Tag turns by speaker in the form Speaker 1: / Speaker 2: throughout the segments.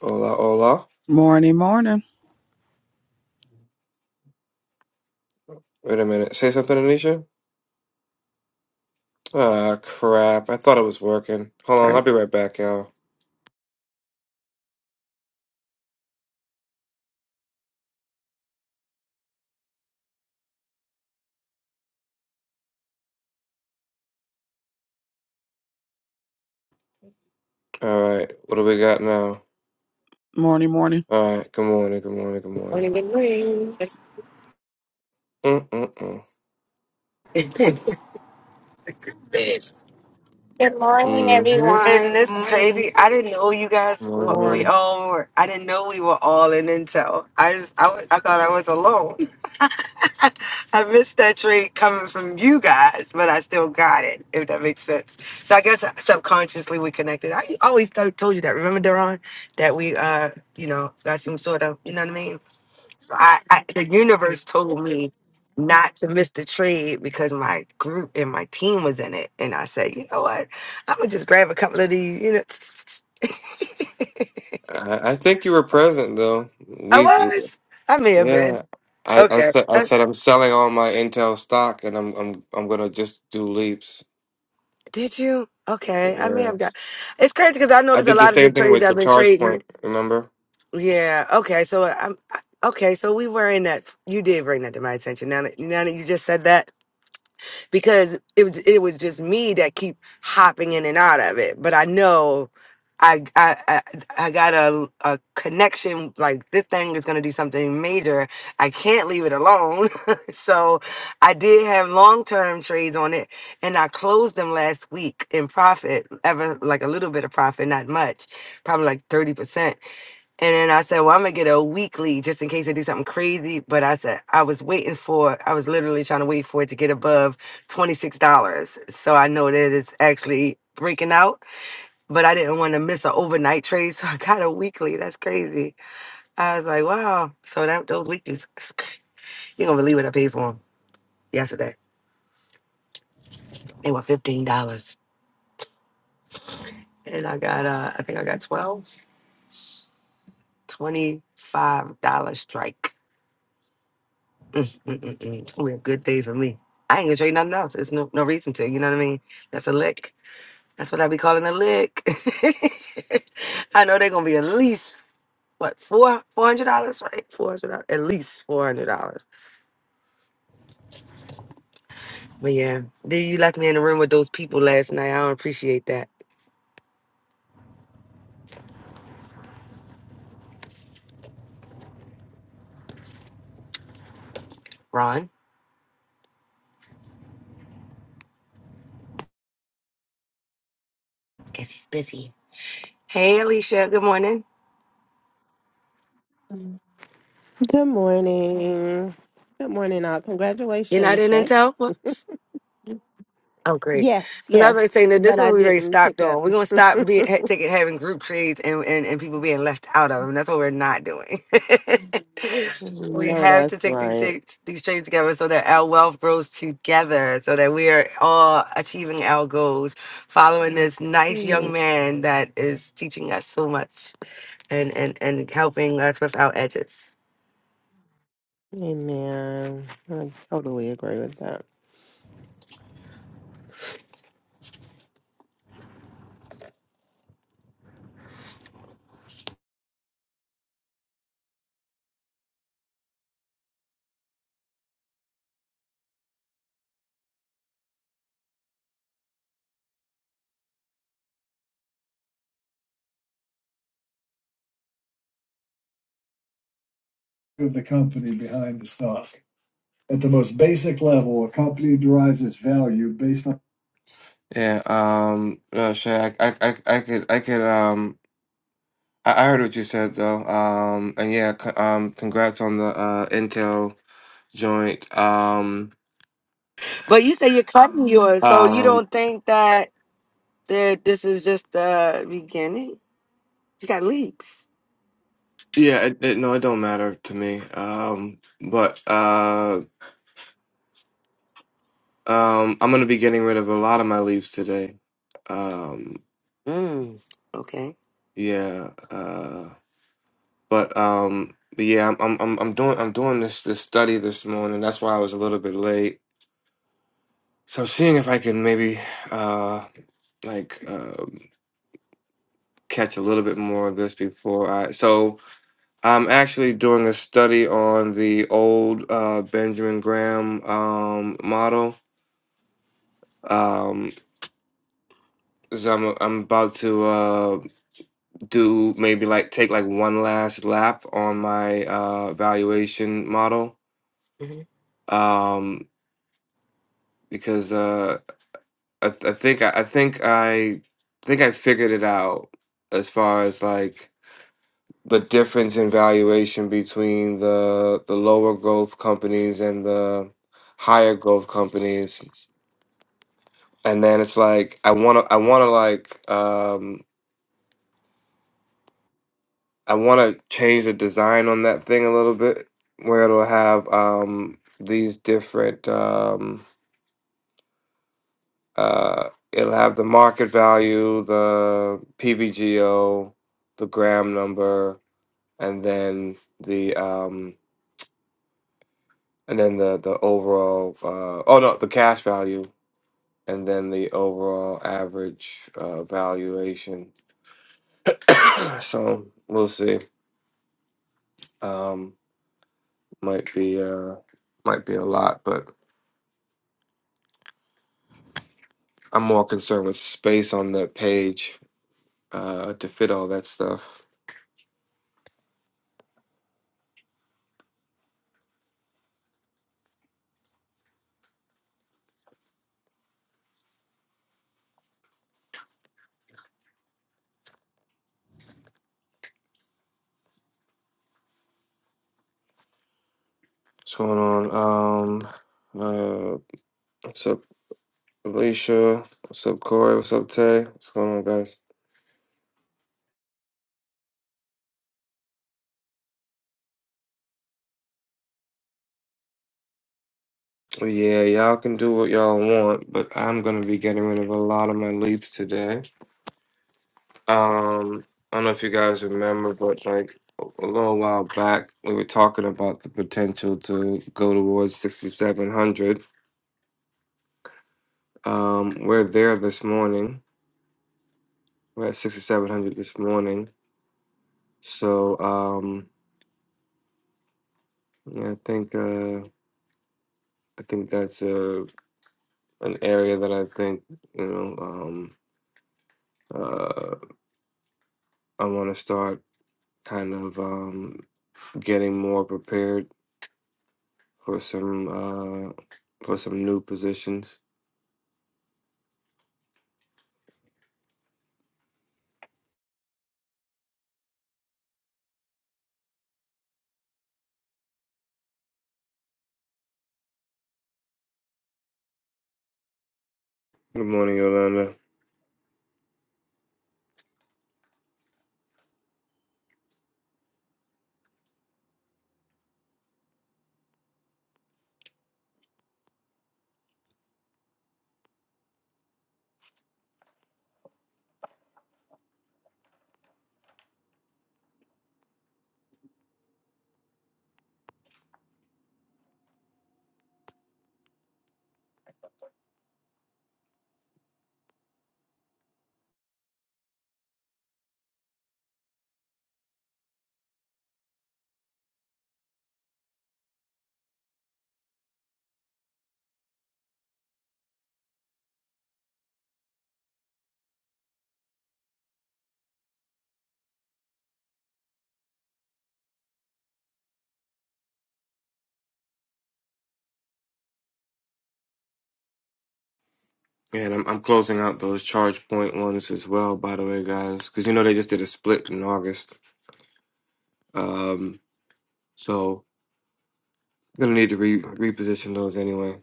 Speaker 1: Hola, hola.
Speaker 2: Morning, morning.
Speaker 1: Wait a minute. Say something, Anisha? Ah, crap. I thought it was working. Hold
Speaker 2: All
Speaker 1: on,
Speaker 2: Right.
Speaker 1: I'll be right back, y'all. All right, what do we got now?
Speaker 2: Morning, morning.
Speaker 1: All right, good morning, good morning, good morning. Mm-mm-mm.
Speaker 3: And
Speaker 4: Good morning,
Speaker 1: Mm-hmm. Good
Speaker 4: everyone. Good
Speaker 3: it's
Speaker 4: morning.
Speaker 3: crazy. I didn't know you guys.
Speaker 1: morning,
Speaker 3: wa-
Speaker 1: good
Speaker 3: We
Speaker 2: Morning.
Speaker 1: morning.
Speaker 3: all were. I didn't know we were all in Intel. I just, I, wa- I thought I was alone. I missed that trade coming from you guys, but I still got it. If that makes sense. So I guess subconsciously we connected. I always t- told you that. Remember, Daron, that we, uh, you know, got some sort of, you know what I mean? So I, I the universe told me not to miss the trade because my group and my team was in it. And I said, you know what? I'm gonna just grab a couple of these, you know.
Speaker 1: I, I think you were present, though.
Speaker 3: I
Speaker 1: We,
Speaker 3: was. I may have been.
Speaker 1: yeah. I, I
Speaker 3: Okay.
Speaker 1: said I
Speaker 3: Uh,
Speaker 1: said I'm selling all my Intel stock, and I'm I'm I'm gonna just do leaps.
Speaker 3: Did you? Okay. I may have got
Speaker 1: Yes,
Speaker 3: it's crazy because I
Speaker 1: I
Speaker 3: noticed a
Speaker 1: did the
Speaker 3: lot of the
Speaker 1: same thing
Speaker 3: trades
Speaker 1: with
Speaker 3: I've
Speaker 1: the
Speaker 3: been
Speaker 1: charge
Speaker 3: trading.
Speaker 1: point. Remember?
Speaker 3: Yeah. Okay. So uh, I'm I- okay, so we were in that you did bring that to my attention. Now that now that you just said that. because it was it was just me that keep hopping in and out of it. But I know I I I, I got a, a connection like this thing is gonna do something major. I can't leave it alone. so I did have long term trades on it, and I closed them last week in profit, ever like a little bit of profit, not much, probably like thirty percent. And then I said, well, I'm gonna get a weekly just in case I do something crazy. But I said I was waiting for I was literally trying to wait for it to get above $26. So I know that it's actually breaking out, but I didn't want to miss an overnight trade. So I got a weekly. That's crazy. I was like, wow. So that those weeklies, you're gonna believe what I paid for them yesterday. They were $15. And I got uh I think I got twelve twenty-five dollars strike. Mm, mm, mm, mm. It's gonna be a good day for me. I ain't gonna trade nothing else. It's no no reason to. You know what I mean? That's a lick. That's what I be calling a lick. I know they're gonna be at least what four four hundred dollars, right? Four hundred dollars, at least four hundred dollars. But yeah, then you left me in the room with those people last night. I don't appreciate that, Ron. Guess he's busy. Hey, Alicia. Good morning.
Speaker 5: Good morning. Good morning, all.
Speaker 3: You're not
Speaker 5: Congratulations,
Speaker 3: in
Speaker 5: Shay.
Speaker 3: Intel. Whoops. Oh, great.
Speaker 5: Yes,
Speaker 3: So that's what I'm saying.
Speaker 5: yes.
Speaker 3: That this
Speaker 5: But
Speaker 3: is
Speaker 5: I
Speaker 3: what we already
Speaker 5: didn't
Speaker 3: stopped
Speaker 5: pick up.
Speaker 3: doing. We're gonna stop being ha- taking having group trades and, and and people being left out of them. That's what we're not doing. we
Speaker 5: No,
Speaker 3: have to
Speaker 5: that's
Speaker 3: take these
Speaker 5: right.
Speaker 3: take, these trades together so that our wealth grows together, so that we are all achieving our goals, following this nice young
Speaker 5: Mm,
Speaker 3: man that is teaching us so much and and and helping us with our edges.
Speaker 5: Amen. I totally agree with that.
Speaker 1: you the company behind the stock. At the most basic level, a company derives its value based on Yeah, um, no, Shay, I, I, I, I could, I could, um, I, I heard what you said though, um, and yeah, c um, congrats on the uh Intel joint, um,
Speaker 3: But you say you're cutting yours, so you
Speaker 1: um,
Speaker 3: don't think that that this is just the beginning. You got leaps.
Speaker 1: yeah, it, it, no, it don't matter to me, um, but uh, um, I'm gonna be getting rid of a lot of my leaves today, um,
Speaker 3: Mm. Okay.
Speaker 1: yeah, uh, But um, but yeah, I'm I'm I'm I'm doing I'm doing this this study this morning. That's why I was a little bit late. So I'm seeing if I can maybe uh like uh, catch a little bit more of this before I. So I'm actually doing a study on the old uh, Benjamin Graham um model. Um, so I'm I'm about to uh do maybe like take like one last lap on my uh valuation model.
Speaker 3: hmm
Speaker 1: Um, because uh, I, th- I think I, I think I think I figured it out as far as like the difference in valuation between the the lower growth companies and the higher growth companies and then it's like I want to I want to like um I want to change the design on that thing a little bit where it'll have um these different um uh it'll have the market value the PBGO the gram number and then the um and then the the overall uh oh no the cash value and then the overall average uh valuation so we'll see um might be uh might be a lot but i'm more concerned with space on the page uh to fit all that stuff what's going on um uh what's up alicia what's up corey what's up tay what's going on guys Well, Yeah, y'all can do what y'all want, but I'm gonna be getting rid of a lot of my leaves today. Um, I don't know if you guys remember, but like a little while back, we were talking about the potential to go towards 6,700. Um, we're there this morning. We're at 6,700 this morning. So, um, yeah, I think uh, I think that's a an area that I think you know um, uh, I want to start. kind of um, getting more prepared for some uh, for some new positions. Good morning, Yolanda. And I'm I'm closing out those charge point ones as well, by the way, guys, because you know they just did a split in August. Um, so gonna need to re- reposition those anyway.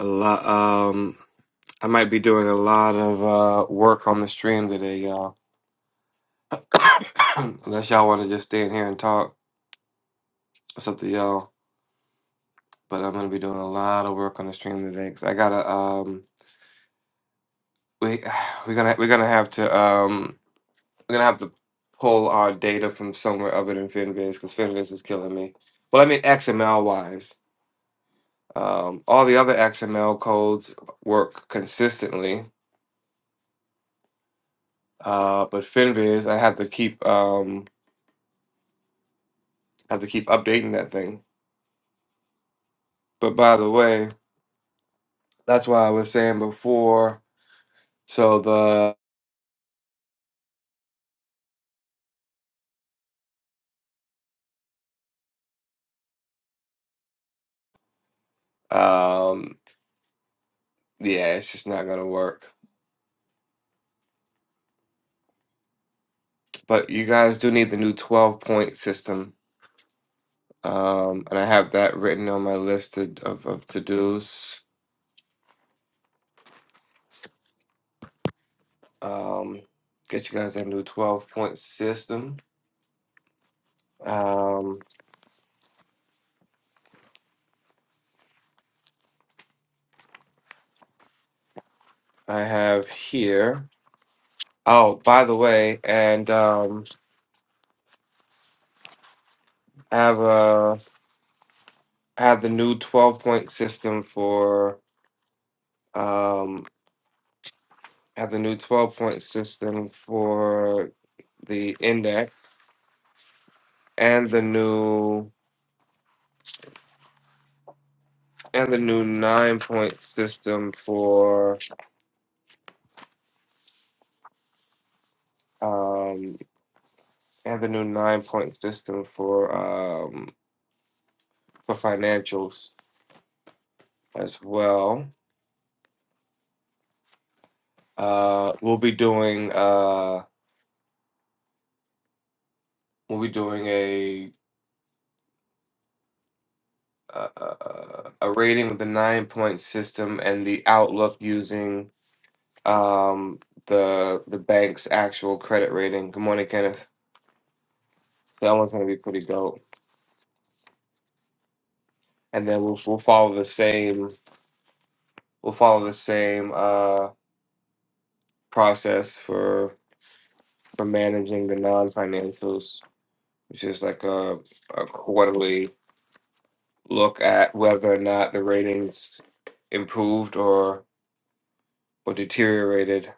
Speaker 1: A lot. Um, I might be doing a lot of uh, work on the stream today, y'all. Unless y'all want to just stay in here and talk, it's up to y'all. but I'm gonna be doing a lot of work on the stream today because I gotta um we we're gonna we're gonna have to um we're gonna have to pull our data from somewhere other than Finviz because Finviz is killing me. Well, I mean XML wise, um, all the other XML codes work consistently, uh, but Finviz I have to keep um have to keep updating that thing. But by the way, that's why I was saying before. So the um yeah, it's just not gonna work. but you guys do need the new 12 point system. Um, and I have that written on my list of, of, of to dos. Um, get you guys that new 12 point system. Um, I have here. Oh, by the way, and um, I have uh, I have the new 12 point system for um, I have the new 12 point system for the index and the new and the new nine point system for um and the new nine point system for um for financials as well. Uh, we'll be doing uh we'll be doing a a, a rating of the nine point system and the outlook using um the the bank's actual credit rating. Good morning, Kenneth. That one's gonna be pretty dope. And then we'll we'll follow the same we'll follow the same. uh process for for managing the non-financials, which is like a, a quarterly look at whether or not the ratings improved or or deteriorated.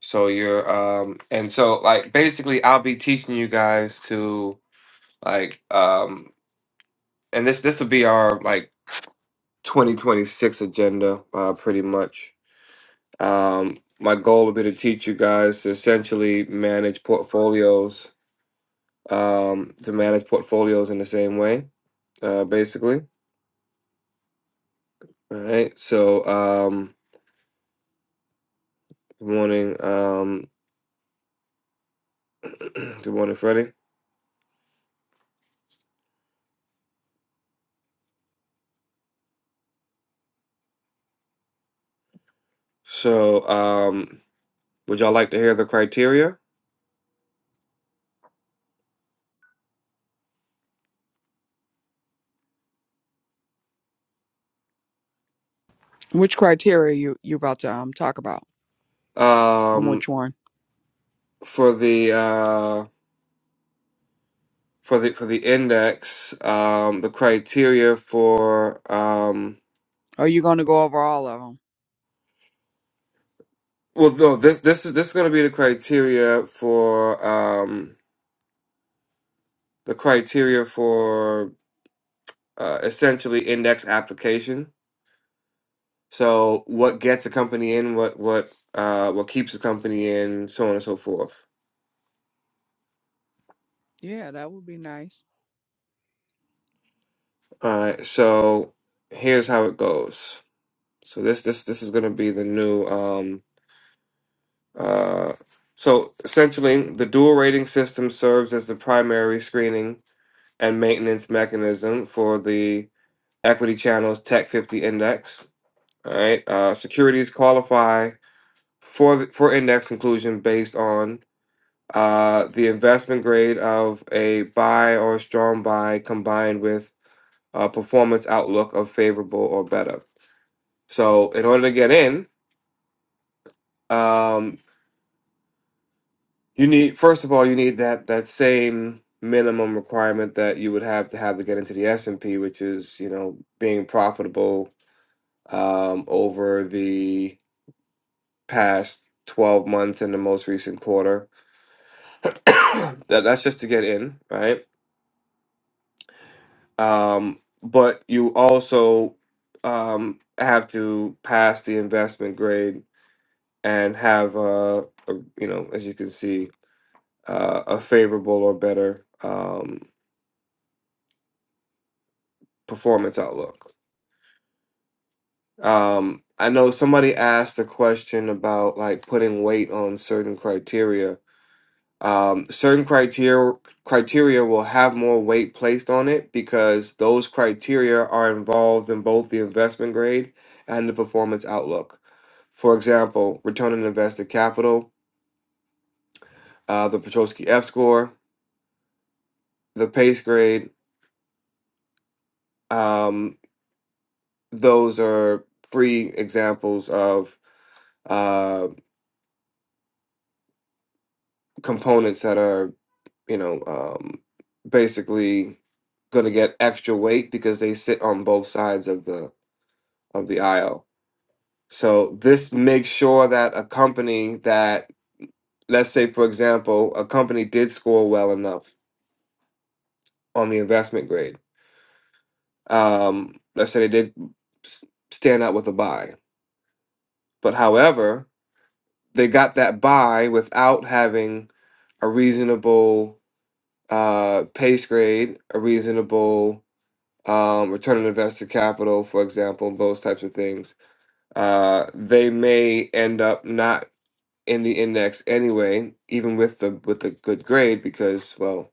Speaker 1: So you're um and so like basically I'll be teaching you guys to like um and this this will be our like 2026 agenda uh pretty much. Um my goal would be to teach you guys to essentially manage portfolios um, to manage portfolios in the same way, uh, basically. All right. So, um, good morning. Um, good morning, Freddie. So, um, would y'all like to hear the criteria?
Speaker 2: Which criteria you you about to um talk about? On
Speaker 1: Um,
Speaker 2: which one?
Speaker 1: for the uh, for the for the index, um, the criteria for um,
Speaker 2: Are you going to go over all of them?
Speaker 1: well, no, this this is this is going to be the criteria for um, the criteria for uh, essentially index application. So, what gets a company in? What what uh, what keeps a company in? So on and so forth.
Speaker 2: Yeah, that would be nice.
Speaker 1: All right. So here's how it goes. So this this this is going to be the new. um. Uh, so essentially, the dual rating system serves as the primary screening and maintenance mechanism for the equity channel's Tech 50 index. All right, uh, securities qualify for the, for index inclusion based on uh, the investment grade of a buy or strong buy combined with a performance outlook of favorable or better. So, in order to get in, um, You need first of all, you need that that same minimum requirement that you would have to have to get into the S and P, which is you know being profitable um, over the past twelve months and the most recent quarter. that that's just to get in, right? Um, but you also um, have to pass the investment grade and have uh a you know as you can see uh, a favorable or better um, performance outlook. Um, I know somebody asked a question about like putting weight on certain criteria. Um, certain criteria criteria will have more weight placed on it because those criteria are involved in both the investment grade and the performance outlook. For example, return on invested capital, uh, the Petrosky F score, the PACE grade. Um, those are three examples of uh, components that are you know, um, basically going to get extra weight because they sit on both sides of the of the aisle. So this makes sure that a company that, let's say, for example, a company did score well enough on the investment grade. Um, let's say they did s- stand out with a buy, but however, they got that buy without having a reasonable uh, pace grade, a reasonable um, return on invested capital, for example, those types of things, uh, they may end up not in the index anyway, even with the with a good grade, because well,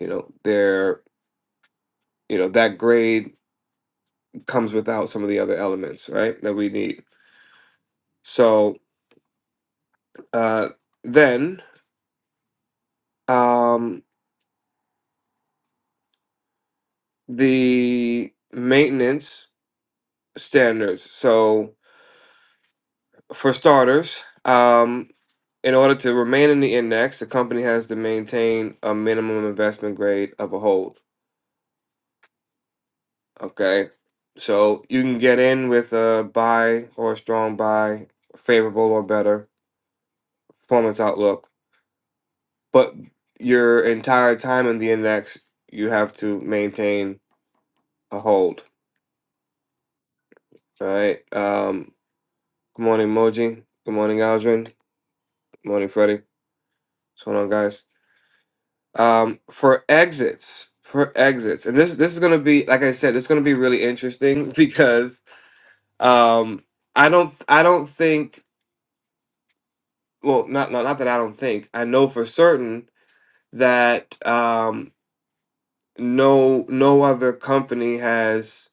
Speaker 1: you know, they're you know that grade comes without some of the other elements, right, that we need. So uh, then um, the maintenance standards. So for starters. Um, In order to remain in the index, the company has to maintain a minimum investment grade of a hold. Okay. So you can get in with a buy or a strong buy, favorable or better performance outlook, but your entire time in the index, you have to maintain a hold. All right. Um, good morning, Moji. Good morning, Aldrin. Good morning, Freddie. What's going on, guys? um, for exits for exits and this this is going to be like i said it's going to be really interesting because um, i don't i don't think well not, not not that i don't think i know for certain that um, no no other company has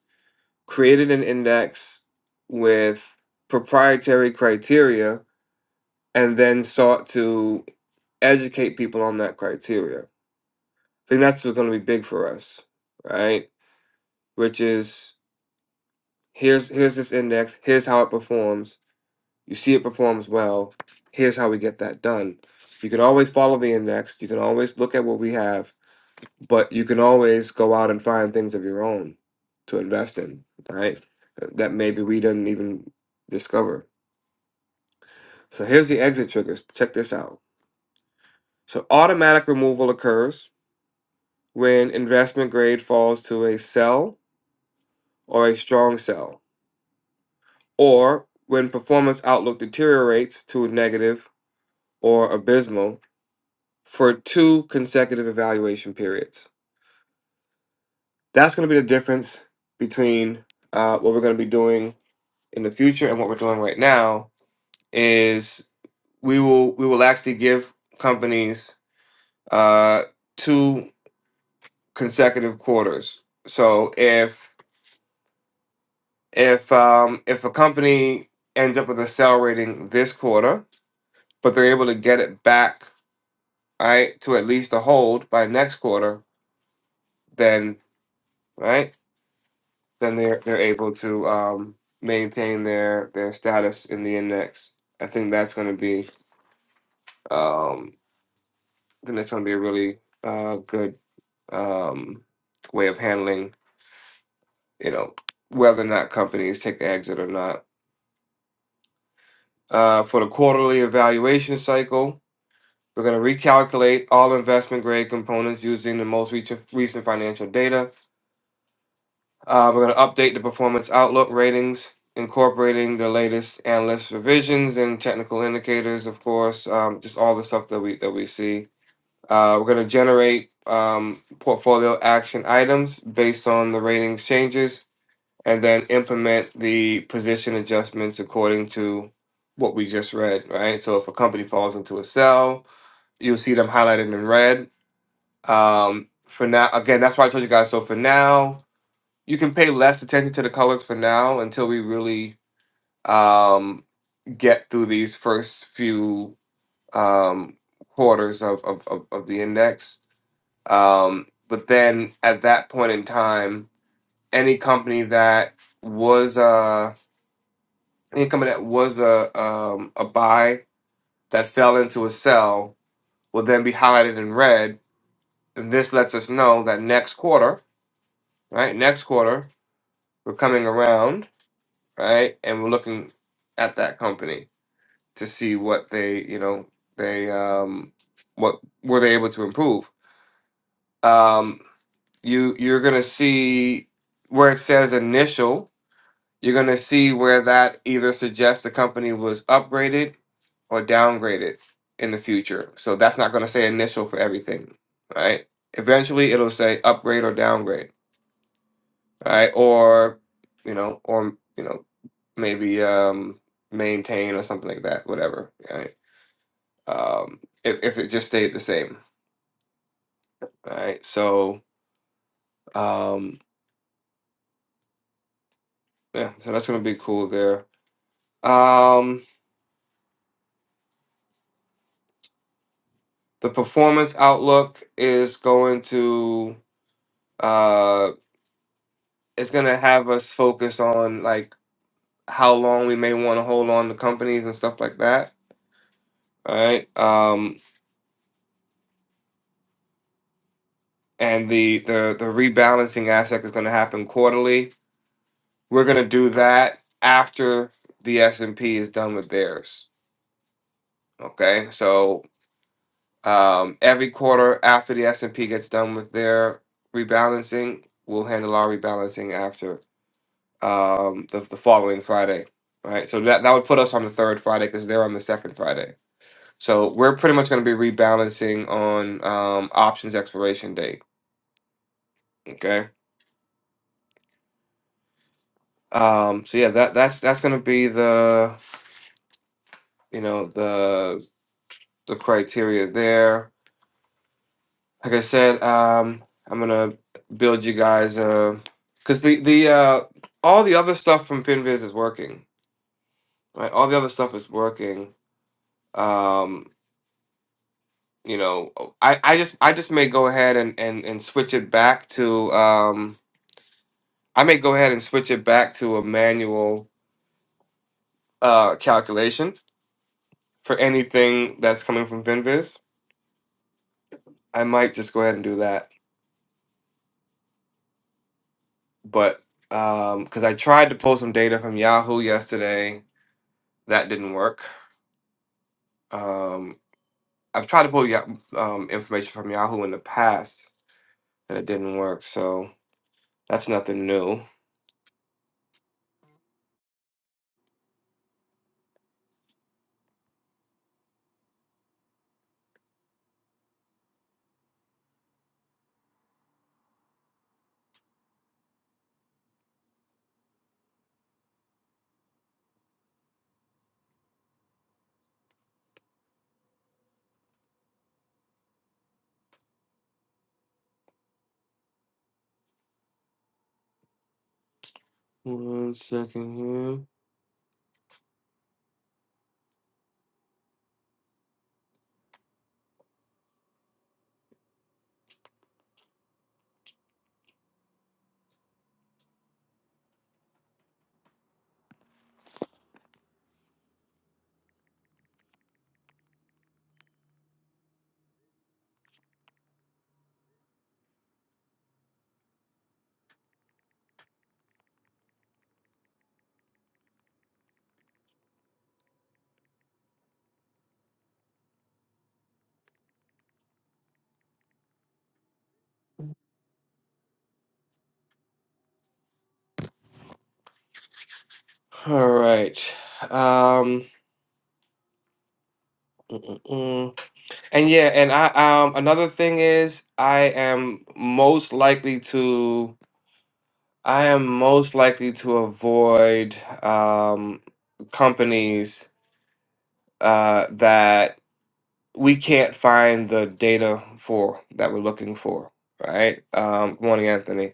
Speaker 1: created an index with proprietary criteria and then sought to educate people on that criteria i think that's going to be big for us right which is here's here's this index here's how it performs you see it performs well here's how we get that done you can always follow the index you can always look at what we have but you can always go out and find things of your own to invest in right that maybe we didn't even discover so here's the exit triggers check this out so automatic removal occurs when investment grade falls to a sell or a strong sell or when performance outlook deteriorates to a negative or abysmal for two consecutive evaluation periods. That's going to be the difference between uh, what we're going to be doing in the future and what we're doing right now. Is we will we will actually give companies uh, two consecutive quarters. So if if um, if a company ends up with a sell rating this quarter, but they're able to get it back right to at least a hold by next quarter, then right? then they're they're able to um, maintain their their status in the index. I think that's going to be um, I think that's going to be a really uh, good um, way of handling you know whether or not companies take the exit or not. Uh, for the quarterly evaluation cycle, we're going to recalculate all investment grade components using the most recent recent financial data Uh, we're going to update the performance outlook ratings, incorporating the latest analyst revisions and technical indicators, of course, um, just all the stuff that we that we see. Uh, we're going to generate um, portfolio action items based on the ratings changes, and then implement the position adjustments according to what we just read. Right. So if a company falls into a sell, you'll see them highlighted in red. Um, for now, again, that's why I told you guys. So for now, you can pay less attention to the colors for now until we really um, get through these first few um, quarters of, of, of, of the index. Um, but then at that point in time, any company that was a any company that was a um, a buy that fell into a sell will then be highlighted in red, and this lets us know that next quarter, right? Next quarter, we're coming around, right? And we're looking at that company to see what they you know they um what were they able to improve um you you're gonna see where it says initial you're gonna see where that either suggests the company was upgraded or downgraded in the future so that's not gonna say initial for everything right eventually it'll say upgrade or downgrade right or you know or you know maybe um maintain or something like that whatever right? um, if if it just stayed the same. All right, so um, yeah, so that's gonna be cool there. Um, the performance outlook is going to uh, it's gonna have us focus on like how long we may want to hold on to companies and stuff like that. All right, um, and the the the rebalancing aspect is gonna happen quarterly. We're gonna do that after the S and P is done with theirs. Okay, so Um, every quarter after the S and P gets done with their rebalancing, we'll handle our rebalancing after um, the, the following Friday, right? So that that would put us on the third Friday because they're on the second Friday. So we're pretty much going to be rebalancing on um, options expiration date. Okay. Um, so yeah, that that's that's going to be the you know the the criteria there. like I said, um, I'm gonna build you guys because the the uh, all the other stuff from Finviz is working, right? All the other stuff is working. Um, you know, I, I just I just may go ahead and, and, and switch it back to um, I may go ahead and switch it back to a manual uh, calculation for anything that's coming from Finviz. I might just go ahead and do that, but because I tried to pull some data from Yahoo yesterday, that didn't work Um, I've tried to pull ya- um, information from Yahoo in the past, and it didn't work. So that's nothing new. One second here. All right. Um, mm, and yeah, and I um another thing is I am most likely to I am most likely to avoid um companies uh that we can't find the data for that we're looking for, right? Um, good morning, Anthony.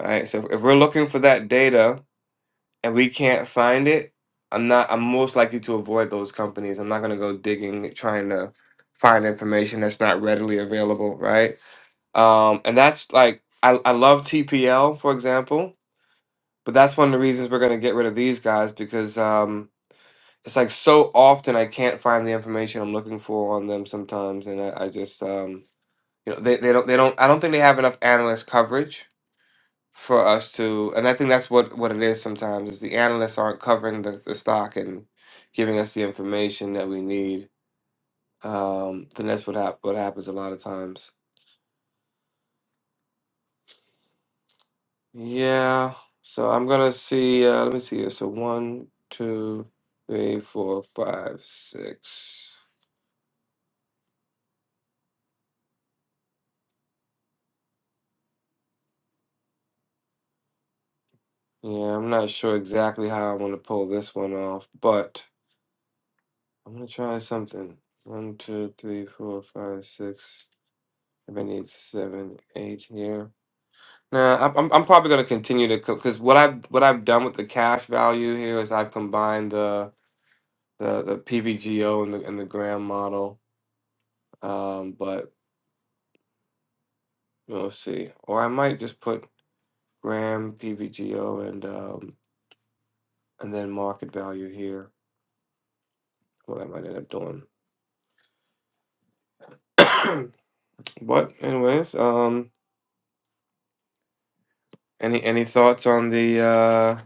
Speaker 1: All Right. So if we're looking for that data and we can't find it, I'm not. I'm most likely to avoid those companies. I'm not going to go digging trying to find information that's not readily available, right? Um, and that's like I, I love TPL for example, but that's one of the reasons we're going to get rid of these guys because um, it's like so often I can't find the information I'm looking for on them sometimes, and I, I just um, You know, they, they don't they don't I don't think they have enough analyst coverage for us to and I think that's what what it is sometimes is the analysts aren't covering the, the stock and giving us the information that we need. Um, then that's what hap- what happens a lot of times. Yeah. So I'm gonna see. Uh, let me see here. So one, two, three, four, five, six. Yeah, I'm not sure exactly how I want to pull this one off, but I'm gonna try something. One, two, three, four, five, six. Seven, eight seven, eight here. Nah, I'm I'm I'm probably gonna continue to because what I've what I've done with the cash value here is I've combined the the the PVGO and the and the gram model. Um, but we'll see. Or I might just put gram PVGO and um and then market value here. What I might end up doing. but anyways, um, any any thoughts on the uh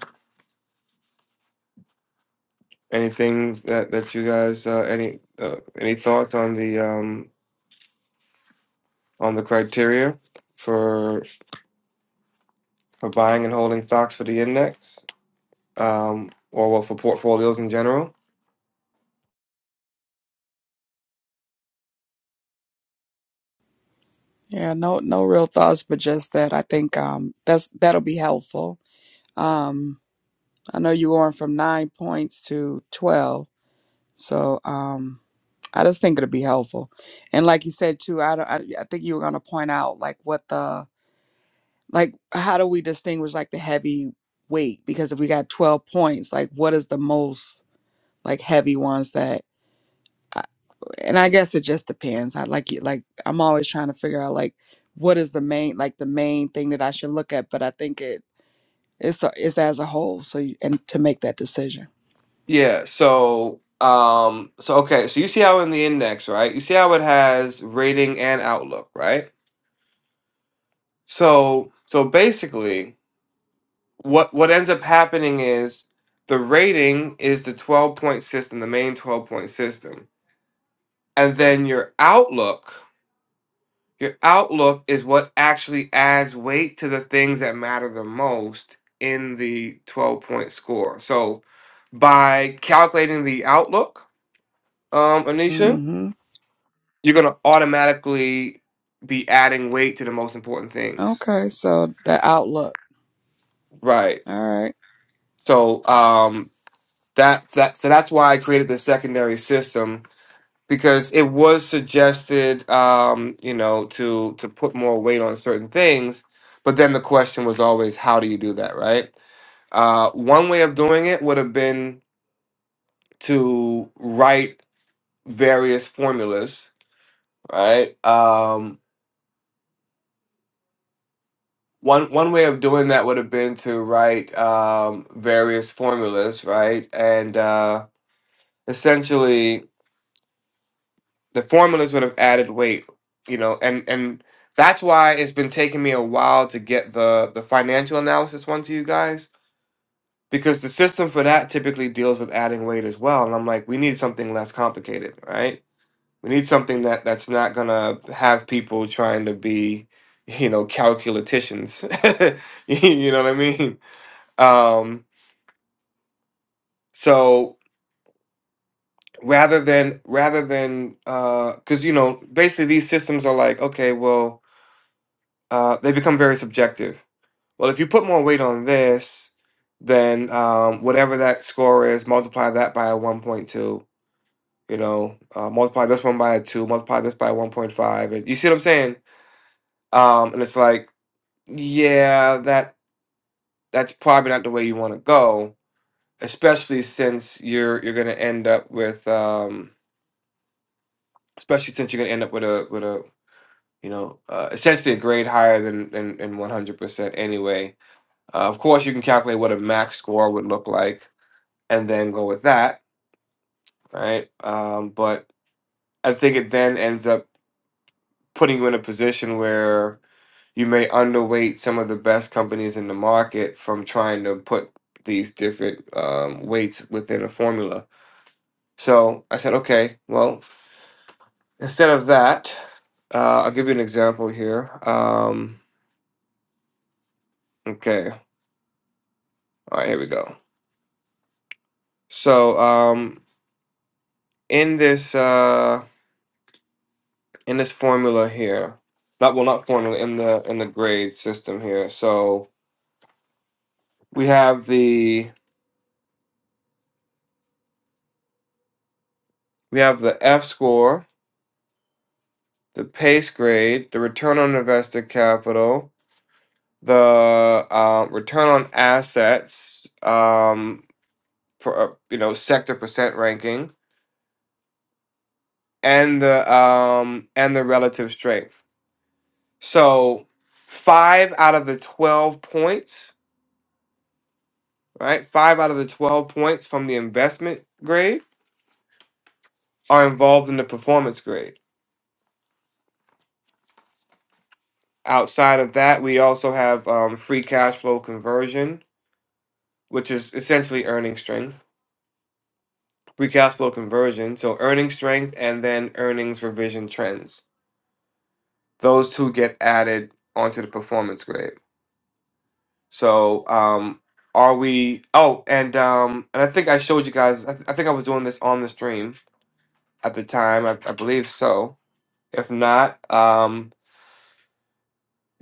Speaker 1: anything that that you guys uh any uh, any thoughts on the um on the criteria for for buying and holding stocks for the index, um, or well for portfolios in general.
Speaker 2: Yeah, no no real thoughts, but just that I think um that's that'll be helpful. Um I know you're going from nine points to twelve. So um I just think it'll be helpful. And like you said too, I don't I, I think you were gonna point out like what the like how do we distinguish like the heavy weight because if we got 12 points like what is the most like heavy ones that I- and i guess it just depends i like it like i'm always trying to figure out like what is the main like the main thing that i should look at but i think it it's a, it's as a whole so you, and to make that decision
Speaker 1: Yeah. So, um, so okay. So you see how in the index, right? You see how it has rating and outlook, right? So, so basically, what what ends up happening is the rating is the twelve point system, the main twelve point system, and then your outlook Your outlook is what actually adds weight to the things that matter the most in the 12 point score. So, by calculating the outlook, um, Anisha,
Speaker 2: hmm
Speaker 1: you're going to automatically be adding weight to the most important things.
Speaker 2: okay so the outlook
Speaker 1: Right.
Speaker 2: All right.
Speaker 1: So, um, that, that, so that's why I created the secondary system because it was suggested, um, you know, to, to put more weight on certain things. But then the question was always, how do you do that? Right. Uh, one way of doing it would have been to write various formulas, right? Um, one one way of doing that would have been to write um, various formulas, right? And uh, essentially, the formulas would have added weight, you know, and and that's why it's been taking me a while to get the the financial analysis one to you guys because the system for that typically deals with adding weight as well, and I'm like, we need something less complicated, right? We need something that that's not gonna have people trying to be, you know, calculaticians. you know what I mean? Um, so rather than rather than because you know basically these systems are like okay, well uh, they become very subjective. Well, if you put more weight on this, then um, whatever that score is, multiply that by a one point two. You know, uh, multiply this one by a two, multiply this by one point five, and you see what I'm saying? Um, and it's like Yeah, that that's probably not the way you want to go, especially since you're you're going to end up with um especially since you're going to end up with a with a you know uh, essentially a grade higher than than, than 100% anyway. Uh, of course, you can calculate what a max score would look like and then go with that, right? Um, but I think it then ends up putting you in a position where you may underweight some of the best companies in the market from trying to put these different um, weights within a formula. So I said, okay, well, instead of that, uh, I'll give you an example here. Um, okay, all right, here we go. So um, in this uh, in this formula here, not well, not formula in the in the grade system here. So we have the we have the F score, the PACE grade, the return on invested capital, the uh, return on assets, um, per, uh, you know, sector percent ranking, and the um, and the relative strength. So, five out of the twelve points, right? Five out of the twelve points from the investment grade are involved in the performance grade. Outside of that, we also have um, free cash flow conversion, which is essentially earning strength free cash flow conversion, so earnings strength and then earnings revision trends. Those two get added onto the performance grade. So, um, are we? Oh, and um, and I think I showed you guys. I, th- I think I was doing this on the stream at the time. I, I believe so. If not, um,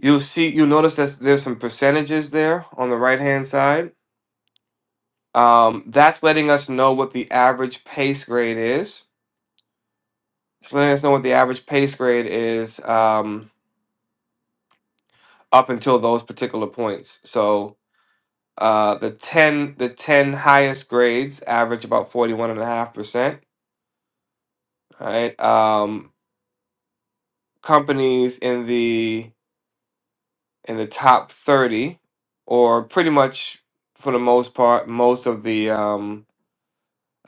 Speaker 1: you'll see. You'll notice that there's some percentages there on the right hand side. Um, that's letting us know what the average pace grade is. It's letting us know what the average pace grade is. Um, up until those particular points. So uh, the 10 the 10 highest grades average about 41.5%, all right? Um, companies in the in the top 30 or pretty much for the most part most of the um,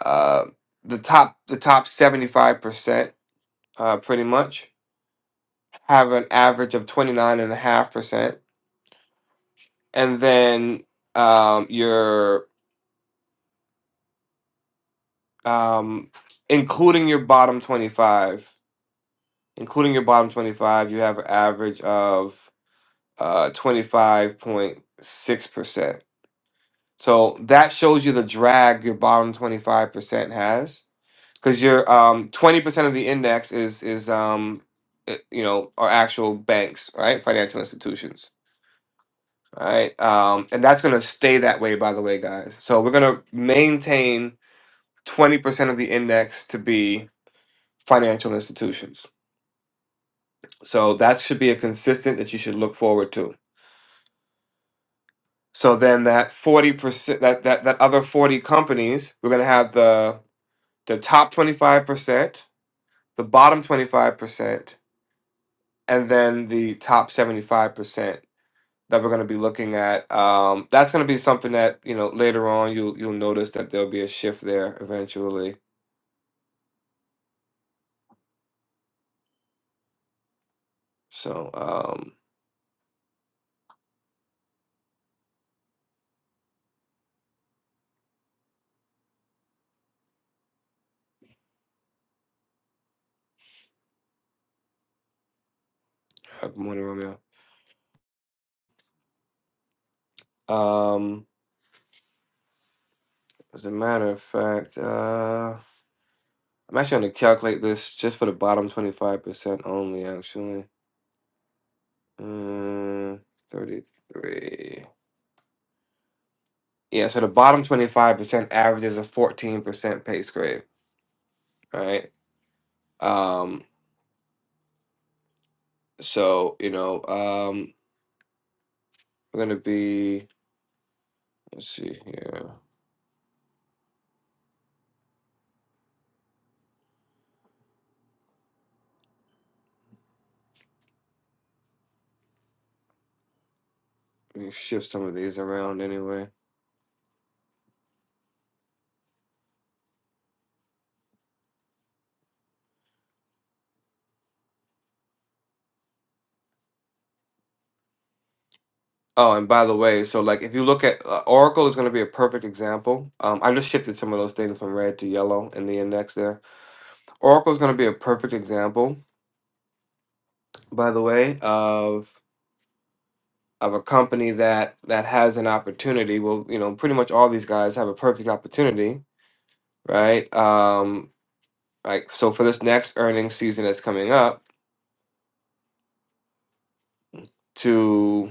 Speaker 1: uh, the top the top 75% uh, pretty much have an average of 29.5% and a half percent, and then um, your um, including your bottom 25, including your bottom 25, you have an average of uh, 25.6%. So that shows you the drag your bottom 25% has because your um, 20% of the index is, is um, it- you know, are actual banks, right? Financial institutions. right? Um, and that's going to stay that way, by the way, guys. So we're going to maintain 20% of the index to be financial institutions. So that should be a consistent that you should look forward to. So then that 40%, that, that, that other 40 companies, we're going to have the, the top 25%, the bottom 25%, and then the top 75% that we're going to be looking at. Um, that's going to be something that, you know, later on you'll, you'll notice that there'll be a shift there eventually. So, um, uh, good morning, Romeo. Um, as a matter of fact, uh, I'm actually going to calculate this just for the bottom 25% only, actually. Uh, 33. Yeah, so the bottom 25% averages a 14% pace grade, right? Um, so, you know, um, we're going to be, let's see here. Let me shift some of these around anyway. Oh, and by the way, so like if you look at uh, Oracle is going to be a perfect example. Um, I just shifted some of those things from red to yellow in the index there. Oracle is going to be a perfect example by the way, of of a company that that has an opportunity. Well, you know, pretty much all these guys have a perfect opportunity, right? Um, like so for this next earnings season that's coming up to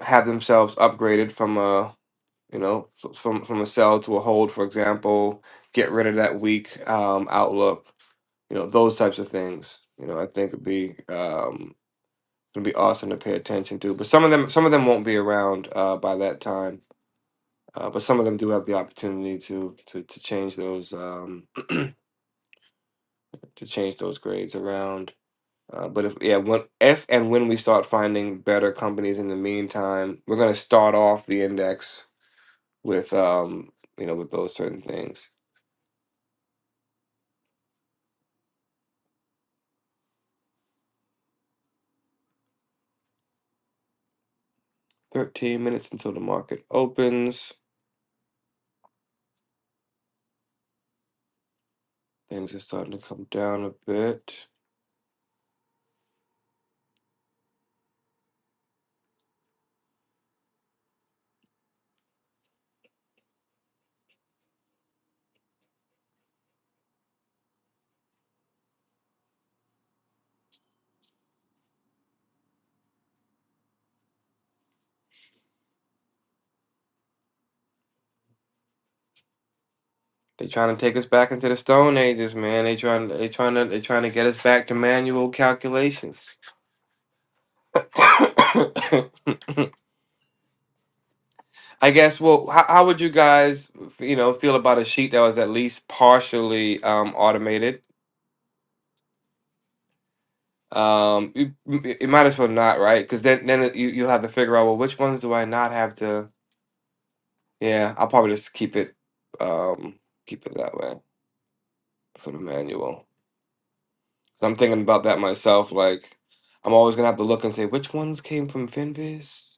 Speaker 1: have themselves upgraded from a you know f- from from a sell to a hold, for example, get rid of that weak um, outlook, you know, those types of things. You know, I think would be um, would be awesome to pay attention to. But some of them some of them won't be around uh, by that time Uh, but some of them do have the opportunity to to to change those um, to change those grades around. Uh, but if yeah, when, if and when we start finding better companies in the meantime, we're going to start off the index with um, you know with those certain things. Thirteen minutes until the market opens. Things are starting to come down a bit. They trying to take us back into the stone ages, man. They trying they trying to they trying to get us back to manual calculations. I guess. Well, how, how would you guys, you know, feel about a sheet that was at least partially um, automated? Um, you you might as well not, right? Because then, then it- you you'll have to figure out well, which ones do I not have to? Yeah, I'll probably just keep it, um, keep it that way for the manual. 'Cause I'm thinking about that myself. Like, I'm always gonna have to look and say which ones came from Finviz.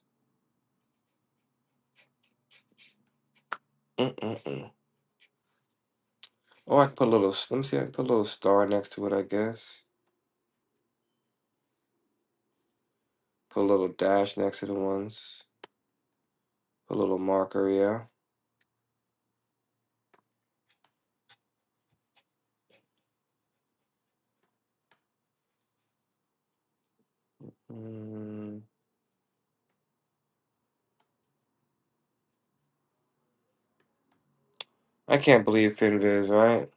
Speaker 1: Mm-mm-mm. Or I can put a little. s- Let me see. I can put a little star next to it. I guess. Put a little dash next to the ones. A little marker, yeah. Mm, I can't believe FinViz, right?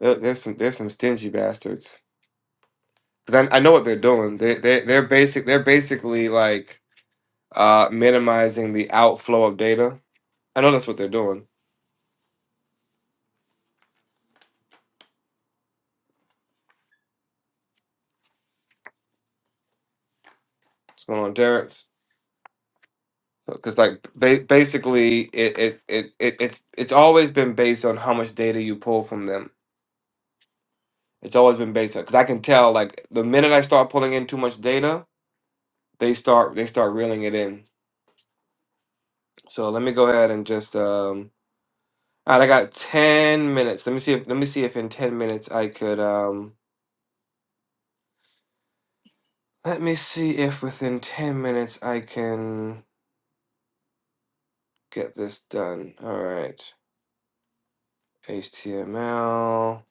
Speaker 1: There, there's some there's some stingy bastards. Cause I, I know what they're doing. They they they're basic they're basically like uh minimizing the outflow of data. I know that's what they're doing. What's going on, Terrence? Because like ba- basically it it, it it it's it's always been based on how much data you pull from them. It's always been based on because I can tell like the minute I start pulling in too much data, they start they start reeling it in. So let me go ahead and just um All right, I got 10 minutes. Let me see if let me see if in 10 minutes I could um let me see if within 10 minutes I can get this done. All right. HTML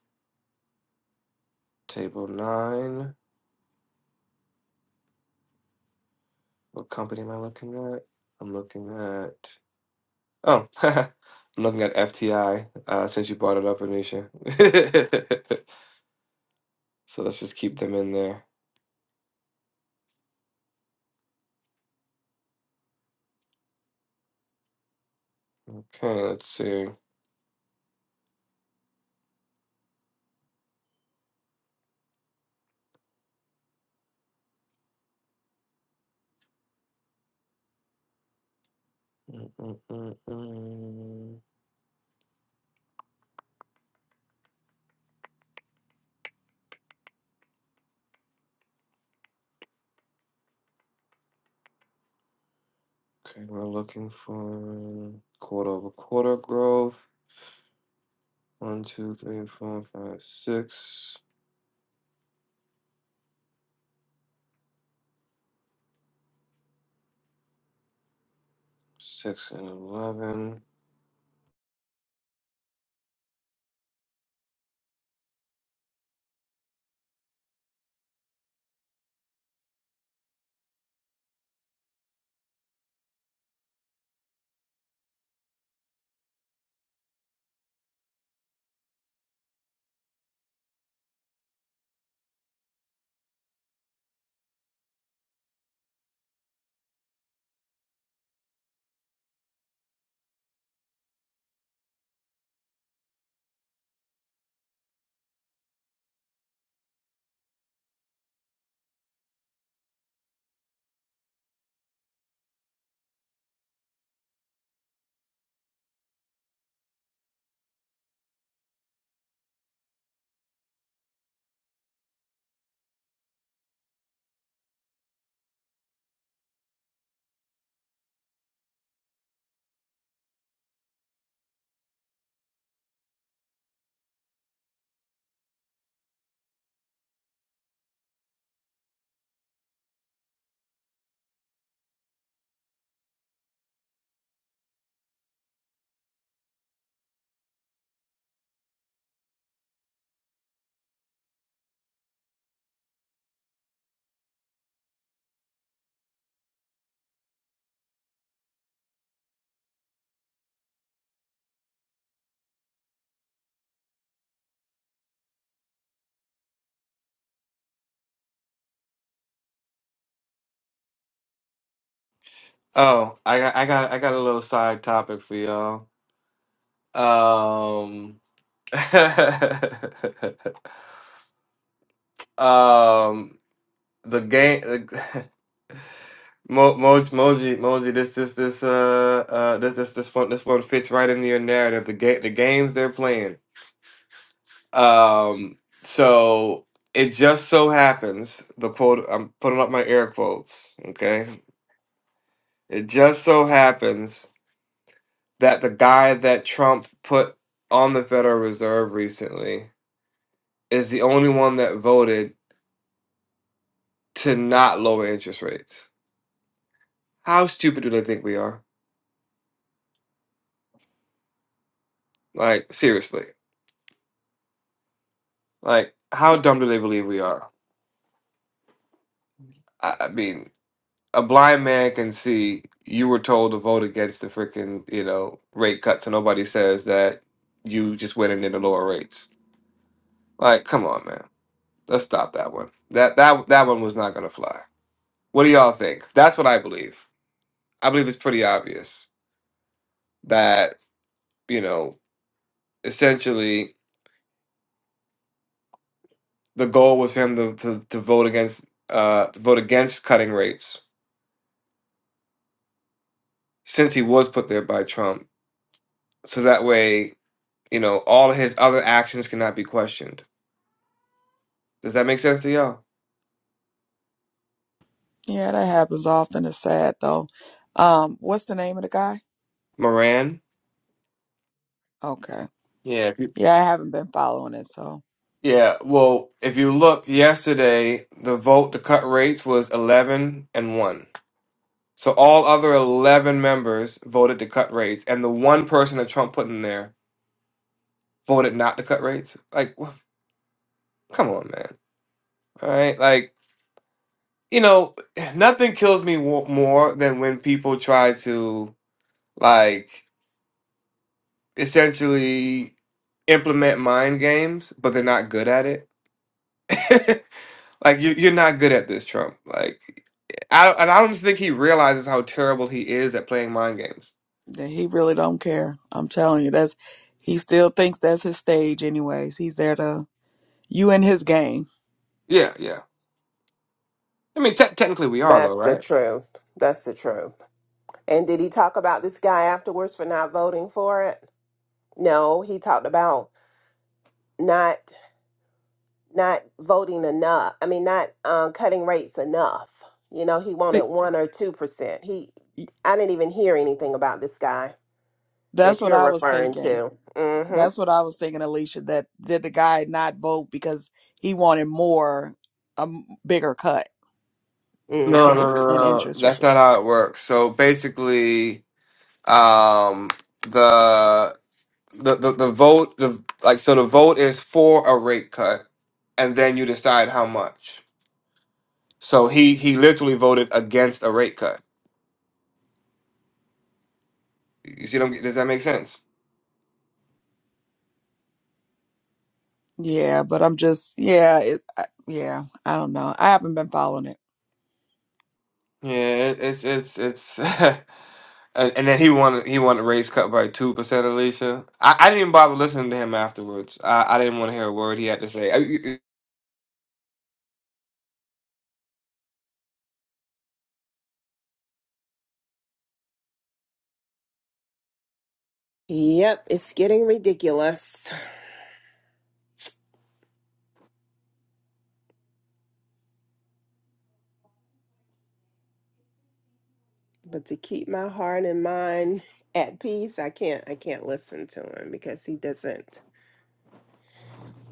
Speaker 1: table 9. What company am I looking at? I'm looking at Oh, I'm looking at FTI uh since you brought it up, Anisha. So let's just keep them in there. Okay, let's see. Mm, mm, mm, mm. Okay, we're looking for quarter over quarter growth. One, two, three, four, five, six, six and eleven. Oh, I got, I got, I got a little side topic for y'all. Um, um, the game, the, Mo, Mo, Moji, Moji, this, this, this, uh, uh, this, this, this one, this one fits right into your narrative. The game, the games they're playing. Um, so it just so happens the quote I'm putting up my air quotes, okay? It just so happens that the guy that Trump put on the Federal Reserve recently is the only one that voted to not lower interest rates. How stupid do they think we are? Like seriously. Like how dumb do they believe we are? I, I mean, a blind man can see you were told to vote against the freaking you know rate cut so nobody says that you just went in into the lower rates like come on man let's stop that one that that that one was not gonna fly what do y'all think that's what i believe i believe it's pretty obvious that you know essentially the goal was for him to, to, to vote against uh to vote against cutting rates since he was put there by trump so that way you know all of his other actions cannot be questioned Does that make sense to y'all?
Speaker 2: Yeah, that happens often. It's sad though. Um, what's the name of the guy?
Speaker 1: Moran?
Speaker 2: Okay.
Speaker 1: Yeah. if you-
Speaker 2: Yeah, I haven't been following it, so
Speaker 1: Yeah. Well, if you look yesterday, the vote to cut rates was 11 and 1. So all other 11 members voted to cut rates, and the one person that Trump put in there voted not to cut rates. Like, wh- come on, man. All right. Like, you know, nothing kills me wo- more than when people try to, like, essentially implement mind games, but they're not good at it. Like you, you're not good at this, Trump. Like I, and I don't think he realizes how terrible he is at playing mind games.
Speaker 2: then he really don't care. I'm telling you, that's he still thinks that's his stage anyways. He's there to you and his game.
Speaker 1: Yeah, yeah. I mean, te- technically we are though,
Speaker 5: That's the
Speaker 1: right?
Speaker 5: truth. That's the truth. And did he talk about this guy afterwards for not voting for it? No, he talked about not not voting enough. I mean, not um, cutting rates enough. You know, he wanted one or two percent. He,
Speaker 2: See,
Speaker 5: I didn't even hear anything about this guy.
Speaker 2: That's
Speaker 5: that
Speaker 2: what
Speaker 5: you're
Speaker 2: I was
Speaker 5: referring
Speaker 2: thinking.
Speaker 5: to.
Speaker 2: That's
Speaker 5: Mm-hmm.
Speaker 2: what I was thinking, Alicia. That did the guy not vote because he wanted more, a m- bigger cut
Speaker 1: No,
Speaker 5: Mm-hmm.
Speaker 1: no, no,
Speaker 2: in
Speaker 1: no.
Speaker 2: interest rate?
Speaker 1: That's not how it works. So basically, um, the the the, the vote, the like, so the vote is for a rate cut, and then you decide how much. So he he literally voted against a rate cut. You see, what I'm- does that make sense?
Speaker 2: Yeah, but I'm just yeah, it, I, yeah. I don't know. I haven't been following it.
Speaker 1: Yeah, it, it's it's it's and, and then he won he won the race cut by two percent. Alicia, I, I didn't even bother listening to him afterwards. I, I didn't want to hear a word he had to say. I-
Speaker 5: Yep, it's getting ridiculous. But to keep my heart and mind at peace, I can't I can't listen to him because he doesn't.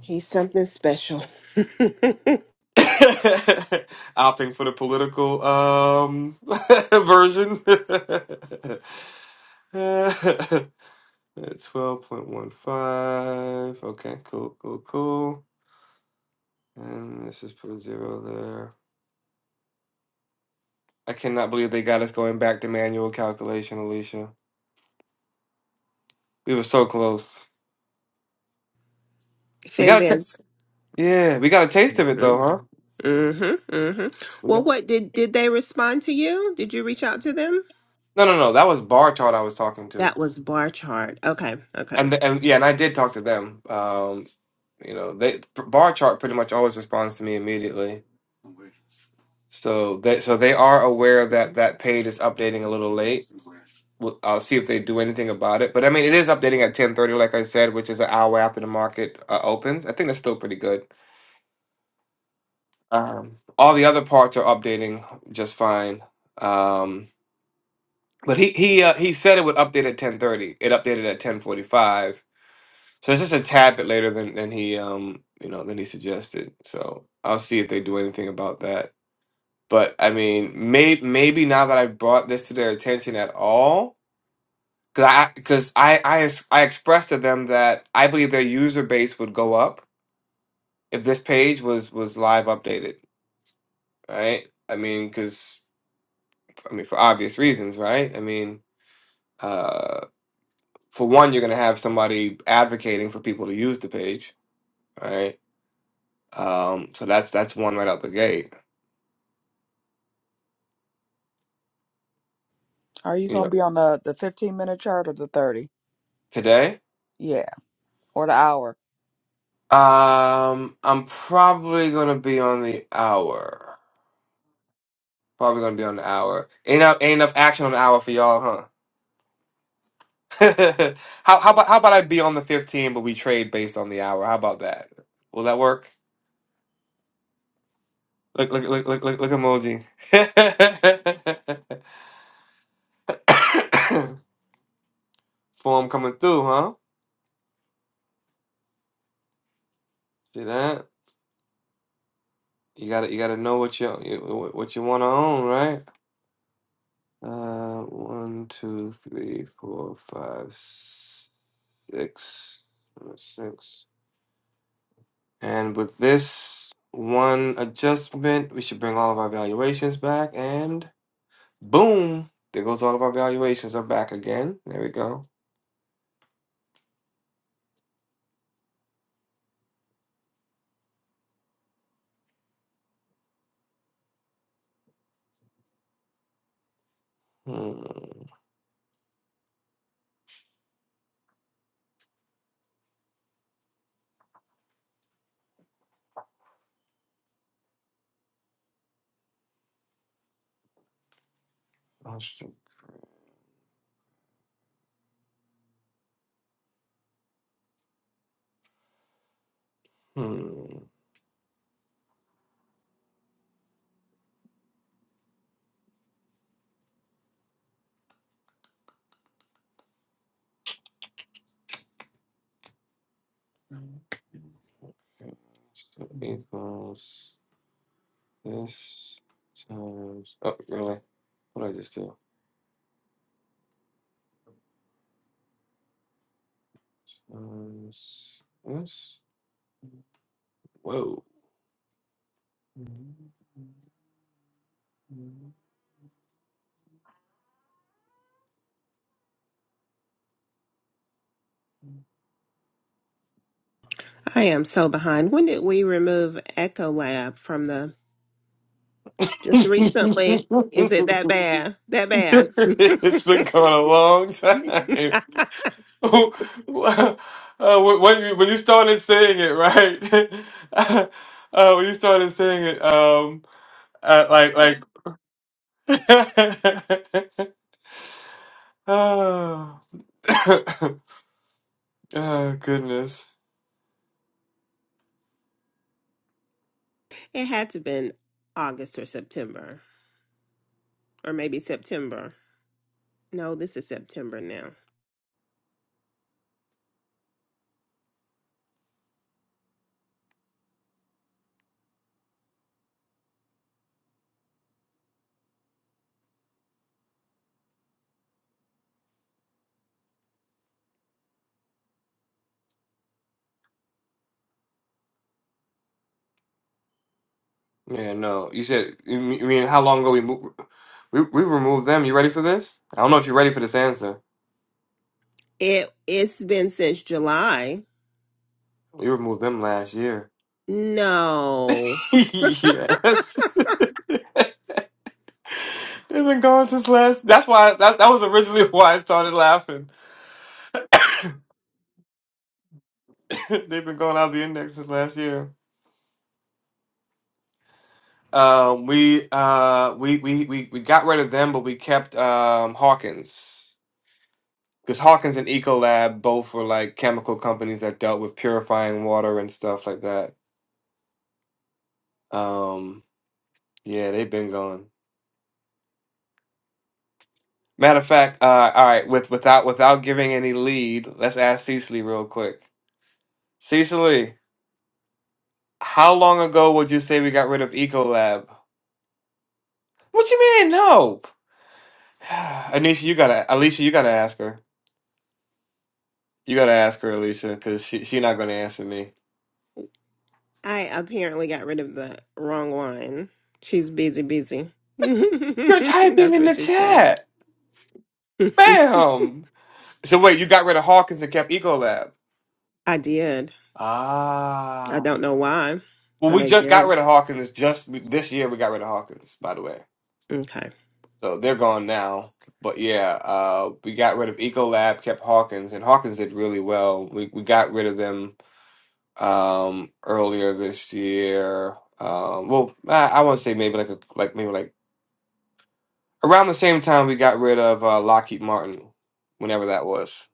Speaker 5: He's something special.
Speaker 1: Opting for the political um version. Twelve point one five. Okay, cool, cool, cool. And let's just put a zero there. I cannot believe they got us going back to manual calculation, Alicia. We were so close. We
Speaker 5: Finn
Speaker 1: got to.
Speaker 5: Vince.
Speaker 1: Yeah, we got a taste of it though, huh?
Speaker 5: Mm-hmm. Mm-hmm.
Speaker 1: We
Speaker 5: Well,
Speaker 1: got
Speaker 5: what did did they respond to you? Did you reach out to them?
Speaker 1: no, no, no. That was Bar Chart I was talking to,
Speaker 5: That was bar chart. Okay, okay.
Speaker 1: and the, and yeah, and I did talk to them. Um, you know, they Bar Chart pretty much always responds to me immediately. So they so they are aware that that page is updating a little late. We'll, I'll see if they do anything about it. But I mean, it is updating at ten thirty, like I said, which is an hour after the market uh, opens. I think that's still pretty good. Um, all the other parts are updating just fine. Um, But he he uh, he said it would update at ten thirty. It updated at ten forty five. So it's just a tad bit later than than he um you know than he suggested. So I'll see if they do anything about that. But I mean, may, maybe now that I brought this to their attention at all, because I because I I, ex- I expressed to them that I believe their user base would go up if this page was was live updated. Right? I mean, because I mean for obvious reasons, right? I mean. uh, for one, you're going to have somebody advocating for people to use the page, right? Um, so that's that's one right out the gate.
Speaker 2: Are you
Speaker 1: You
Speaker 2: gonna
Speaker 1: know,
Speaker 2: be on the the 15 minute chart or the 30?
Speaker 1: today,
Speaker 2: Yeah, or the hour?
Speaker 1: um, I'm probably going to be on the hour. Probably going to be on the hour. Ain't no- ain't enough action on the hour for y'all, huh? how how about how about I be on the 15, but we trade based on the hour? How about that? Will that work? Look look look look look look emoji. Form coming through, huh? See that? You gotta you gotta know what you you- what you want to own, right? Uh, one, two, three, four, five, s- six, uh, six. And with this one adjustment, we should bring all of our valuations back, and boom, there goes all of our valuations are back again. There we go. Hmm. I should- Hmm. So Equals this times. Oh, really? What did I just do? Um, s- yes. Whoa.
Speaker 5: I am so behind. When did we remove Echo Lab from the Just recently.
Speaker 1: it's
Speaker 5: Is it that bad? That bad?
Speaker 1: been going a long time. uh, when, when you when you started saying it, right? uh, when you started saying it, um, uh, like like. oh. oh goodness.
Speaker 5: it had to have been August or September, or maybe September. No, this is September now.
Speaker 1: Yeah, no. You said you mean you mean how long ago we moved? We we removed them. You ready for this? I don't know if you're ready for this answer.
Speaker 5: It it's been since July.
Speaker 1: We removed them last year.
Speaker 5: No.
Speaker 1: yes, they've been gone since last. That's why that that was originally why I started laughing. they've been going out of the index since last year. Um, we uh we we we we got rid of them, but we kept um Hawkins because Hawkins and Ecolab both were like chemical companies that dealt with purifying water and stuff like that. Um, yeah, they've been gone. Matter of fact, uh, all right, with without without giving any lead, let's ask Cecily real quick. Cecily, how long ago would you say we got rid of Ecolab? What you mean? No. Anisha, you gotta Alicia, you gotta ask her. You gotta ask her, Alicia, because she she not gonna answer me.
Speaker 5: I apparently got rid of the wrong one. She's busy, busy.
Speaker 1: You're typing
Speaker 5: That's
Speaker 1: in
Speaker 5: what
Speaker 1: the
Speaker 5: she said.
Speaker 1: chat. Bam. So wait, you got rid of Hawkins and kept Ecolab.
Speaker 5: I did. I
Speaker 1: Ah.
Speaker 5: don't know why,
Speaker 1: Well,
Speaker 5: but
Speaker 1: we
Speaker 5: I
Speaker 1: just got
Speaker 5: did.
Speaker 1: rid of Hawkins just this year we got rid of Hawkins, by the way.
Speaker 5: Okay.
Speaker 1: So they're gone now. But yeah, uh, we got rid of Ecolab, kept Hawkins, and Hawkins did really well. We we got rid of them um, earlier this year. Um, well, I, I want to say maybe like a, like maybe like around the same time we got rid of uh, Lockheed Martin, whenever that was.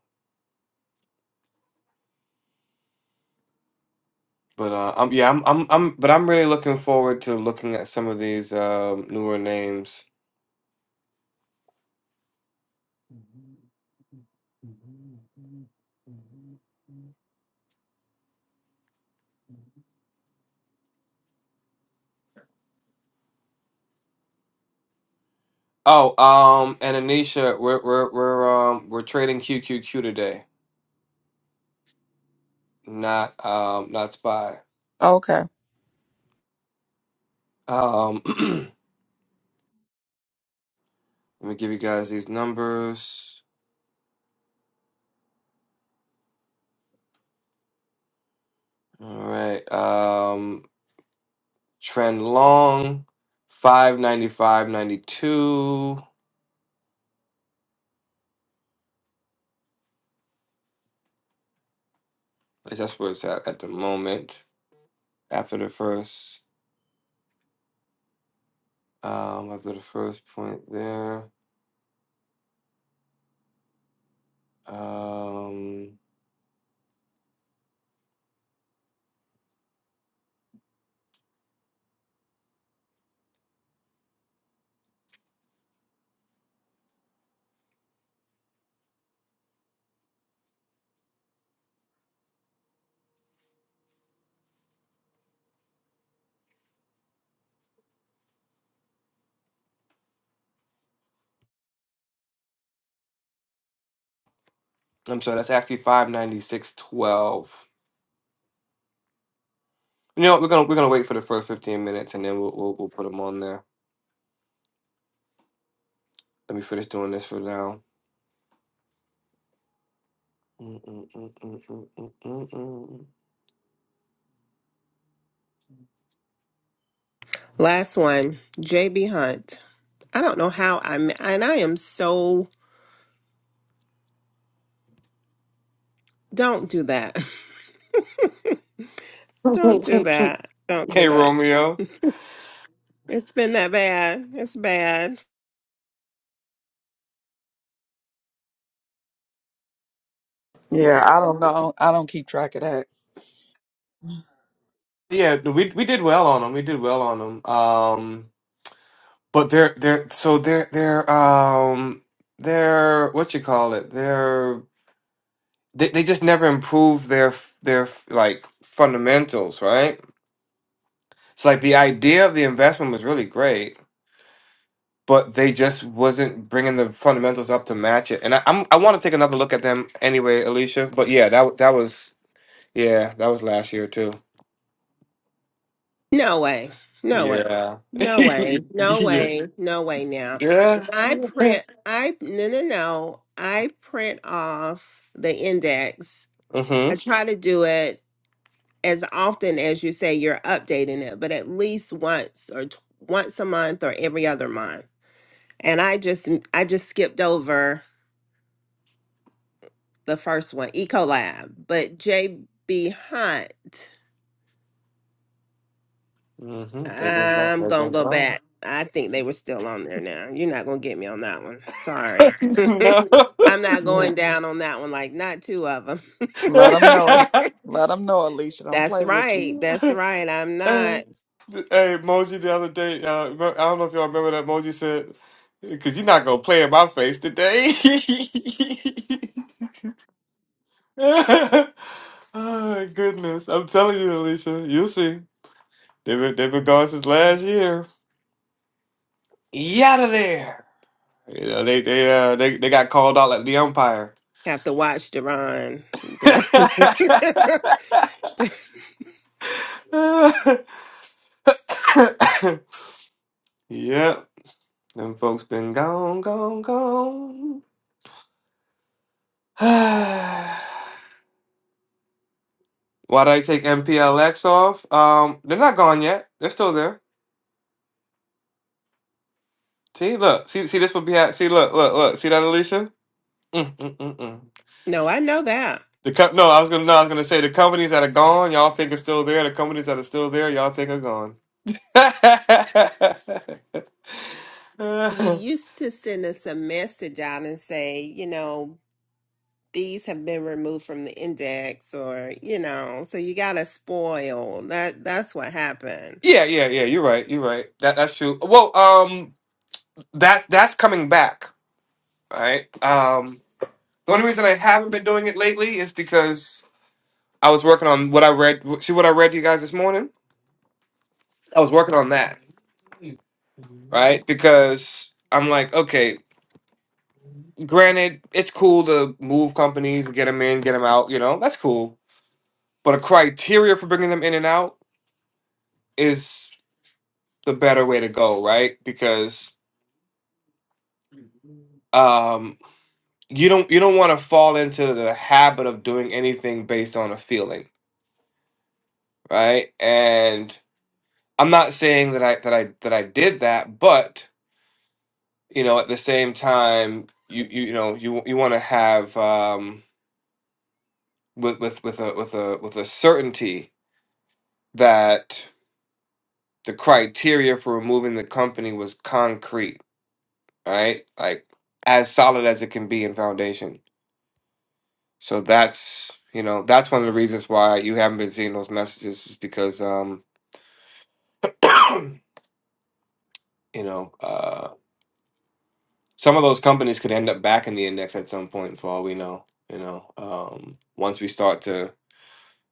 Speaker 1: But uh, I'm yeah, I'm I'm I'm but I'm really looking forward to looking at some of these um, newer names. Oh, um, and Anisha, we're we're we're um we're trading QQQ today, not um not Spy.
Speaker 2: Okay.
Speaker 1: Um, let me give you guys these numbers. All right, um, trend long, five ninety five ninety two. At least That's where it's at at the moment. After the first, um, after the first point there. Um, I'm sorry, that's actually five ninety six twelve. You know, what, we're gonna we're gonna wait for the first fifteen minutes, and then we'll we'll, we'll put them on there. Let me finish doing this for now.
Speaker 5: Last one, JB Hunt. I don't know how I am and I am so don't do that. Don't do that. Don't do
Speaker 1: hey,
Speaker 5: that.
Speaker 1: Romeo.
Speaker 5: It's been that bad. It's bad.
Speaker 2: Yeah, I don't know. I don't keep track of that.
Speaker 1: Yeah, no, we we did well on them. We did well on them. Um, but they're they're so they're they're um they're what you call it? They're they they just never improve their their like fundamentals, right? It's like the idea of the investment was really great but they just wasn't bringing the fundamentals up to match it. And I, I'm I want to take another look at them anyway, Alicia. But yeah, that w- that was yeah, that was last year too.
Speaker 5: No way. No way.
Speaker 1: Yeah,
Speaker 5: No
Speaker 1: yeah,
Speaker 5: way. No way. No way now.
Speaker 1: yeah.
Speaker 5: I print I no no no. I print off the index. I
Speaker 1: Mhm,
Speaker 5: try to do it as often as you say you're updating it, but at least once or t- once a month or every other month and I just I just skipped over the first one, Ecolab. But JB Hunt,
Speaker 1: mhm. They've been gone.
Speaker 5: I'm
Speaker 1: They've
Speaker 5: gonna
Speaker 1: been
Speaker 5: go
Speaker 1: gone.
Speaker 5: back. I think they were still on there now. You're not gonna get me on that one. Sorry.
Speaker 1: no. hey,
Speaker 5: I'm not
Speaker 2: Yeah,
Speaker 5: going down on that one. Like not two of them.
Speaker 2: let them know. Let them know, Alicia. Don't
Speaker 5: that's
Speaker 2: play with you.
Speaker 5: right. That's right. I'm not.
Speaker 1: Moji, the other day, uh, remem- I don't know if y'all remember that Moji said, "Cause you're not gonna play in my face today." oh, goodness. I'm telling you, Alicia, you'll see. They've been, they've been gone since last year. Out of there. You know, they they uh they, they got called out like the umpire.
Speaker 5: Have to watch Duran. Duran.
Speaker 1: yep. Them folks been gone, gone, gone. Why did I take MPLX off? Um, they're not gone yet. They're still there. See, look, see, see, this would be ha- see, look, look, look, see that, Alicia? Mm-mm-mm-mm.
Speaker 5: no, I know that.
Speaker 1: The co- no, I was gonna no, I was gonna say the companies that are gone, y'all think are still there. The companies that are still there, y'all think are gone.
Speaker 5: You used to send us a message out and say, you know, these have been removed from the index or you know so you gotta spoil that that's what happened
Speaker 1: yeah, yeah, yeah. You're right. You're right. That that's true. Well, um, that that's coming back. All right. Um, the only reason I haven't been doing it lately is because I was working on what I read. See what I read to you guys this morning. I was working on that. Right. Because I'm like, okay. Granted, it's cool to move companies, get them in, get them out. You know, that's cool But a criteria for bringing them in and out is the better way to go, right? Because um, you don't you don't want to fall into the habit of doing anything based on a feeling, right? And I'm not saying that I that I that I did that, but you know, at the same time, you you, you know you you want to have um, with with with a with a with a certainty that the criteria for removing the company was concrete right? Like as solid as it can be in foundation. So that's you know that's one of the reasons why you haven't been seeing those messages is because um you know uh some of those companies could end up back in the index at some point for all we know you know um once we start to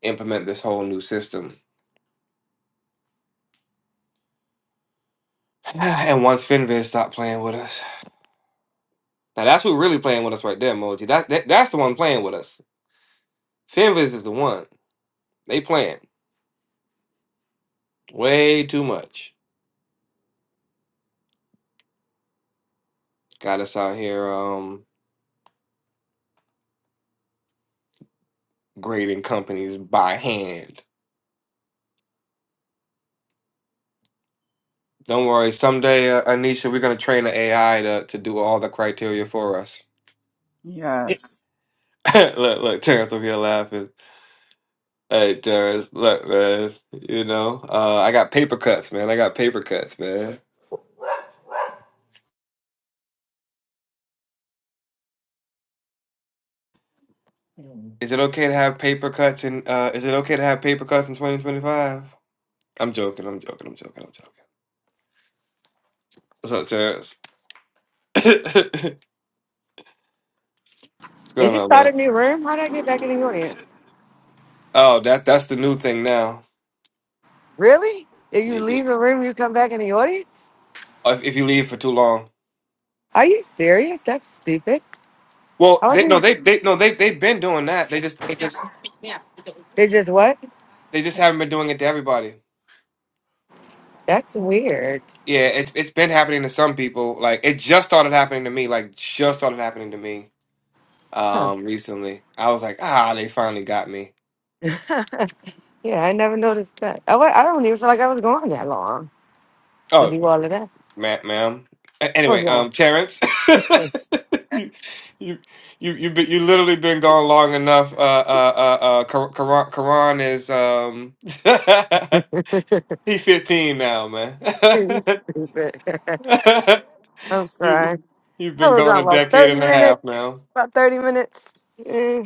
Speaker 1: implement this whole new system and once Finviz stop playing with us now that's who really playing with us right there Moji that, that that's the one playing with us Finviz is the one they playing way too much got us out here um. grading companies by hand. Don't worry, someday, uh, Anisha, we're gonna train the AI to, to do all the criteria for us.
Speaker 2: Yes.
Speaker 1: look, look, Terrence over here laughing. Hey, Terrence, look, man, you know, uh, I got paper cuts, man. I got paper cuts, man. Is it okay to have paper cuts in? Uh, is it okay to have paper cuts in 2025? I'm joking. I'm joking. I'm joking. I'm joking. What's up, Terrence? What's
Speaker 3: Did
Speaker 1: going
Speaker 3: you
Speaker 1: on,
Speaker 3: start a
Speaker 1: man?
Speaker 3: new room? How did I get back in the audience?
Speaker 1: Oh, that that's the new thing now.
Speaker 3: Really? If you
Speaker 1: You-
Speaker 3: leave
Speaker 1: you-
Speaker 3: the room, you come back in the audience?
Speaker 1: If, if you leave for too long.
Speaker 3: Are you serious? That's stupid.
Speaker 1: Well,
Speaker 3: How are
Speaker 1: they no,
Speaker 3: you?
Speaker 1: they they no, they they've been doing that. They just they just
Speaker 3: They just what?
Speaker 1: they just haven't been doing it to everybody.
Speaker 3: That's weird.
Speaker 1: Yeah, it's it's been happening to some people. Like it just started happening to me. Like just started happening to me.
Speaker 3: Huh.
Speaker 1: Um, recently, I was like, ah, they finally got me.
Speaker 3: Yeah, I never noticed that. Oh, I, wa- I don't even feel like I was gone that long to
Speaker 1: Oh,
Speaker 3: do all of that.
Speaker 1: ma- ma'am. A-
Speaker 3: Hold
Speaker 1: Anyway,
Speaker 3: on.
Speaker 1: um, Terrence,
Speaker 3: You
Speaker 1: you you you you be, you literally been gone long enough. Uh, uh, uh, uh Kar- Karan, Karan is um, he fifteen now, man.
Speaker 3: are stupid. I'm
Speaker 1: you
Speaker 3: sorry.
Speaker 1: you've
Speaker 3: I
Speaker 1: been
Speaker 3: was
Speaker 1: gone
Speaker 3: gone
Speaker 1: a
Speaker 3: about
Speaker 1: decade
Speaker 3: 30
Speaker 1: and a
Speaker 3: minutes.
Speaker 1: half now.
Speaker 3: About 30 minutes. Eh,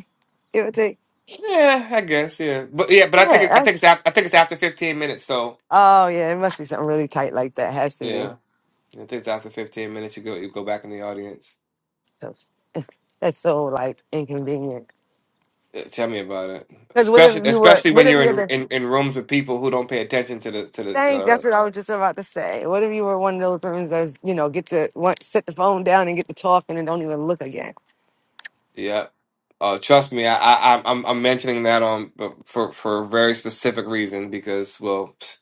Speaker 3: give or take.
Speaker 1: Yeah, I guess. Yeah, but yeah, but I think it, I
Speaker 3: Yeah,
Speaker 1: think it's after, I think it's after fifteen minutes. So
Speaker 3: Oh yeah, it must be something really tight like that. Has to be.
Speaker 1: yeah, I think it's after fifteen minutes you go you go back in the audience.
Speaker 3: So that's so like inconvenient.
Speaker 1: Uh, Tell me about it,
Speaker 3: Because what if
Speaker 1: especially
Speaker 3: you were?
Speaker 1: especially
Speaker 3: What
Speaker 1: when
Speaker 3: if
Speaker 1: you're
Speaker 3: you had
Speaker 1: in
Speaker 3: to
Speaker 1: in, in rooms with people who don't pay attention to the to the.
Speaker 3: think?
Speaker 1: Uh,
Speaker 3: That's what I was just about to say. What if you were one of those rooms that's you know get to want, set the phone down and get to talking and don't even look again?
Speaker 1: yeah. Uh, trust me, I, I, I'm I'm I'm mentioning that on but for for a very specific reason because well, pfft,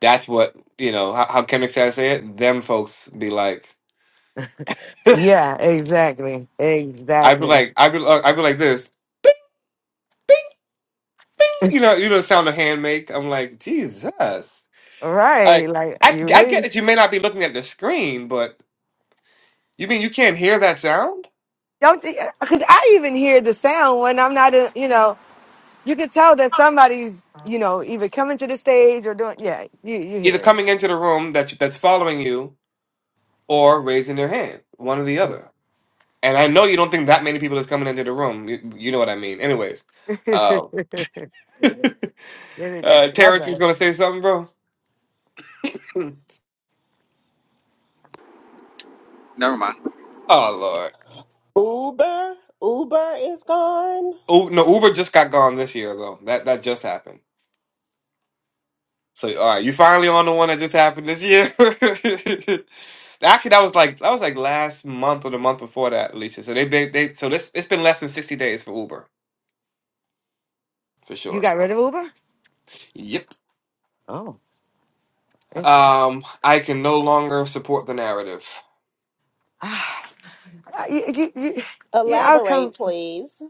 Speaker 1: that's what you know. How, how Kendrick said, say it, them folks be like.
Speaker 3: Yeah, exactly,
Speaker 1: I'd be
Speaker 3: exactly.
Speaker 1: like, I'd be, uh, I'd be like this, bing, you know, you know, the sound a hand make. I'm like, Jesus,
Speaker 3: Right,
Speaker 1: like,
Speaker 3: like
Speaker 1: I,
Speaker 3: you
Speaker 1: I get
Speaker 3: really
Speaker 1: that you may not be looking at the screen, but you mean you can't hear that sound?
Speaker 3: don't. Because I even hear the sound when I'm not. A, you know, you can tell that somebody's you know either coming to the stage or doing. Yeah, you you
Speaker 1: Either
Speaker 3: hear
Speaker 1: coming into the room that you, that's following you, or raising their hand, one or the other. And I know you don't think that many people is coming into the room. You, you know what I mean. Anyways,
Speaker 3: it.
Speaker 1: uh,
Speaker 3: Sure. Get it
Speaker 1: uh, Terrence, you was
Speaker 3: together.
Speaker 1: gonna say something, bro?
Speaker 6: Never mind.
Speaker 1: Oh Lord.
Speaker 5: uber uber is gone
Speaker 1: Oh no, Uber just got gone this year though. That that just happened. So, all right, you finally on the one that just happened this year. Actually, that was like that was like last month or the month before that, Alicia. So they've been they so this it's been less than sixty days for Uber for
Speaker 3: You
Speaker 1: sure.
Speaker 3: got rid of Uber?
Speaker 1: Yep.
Speaker 3: Oh, interesting.
Speaker 1: Um, I can no longer support the narrative.
Speaker 3: Ah, you, you, you, you know, I come.
Speaker 5: elaborate please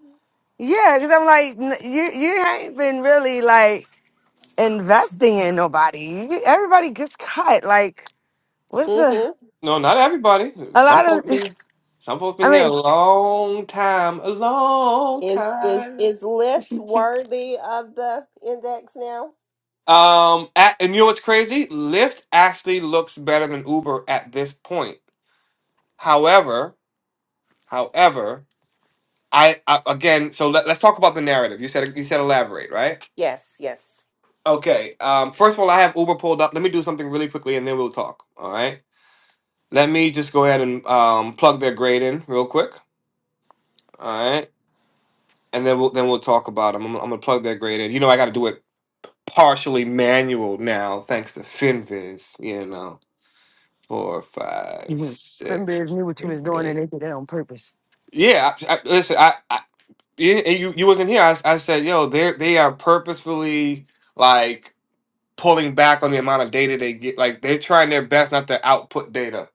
Speaker 3: Yeah, because I'm like, n- you, you ain't been really like investing in nobody. You, everybody gets cut. Like, what's the
Speaker 5: mm-hmm.
Speaker 1: No, not everybody.
Speaker 3: a
Speaker 1: Some
Speaker 3: lot
Speaker 1: folks
Speaker 3: of?
Speaker 1: been some folks
Speaker 3: I
Speaker 1: been here a
Speaker 3: mean,
Speaker 1: long time, a long
Speaker 5: is is
Speaker 1: time.
Speaker 5: is lyft worthy of the index now
Speaker 1: Um, at, and you know what's crazy? Lyft actually looks better than Uber at this point. However, however. I, I again. So let, let's talk about the narrative. You said you said elaborate, right?
Speaker 5: yes yes
Speaker 1: Okay. Um, first of all, I have Uber pulled up. Let me do something really quickly, and then we'll talk. All right. Let me just go ahead and um, plug their grade in real quick. All right, and then we'll then we'll talk about them. I'm, I'm gonna plug their grade in. You know, I got to do it partially manual now, thanks to Finviz. You know, four, five,
Speaker 3: Mhm. Clinton Bears
Speaker 1: six,
Speaker 3: knew what you was doing, and
Speaker 1: eight.
Speaker 3: they did it on purpose.
Speaker 1: Yeah. I, I, listen, I, I you, you you wasn't here. I, I said, yo, they are they are purposefully. Like pulling back on the amount of data they get. Like they're trying their best not to output data.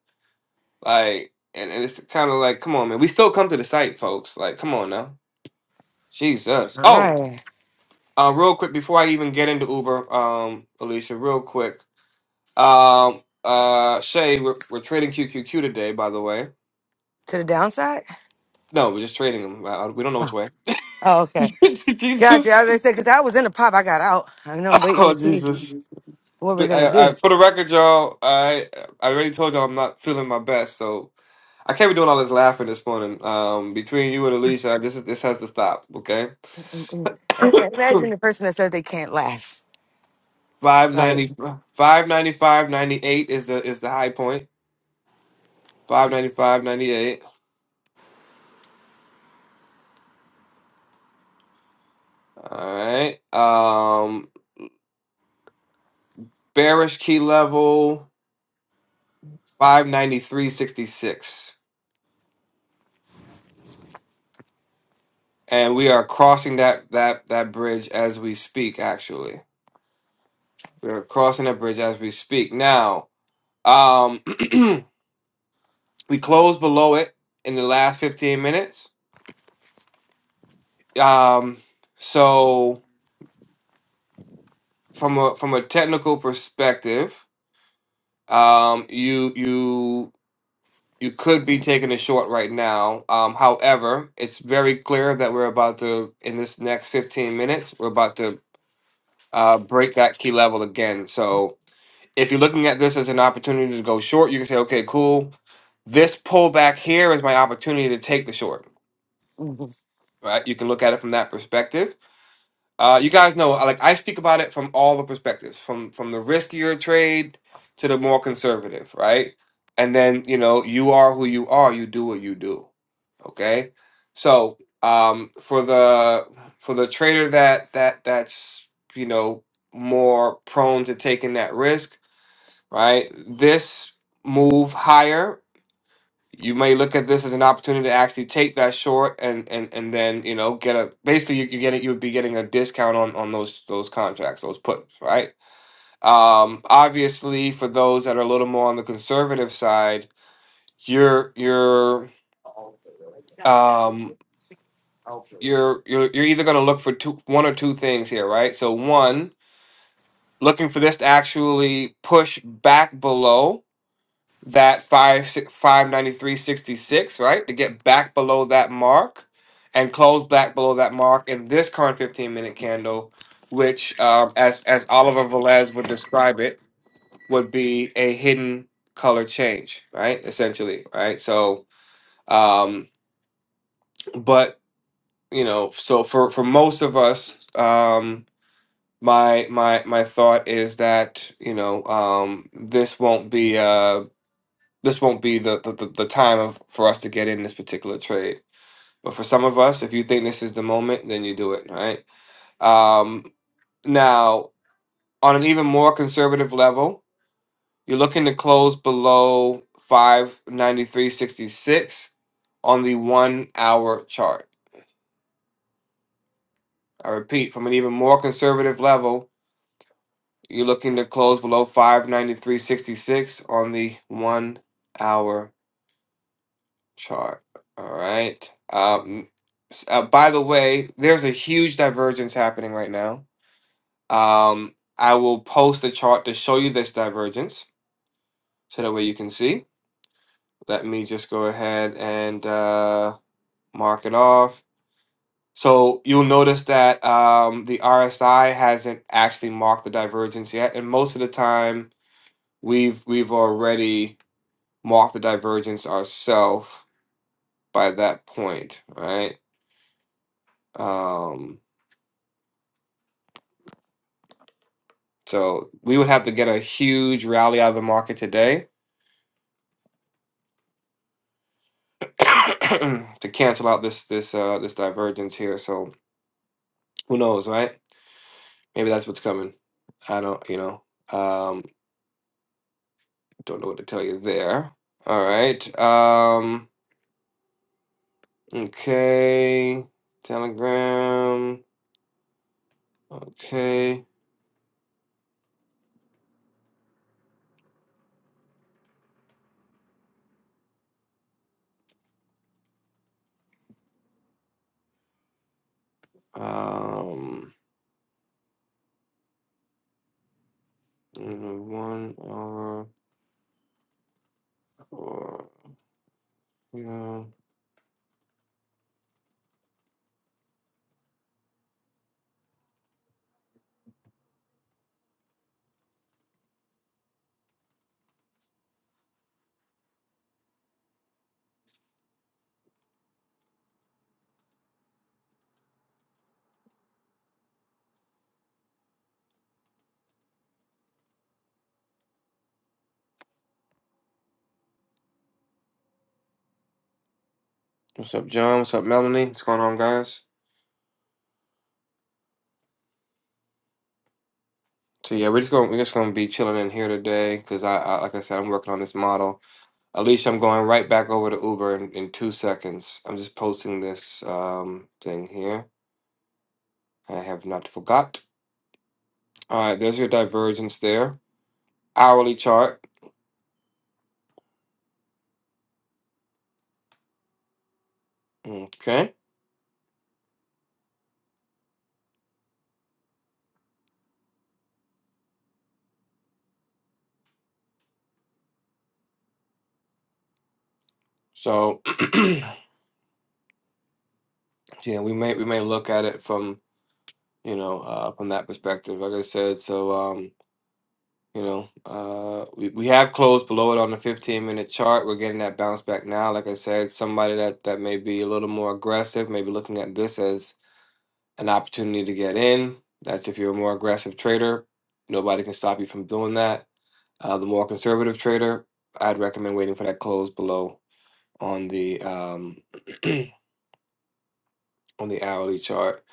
Speaker 1: Like and, and it's kind of like, come on, man. We still come to the site, folks. Like, come on now. Jesus.
Speaker 3: All
Speaker 1: Oh,
Speaker 3: right.
Speaker 1: uh, real quick before I even get into Uber, um, Alicia, real quick. Um, uh, Shay, we're, we're trading QQQ today, by the way.
Speaker 3: To the downside?
Speaker 1: No, we're just trading them. Uh, We don't know which
Speaker 3: Oh,
Speaker 1: way.
Speaker 3: oh okay. Gotcha. I
Speaker 1: Jesus.
Speaker 3: was gonna say because I was in the pop, I got out, and I'm waiting
Speaker 1: Oh,
Speaker 3: to see
Speaker 1: Jesus.
Speaker 3: what we're
Speaker 1: But
Speaker 3: gonna
Speaker 1: I, I,
Speaker 3: do.
Speaker 1: for the record, y'all, I I already told y'all I'm not feeling my best, so I can't be doing all this laughing this morning. Um, between you and Alicia, this is this has to stop. Okay,
Speaker 3: Mm-mm. I- I Imagine the person that says they can't laugh.
Speaker 1: five
Speaker 3: Like,
Speaker 1: ninety five ninety five ninety eight is the is the high point. Five ninety five ninety eight. All right. Um, bearish key level 593.66, and we are crossing that that that bridge as we speak. Actually, we are crossing that bridge as we speak now. Um, we closed below it in the last 15 minutes. Um, so from a from a technical perspective, um, you you you could be taking a short right now. Um, however, it's very clear that we're about to in this next fifteen minutes, we're about to uh, break that key level again. So if you're looking at this as an opportunity to go short, you can say, okay, cool. This pullback here is my opportunity to take the short.
Speaker 3: mhm.
Speaker 1: Right? You can look at it from that perspective Uh, you guys know, like I speak about it from all the perspectives, from from the riskier trade to the more conservative, right? And then you know, you are who you are. You do what you do. Okay. So um, for the for the trader that that that's you know more prone to taking that risk, right? This move higher you may look at this as an opportunity to actually take that short and and and then you know get a basically you, you get it you would be getting a discount on on those those contracts those puts right um obviously for those that are a little more on the conservative side you're you're um you're you're you're either going to look for two one or two things here right so one looking for this to actually push back below that five si, five ninety three sixty six, right? To get back below that mark and close back below that mark in this current fifteen minute candle, which um, as as Oliver Velez would describe it, would be a hidden color change, right? Essentially, right? So, um, but you know, so for for most of us, um, my my my thought is that you know um, this won't be. uh, this won't be the, the, the, the time of for us to get in this particular trade. But for some of us, if you think this is the moment, then you do it, right? Um, now, on an even more conservative level, you're looking to close below 593.66 on the one hour chart. I repeat, from an even more conservative level, you're looking to close below 593.66 on the one hour chart. All right. Um, s- uh, by the way, there's a huge divergence happening right now. Um, I will post a chart to show you this divergence so that way you can see. Let me just go ahead and uh, mark it off. So you'll notice that um, the RSI hasn't actually marked the divergence yet, and most of the time we've we've already marked the divergence ourselves by that point, right? Um, So we would have to get a huge rally out of the market today to cancel out this this uh this divergence here. So who knows, right? Maybe that's what's coming. I don't, you know, um, don't know what to tell you there. All right. Um, okay. Telegram. Okay. Um, mm, one hour. Or, yeah. What's up, John? What's up, Melanie? What's going on, guys? So yeah, we're just gonna we're just gonna be chilling in here today because I, I like I said I'm working on this model. Alicia, I'm going right back over to Uber in, in two seconds. I'm just posting this um thing here. I have not forgot. All right, there's your divergence there. Hourly chart. Okay, so yeah, we may we may look at it from you know uh, from that perspective. Like I said, so um You know, uh, we, we have closed below it on the 15 minute chart. We're getting that bounce back now. Like I said, somebody that, that may be a little more aggressive, maybe looking at this as an opportunity to get in. That's if you're a more aggressive trader. Nobody can stop you from doing that. Uh, the more conservative trader, I'd recommend waiting for that close below on the um, on the hourly chart.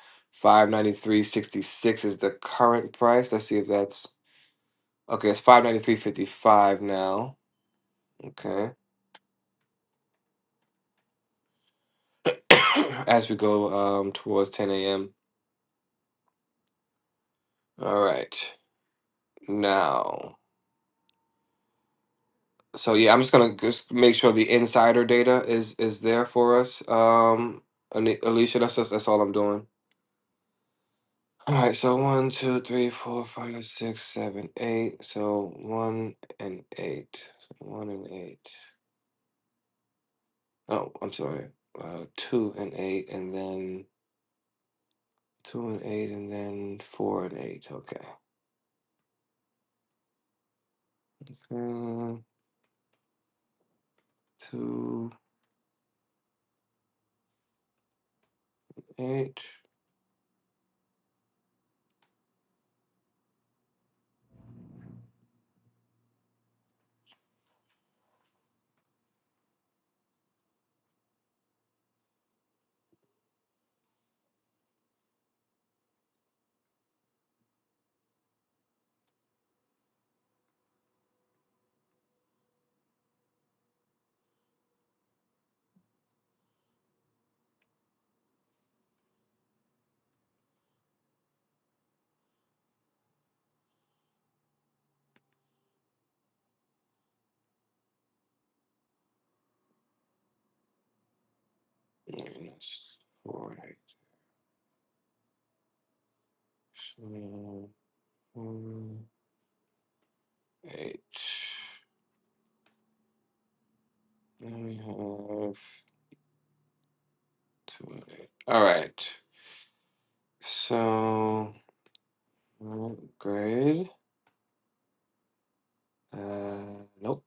Speaker 1: 593.66 is the current price. Let's see if that's okay. It's 593.55 now. Okay. as we go um towards 10 a.m. All right. Now, so yeah, I'm just gonna just make sure the insider data is is there for us. Um, Ali- Alicia, that's just that's all I'm doing. All right, so one, two, three, four, five, six, seven, eight. So one and eight. So one and eight. Oh, I'm sorry. Uh, two and eight, and then two and eight, and then four and eight. Okay. Mm, two, eight. minus four x uh, four eight. Then we have two eight. All right. So grade. Uh, nope.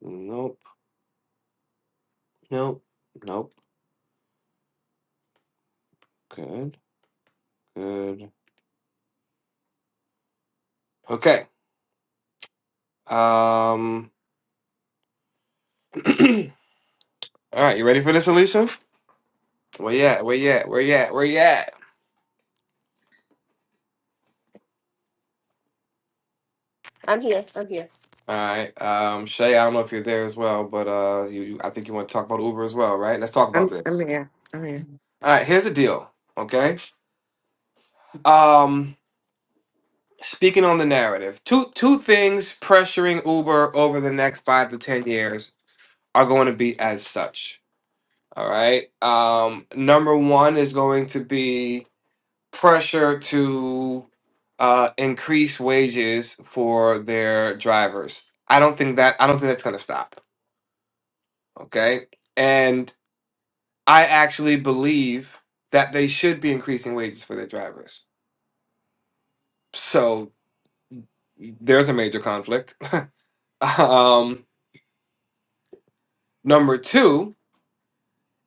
Speaker 1: Nope. Nope. Nope. Good. Good. Okay. Um. all right. You ready for this, Alicia? Where you at? Where you at? Where you at? Where you at?
Speaker 5: i'm here i'm here
Speaker 1: All right, um, Shay. I don't know if you're there as well, but uh, you, you I think you want to talk about Uber as well, right? Let's talk about
Speaker 3: I'm, I'm
Speaker 1: this.
Speaker 3: here. I'm here.
Speaker 1: All right, here's the deal. Okay. Um, speaking on the narrative, two two things pressuring Uber over the next five to ten years are going to be as such. All right. Um, number one is going to be pressure to uh, increase wages for their drivers. I don't think that I don't think that's going to stop. Okay. And I actually believe that they should be increasing wages for their drivers. So There's a major conflict. um, number two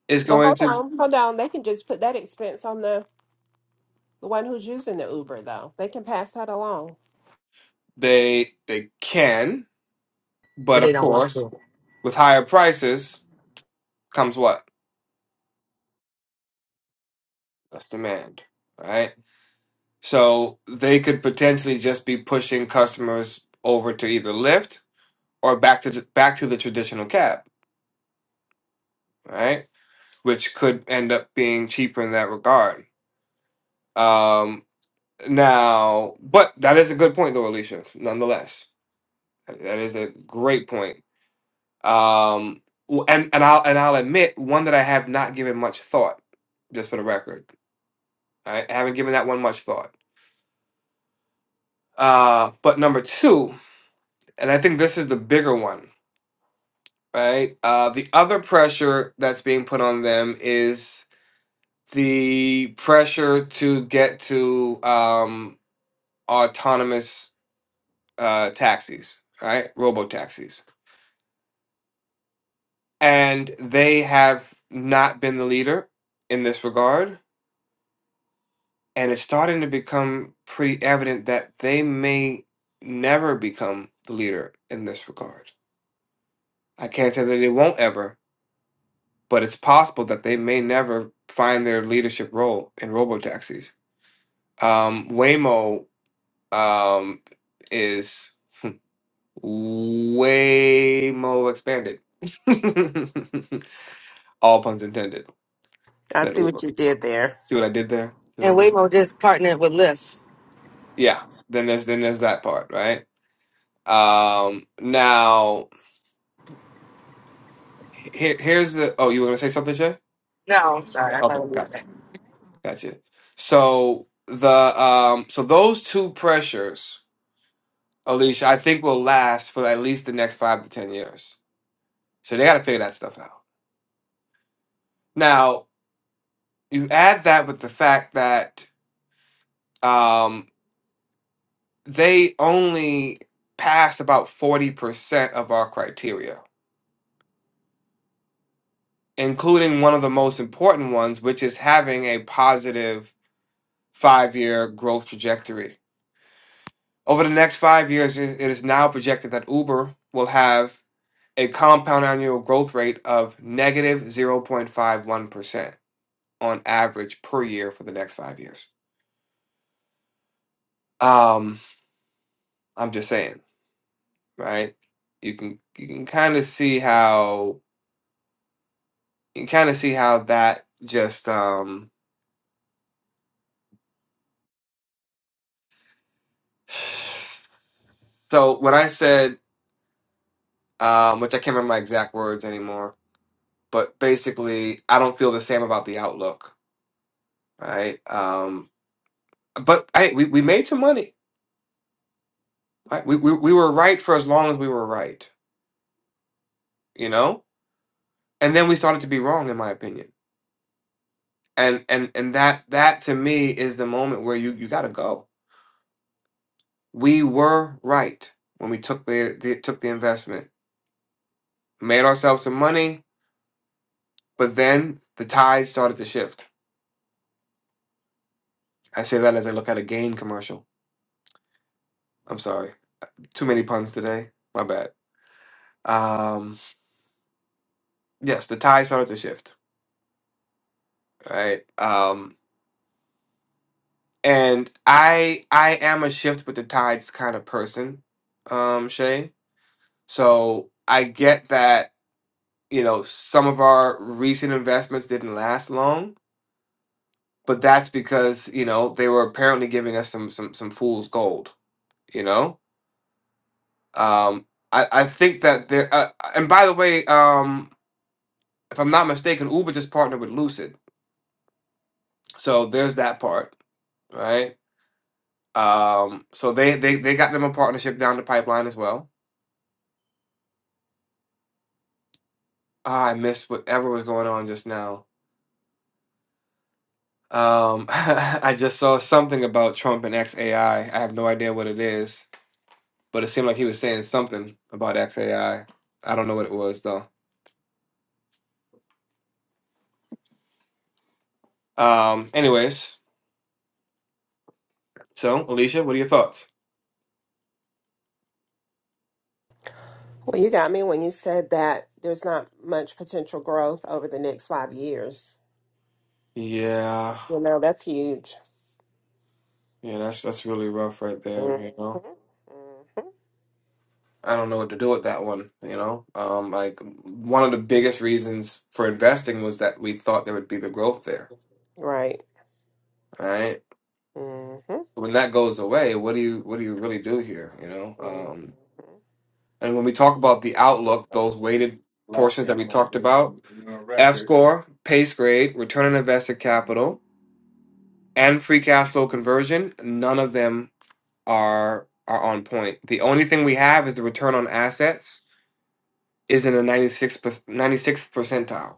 Speaker 1: is
Speaker 5: well
Speaker 1: going
Speaker 5: hold
Speaker 1: to
Speaker 5: on hold on they can just put that expense on the the one who's using the uber though they can pass that along
Speaker 1: they they can,
Speaker 3: But
Speaker 1: but
Speaker 3: they
Speaker 1: of
Speaker 3: don't want
Speaker 1: course,
Speaker 3: to.
Speaker 1: with higher prices comes what? That's demand, right? So they could potentially just be pushing customers over to either Lyft or back to the, back to the traditional cab, right? Which could end up being cheaper in that regard. Um, now, but that is a good point, though, Alicia. Nonetheless, that is a great point Um, w- and and I'll and I'll admit one that I have not given much thought, just for the record. I haven't given that one much thought. Uh, but number two, and I think this is the bigger one, right? Uh, the other pressure that's being put on them is the pressure to get to um, autonomous uh, taxis, right? Robo taxis, and they have not been the leader in this regard and it's starting to become pretty evident that they may never become the leader in this regard. I can't say that they won't ever, but it's possible that they may never find their leadership role in robo taxis. Um, Waymo um, is way more expanded. All puns intended.
Speaker 5: i
Speaker 1: That
Speaker 5: see
Speaker 1: Uber.
Speaker 5: what you did there
Speaker 1: See what I did there? See what I
Speaker 3: And
Speaker 1: did? There?
Speaker 3: Waymo just partnered with Lyft.
Speaker 1: Yeah. Then there's then there's that part, right? Um, now Here, here's the. Oh, you want to say something, Shay?
Speaker 3: No, I'm sorry. I thought
Speaker 1: Okay.
Speaker 3: it was
Speaker 1: Got,
Speaker 3: that.
Speaker 1: gotcha. So the um, so those two pressures, Alicia, I think will last for at least the next five to ten years. So they got to figure that stuff out. Now you add that with the fact that um, they only passed about forty percent of our criteria, including one of the most important ones, which is having a positive five-year growth trajectory Over the next five years, it it is now projected that Uber will have a compound annual growth rate of 0.51% on average per year for the next five years. Um, I'm just saying, right? You can you can kind of see how you can kind of see how that just um so when I said um which I can't remember my exact words anymore, but basically I don't feel the same about the outlook, right? Um, but hey, we, we made some money. Right? We, we we were right for as long as we were right, you know. And then we started to be wrong, in my opinion. And and and that that to me is the moment where you you got to go. We were right when we took the, the took the investment, made ourselves some money, but then the tide started to shift. I say that as I look at a game commercial. I'm sorry, too many puns today. My bad. Um, yes, the tide started to shift. Right. Um, and I I am a shift with the tides kind of person, um, Shay. So I get that you know some of our recent investments didn't last long, but that's because you know they were apparently giving us some some some fool's gold. You know, um, I I think that there. Uh, and by the way, um, if I'm not mistaken, Uber just partnered with Lucid, so there's that part, right? Um, so they they they got them a partnership down the pipeline as well. Ah, I missed whatever was going on just now. Um, I just saw something about Trump and XAI. I I have no idea what it is, but it seemed like he was saying something about XAI. I I don't know what it was though. Um, anyways, so Alicia, what are your thoughts?
Speaker 5: Well, you got me when you said that there's not much potential growth over the next five years.
Speaker 1: Yeah,
Speaker 5: You know, that's huge.
Speaker 1: yeah, that's that's really rough right there,
Speaker 5: hmm
Speaker 1: you know. I don't know what to do with that one, you know. Um, like one of the biggest reasons for investing was that we thought there would be the growth there,
Speaker 5: Right.
Speaker 1: right?
Speaker 5: hmm hmm
Speaker 1: So when that goes away, what do you what do you really do here? You know, um, and when we talk about the outlook, those weighted portions that we talked about, F score, pace grade, return on invested capital, and free cash flow conversion, none of them are are on point. The only thing we have is the return on assets is in the ninety six ninety sixth percentile,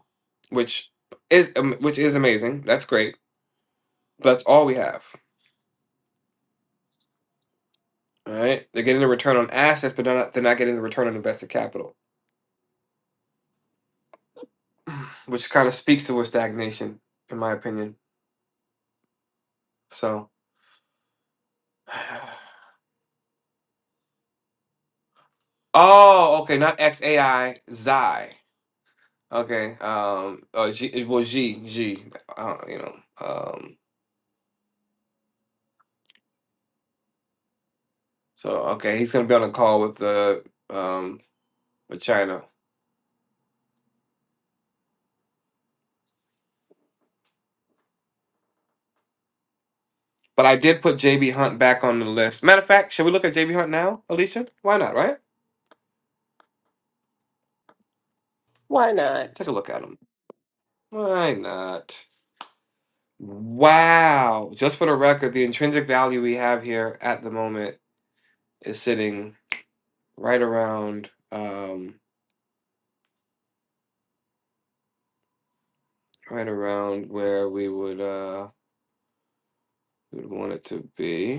Speaker 1: which is um, which is amazing. That's great. But that's all we have. All right, they're getting the return on assets, but they're not they're not getting the return on invested capital. which kind of speaks to a stagnation, in my opinion. So, oh, okay, not X A I Xi. Okay, um, uh, G, it was G G. Uh, you know, um, so okay, he's gonna be on a call with the um with China. But I did put JB Hunt back on the list. Matter of fact, should we look at JB Hunt now, Alicia? Why not? Right? Let's
Speaker 5: Why
Speaker 1: take
Speaker 5: not?
Speaker 1: a look at him. Why not? Wow. Just for the record, the intrinsic value we have here at the moment is sitting right around um right around where we would uh we would want it to be.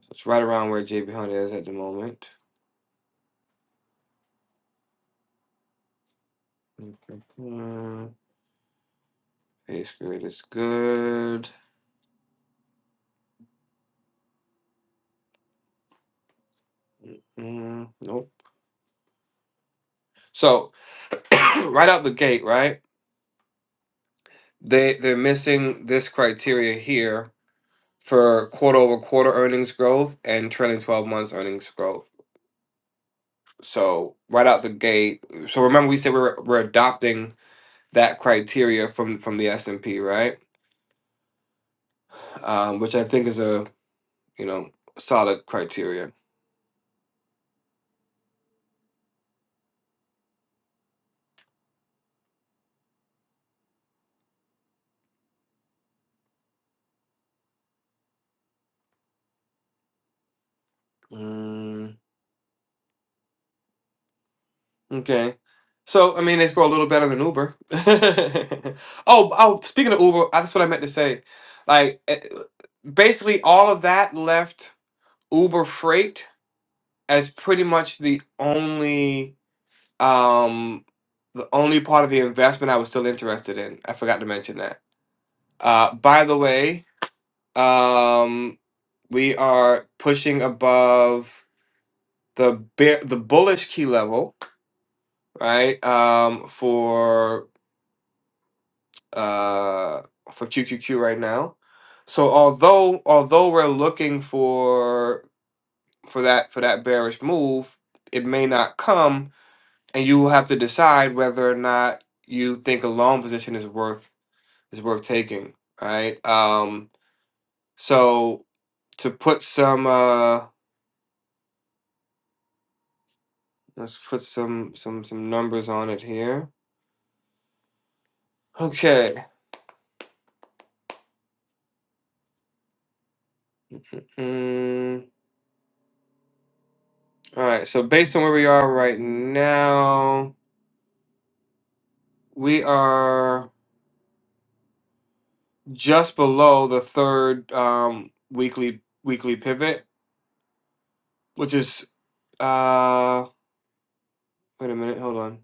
Speaker 1: So it's right around where JB Hunt is at the moment. Mhm. Base grade is good. Mm, nope. So right out the gate, right? They they're missing this criteria here for quarter over quarter earnings growth and trailing twelve months earnings growth. So right out the gate. So remember we said we're we're adopting that criteria from from the S and P, right? Um, which I think is a you know solid criteria. Mm, okay. So, I mean, they score a little better than Uber. Oh, oh, speaking of Uber, that's what I meant to say. Like, eh, basically, all of that left Uber Freight as pretty much the only, um, the only part of the investment I was still interested in. I forgot to mention that. Uh, by the way, Um, we are pushing above the bear, the bullish key level, right? Um, for uh for QQQ right now. So although although we're looking for for that for that bearish move, it may not come, and you will have to decide whether or not you think a long position is worth is worth taking, right? Um, so to put some uh Let's put some some some numbers on it here. Okay. Mm, all right. So based on where we are right now, we are just below the third um, weekly weekly pivot, which is uh wait a minute, hold on.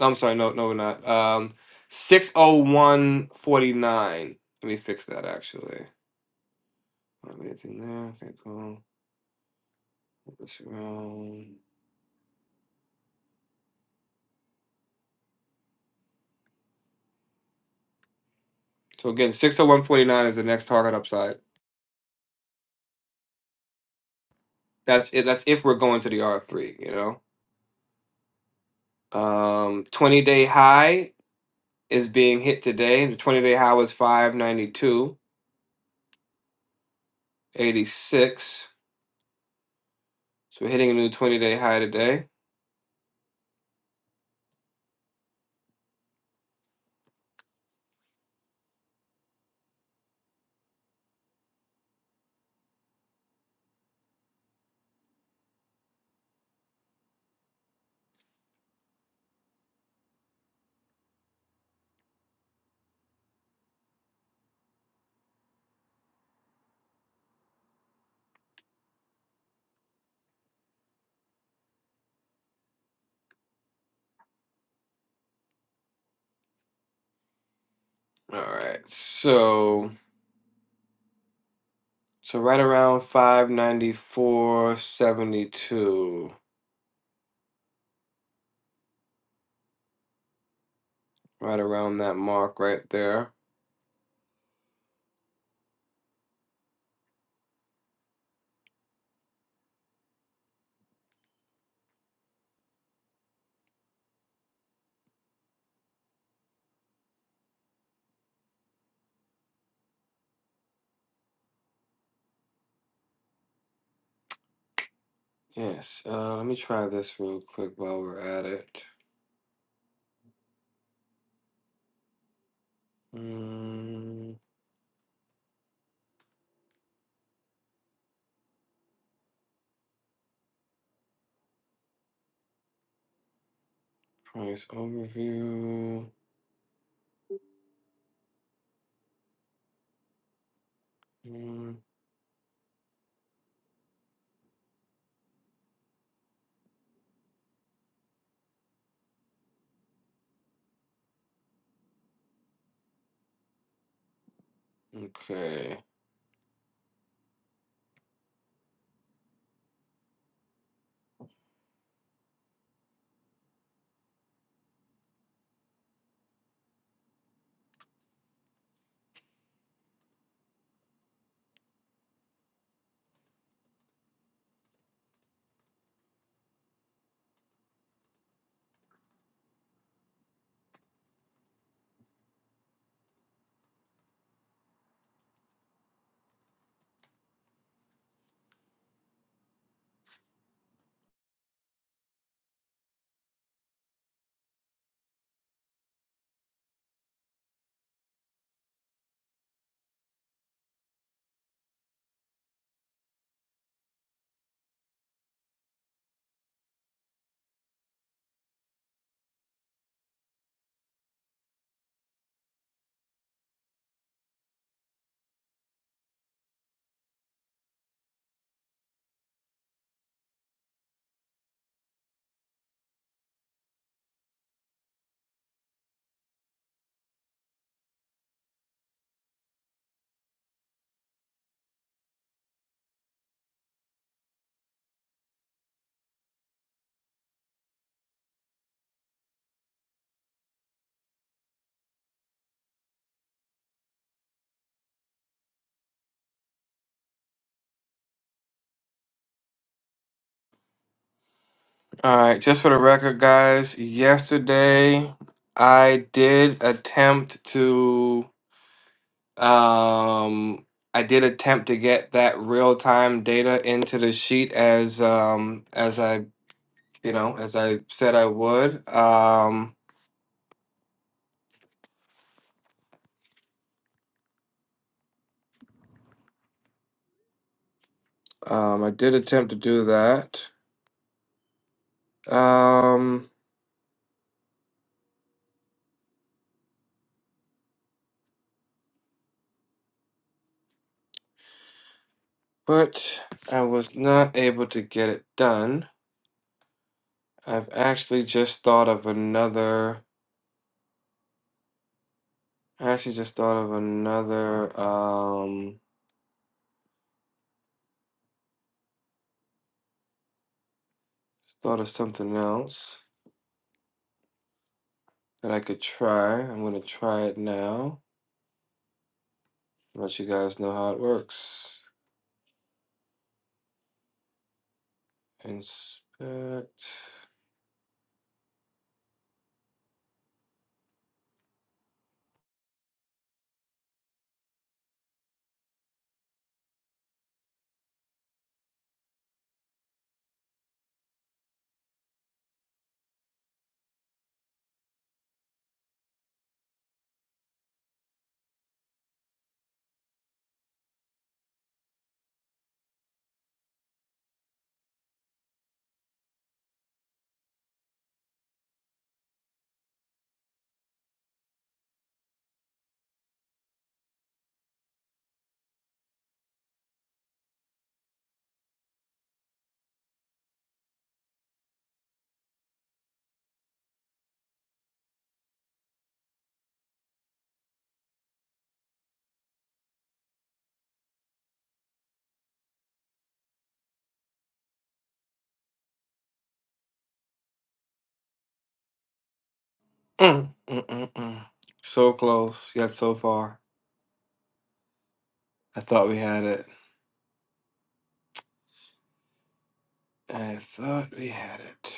Speaker 1: I'm sorry, no, no, we're not. Um, six oh one forty nine. Let me fix that actually. Not anything there. Okay, cool. Put this around. So again, six oh one forty nine is the next target upside. That's it. That's if we're going to the R three. You know, um, twenty day high is being hit today. The twenty day high was five ninety two eighty six. So we're hitting a new twenty day high today. All right. So so right around five ninety four seventy two. Right around that mark right there. Yes. Uh, let me try this real quick while we're at it. Mm, price overview. Mm, okay. All right, just for the record, guys, yesterday I did attempt to um I did attempt to get that real-time data into the sheet as um as I, you know, as I said I would. Um um I did attempt to do that. Um but I was not able to get it done. I've actually just thought of another I actually just thought of another um Just thought of something else that I could try. I'm gonna try it now. Let you guys know how it works. Inspect. Mm, mm, mm, mm. So close, yet so far. I thought we had it. I thought we had it.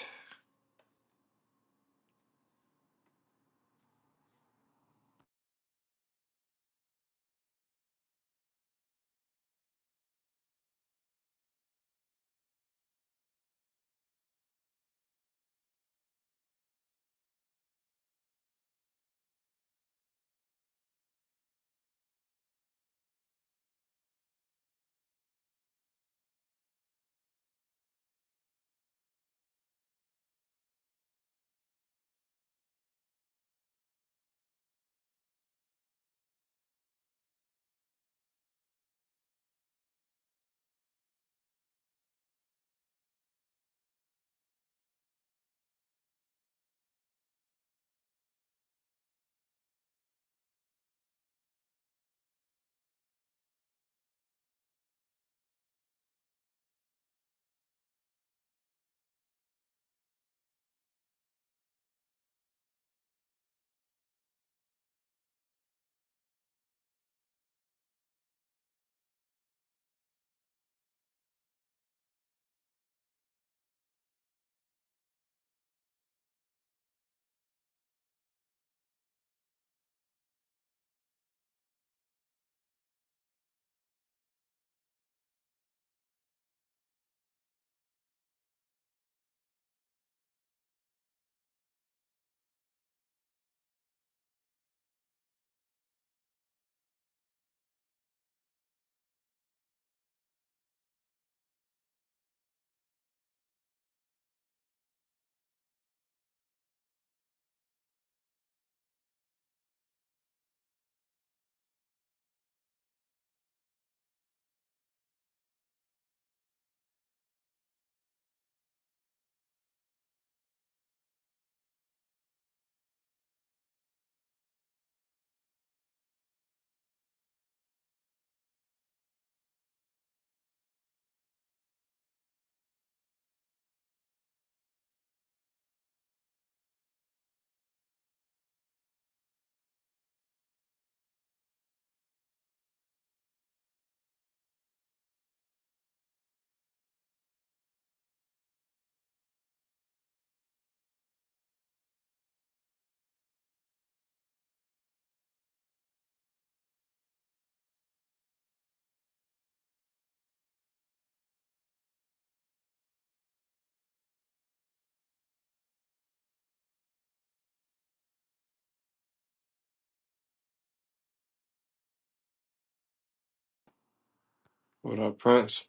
Speaker 1: What up, Prince?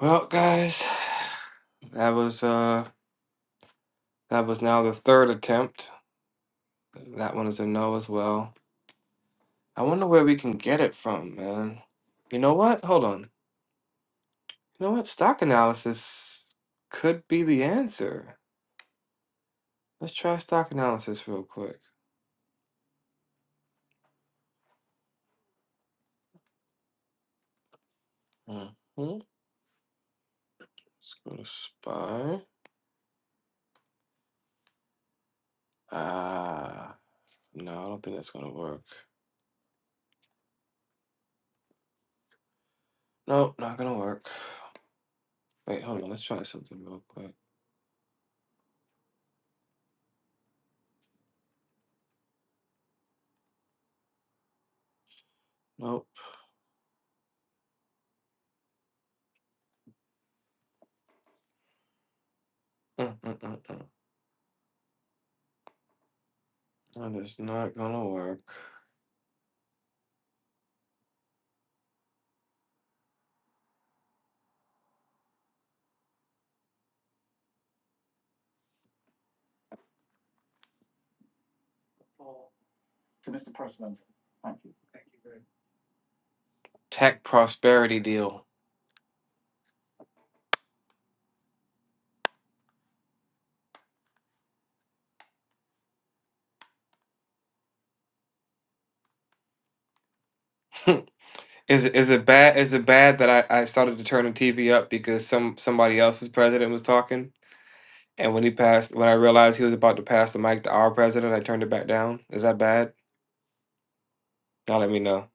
Speaker 1: Well, guys, that was uh, that was now the third attempt. That one is a no as well. I wonder where we can get it from, man. You know what? Hold on. You know what? Stock analysis could be the answer. Let's try stock analysis real quick. hmm Let's go to SPY. Ah, no, I don't think that's going to work. Nope, not going to work. Wait, hold on. Let's try something real quick. Nope. Mm-mm-mm-mm. That is not going to work. Tech prosperity deal. is it is it bad is it bad that I, I started to turn the TV up because some somebody else's president was talking? And when he passed, when I realized he was about to pass the mic to our president, I turned it back down. Is that bad? Y'all let me know.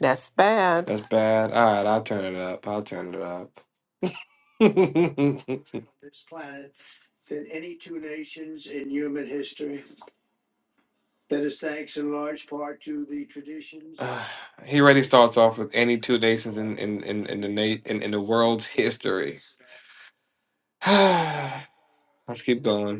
Speaker 5: That's bad.
Speaker 1: That's bad. All right, I'll turn it up. I'll turn it up. he already starts off with any two nations in in in, in the na- in, in the world's history. Let's keep going.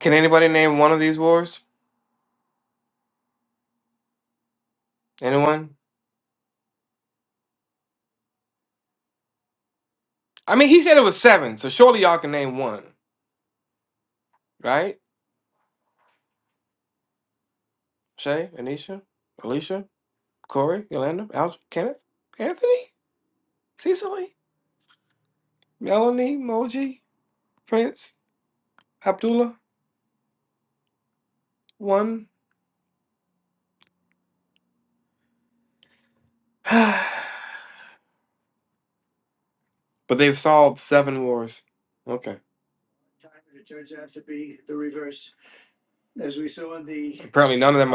Speaker 1: Can anybody name one of these wars? Anyone? I mean, he said it was seven, so surely y'all can name one, right? Shay, Anisha, Alicia, Corey, Yolanda, Al, Kenneth, Anthony, Cecily. Melanie, Moji, Prince, Abdullah, one. but they've solved seven wars. Okay. Apparently none of them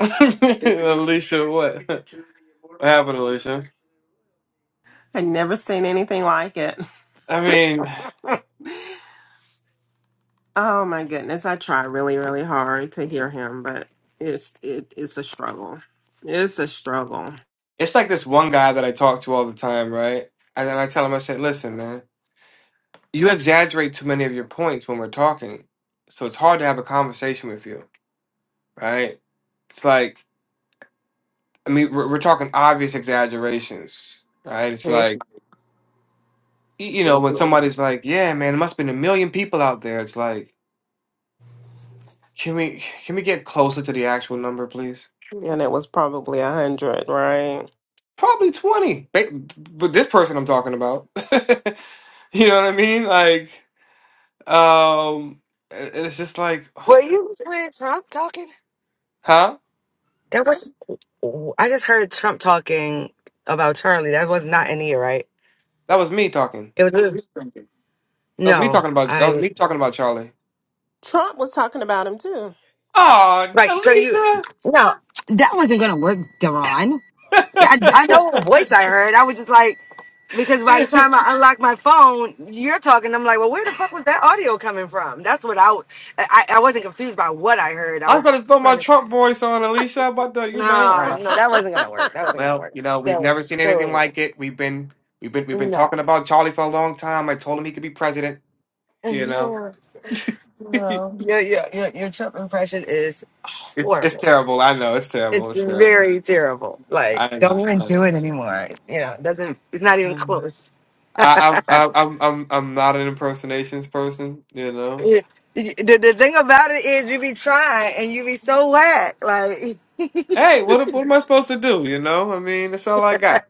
Speaker 1: Alicia what?
Speaker 5: I never seen anything like it.
Speaker 1: I mean,
Speaker 5: Oh my goodness. I try really, really hard to hear him, but it's it, it's a struggle. It's a struggle.
Speaker 1: it's like this one guy that I talk to all the time, right? And then I tell him I said, listen, man, you exaggerate too many of your points when we're talking. So it's hard to have a conversation with you, right? It's like I mean, we're, we're talking obvious exaggerations, right? It's like y- you know, when somebody's like, "Yeah, man, it must have been a million people out there." It's like, Can we can we get closer to the actual number, please?
Speaker 5: And it was probably a hundred, right?
Speaker 1: Probably twenty. Ba- But this person I'm talking about, you know what I mean? Like, um, and and it's just like,
Speaker 3: Were you hearing Trump talking?
Speaker 1: huh?
Speaker 3: That was. I just heard Trump talking about Charlie. That was not in here, right?
Speaker 1: That was me talking.
Speaker 3: It was.
Speaker 1: That was me
Speaker 3: No,
Speaker 1: talking about. That was
Speaker 3: I.
Speaker 1: me talking about Charlie.
Speaker 5: Trump was talking about him too.
Speaker 1: Oh,
Speaker 3: Right. So you.
Speaker 1: Alicia!
Speaker 3: No, that wasn't going to work, Daron. Yeah, I, I know what voice I heard. I was just like, because by the time I unlocked my phone, you're talking. I'm like, well, where the fuck was that audio coming from? That's what I w- I, I wasn't confused by what I heard. I
Speaker 1: I was
Speaker 3: was
Speaker 1: gonna throw my
Speaker 3: trying to,
Speaker 1: Trump voice on Alicia but the, you know.
Speaker 3: no,
Speaker 1: Uh,
Speaker 3: no, that wasn't going to work. That wasn't going to
Speaker 1: well,
Speaker 3: work.
Speaker 1: you know, we've
Speaker 3: That was
Speaker 1: never seen anything
Speaker 3: so,
Speaker 1: like it. We've been, we've been, we've been
Speaker 3: no.
Speaker 1: talking about Charlie for a long time. I told him he could be president. You know.
Speaker 3: Yeah, no. Your, your, your, your Trump impression is
Speaker 1: It's it's
Speaker 3: horrible.
Speaker 1: terrible. I know it's terrible.
Speaker 3: It's
Speaker 1: It's terrible.
Speaker 3: very terrible. Like,
Speaker 1: I
Speaker 3: don't
Speaker 1: know.
Speaker 3: even
Speaker 1: I
Speaker 3: do
Speaker 1: know.
Speaker 3: it anymore. You know, it doesn't, it's not even
Speaker 1: Um,
Speaker 3: close.
Speaker 1: I, I'm I'm I'm I'm I'm not an impersonations person, you know.
Speaker 3: Yeah. The, the thing about it is you be trying and you be so whack. Like
Speaker 1: Hey, what what am I supposed to do? You know, I mean, that's all I got.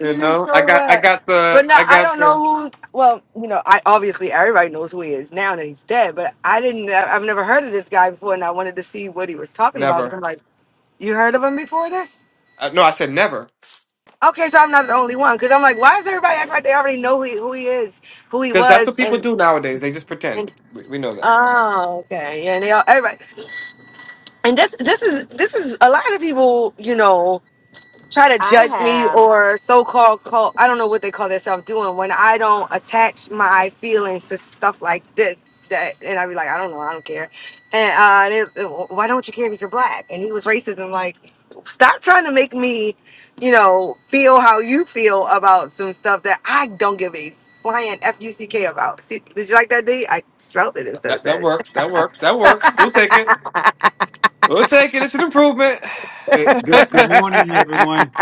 Speaker 1: You
Speaker 3: you be
Speaker 1: know, I
Speaker 3: so
Speaker 1: got I
Speaker 3: whack.
Speaker 1: got
Speaker 3: But
Speaker 1: the
Speaker 3: no,
Speaker 1: I
Speaker 3: I
Speaker 1: got
Speaker 3: don't know
Speaker 1: the
Speaker 3: who. Well, you know, I obviously everybody knows who he is now that he's dead. But I didn't. I've never heard of this guy before, and I wanted to see what he was talking about. Because I'm
Speaker 1: never.
Speaker 3: like, you heard of him before this?
Speaker 1: Uh, no, I said never.
Speaker 3: Okay, so I'm not the only one. Because I'm like, why is everybody acting like they already know who he, who he is, who he
Speaker 1: Because that's
Speaker 3: was,
Speaker 1: what people
Speaker 3: and
Speaker 1: do nowadays. They just
Speaker 3: and
Speaker 1: pretend. We, we know that.
Speaker 3: oh, okay, yeah, and they all everybody. And this this is this is a lot of people, you know. try to
Speaker 5: I
Speaker 3: judge me
Speaker 5: have.
Speaker 3: or so-called call i don't know what they call themselves doing when i don't attach my feelings to stuff like this that and i'd be like i don't know i don't care and uh and it, why don't you care if you're black and he was racism like stop trying to make me you know feel how you feel about some stuff that i don't give a flying f-u-c-k about see did you like that d i spelled it instead of
Speaker 1: That that
Speaker 3: said it
Speaker 1: works. That works. That works. We'll take it. We'll take it. It's an improvement.
Speaker 5: Hey, good good
Speaker 1: Good
Speaker 5: morning, everyone.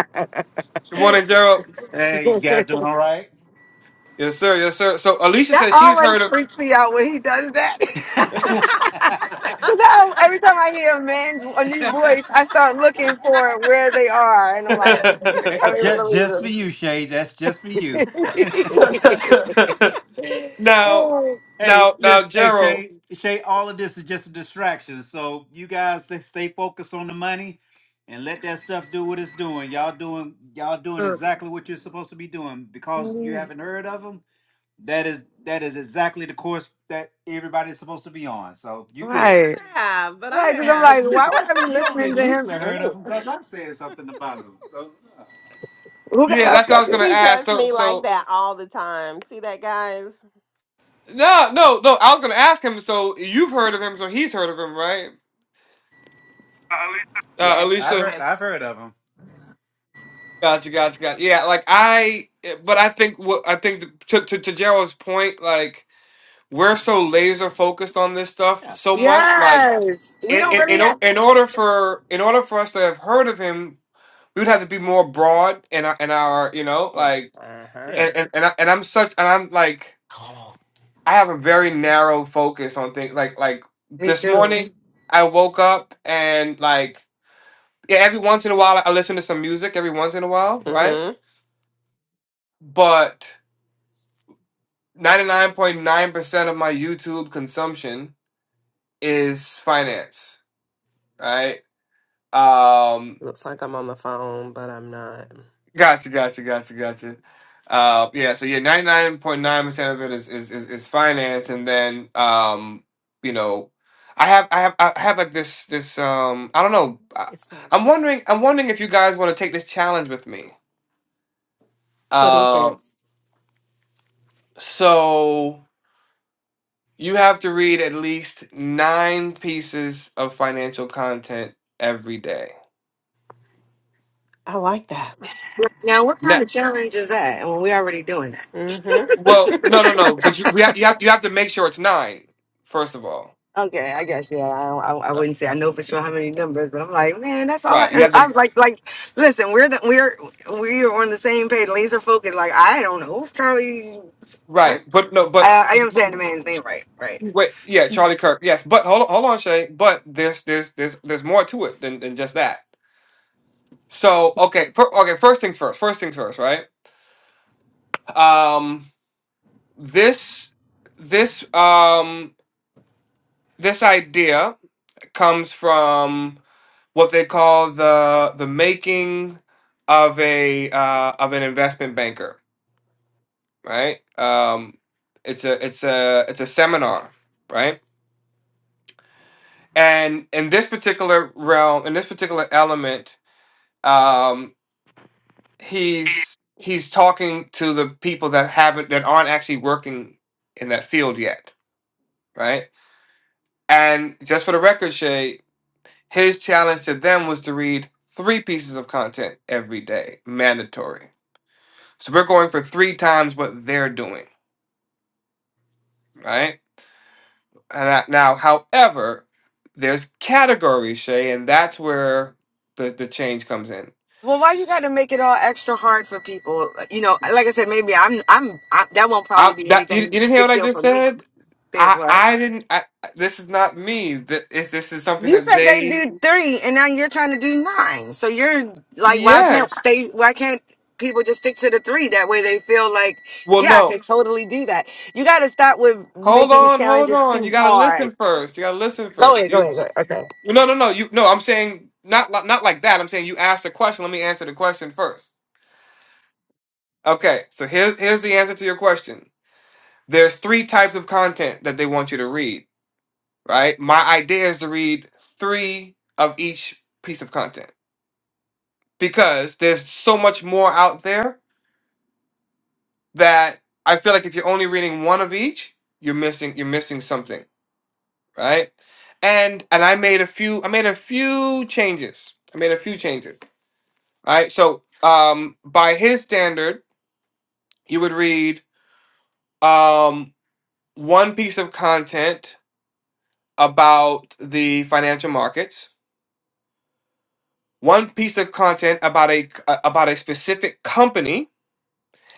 Speaker 1: morning, Gerald.
Speaker 5: Hey, you guys doing all right?
Speaker 1: Yes, sir. Yes, sir. So Alicia
Speaker 3: that
Speaker 1: says she's
Speaker 3: always
Speaker 1: heard
Speaker 3: freaks me out when he does that
Speaker 1: of.
Speaker 3: 'Cause every time I hear a man's a new voice, I start looking for where they are, and I'm like,
Speaker 5: Hey,
Speaker 3: I don't even
Speaker 5: just just for
Speaker 3: know
Speaker 5: you, Shay. That's just for
Speaker 3: where
Speaker 5: you.
Speaker 3: they
Speaker 1: Now,
Speaker 3: are.
Speaker 5: Hey,
Speaker 1: now, now,
Speaker 5: listen, hey
Speaker 1: Gerald.
Speaker 5: Shay, Shay, all of this is just a distraction. So you guys stay stay focused on the money and let that stuff do what it's doing. Y'all doing y'all doing exactly what you're supposed to be doing because you haven't heard of them. That is that is exactly the course that everybody's supposed to be on. So you But good.
Speaker 3: right,
Speaker 5: I have, but I
Speaker 3: right.
Speaker 5: You
Speaker 3: Because I'm
Speaker 5: have.
Speaker 3: like,
Speaker 5: you
Speaker 3: why would I be
Speaker 5: you only
Speaker 3: listening to him
Speaker 5: loosely heard of
Speaker 3: anyway?
Speaker 5: them because I'm saying something about them. So uh,
Speaker 3: Who got
Speaker 1: Yeah, that's what I
Speaker 3: upset?
Speaker 1: was gonna
Speaker 5: He
Speaker 1: ask.
Speaker 5: does
Speaker 1: So,
Speaker 5: me like
Speaker 1: so
Speaker 5: that all the time. See that, guys?
Speaker 1: no, no, no. I was gonna ask him. So you've heard of him, so he's heard of him, right? Uh,
Speaker 5: yeah, Yes. I've
Speaker 1: Alicia.
Speaker 5: heard Okay. I've heard of them.
Speaker 1: Gotcha, gotcha, gotcha. Yeah, like I, but I think what I think to to, to Gerald's point, like we're so laser focused on this stuff
Speaker 5: Yeah.
Speaker 1: so much, like
Speaker 3: Yes, we
Speaker 1: in
Speaker 3: don't
Speaker 1: in
Speaker 3: really
Speaker 1: in,
Speaker 5: hmm
Speaker 1: o-
Speaker 3: have.
Speaker 1: in order for in order for us to have heard of him, we would have to be more broad in our, in our you know
Speaker 5: Yeah.
Speaker 1: like
Speaker 5: Uh huh. Yeah.
Speaker 1: and and and, I, and I'm such and I'm like. I have a very narrow focus on things like like
Speaker 3: Me
Speaker 1: this
Speaker 3: too.
Speaker 1: morning I woke up and like yeah, every once in a while I listen to some music every once in a while, right?
Speaker 5: Mm-hmm.
Speaker 1: But 99.9% of my YouTube consumption is finance, right? Um.
Speaker 5: Looks like I'm on the phone, but I'm not.
Speaker 1: Gotcha, gotcha, gotcha, gotcha. Uh, yeah, so yeah, 99.9% of it is, is is is finance and then um, you know, I have I have I have like this this um I don't know. I,
Speaker 5: It's not.
Speaker 1: I'm wondering I'm wondering if you guys want to take this challenge with me.
Speaker 5: What is it?
Speaker 1: Um, so you have to read at least 9 pieces of financial content every day.
Speaker 5: I like that.
Speaker 3: Now, what
Speaker 1: No,
Speaker 3: kind of challenge is that? And when we already doing that.
Speaker 5: Mm-hmm.
Speaker 1: well, no, no, no, but you we ha- you have you have to make sure it's 9 first of all.
Speaker 3: Okay, I guess yeah. I, I I
Speaker 1: Right.
Speaker 3: wouldn't say I know for sure how many numbers, but I'm like, man, that's all I.
Speaker 1: Right. You
Speaker 3: uh,
Speaker 1: have to
Speaker 3: I'm like, like, listen, we're the we're we are on the same page, laser focused. Like, I don't know who's Charlie
Speaker 1: Right,
Speaker 3: Kirk.
Speaker 1: but no, but,
Speaker 3: I, I am
Speaker 1: but
Speaker 3: saying the man's name right, right.
Speaker 1: wait, yeah, Charlie Kirk, yes, but hold on, hold on, Shay, but there's there's there's there's more to it than than just that. So okay, fir- okay, first things first, first things first, right? Um, this this um this idea comes from what they call the the making of a uh, of an investment banker, right? Um, it's a it's a it's a seminar, right? and in this particular realm in this particular element um he's he's talking to the people that haven't that aren't actually working in that field yet right and just for the record shay his challenge to them was to read three pieces of content every day mandatory so we're going for three times what they're doing right and I, now however there's categories shay and that's where the, the change comes in
Speaker 3: Well, why you got to make it all extra hard for people? You know, like I said, maybe I'm I'm I, that won't probably
Speaker 1: I
Speaker 3: be
Speaker 1: that you, you
Speaker 3: anything
Speaker 1: didn't hear
Speaker 3: big
Speaker 1: what I
Speaker 3: deal
Speaker 1: just
Speaker 3: for me.
Speaker 1: said?
Speaker 3: There's
Speaker 1: I
Speaker 3: what.
Speaker 1: I didn't. I, this is not me. Th- If this is something
Speaker 3: You
Speaker 1: that
Speaker 3: said they
Speaker 1: they
Speaker 3: did three, and now you're trying to do nine. So you're like, why can't
Speaker 1: yes.
Speaker 3: they? Why can't people just stick to the three? That way, they feel like,
Speaker 1: Well,
Speaker 3: yeah, I
Speaker 1: no.
Speaker 3: can totally do that. You got to stop with
Speaker 1: Hold
Speaker 3: making the
Speaker 1: on, hold
Speaker 3: challenges
Speaker 1: on. You
Speaker 3: too
Speaker 1: gotta
Speaker 3: hard.
Speaker 1: listen first. You gotta listen
Speaker 3: Go
Speaker 1: first.
Speaker 3: ahead, go
Speaker 1: You
Speaker 3: ahead, go ahead. Okay.
Speaker 1: no no no you no. I'm saying not li- not like that. I'm saying you asked a question. Let me answer the question first. Okay. So here's here's the answer to your question. There's three types of content that they want you to read. Right. My idea is to read three of each piece of content. because there's so much more out there that I feel like if you're only reading one of each, you're missing you're missing something, right? And and I made a few I made a few changes. I made a few changes. All right. So um by his standard, you would read um one piece of content about the financial markets, one piece of content about a about a specific company,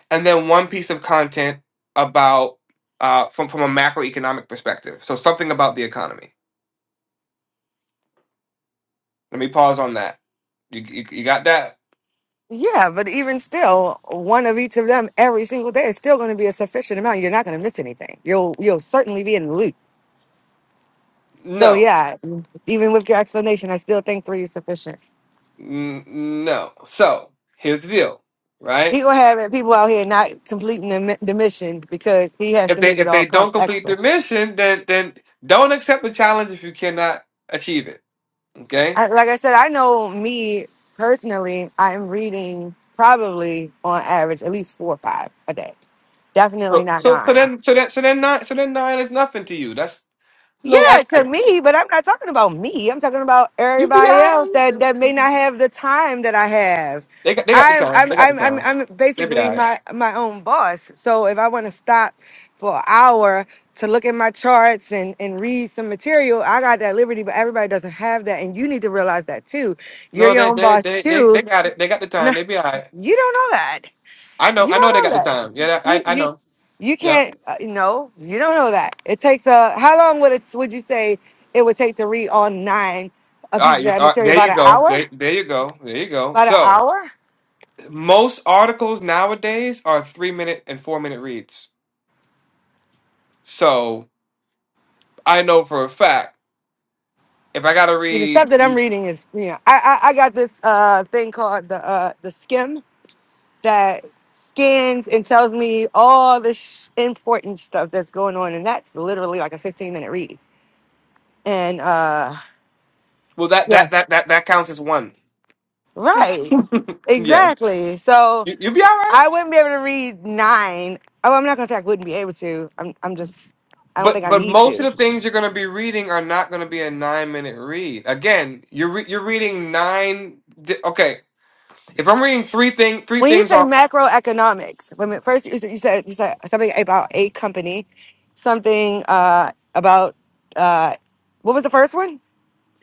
Speaker 1: and then one piece of content about uh, from from a macroeconomic perspective. So something about the economy. Let me pause on that. You you, you got that?
Speaker 3: Yeah, but even still, one of each of them every single day is still going to be a sufficient amount. You're not going to miss anything. You'll you'll certainly be in the loop. So
Speaker 1: No,
Speaker 3: yeah, even with your explanation, I still think three is sufficient.
Speaker 1: N- no. So here's the deal, right?
Speaker 3: He gonna have people out here not completing the, mi- the mission because he has
Speaker 1: If
Speaker 3: to
Speaker 1: they
Speaker 3: make it
Speaker 1: if
Speaker 3: all
Speaker 1: they don't
Speaker 3: cost
Speaker 1: complete
Speaker 3: extra.
Speaker 1: their mission, then then don't accept the challenge if you cannot achieve it. Okay.
Speaker 3: I, like I said, I know me personally. I'm reading probably on average at least four or five a day. Definitely
Speaker 1: So
Speaker 3: not
Speaker 1: so so
Speaker 3: nine.
Speaker 1: then so then so then nine so then nine is nothing to you. That's a little
Speaker 3: Yeah, to
Speaker 1: extra.
Speaker 3: me, but I'm not talking about me. I'm talking about
Speaker 1: You be
Speaker 3: everybody else that
Speaker 1: alright.
Speaker 3: that may not have the time that I have.
Speaker 1: They got they got the
Speaker 3: I'm
Speaker 1: time.
Speaker 3: I'm
Speaker 1: They got the
Speaker 3: I'm I'm,
Speaker 1: time.
Speaker 3: I'm
Speaker 1: They be
Speaker 3: basically
Speaker 1: alright.
Speaker 3: my my own boss. So if I want to stop for an hour to look at my charts and and read some material, I got that liberty. But everybody doesn't have that, and you need to realize that too. You're
Speaker 1: No,
Speaker 3: your
Speaker 1: they
Speaker 3: own
Speaker 1: they
Speaker 3: boss
Speaker 1: they they they
Speaker 3: too.
Speaker 1: got it. They got the
Speaker 3: No,
Speaker 1: time. They be all right.
Speaker 3: you don't know that.
Speaker 1: I know.
Speaker 3: You
Speaker 1: I know they
Speaker 3: don't
Speaker 1: got
Speaker 3: know
Speaker 1: the
Speaker 3: that.
Speaker 1: time. Yeah, I
Speaker 3: You
Speaker 1: I
Speaker 3: you
Speaker 1: know.
Speaker 3: you
Speaker 1: Yeah.
Speaker 3: can't. Uh, no, you don't know that. It takes a. How long would it? Would you say it would take to read on nine a
Speaker 1: All
Speaker 3: piece
Speaker 1: right.
Speaker 3: of
Speaker 1: You're,
Speaker 3: that
Speaker 1: all right
Speaker 3: material?
Speaker 1: there you
Speaker 3: About an
Speaker 1: go. There,
Speaker 3: hour.
Speaker 1: there you go. There you go.
Speaker 3: About an
Speaker 1: So
Speaker 3: hour.
Speaker 1: most articles nowadays are three minute and four minute reads. So I know for a fact if I gotta
Speaker 3: You the stuff
Speaker 1: read,
Speaker 3: that I'm reading is. You know, I I, I got this uh thing called the uh the skim that scans and tells me all the sh- important stuff that's going on, and that's literally like a 15 minute read. And uh
Speaker 1: well, that
Speaker 3: yeah,
Speaker 1: that that that that counts as one.
Speaker 3: right,
Speaker 1: Yeah.
Speaker 3: exactly. So
Speaker 1: You you'll be all right.
Speaker 3: I wouldn't be able to read nine. Oh, I'm not gonna say I wouldn't be able to. I'm, I'm just, I don't
Speaker 1: But
Speaker 3: think I
Speaker 1: but
Speaker 3: need
Speaker 1: most of
Speaker 3: to.
Speaker 1: the things you're gonna be reading are not gonna be a nine minute read. Again, you're re- you're reading nine. di- Okay, if I'm reading three thing three
Speaker 3: When you
Speaker 1: things
Speaker 3: say
Speaker 1: on
Speaker 3: macroeconomics, when at first you said, you said you said something about a company, something uh, about uh, what was the first one?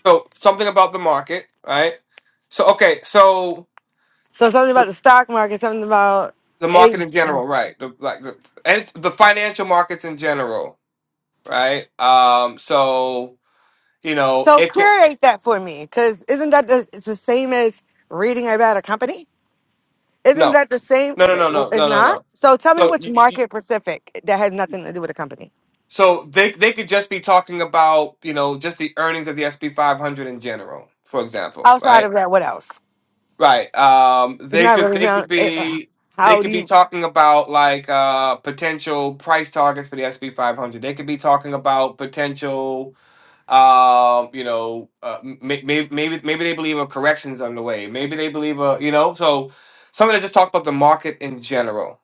Speaker 1: So something about the market, right? So okay, so
Speaker 3: So something about the stock market, something about
Speaker 1: the market
Speaker 3: a.
Speaker 1: in general, right? The like the and the financial markets in general, right? Um, so you know,
Speaker 3: So
Speaker 1: if it,
Speaker 3: curate that for me, because isn't that the, it's the same as reading about a company? Isn't
Speaker 1: no,
Speaker 3: that the same?
Speaker 1: no, no, no, no,
Speaker 3: It's
Speaker 1: no, no,
Speaker 3: not.
Speaker 1: no.
Speaker 3: So tell me
Speaker 1: So
Speaker 3: what's
Speaker 1: you, you,
Speaker 3: market specific that has nothing to do with a company.
Speaker 1: so they they could just be talking about you know just the earnings of the SP 500 in general, for example,
Speaker 3: Outside
Speaker 1: right?
Speaker 3: of that, what else?
Speaker 1: Right. Um
Speaker 3: It's
Speaker 1: they
Speaker 3: not
Speaker 1: could
Speaker 3: really
Speaker 1: they could
Speaker 3: found. It, uh,
Speaker 1: be they
Speaker 3: how do
Speaker 1: could be
Speaker 3: you?
Speaker 1: talking about like uh potential price targets for the SP 500. They could be talking about potential um you know uh, maybe maybe maybe they believe a corrections underway. Maybe they believe a you know so something that just talk about the market in general,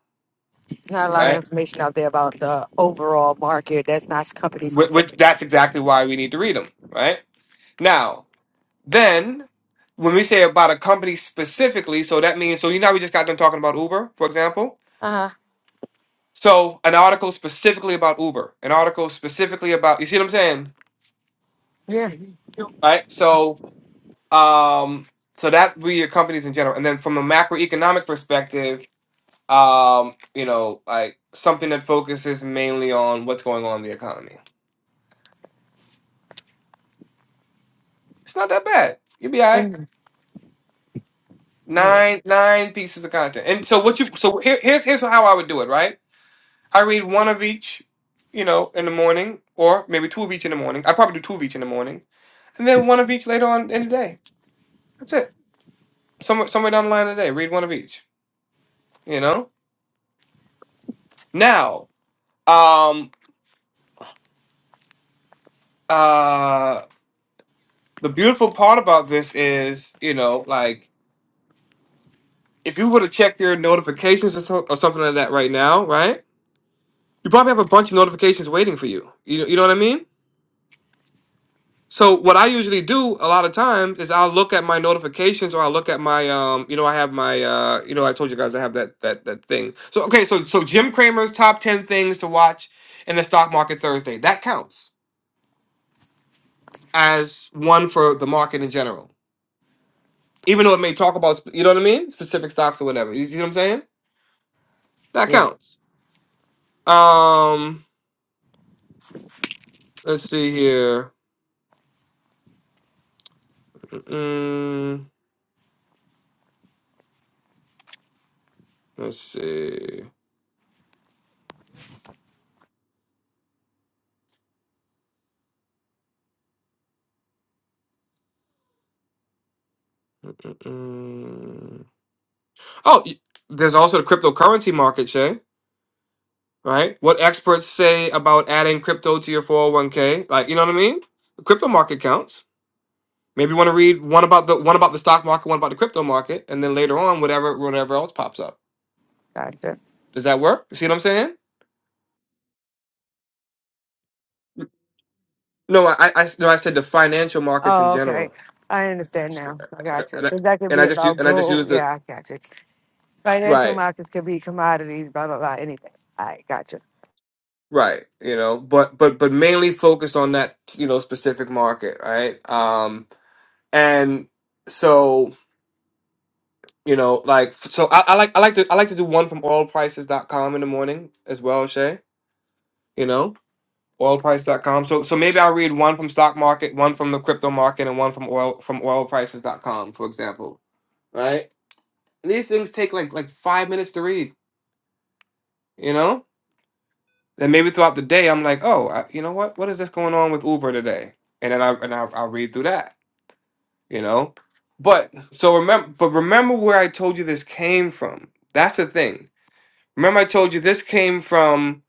Speaker 3: It's not a lot of
Speaker 1: right?
Speaker 3: information out there about the overall market. That's not company
Speaker 1: Which, which
Speaker 3: specific.
Speaker 1: that's exactly why we need to read them, right? Now, then when we say about a company specifically, so that means so you know how we just got them talking about Uber, for example
Speaker 3: Uh huh.
Speaker 1: So an article specifically about Uber, an article specifically about you see what I'm saying,
Speaker 3: Yeah.
Speaker 1: right? So um, so that would be your companies in general, and then from a macroeconomic perspective, um, you know, like something that focuses mainly on what's going on in the economy. It's not that bad. You'll be all right.
Speaker 3: And yeah,
Speaker 1: Nine nine pieces of content, and so what you so here, here's here's how I would do it, right? I read one of each, you know, in the morning, or maybe two of each in the morning. I probably do two of each in the morning, and then one of each later on in the day. That's it. somewhere somewhere down the line today. Read one of each. You know. Now, um, uh, the beautiful part about this is, you know, like if you were to check your notifications or, so, or something like that right now, right? You probably have a bunch of notifications waiting for you. You know, you know what I mean? So what I usually do a lot of times is I'll look at my notifications or I'll look at my um you know I have my uh you know I told you guys I have that that that thing. So okay, so so Jim Cramer's top 10 things to watch in the stock market Thursday. That counts as one for the market in general. Even though it may talk about sp- you know what I mean, specific stocks or whatever. You see what I'm saying? That
Speaker 3: yeah.
Speaker 1: counts. Um, let's see here. Mm, let's see. Mm. Oh, y- there's also the cryptocurrency market, Shay. Right? What experts say about adding crypto to your 401k? Like, you know what I mean? The crypto market counts. Maybe you want to read one about the one about the stock market, one about the crypto market, and then later on, whatever whatever else pops up.
Speaker 3: Gotcha.
Speaker 1: Does that work? You see what I'm saying? No, I, I no, I said the financial markets in
Speaker 3: Oh, okay.
Speaker 1: general,
Speaker 3: I understand
Speaker 1: So-
Speaker 3: now. I got you.
Speaker 1: and I,
Speaker 3: But that could
Speaker 1: and
Speaker 3: be
Speaker 1: I just u-
Speaker 3: about
Speaker 1: and I just used
Speaker 3: gold.
Speaker 1: the
Speaker 3: Yeah, I got you. Financial
Speaker 1: right,
Speaker 3: markets could be commodities, blah blah blah, anything. I got you.
Speaker 1: right, you know, but but but mainly focused on that you know specific market, right? Um, and so you know, like so, I, I like I like to I like to do one from oil prices dot com in the morning as well, Shay. You know, oil price dot com. So so maybe I'll read one from stock market, one from the crypto market, and one from oil from oil prices dot com, for example, right? And these things take like like five minutes to read you know and maybe throughout the day i'm like oh I, you know what what is this going on with uber today and then i and I, i'll read through that you know but so remember but remember where i told you this came from that's the thing remember i told you this came from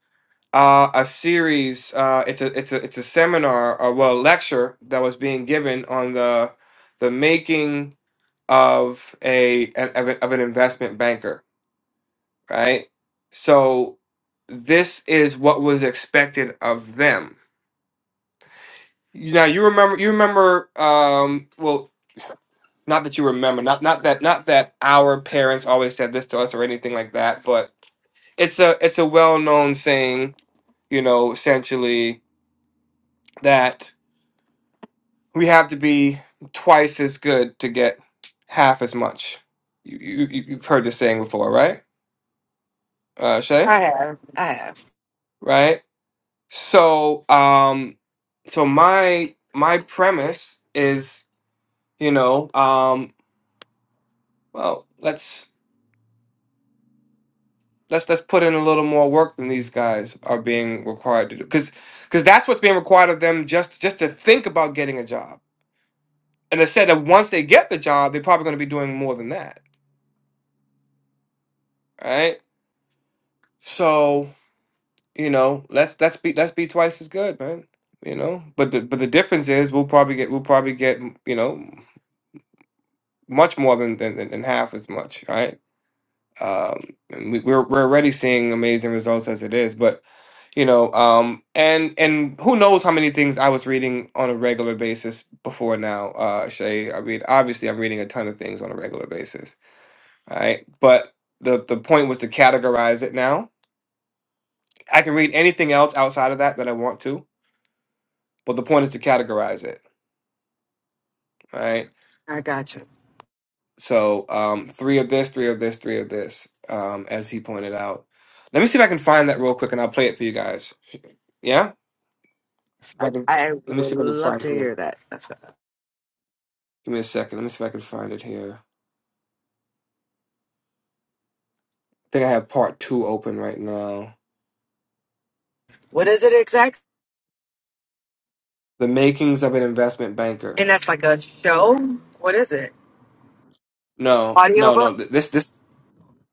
Speaker 1: uh, a series uh, it's a it's a it's a seminar or well lecture that was being given on the the making of a an- of, a, of an investment banker right? So this is what was expected of them. Now you remember you remember um well not that you remember not not that not that our parents always said this to us or anything like that, but it's a it's a well-known saying, you know, essentially that we have to be twice as good to get half as much. You, you you- you've heard this saying before, right? Uh Shay,
Speaker 3: I have. I have.
Speaker 1: right? So, um so my my premise is you know um well let's let's let's put in a little more work than these guys are being required to do because because that's what's being required of them just just to think about getting a job and I said that once they get the job they're probably going to be doing more than that right so you know let's let's be let's be twice as good man you know but the but the difference is we'll probably get we'll probably get you know much more than than, than than half as much right? um, and we, we're we're already seeing amazing results as it is. But you know, um, and and who knows how many things I was reading on a regular basis before now, uh, Shay. I mean, obviously, I'm reading a ton of things on a regular basis, all right? But the the point was to categorize it. Now I can read anything else outside of that that I want to, but the point is to categorize it, all right?
Speaker 3: I got you.
Speaker 1: So um, three of this, three of this, three of this, um, as he pointed out. Let me see if I can find that real quick, and I'll play it for you guys. Yeah. If
Speaker 3: I,
Speaker 1: I can,
Speaker 3: I
Speaker 1: let me
Speaker 3: would
Speaker 1: see if I can
Speaker 3: love
Speaker 1: find
Speaker 3: to
Speaker 1: it. real-
Speaker 3: hear that. That's a-
Speaker 1: Give me a second. Let me see if I can find it here. I think I have part two open right now.
Speaker 3: What is it exactly?
Speaker 1: The makings of an investment banker.
Speaker 3: And that's like a show. What is it?
Speaker 1: No, no, no.
Speaker 3: Audiobooks?
Speaker 1: th- This, this,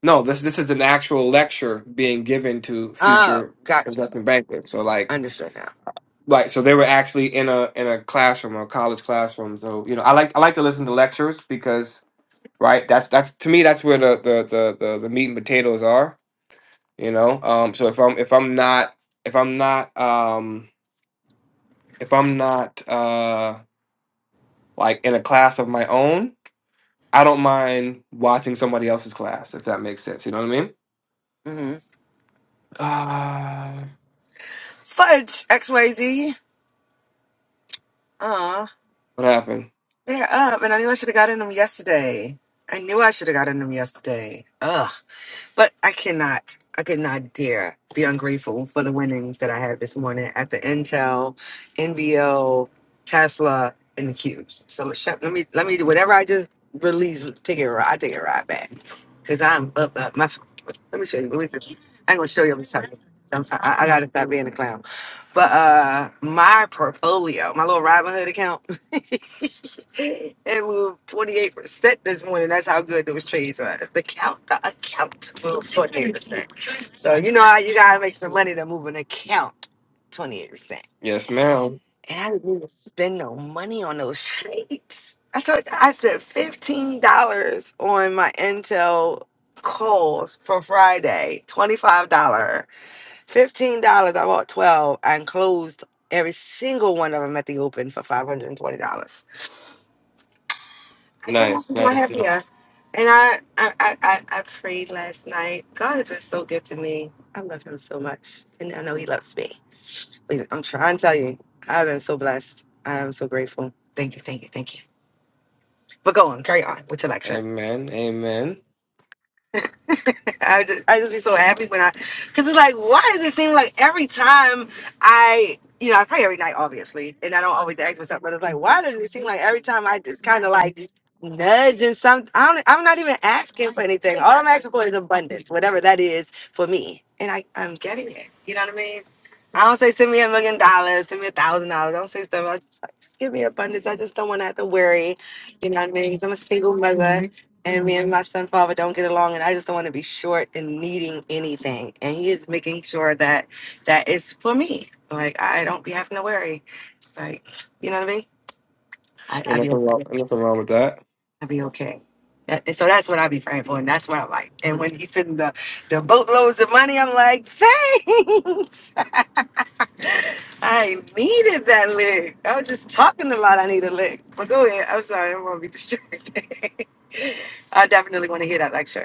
Speaker 1: no. This, this is an actual lecture being given to
Speaker 3: Oh,
Speaker 1: future
Speaker 3: gotcha.
Speaker 1: investment bankers. So like,
Speaker 3: Understood now.
Speaker 1: like, so they were actually in a in a classroom, a college classroom. So you know, I like I like to listen to lectures because right, that's that's to me that's where the the the the, the meat and potatoes are. You know, um. So if I'm if I'm not if I'm not um if I'm not uh like in a class of my own, I don't mind watching somebody else's class if that makes sense. You know what I mean?
Speaker 3: hmm
Speaker 1: Uh,
Speaker 3: Fudge, XYZ. Aw,
Speaker 1: what happened?
Speaker 3: they're up, and I knew I should have gotten them yesterday. I knew I should have gotten them yesterday. Ugh. But I cannot, I could not dare be ungrateful for the winnings that I had this morning at the Intel, NBO, Tesla, and the Cubes. So let's shut- let me, let me, do whatever I just release, take it, ri- I take it right back. Cause I'm up, up my, let me show you. Let me see. I'm gonna show you. I'm sorry. I'm sorry. I, I gotta stop being a clown. But uh my portfolio, my little Robinhood account. and we were 28% this morning. That's how good those trades were. The count, the account was 28%. So you know how you gotta make some money to move an account 28%. And
Speaker 1: Yes, ma'am.
Speaker 3: I spend no money on those trades. I told you I spent $15 on my Intel calls for Friday. $25. dollar, $15. I bought 12 and closed every single one of them at the open for $520. I
Speaker 1: Nice,
Speaker 3: couldn't be more
Speaker 1: nice,
Speaker 3: happier,
Speaker 1: nice.
Speaker 3: And I, I, I, I I prayed last night. God has been so good to me. I love him so much. And I know he loves me. Wait, I'm trying to tell you, I've been so blessed. I am so grateful. Thank you, thank you, thank you. But go on, carry on with your lecture.
Speaker 1: Amen, amen.
Speaker 3: I just I just be so happy when I, cause it's like, why does it seem like every time I, you know, I pray every night, obviously, and I don't always ask myself, but it's like, why does it seem like every time I just kind of like nudge and some, I don't, I'm not even asking for anything. All I'm asking for is abundance, whatever that is for me, and I I'm getting it. You know what I mean? I don't say send me a million dollars, send me a thousand dollars. I don't say stuff. I just like just give me abundance. I just don't want to have to worry. You know what I mean? 'Cause I'm a single mother and me and my son father don't get along and i just don't want to be short in needing anything and he is making sure that that is for me like i don't be having to worry like you know what i mean I,
Speaker 1: Ain't
Speaker 3: i be
Speaker 1: nothing
Speaker 3: okay
Speaker 1: wrong. Ain't nothing wrong with that.
Speaker 3: i'll be okay That- and so that's what i be praying for and that's what i'm like and when he sending the, the boatloads of money i'm like thanks i needed that lick i was just talking a lot i need a lick but go ahead i'm sorry i don't want to be distracted i definitely want to hear that lecture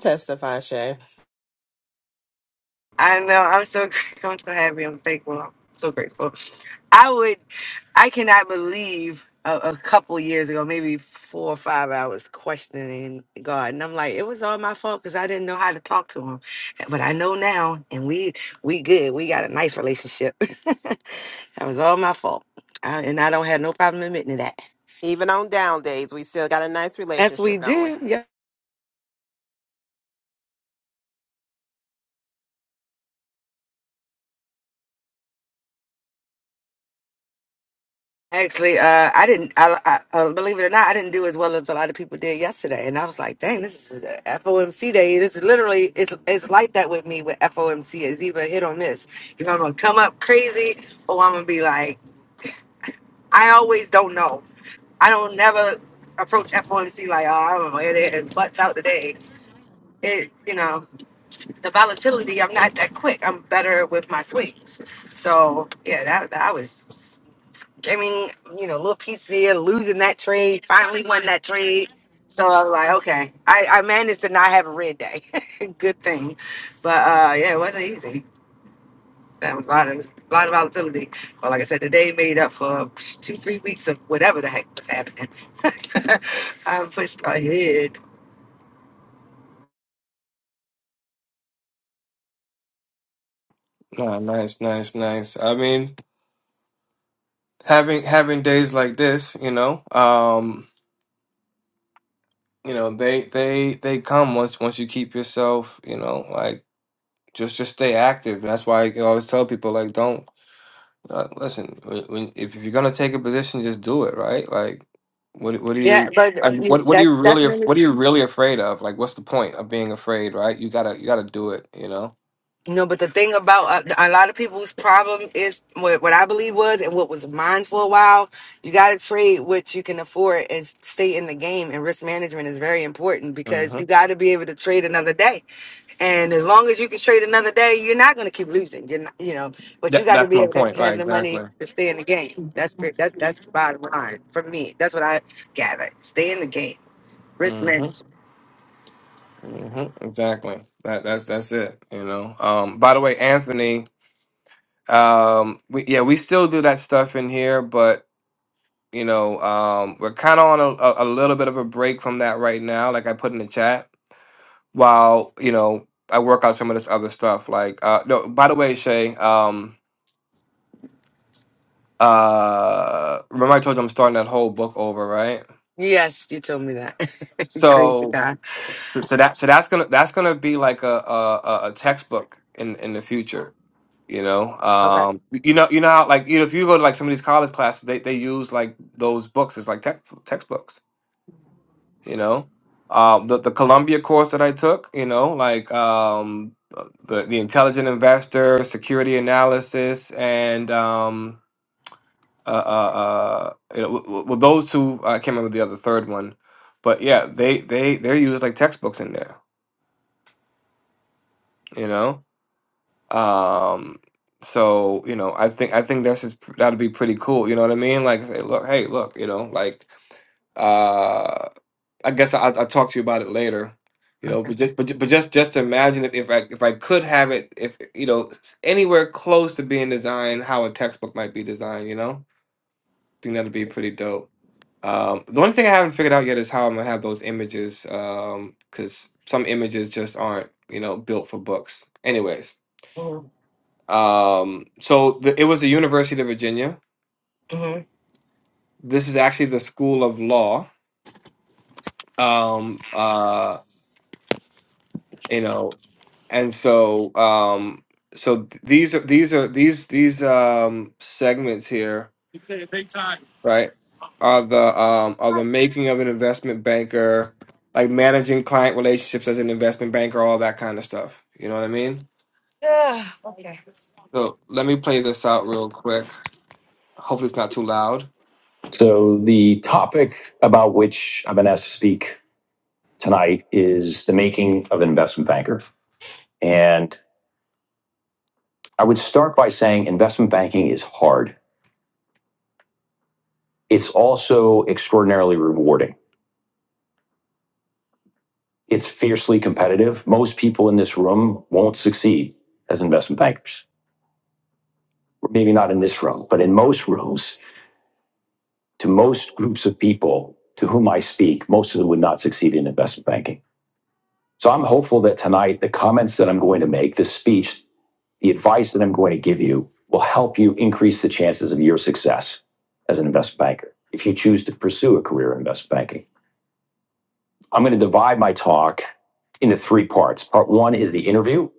Speaker 5: Testify, Shay.
Speaker 3: I know. I'm so I'm so happy. I'm thankful. I'm so grateful. I would. I cannot believe a, a couple years ago, maybe four or five, I was questioning God, and I'm like, it was all my fault because I didn't know how to talk to Him. But I know now, and we we good. We got a nice relationship. that was all my fault, I, and I don't have no problem admitting to that.
Speaker 5: Even on down days, we still got a nice
Speaker 3: Yes, we
Speaker 5: relationship, don't we?
Speaker 3: do. yeah. Actually, uh, I didn't. I, I, uh, believe it or not, I didn't do as well as a lot of people did yesterday, and I was like, "Dang, this is a FOMC day." This is literally it's it's like that with me with FOMC. It's either hit or miss. If I'm gonna come up crazy, or I'm gonna be like, I always don't know. I don't never approach FOMC like, "Oh, I'm gonna hit it and butts out today." It you know the volatility. I'm not that quick. I'm better with my swings. So yeah, that that was. I mean, you know, little pieces here, losing that trade, finally won that trade. So I was like, okay, I, I managed to not have a red day. Good thing. But uh, yeah, it wasn't easy. That was a lot of a lot of volatility. But like I said, the day made up for psh, two, three weeks of whatever the heck was happening. I'm pushed ahead.
Speaker 1: Nah, nice, nice, nice. I mean, having having days like this, you know, um, you know, they they they come once once you keep yourself, you know, like just just stay active. And that's why I always tell people like don't Uh, listen, when, when, if you're gonna take a position, just do it, right? Like, what what do
Speaker 3: Yeah,
Speaker 1: you? Yeah,
Speaker 3: but
Speaker 1: I, mean,
Speaker 3: you-
Speaker 1: what what are you
Speaker 3: that's
Speaker 1: really? af- What are you really afraid of? Like, what's the point of being afraid, right? You gotta you gotta do it, you know.
Speaker 3: No, but the thing about a, a lot of people's problem is what, what I believe was and what was mine for a while. You got to trade what you can afford and s- stay in the game. And risk management is very important because
Speaker 1: hmm
Speaker 3: you got to be able to trade another day. And as long as you can trade another day, you're not going to keep losing. You're not, you know, but you
Speaker 1: That
Speaker 3: got to
Speaker 1: that's
Speaker 3: be
Speaker 1: my
Speaker 3: able to
Speaker 1: point, right?
Speaker 3: have the
Speaker 1: Exactly.
Speaker 3: money to stay in the game. That's pre- that's that's the bottom line for me. That's what I gather. Stay in the game. Risk
Speaker 1: hmm
Speaker 3: management.
Speaker 1: hmm Exactly. That that's that's it. You know. Um. By the way, Anthony. Um. We yeah we still do that stuff in here, but you know, um, we're kind of on a, a, a little bit of a break from that right now. Like I put in the chat, while you know I work out some of this other stuff. Like uh, no. By the way, Shay. Um. Uh. Remember I told you I'm starting that whole book over, right?
Speaker 3: Yes, you told me that. Crazy
Speaker 1: So.
Speaker 3: guy.
Speaker 1: So so that so that's gonna that's gonna be like a a, a a textbook in in the future You know,
Speaker 3: Okay.
Speaker 1: um, you know, you know how like you know if you go to like some of these college classes, they they use like those books as like tech, textbooks. You know, um, the the Columbia course that I took, you know, like um, uh, the the intelligent investor, security analysis, and um, uh, uh, uh, you know, w- w- well, those two I can't remember the other third one, but yeah, they they they're used like textbooks in there. You know, Um, so you know, I think I think that's just, that'd be pretty cool. You know what I mean? Like, say, look, hey, look, you know, like uh I guess I I'll talk to you about it later. You know, but just but, ju- but just just imagine if, if I if I could have it if you know s- anywhere close to being designed how a textbook might be designed, you know? I think that'd be pretty dope. Um the only thing I haven't figured out yet is how I'm gonna have those images um cuz some images just aren't, you know, built for books. Anyways, um, so the, it was the University of Virginia.
Speaker 3: Mhm.
Speaker 1: This is actually the School of Law. Um, uh, you know, and so um, so th- these are these are these these um segments here, right? Are the um are the making of an investment banker, like managing client relationships as an investment banker, all that kind of stuff. You know what I mean?
Speaker 3: Ugh.
Speaker 1: So let me play this out real quick. Hopefully, it's not too loud. So, the topic about which i have been asked to speak tonight is the making of an investment banker. And I would start by saying investment banking is hard. It's also extraordinarily rewarding. It's fiercely competitive. Most people in this room won't succeed as investment bankers. Maybe not in this room, but in most rooms, to most groups of people to whom I speak, most of them would not succeed in investment banking. So I'm hopeful that tonight, the comments that I'm going to make, this speech, the advice that I'm going to give you will help you increase the chances of your success as an investment banker if you choose to pursue a career in investment banking. I'm going to divide my talk into three parts. Part one is the interview,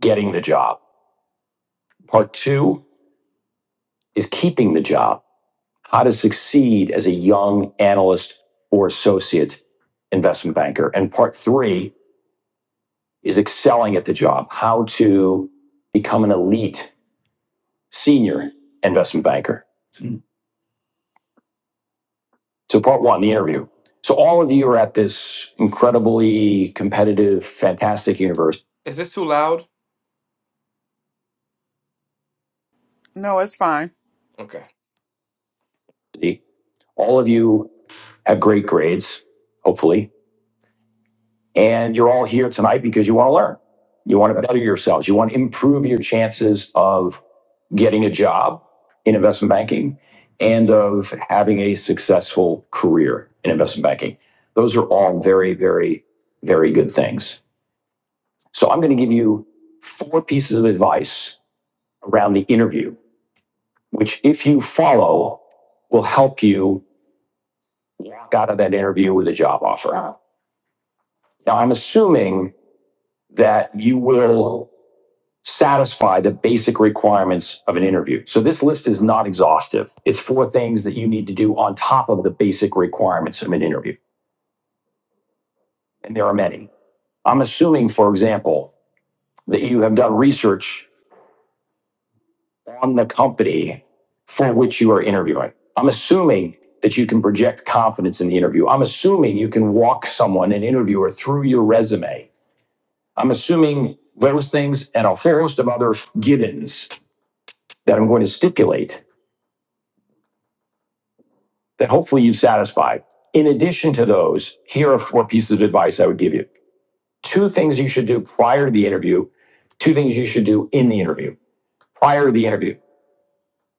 Speaker 1: getting the job. Part two is keeping the job, how to succeed as a young analyst or associate investment banker. And part three is excelling at the job, how to become an elite senior investment banker. So part one, the interview. So all of you are at this incredibly competitive, fantastic university. Is this too loud?
Speaker 2: No, it's fine.
Speaker 1: Okay. All of you have great grades, hopefully, and you're all here tonight because you want to learn. You want to better yourselves. You want to improve your chances of getting a job in investment banking and of having a successful career in investment banking. Those are all very, very, very good things. So I'm going to give you four pieces of advice around the interview, which, if you follow, will help you walk out of that interview with a job offer. Now, I'm assuming that you will satisfy the basic requirements of an interview. So this list is not exhaustive. It's four things that you need to do on top of the basic requirements of an interview. And there are many. I'm assuming, for example, that you have done research on the company for which you are interviewing. I'm assuming that you can project confidence in the interview. I'm assuming you can walk someone, an interviewer, through your resume. I'm assuming those things and a host of other givens that I'm going to stipulate that hopefully you've satisfied. In addition to those, here are four pieces of advice I would give you. Two things you should do prior to the interview, two things you should do in the interview. Prior to the interview,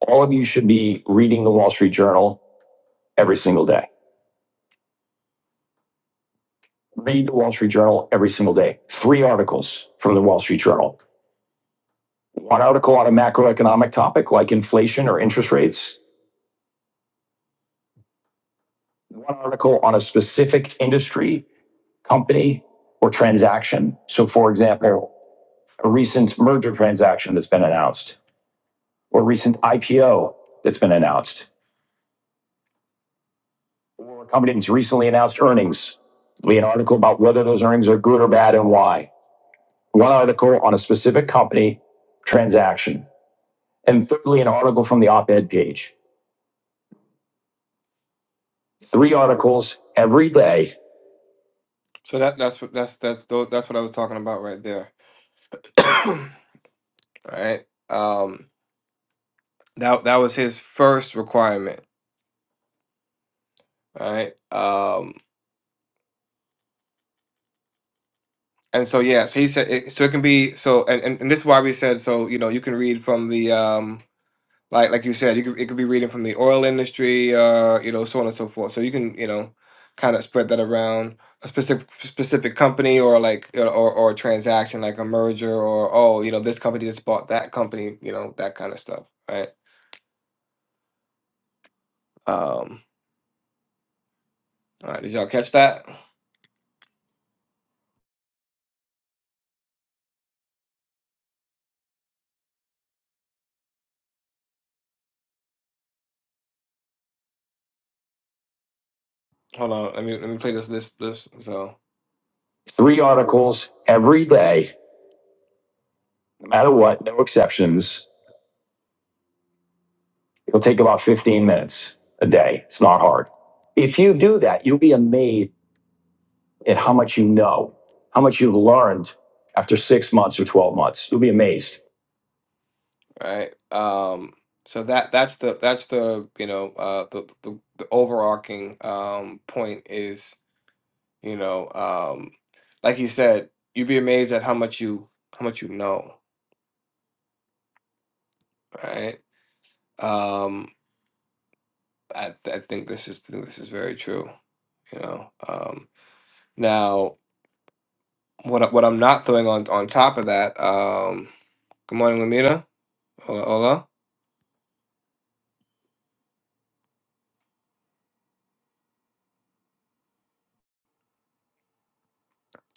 Speaker 1: all of you should be reading the Wall Street Journal every single day read the Wall Street Journal every single day. Three articles from the Wall Street Journal. One article on a macroeconomic topic like inflation or interest rates. One article on a specific industry, company, or transaction. So, for example, a recent merger transaction that's been announced, or a recent IPO that's been announced, or a company that's recently announced earnings. It'll Be an article about whether those earnings are good or bad and why. One article on a specific company transaction and thirdly, an article from the op-ed page. Three articles every day. So that that's that's that's that's what I was talking about right there. all right. Um that that was his first requirement. All right. Um and so yes, he said it, so it can be so and, and and this is why we said so you know you can read from the um like like you said, you could it could be reading from the oil industry, uh, you know, so on and so forth. So you can you know kind of spread that around a specific specific company or like you know, or or a transaction like a merger or oh you know this company just bought that company, you know that kind of stuff, right? Um, all right, did y'all catch that? Hold on, let me let me play this this this so. Three articles every day, no matter what, no exceptions. It'll take about 15 minutes a day. It's not hard. If you do that, you'll be amazed at how much you know, how much you've learned after six months or 12 months. You'll be amazed. right? Um, so that that's the that's the you know uh, the, the the overarching um, point is you know um, like you said, you'd be amazed at how much you how much you know, right? Um, I I think this is think this is very true, you know. Um, now. What I- what I'm not throwing on on top of that. Um, good morning, Lamita. Hola, hola.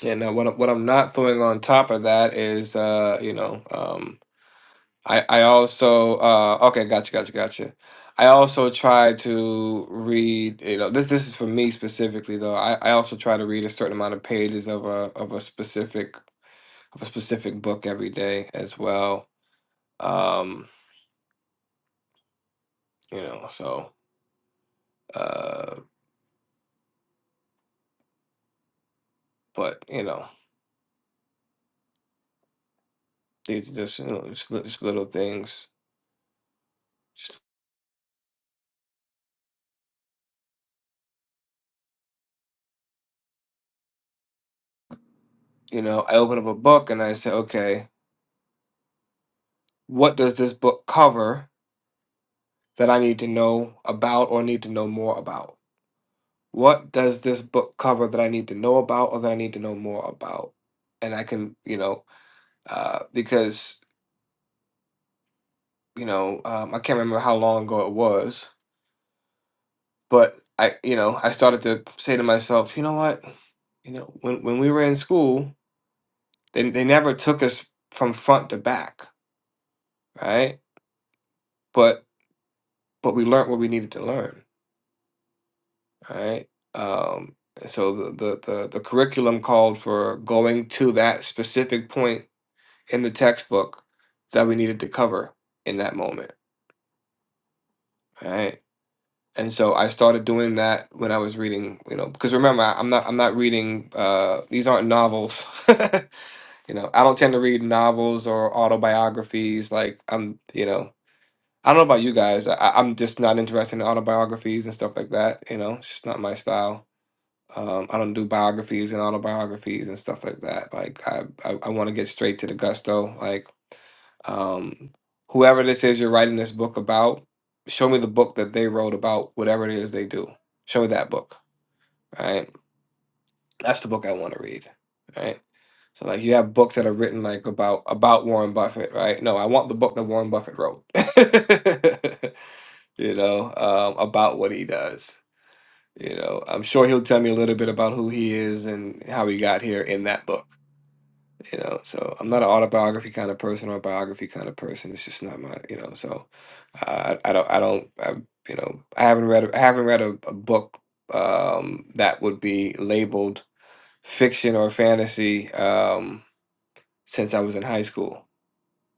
Speaker 1: And uh, what I- what I'm not throwing on top of that is uh, you know um, I I also uh, okay gotcha gotcha gotcha. I also try to read you know this this is for me specifically though. I, I also try to read a certain amount of pages of a of a specific of a specific book every day as well. Um, you know so uh, but you know. These are just, you know, just, li- just little things. Just, you know, I open up a book and I say, okay, what does this book cover that I need to know about or need to know more about? What does this book cover that I need to know about or that I need to know more about? And I can, you know, uh, because, you know, um, I can't remember how long ago it was, but I, you know, I started to say to myself, you know what? You know, when, when we were in school, they, they never took us from front to back, right? But but we learned what we needed to learn, right? Um, and so the, the the the curriculum called for going to that specific point in the textbook that we needed to cover in that moment, right? And so I started doing that when I was reading, you know, because remember I, I'm not I'm not reading uh, these aren't novels, you know. I don't tend to read novels or autobiographies. Like I'm, you know, I don't know about you guys. I, I'm just not interested in autobiographies and stuff like that. You know, it's just not my style Um, I don't do biographies and autobiographies and stuff like that. Like I, I, I want to get straight to the gusto. Like um, whoever this is you're writing this book about, show me the book that they wrote about whatever it is they do. Show me that book. Right, that's the book I want to read. Right. So like you have books that are written like about about Warren Buffett, right? No, I want the book that Warren Buffett wrote. you know, um, about what he does. You know, I'm sure he'll tell me a little bit about who he is and how he got here in that book. You know, so I'm not an autobiography kind of person or a biography kind of person. It's just not my, you know. So uh, I, I don't, I don't, I, you know, I haven't read, a- I haven't read a, a book um, that would be labeled fiction or fantasy um, since I was in high school.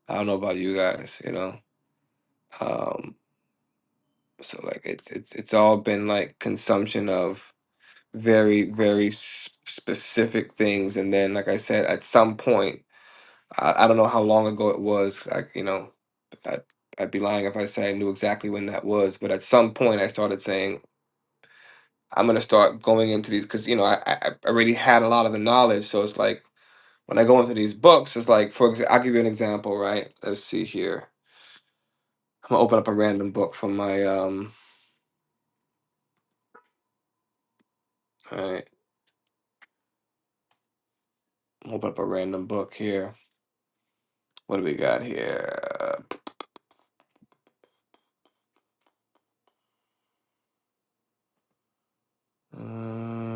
Speaker 1: I don't know about you guys, you know. Um, so like it's it's it's all been like consumption of very very s- specific things and then like i said at some point i, I don't know how long ago it was I, you know I, i'd be lying if i say i knew exactly when that was but at some point i started saying i'm going to start going into these because you know I, I I already had a lot of the knowledge so it's like when i go into these books it's like for exa- i'll give you an example right let's see here i'm going to open up a random book from my um all right open up a random book here what do we got here Uh,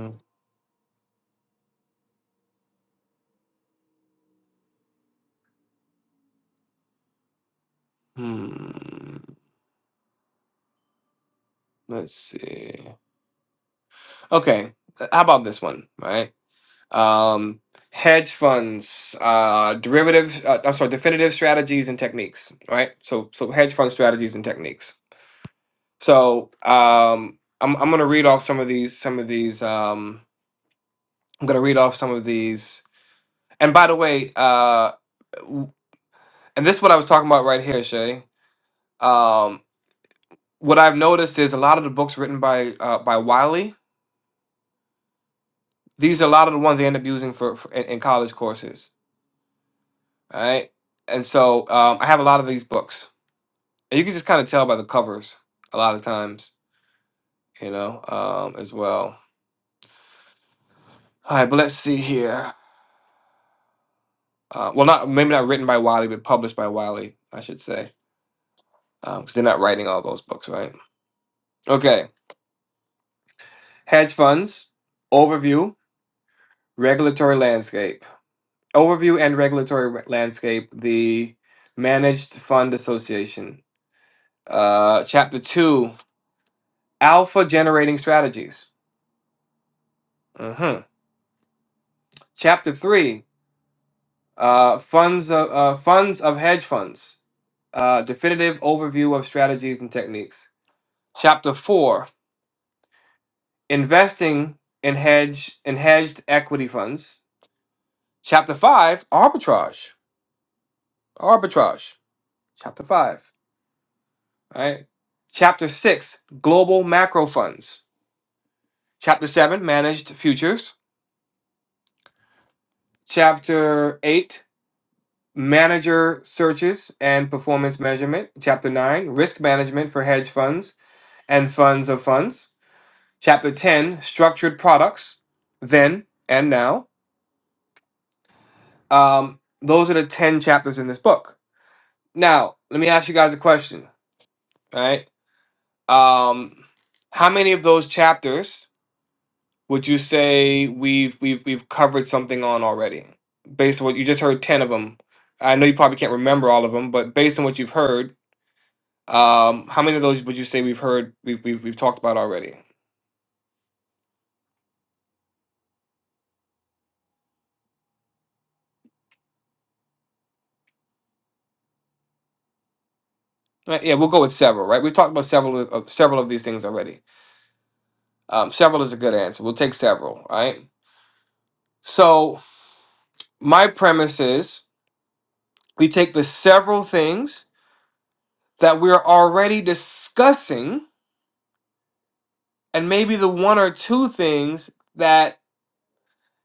Speaker 1: Hmm. Let's see. Okay. uh, How about this one, right? Um, hedge funds, uh, derivative, uh, I'm sorry, definitive strategies and techniques, right? So, so hedge fund strategies and techniques. So, um, I'm I'm gonna read off some of these, some of these. Um, I'm gonna read off some of these. And by the way, uh, w- and this is what I was talking about right here, Shay. Um, what I've noticed is a lot of the books written by uh, by Wiley these are a lot of the ones they end up using for, for in, in college courses. All right, and so um, I have a lot of these books, and you can just kind of tell by the covers a lot of times, you know, um, as well. All right, but let's see here. Uh, well, not maybe not written by Wiley, but published by Wiley, I should say, because they're not writing all those books, right? Okay, hedge funds overview, regulatory landscape, overview and regulatory re- landscape, the Managed Fund Association, uh, chapter two Alpha generating strategies. Mhm. Chapter three, uh, funds of uh, funds of hedge funds. Uh, definitive overview of strategies and techniques. Chapter four, investing in hedge in hedged equity funds. Chapter five, arbitrage. Arbitrage. Chapter five. All right. Chapter six, global macro funds. Chapter seven, managed futures. Chapter eight, Manager Searches and Performance Measurement, Chapter 9, Risk Management for Hedge Funds and Funds of Funds, Chapter 10, Structured Products, Then and Now. Um, those are the 10 chapters in this book. Now, let me ask you guys a question, right? Um, how many of those chapters would you say we've we've we've covered something on already? Based on what you just heard 10 of them. I know you probably can't remember all of them, but based on what you've heard, Um, how many of those would you say we've heard we've we've, we've talked about already? Uh, Yeah, we'll go with several, right? We've talked about several of of- several of these things already. Um, several is a good answer. We'll take several, all right? So my premise is we take the several things that we're already discussing, and maybe the one or two things that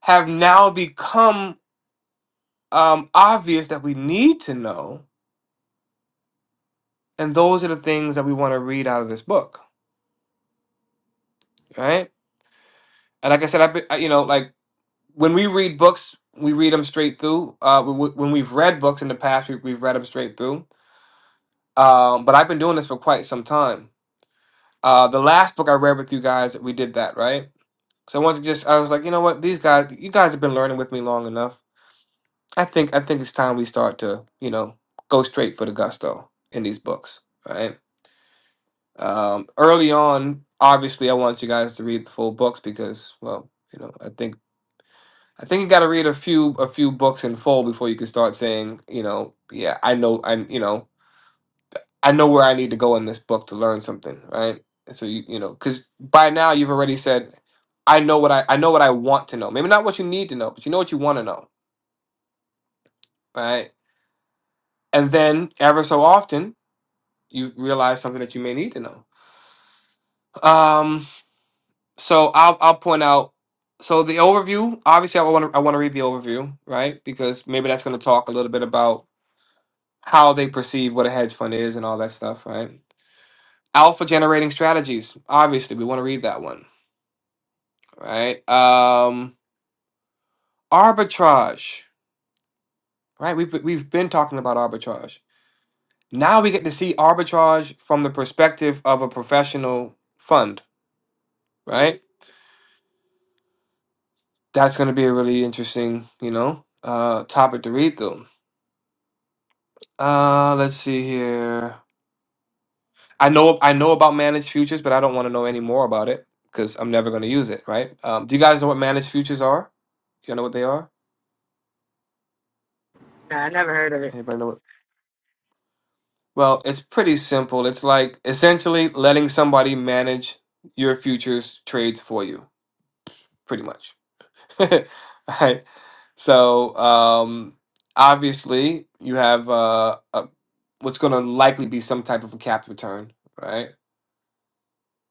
Speaker 1: have now become um, obvious that we need to know, and those are the things that we want to read out of this book, right? And like I said, I've been, I- you know, like when we read books, we read them straight through. Uh, when we- when we've read books in the past, we, we've read them straight through. Um, but I've been doing this for quite some time. Uh, the last book I read with you guys, we did that, right? So I wanted to just, I was like, you know what, these guys, you guys have been learning with me long enough. I think, I think it's time we start to, you know, go straight for the gusto in these books, right? Um, early on, obviously, I want you guys to read the full books because, well, you know, I think I think you got to read a few a few books in full before you can start saying, you know, yeah, I know, I you know, I know where I need to go in this book to learn something, right? So you you know, because by now you've already said, I know what I I know what I want to know. Maybe not what you need to know, but you know what you want to know, right? And then ever so often you realize something that you may need to know. Um, so I'll I'll point out. So the overview, obviously, I want to I want to read the overview, right? Because maybe that's going to talk a little bit about how they perceive what a hedge fund is and all that stuff, right? Alpha generating strategies. Obviously, we want to read that one, right? Um, arbitrage, right? We've we've been talking about arbitrage. Now we get to see arbitrage from the perspective of a professional fund, right? That's going to be a really interesting, you know, uh, topic to read through. Uh, let's see here. I know I know about managed futures, but I don't want to know any more about it because I'm never going to use it, right? Um, do you guys know what managed futures are? You know what they are?
Speaker 3: Nah, I never heard of it.
Speaker 1: Anybody know what? Well, it's pretty simple. It's like essentially letting somebody manage your futures trades for you, pretty much. Right? So, um, obviously, you have uh, a, what's going to likely be some type of a cap return, right?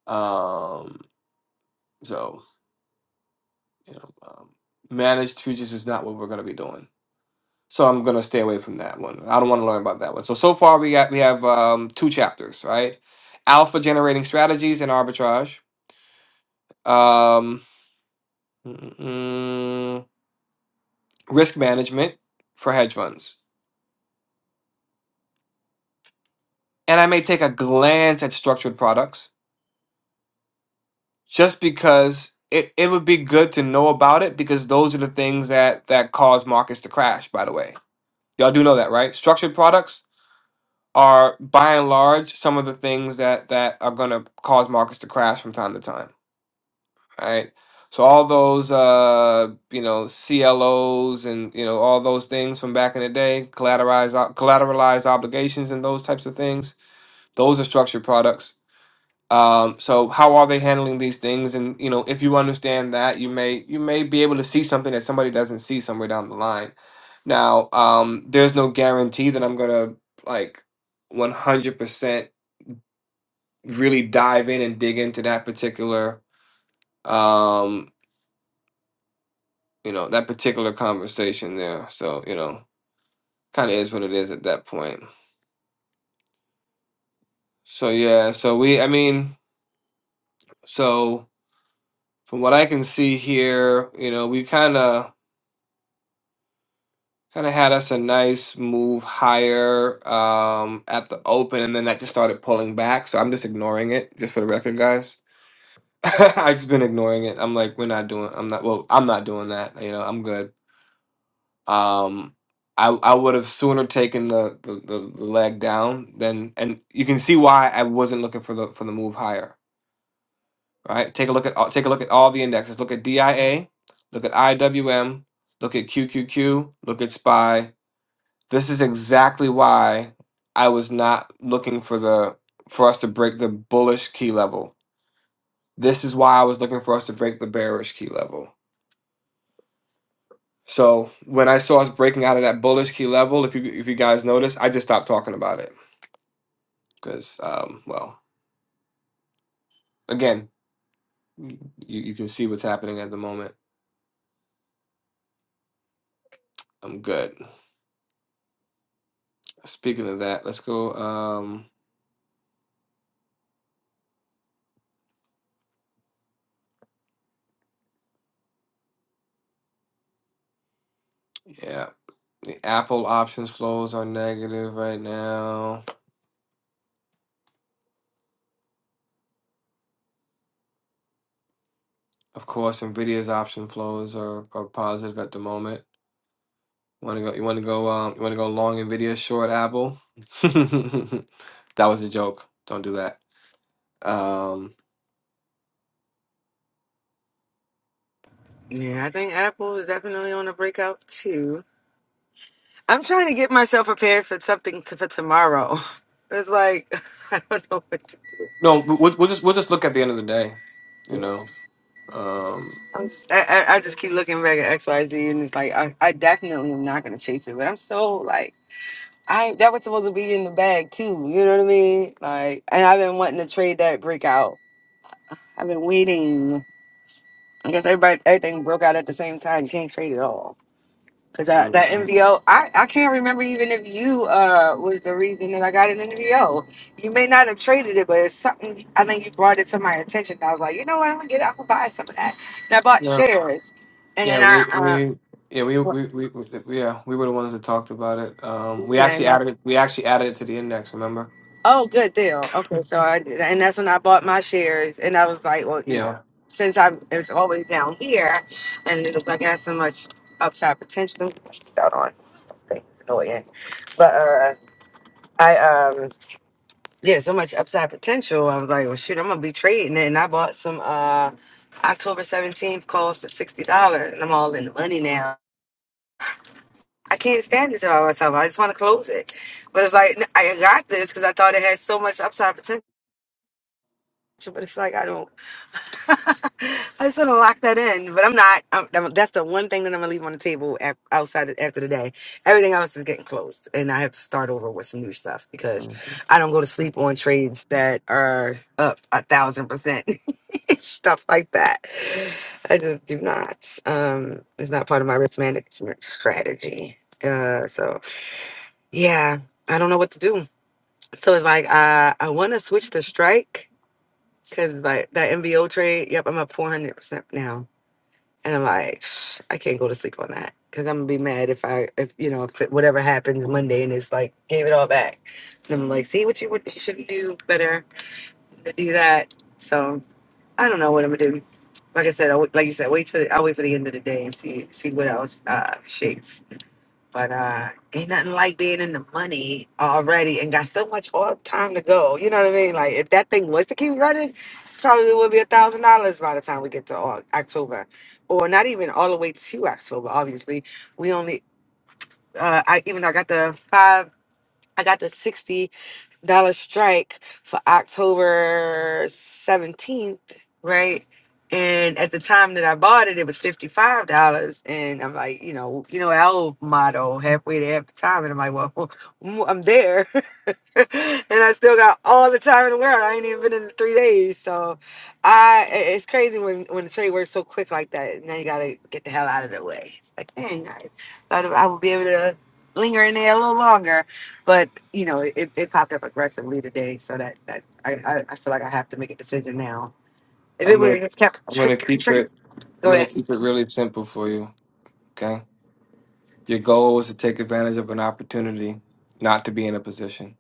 Speaker 1: Um, so. you know, um, managed futures is not what we're going to be doing. So I'm going to stay away from that one. I don't want to learn about that one. So so far we got we have um, two chapters, right? Alpha generating strategies and arbitrage, um, mm, mm, risk management for hedge funds, and I may take a glance at structured products just because. It, it would be good to know about it because those are the things that that cause markets to crash by the way y'all do know that right structured products are by and large some of the things that that are going to cause markets to crash from time to time right so all those uh you know clos and you know all those things from back in the day collateralized o- collateralized obligations and those types of things those are structured products um so how are they handling these things and you know if you understand that you may you may be able to see something that somebody doesn't see somewhere down the line now um there's no guarantee that i'm gonna like 100% really dive in and dig into that particular um you know that particular conversation there so you know kind of is what it is at that point so yeah so we i mean so from what i can see here you know we kind of kind of had us a nice move higher um at the open and then that just started pulling back so i'm just ignoring it just for the record guys i've just been ignoring it i'm like we're not doing i'm not well i'm not doing that you know i'm good Um, I I would have sooner taken the, the, the, the leg down than, and you can see why I wasn't looking for the for the move higher. Right? Take a look at all- take a look at all the indexes. Look at DIA, look at IWM, look at QQQ, look at SPY. This is exactly why I was not looking for the for us to break the bullish key level. This is why I was looking for us to break the bearish key level So when I saw us breaking out of that bullish key level, if you if you guys notice, I just stopped talking about it because, um, well, again, you, you can see what's happening at the moment. I'm good. Speaking of that, let's go. Um, yeah, the Apple options flows are negative right now. Of course, Nvidia's option flows are, are positive at the moment. Want to go? You want to go? Um, you want to go long Nvidia, short Apple? that was a joke. Don't do that. Um,
Speaker 3: Yeah, I think Apple is definitely on a breakout too. I'm trying to get myself prepared for something to, for tomorrow. It's like I don't know what to do.
Speaker 1: No, we'll, we'll just we'll just look at the end of the day, you
Speaker 3: Yeah,
Speaker 1: know. Um,
Speaker 3: I'm just, I, I I just keep looking back at X Y Z, and it's like I, I definitely am not gonna chase it. But I'm so like I that was supposed to be in the bag too. You know what I mean? Like, and I've been wanting to trade that breakout. I've been waiting. I guess everybody everything broke out at the same time. You can't trade it all. Cause I,
Speaker 1: hmm
Speaker 3: that NVO, I, I can't remember even if you uh was the reason that I got an NVO. You may not have traded it, but it's something I think you brought it to my attention. I was like, you know what, I'm gonna get out and buy some of that. And I bought
Speaker 1: No,
Speaker 3: shares, and then
Speaker 1: yeah, we
Speaker 3: I
Speaker 1: we yeah we
Speaker 3: um
Speaker 1: we we, we yeah we were the ones that talked about it. Um, we
Speaker 3: yeah, and
Speaker 1: actually
Speaker 3: I,
Speaker 1: added it. We actually added it to the index. Remember?
Speaker 3: oh good deal. Okay, so I did, and that's when I bought my shares, and I was like, well, you
Speaker 1: Yeah.
Speaker 3: know, since I'm it's always down here, and it looked like I had so much upside potential. Let me put my on. Things annoying, but uh. I um yeah, so much upside potential. I was like, well, shoot, I'm gonna be trading it. And I bought some uh October 17th calls for $60, and I'm all in the money now. I can't stand this about myself. I just want to close it. But it's like, n- I got this because I thought it had so much upside potential but it's like I don't. I just want to lock that in, but I'm not. I'm, I'm- that's the one thing that I'm gonna leave on the table af outside after the day. Everything else is getting closed, and I have to start over with some new stuff because
Speaker 1: Mhm.
Speaker 3: I don't go to sleep on trades that are up a thousand percent, stuff like that. I just do not. Um, it's not part of my risk management strategy. Uh, so yeah, I don't know what to do. So it's like uh, I want to switch to strike Cause like that MBO trade, yep, I'm up four hundred percent now, and I'm like, "Shh, I can't go to sleep on that because I'm gonna be mad if I, if you know, if it, whatever happens Monday and it's like gave it all back, and I'm like, see what you would you should do better to do that. So I don't know what I'm gonna do. Like I said, I, like you said, wait for the, I'll wait for the end of the day and see see what else uh shakes. But uh, ain't nothing like being in the money already and got so much all time to go. You know what I mean? Like if that thing was to keep running, it's probably would be a thousand dollars by the time we get to all, October, or not even all the way to October. Obviously, we only uh, I even though I got the five, I got the sixty dollar strike for October 17th, right? And at the time that I bought it, it was $55. And I'm like, you know, you know, our old motto, halfway to half the time. And I'm like, well, I'm there. and I still got all the time in the world. I ain't even been in three days, so I i- it's crazy when when the trade works so quick like that. Now you gotta get the hell out of the way. It's like dang, I thought I would be able to linger in there a little longer, but you know it, it popped up aggressively today, so that that I, I I feel like I have to make a decision now. If it
Speaker 1: I'm
Speaker 3: would
Speaker 1: gonna
Speaker 3: have just kept
Speaker 1: I'm gonna
Speaker 3: trick
Speaker 1: keep
Speaker 3: trick,
Speaker 1: it I'm
Speaker 3: go
Speaker 1: gonna
Speaker 3: ahead.
Speaker 1: keep it really simple for you. Okay. Your goal is to take advantage of an opportunity, not to be in a position.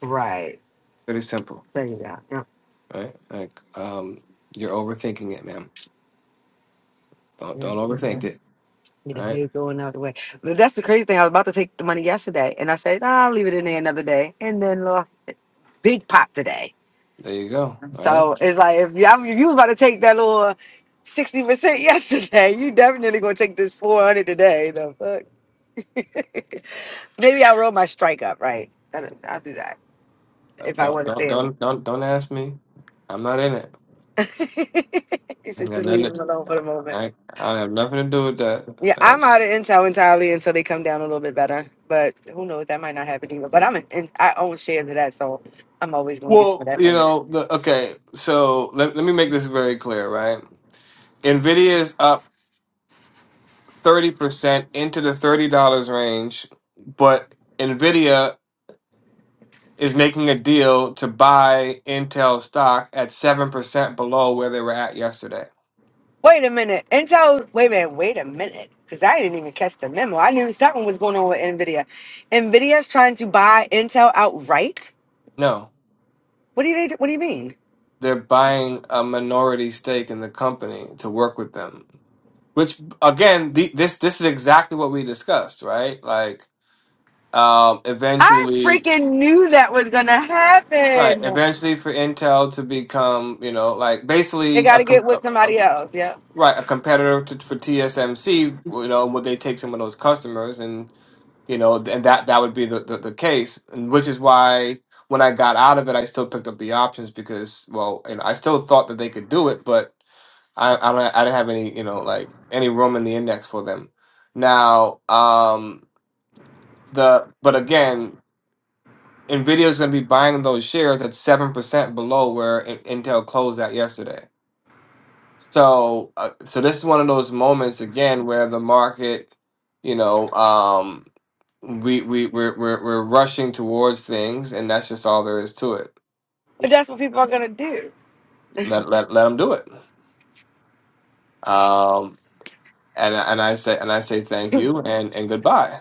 Speaker 3: Right
Speaker 1: Pretty simple.
Speaker 3: there you go. Yep.
Speaker 1: right? Like, um, you're overthinking it, ma'am. Don't
Speaker 3: yep,
Speaker 1: don't
Speaker 3: yep.
Speaker 1: overthink it.
Speaker 3: Get a
Speaker 1: All right,
Speaker 3: bill going out the way. But that's the crazy thing. I was about to take the money yesterday, and I said, "Nah, I'll leave it in there another day. And then little big pop today.
Speaker 1: there you go. All right,
Speaker 3: So it's like if you if you was about to take that little sixty percent yesterday, you definitely gonna take this four hundred today. The fuck. Maybe I roll my strike up right. I- don't- I'll do that
Speaker 1: Uh,
Speaker 3: if I
Speaker 1: don't
Speaker 3: want to
Speaker 1: don't
Speaker 3: stay. in.
Speaker 1: don't don't don't ask me. I'm not in it.
Speaker 3: you
Speaker 1: I ain't
Speaker 3: said
Speaker 1: got
Speaker 3: just leave
Speaker 1: nothing.
Speaker 3: him alone
Speaker 1: To,
Speaker 3: for the moment.
Speaker 1: I I don't have nothing to do with that.
Speaker 3: Yeah,
Speaker 1: Uh,
Speaker 3: I'm out of Intel entirely until they come down a little bit better. But who knows? That might not happen either. But I'm in, in- I own shares of that, so I'm always going to get some of
Speaker 1: well,
Speaker 3: that
Speaker 1: you
Speaker 3: money.
Speaker 1: know, the, okay. So let let me make this very clear, right? Nvidia is up thirty percent into the thirty dollars range, but Nvidia is making a deal to buy Intel stock at 7% below where they were at yesterday.
Speaker 3: Wait a minute, Intel. Wait a minute. Wait a minute, because I didn't even catch the memo. I knew something was going on with Nvidia. Nvidia's trying to buy Intel outright.
Speaker 1: No,
Speaker 3: What do you What do you mean?
Speaker 1: they're buying a minority stake in the company to work with them. Which again, the, this this is exactly what we discussed, right? Like um
Speaker 3: I
Speaker 1: eventually
Speaker 3: freaking knew that was going to
Speaker 1: right,
Speaker 3: happen.
Speaker 1: eventually for Intel to become, you know, like
Speaker 3: They
Speaker 1: basically
Speaker 3: got
Speaker 1: a
Speaker 3: to get
Speaker 1: com-
Speaker 3: with somebody else. Yeah,
Speaker 1: Right, a competitor to, for TSMC, you know, would they take some of those customers, and you know, and that that would be the, the, the case, and which is why when I got out of it, I still picked up the options because, well, and I still thought that they could do it, but I I, don't, I didn't have any, you know, like any room in the index for them. Now, um, the but again, Nvidia is going to be buying those shares at seven percent below where In- Intel closed at yesterday. So, uh, so this is one of those moments again where the market, you know, um, we we we're we're, we're rushing towards things, and that's just all there is to it.
Speaker 3: but that's what people are going to do.
Speaker 1: Let let let them do it. Um, and I- and I say and I say thank you and and goodbye.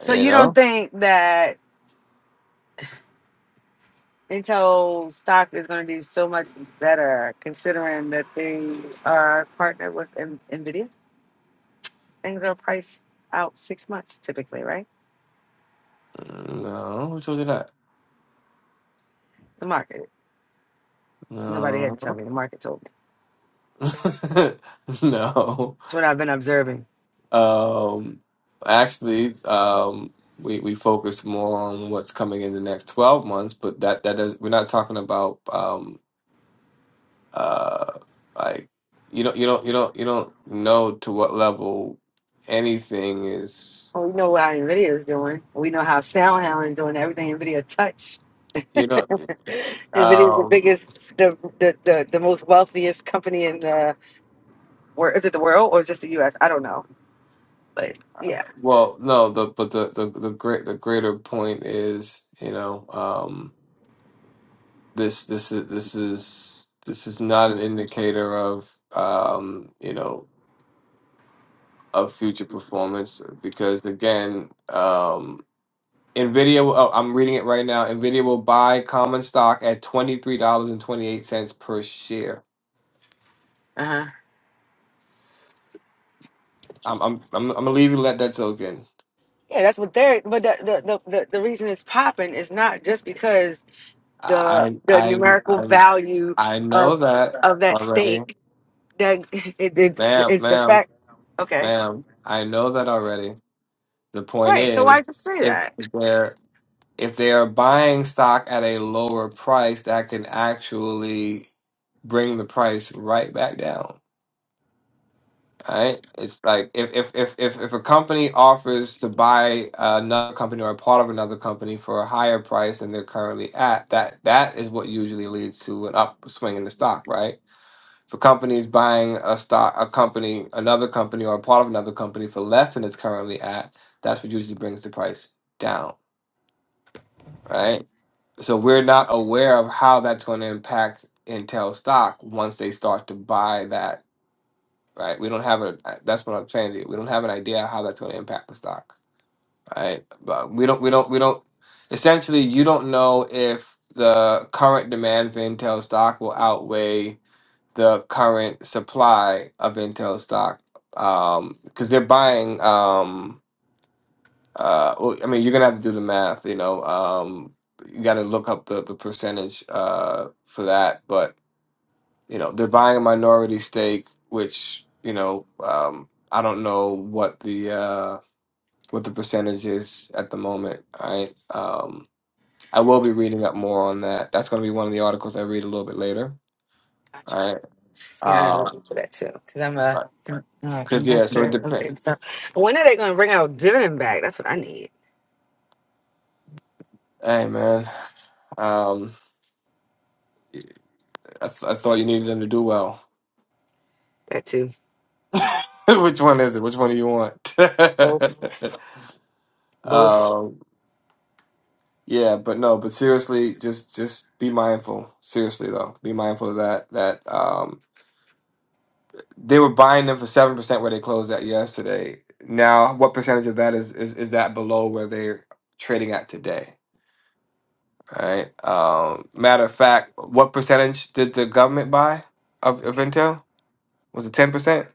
Speaker 3: So
Speaker 1: You
Speaker 3: you don't
Speaker 1: know,
Speaker 3: think that? Intel stock is going to do so much better considering that they are partnered with N- Nvidia. Things are priced out six months typically, right?
Speaker 1: Mm, no, who told you that?
Speaker 3: The market. Nobody had
Speaker 1: No,
Speaker 3: to tell me. The market told me.
Speaker 1: no.
Speaker 3: It's what I've been observing.
Speaker 1: Um, actually, um, we we focus more on what's coming in the next 12 months, but that that does we're not talking about um uh like you don't you don't you don't you don't know to what level anything is
Speaker 3: Well, we know what Nvidia is doing. We know how SoundHound is doing everything Nvidia touch.
Speaker 1: you know
Speaker 3: Nvidia is the
Speaker 1: um
Speaker 3: biggest, the, the the the most wealthiest company in the world. Is it the world or just the U.S.? I don't know, but yeah.
Speaker 1: well no the but the the the great the greater point is you know um this this is this is this is not an indicator of um you know of future performance because again, um, Nvidia. will- Oh, I'm reading it right now. Nvidia will buy common stock at twenty three dollars and twenty eight cents per share.
Speaker 3: Uh huh.
Speaker 1: I'm I'm I'm, I'm gonna leave you to let that soak in.
Speaker 3: Yeah, that's what they're. But the the, the, the the reason it's popping is not just because the
Speaker 1: I
Speaker 3: the
Speaker 1: I
Speaker 3: numerical
Speaker 1: I
Speaker 3: value
Speaker 1: I know
Speaker 3: of
Speaker 1: that
Speaker 3: of that
Speaker 1: already,
Speaker 3: stake. That it, it's
Speaker 1: ma'am,
Speaker 3: it's the
Speaker 1: ma'am,
Speaker 3: fact. Okay,
Speaker 1: ma'am. I know that already. The point
Speaker 3: right. So why
Speaker 1: is,
Speaker 3: just say
Speaker 1: if
Speaker 3: that?
Speaker 1: they're if they are buying stock at a lower price, that can actually bring the price right back down. Right? It's like if if if if, if a company offers to buy another company or a part of another company for a higher price than they're currently at, that that is what usually leads to an upswing in the stock, right? For companies buying a stock, a company, another company, or a part of another company for less than it's currently at, that's what usually brings the price down, right? So we're not aware of how that's going to impact Intel stock once they start to buy that right? We don't have a uh, that's what I'm saying to you. We don't have an idea how that's going to impact the stock, right? But we don't we don't we don't essentially you don't know if the current demand for Intel stock will outweigh the current supply of Intel stock um because they're buying um uh well, I mean you're gonna have to do the math, you know, um you got to look up the the percentage uh for that, but you know they're buying a minority stake which you know um i don't know what the uh what the percentage is at the moment i um i will be reading up more on that that's going to be one of the articles i read a little bit later
Speaker 3: Gotcha.
Speaker 1: all right
Speaker 3: Yeah, I'm gonna
Speaker 1: um
Speaker 3: look into that too because I'm a uh,
Speaker 1: because yeah so it
Speaker 3: investor.
Speaker 1: depends
Speaker 3: Okay, so when are they gonna bring out dividend back? That's what I need.
Speaker 1: hey man um I, th- I thought you needed them to do well
Speaker 3: That too.
Speaker 1: which one is it which one do you
Speaker 3: Both,
Speaker 1: want
Speaker 3: both.
Speaker 1: um Yeah, but no, but seriously, just just be mindful. Seriously though, be mindful of that. That um, they were buying them for seven percent where they closed at yesterday. Now, what percentage of that is is is that below where they're trading at today? All right. Um, matter of fact, what percentage did the government buy of of
Speaker 3: Okay,
Speaker 1: Intel? Was it ten percent?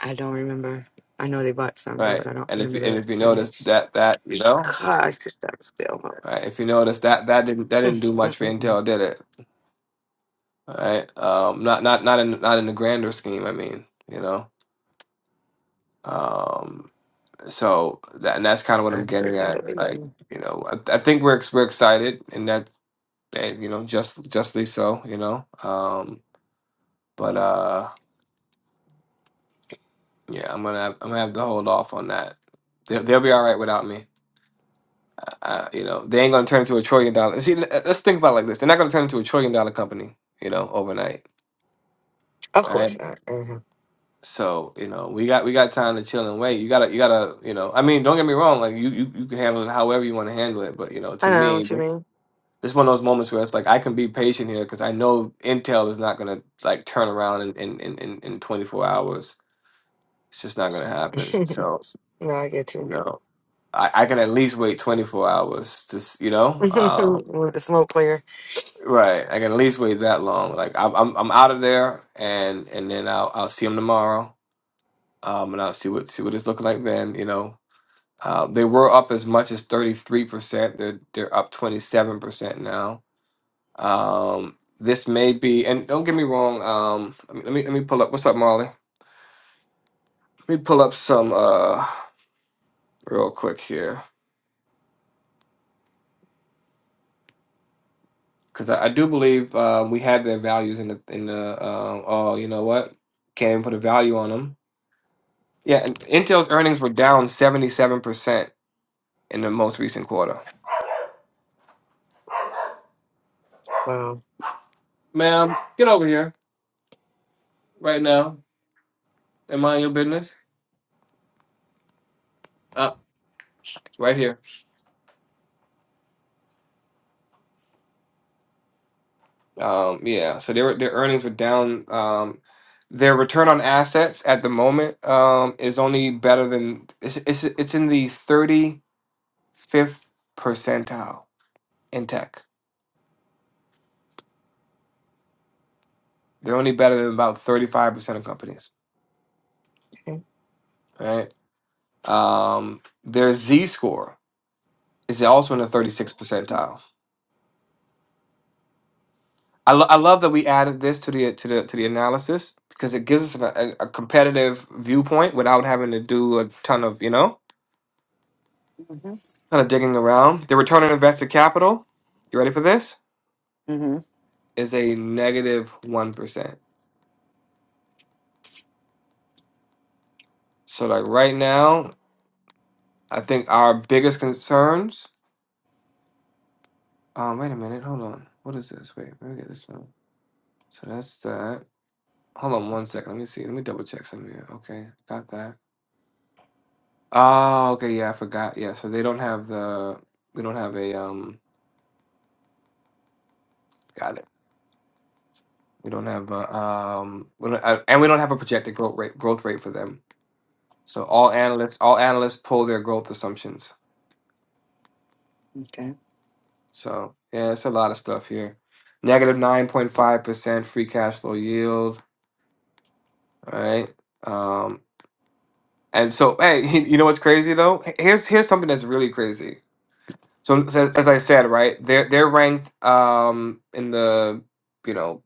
Speaker 3: I don't remember. I know they bought some though, but
Speaker 1: Right.
Speaker 3: I don't
Speaker 1: And if
Speaker 3: remember
Speaker 1: you and
Speaker 3: the
Speaker 1: if you notice
Speaker 3: percentage.
Speaker 1: that that you know,
Speaker 3: Gosh, this stuff is still.
Speaker 1: right, if you notice that that didn't that didn't
Speaker 3: mm,
Speaker 1: do
Speaker 3: mm,
Speaker 1: much for
Speaker 3: mm, mm.
Speaker 1: Intel, did it? All right. Um, not not not in not in the grander scheme. I mean, you know. Um, so that and that's kind of what
Speaker 3: I
Speaker 1: I'm getting
Speaker 3: freaking
Speaker 1: at.
Speaker 3: believe
Speaker 1: Like,
Speaker 3: you.
Speaker 1: you know, I, I think we're ex- we're excited, and that and, you know, just justly so. You know. Um, but uh, yeah, I'm gonna have, I'm gonna have to hold off on that. They'll, they'll be all right without me. Uh, you know, they ain't gonna turn into a trillion dollar. See, let- let's think about it like this. They're not gonna turn into a trillion dollar company. You know, overnight.
Speaker 3: Of course not. Uh-huh.
Speaker 1: So you know, we got we got time to chill and wait. You gotta you gotta you know. I mean, don't get me wrong. Like you you, you can handle it however you want to handle it. But you know,
Speaker 3: I
Speaker 1: to
Speaker 3: know
Speaker 1: me,
Speaker 3: what you
Speaker 1: this
Speaker 3: mean.
Speaker 1: this one of those moments where it's like I can be patient here because I know Intel is not gonna like turn around in in in, in, in twenty four hours. It's just not gonna happen. So
Speaker 3: no, I get
Speaker 1: you
Speaker 3: you.
Speaker 1: know, I I can at least wait twenty four hours. Just you know,
Speaker 3: With
Speaker 1: um,
Speaker 3: the smoke player.
Speaker 1: right? I can at least wait that long. Like I'm I'm I'm out of there, and and then I'll I'll see him tomorrow. Um, and I'll see what see what it's looking like then. You know Uh, they were up as much as 33%. They're they're up 27% now. Um, this may be, and don't get me wrong. Um, let me let me, let me pull up. What's up, Marley? Let me pull up some uh real quick here because I, I do believe uh, we had their values in the in the. Um, oh, you know what? Can't even put a value on them. Yeah, and Intel's earnings were down 77% in the most recent quarter.
Speaker 3: Wow.
Speaker 1: Ma'am, get over here right now and mind your business. Uh, right here. Um, yeah, so their their earnings were down. Um, their return on assets at the moment um, is only better than it's it's, it's in the thirty fifth percentile in tech. They're only better than about thirty five percent of companies,
Speaker 3: Okay.
Speaker 1: right? Um, their Z score is also in the thirty sixth percentile. I, lo- I love that we added this to the to the to the analysis because it gives us a, a a competitive viewpoint without having to do a ton of you know.
Speaker 3: Mm-hmm.
Speaker 1: kind of digging around. The return on invested capital, you ready for this?
Speaker 3: Mm-hmm.
Speaker 1: Is a 1%. So, like right now, I think our biggest concerns. Um, wait a minute. Hold on. What is this? Wait, let me get this one. So, that's that. Hold on one second. Let me see. Let me double check something here. Okay. Got that. Oh, okay. Yeah, I forgot. Yeah. So, they don't have the. We don't have a. um. Got it. We don't have a. Um. We don't, uh, and we don't have a projected growth rate, growth rate for them. So all analysts, all analysts pull their growth assumptions.
Speaker 3: Okay.
Speaker 1: So yeah, it's a lot of stuff here. Negative nine point five percent free cash flow yield. All right. Um, and so hey, you know what's crazy though? Here's here's something that's really crazy. So as, as I said, right, they're they're ranked um in the you know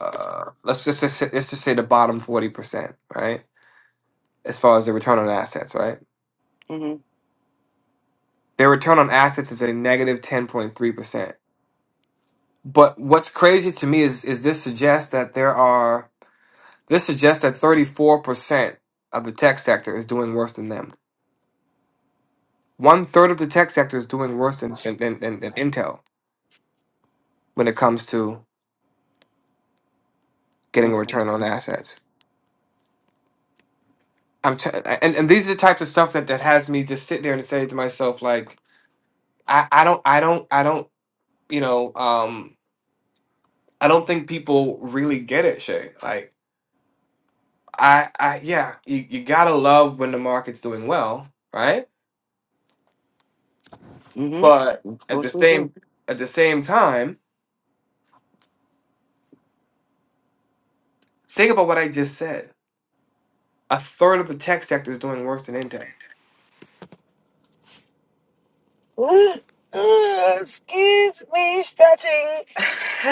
Speaker 1: uh let's just just say- let's just say the bottom forty percent, right? As far as the return on assets, right?
Speaker 3: Mm-hmm.
Speaker 1: Their return on assets is a negative ten point three percent But what's crazy to me is is this suggests that there are this suggests that 34% of the tech sector is doing worse than them. One third of the tech sector is doing worse than than, than, than, than Intel when it comes to getting a
Speaker 3: Okay.
Speaker 1: return on assets. I'm t- and and these are the types of stuff that that has me just sit there and say to myself like I I don't I don't I don't you know um I don't think people really get it Shay like I I yeah you you gotta love when the market's doing well right But at the same at the same time, think about what I just said. A third of the tech sector is doing worse than Intech.
Speaker 3: Ugh, ugh, excuse me, stretching.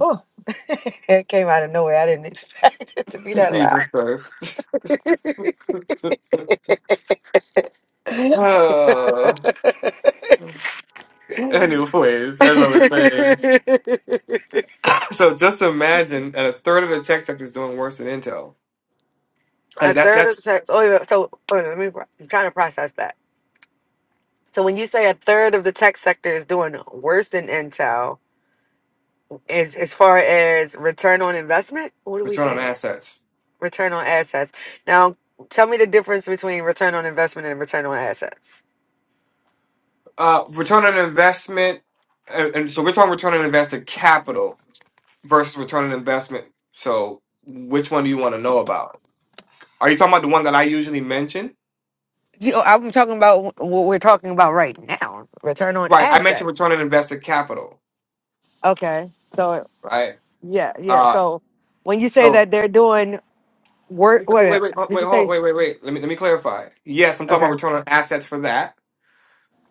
Speaker 3: oh. it came out of nowhere. I didn't expect it to be that loud.
Speaker 1: Jesus Christ. Uh, anyways, as I was saying, so just imagine that a third of the tech sector is doing worse than Intel. Like
Speaker 3: A
Speaker 1: that,
Speaker 3: third of the
Speaker 1: that's
Speaker 3: sex. Oh, yeah. So wait a minute, let me. I'm trying to process that. So when you say a third of the tech sector is doing worse than Intel, as as far as return on investment, what are we
Speaker 1: return on
Speaker 3: saying?
Speaker 1: assets,
Speaker 3: Return on assets. Now, tell me the difference between return on investment and return on assets.
Speaker 1: uh, return on investment, and, and so we're talking return on invested capital versus return on investment. So which one do you want to know about? Are you talking about the one that I usually mention?
Speaker 3: You know, I'm talking about wh- what we're talking about right now. Return on
Speaker 1: Right. I mentioned
Speaker 3: assets.
Speaker 1: return on invested capital.
Speaker 3: Okay. So
Speaker 1: Right.
Speaker 3: yeah, yeah.
Speaker 1: Uh,
Speaker 3: So when you say
Speaker 1: so
Speaker 3: that they're doing work,
Speaker 1: wait,
Speaker 3: wait,
Speaker 1: wait, wait, hold-
Speaker 3: did
Speaker 1: wait,
Speaker 3: you
Speaker 1: hold on,
Speaker 3: say?
Speaker 1: wait, wait, wait. Let me let me clarify. Yes, I'm talking
Speaker 3: Okay.
Speaker 1: about return on assets for that.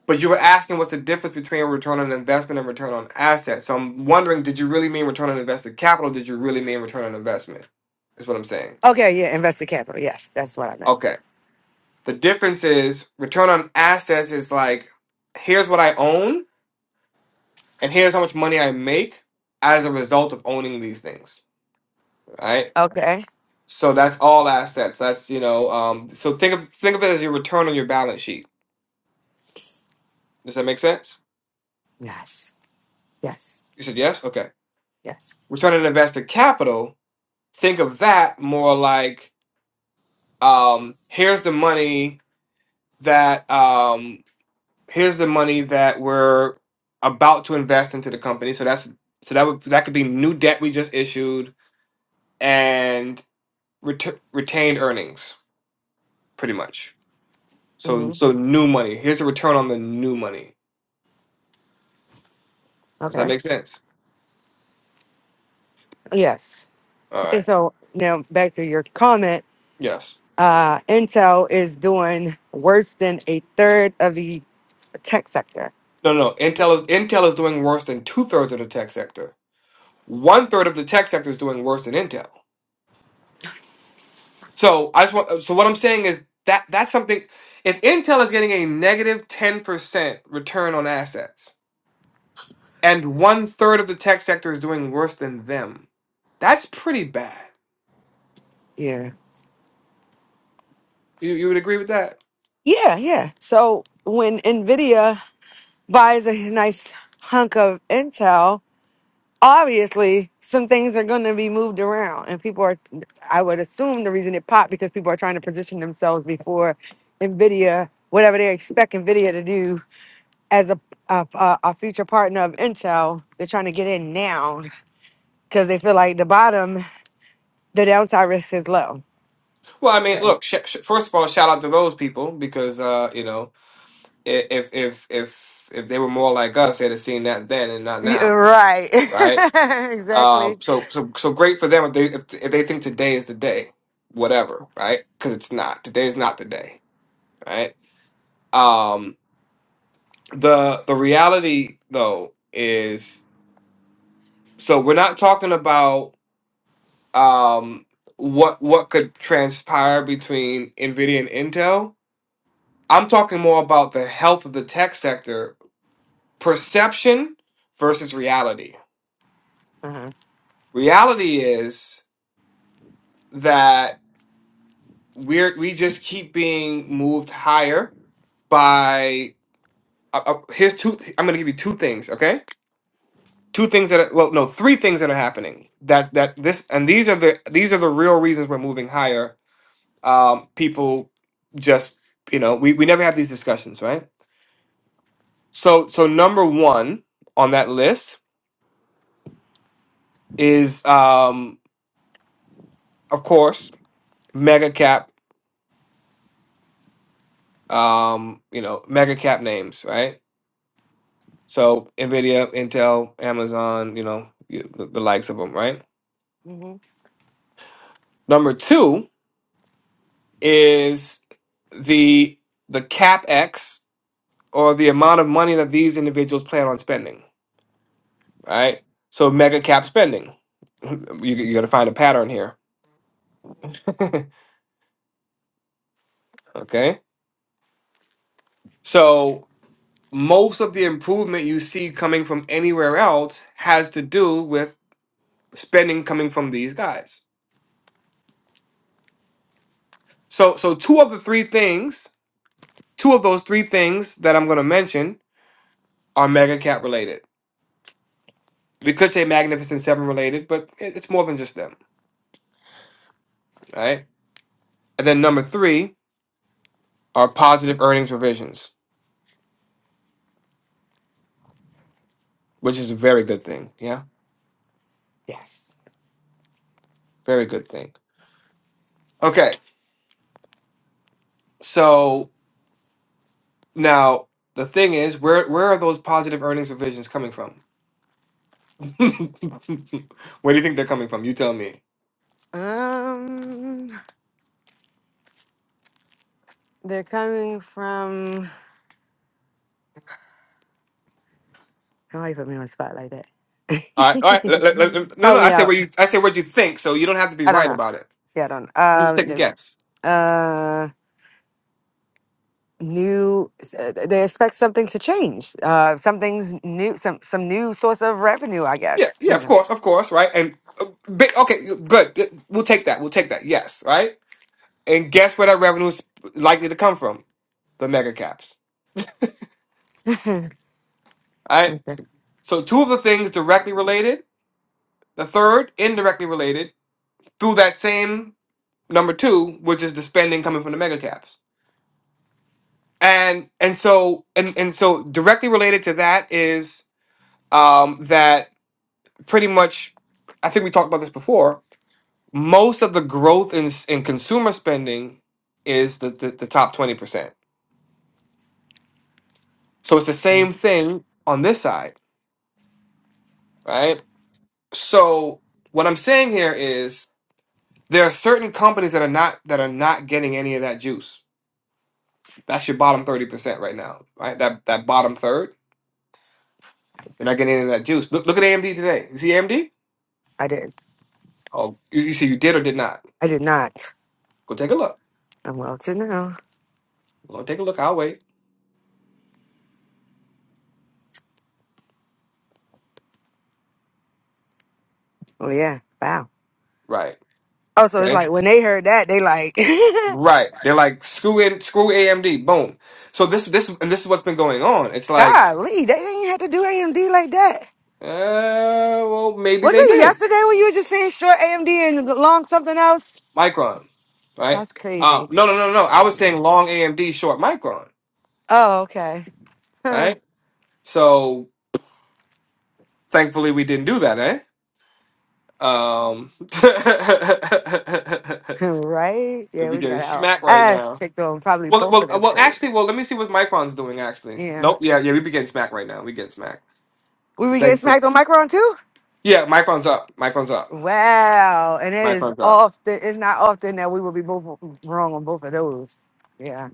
Speaker 1: But you were asking what's the difference between return on investment and return on assets. So I'm wondering, did you really mean return on invested capital? Did you really mean return on investment? Is what I'm saying.
Speaker 3: Okay. Yeah. Invested capital. Yes, that's what I meant.
Speaker 1: Okay. The difference is return on assets is like here's what I own and here's how much money I make as a result of owning these things. Right?
Speaker 3: Okay.
Speaker 1: So that's all assets. That's, you know, um, so think of think of it as your return on your balance sheet. Does that make sense?
Speaker 3: Yes. Yes.
Speaker 1: You said yes? Okay.
Speaker 3: Yes.
Speaker 1: Return on invested capital, think of that more like um, here's the money that um, here's the money that we're about to invest into the company. So that's so that would that could be new debt we just issued and ret- retained earnings, pretty much.
Speaker 3: Mm-hmm.
Speaker 1: So so new money. Here's the return on the new money. Does that
Speaker 3: Okay.
Speaker 1: make sense?
Speaker 3: Yes.
Speaker 1: All
Speaker 3: S-
Speaker 1: right.
Speaker 3: And so now back to your comment.
Speaker 1: Yes.
Speaker 3: Uh, Intel is doing worse than a third of the tech sector.
Speaker 1: No, no. no. Intel is Intel is doing worse than two thirds of the tech sector. One third of the tech sector is doing worse than Intel. So I just want. So what I'm saying is that that's something. If Intel is getting a negative ten percent return on assets, and one third of the tech sector is doing worse than them, that's pretty bad.
Speaker 3: Yeah.
Speaker 1: You you would agree with that?
Speaker 3: Yeah. Yeah. So when Nvidia buys a nice hunk of Intel, obviously some things are going to be moved around, and people are. I would assume the reason it popped because people are trying to position themselves before Nvidia, whatever they expect Nvidia to do as a a, a a future partner of Intel, they're trying to get in now because they feel like the bottom, the downside risk is low.
Speaker 1: Well, I mean, look. Sh sh first of all, shout out to those people because uh, you know, i- if if if if they were more like us, they'd have seen that then and not
Speaker 3: Yeah,
Speaker 1: now,
Speaker 3: right.
Speaker 1: right? Um,
Speaker 3: exactly.
Speaker 1: so so so great for them if they if, if they think today is the day, whatever, right? Because it's not. Today is not the day, right? Um, the the reality though is so we're not talking about um what what could transpire between Nvidia and Intel. I'm talking more about the health of the tech sector, perception versus reality.
Speaker 3: Uh-huh.
Speaker 1: Reality is that we're we just keep being moved higher by uh, uh, here's two I'm going to give you two things, okay? two things that are, well no three things that are happening that that this and these are the these are the real reasons we're moving higher um people just you know we, we never have these discussions right so so number one on that list is um of course mega cap um you know mega cap names right so nvidia intel amazon you know y- the, the likes of them right
Speaker 3: hmm
Speaker 1: number two is the the capex. or the amount of money that these individuals plan on spending, right? So mega cap spending. You, you got to find a pattern here. okay. So most of the improvement you see coming from anywhere else has to do with spending coming from these guys. So so two of the three things, two of those three things that I'm going to mention are mega cap related. We could say Magnificent Seven related, but it- it's more than just them, right? And then number three are positive earnings revisions which is a very good thing. Yeah,
Speaker 3: Yes.
Speaker 1: very good thing. Okay, so now the thing is, where where are those positive earnings revisions coming from? where do you think they're coming from? You tell me.
Speaker 3: Um, they're coming from. Why you put me on the spot like that?
Speaker 1: All right, all right. let- let- let- no, no.
Speaker 3: Help me
Speaker 1: I said
Speaker 3: out.
Speaker 1: where you. I said what you think. So you don't have to be
Speaker 3: I don't
Speaker 1: right
Speaker 3: know.
Speaker 1: about it.
Speaker 3: Yeah, I don't.
Speaker 1: You can just
Speaker 3: Um,
Speaker 1: take a
Speaker 3: they
Speaker 1: guess.
Speaker 3: uh new s- uh, they expect something to change uh something's new some some new source of revenue i
Speaker 1: Yeah,
Speaker 3: guess
Speaker 1: yeah.
Speaker 3: you
Speaker 1: Of
Speaker 3: know
Speaker 1: course, of course. Right. And uh, ba- okay, good. We'll take that. We'll take that. Yes. Right. And guess where that revenue is likely to come from? The mega caps.
Speaker 3: okay.
Speaker 1: All right. So two of the things directly related. The third, indirectly related, through that same number two, which is the spending coming from the mega caps. And and so and and so directly related to that is um, that pretty much I think we talked about this before. Most of the growth in s- in consumer spending is the the, the top twenty percent. So it's the same thing on this side, right? So what I'm saying here is there are certain companies that are not that are not getting any of that juice That's your bottom 30% right now, right? That that bottom third. They're not getting any of that juice. Look look at AMD today. You see AMD?
Speaker 3: I did.
Speaker 1: Oh, you, you see you did or did not.
Speaker 3: I did not.
Speaker 1: Go take a look.
Speaker 3: I'm well to know.
Speaker 1: Go take a look. I'll wait.
Speaker 3: Oh yeah. Wow.
Speaker 1: Right.
Speaker 3: Oh, so it's
Speaker 1: Okay.
Speaker 3: like when they heard that, they like,
Speaker 1: Right. They're like screw in screw AMD. Boom. So this this and this is what's been going on. It's like,
Speaker 3: golly, they didn't have to do AMD like that.
Speaker 1: uh well maybe
Speaker 3: Was
Speaker 1: they
Speaker 3: it
Speaker 1: did.
Speaker 3: yesterday when you were just saying short AMD and long something else?
Speaker 1: Micron. Right?
Speaker 3: That's
Speaker 1: Uh
Speaker 3: crazy.
Speaker 1: no no no no. I was saying long AMD, short Micron,
Speaker 3: Oh, okay.
Speaker 1: right? So thankfully we didn't do that, eh? Um,
Speaker 3: right?
Speaker 1: we
Speaker 3: Yeah,
Speaker 1: be
Speaker 3: we
Speaker 1: getting
Speaker 3: got our
Speaker 1: smacked right
Speaker 3: ass
Speaker 1: now.
Speaker 3: kicked on probably
Speaker 1: Well,
Speaker 3: both
Speaker 1: well,
Speaker 3: of
Speaker 1: uh,
Speaker 3: them
Speaker 1: well.
Speaker 3: trades.
Speaker 1: Actually, well, let me see what Micron's doing. Actually,
Speaker 3: Yeah.
Speaker 1: nope. Yeah, yeah. We be getting smacked right now. We getting smacked.
Speaker 3: We
Speaker 1: So
Speaker 3: were getting
Speaker 1: thanks for.
Speaker 3: smacked on Micron too?
Speaker 1: Yeah, Micron's up. Micron's up.
Speaker 3: Wow. And it is
Speaker 1: Micron's up.
Speaker 3: often, it's not often that we will be both wrong on both of those. Yeah.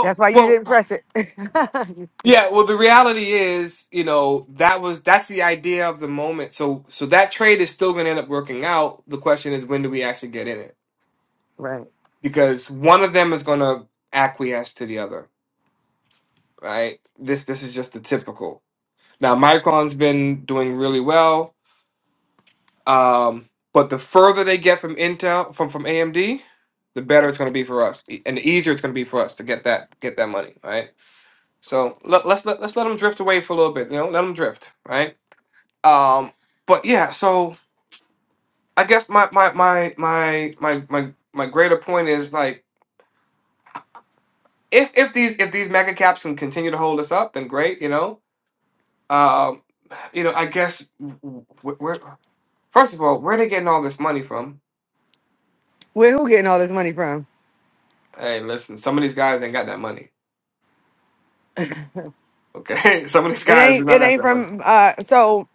Speaker 3: That's why you
Speaker 1: well.
Speaker 3: didn't press it.
Speaker 1: Yeah. Well, the reality is, you know, that was that's the idea of the moment. So, so that trade is still going to end up working out. The question is, when do we actually get in it?
Speaker 3: right.
Speaker 1: Because one of them is going to acquiesce to the other, right? This, this is just the typical. Now, Micron's been doing really well, um, but the further they get from Intel from from AMD, the better it's going to be for us, e- and the easier it's going to be for us to get that get that money, right? So let, let's let, let's let them drift away for a little bit, you know, let them drift, right? Um, but yeah, so I guess my my my my my my my greater point is like if if these if these mega caps can continue to hold us up, then great, you know. Um, you know, I guess w- w- where first of all, where are they getting all this money from?
Speaker 3: Where who getting all this money from?
Speaker 1: Hey, listen, some of these guys ain't got that money. Okay, some of these
Speaker 3: It
Speaker 1: guys do
Speaker 3: ain't
Speaker 1: not
Speaker 3: it
Speaker 1: have
Speaker 3: ain't
Speaker 1: that money.
Speaker 3: from uh so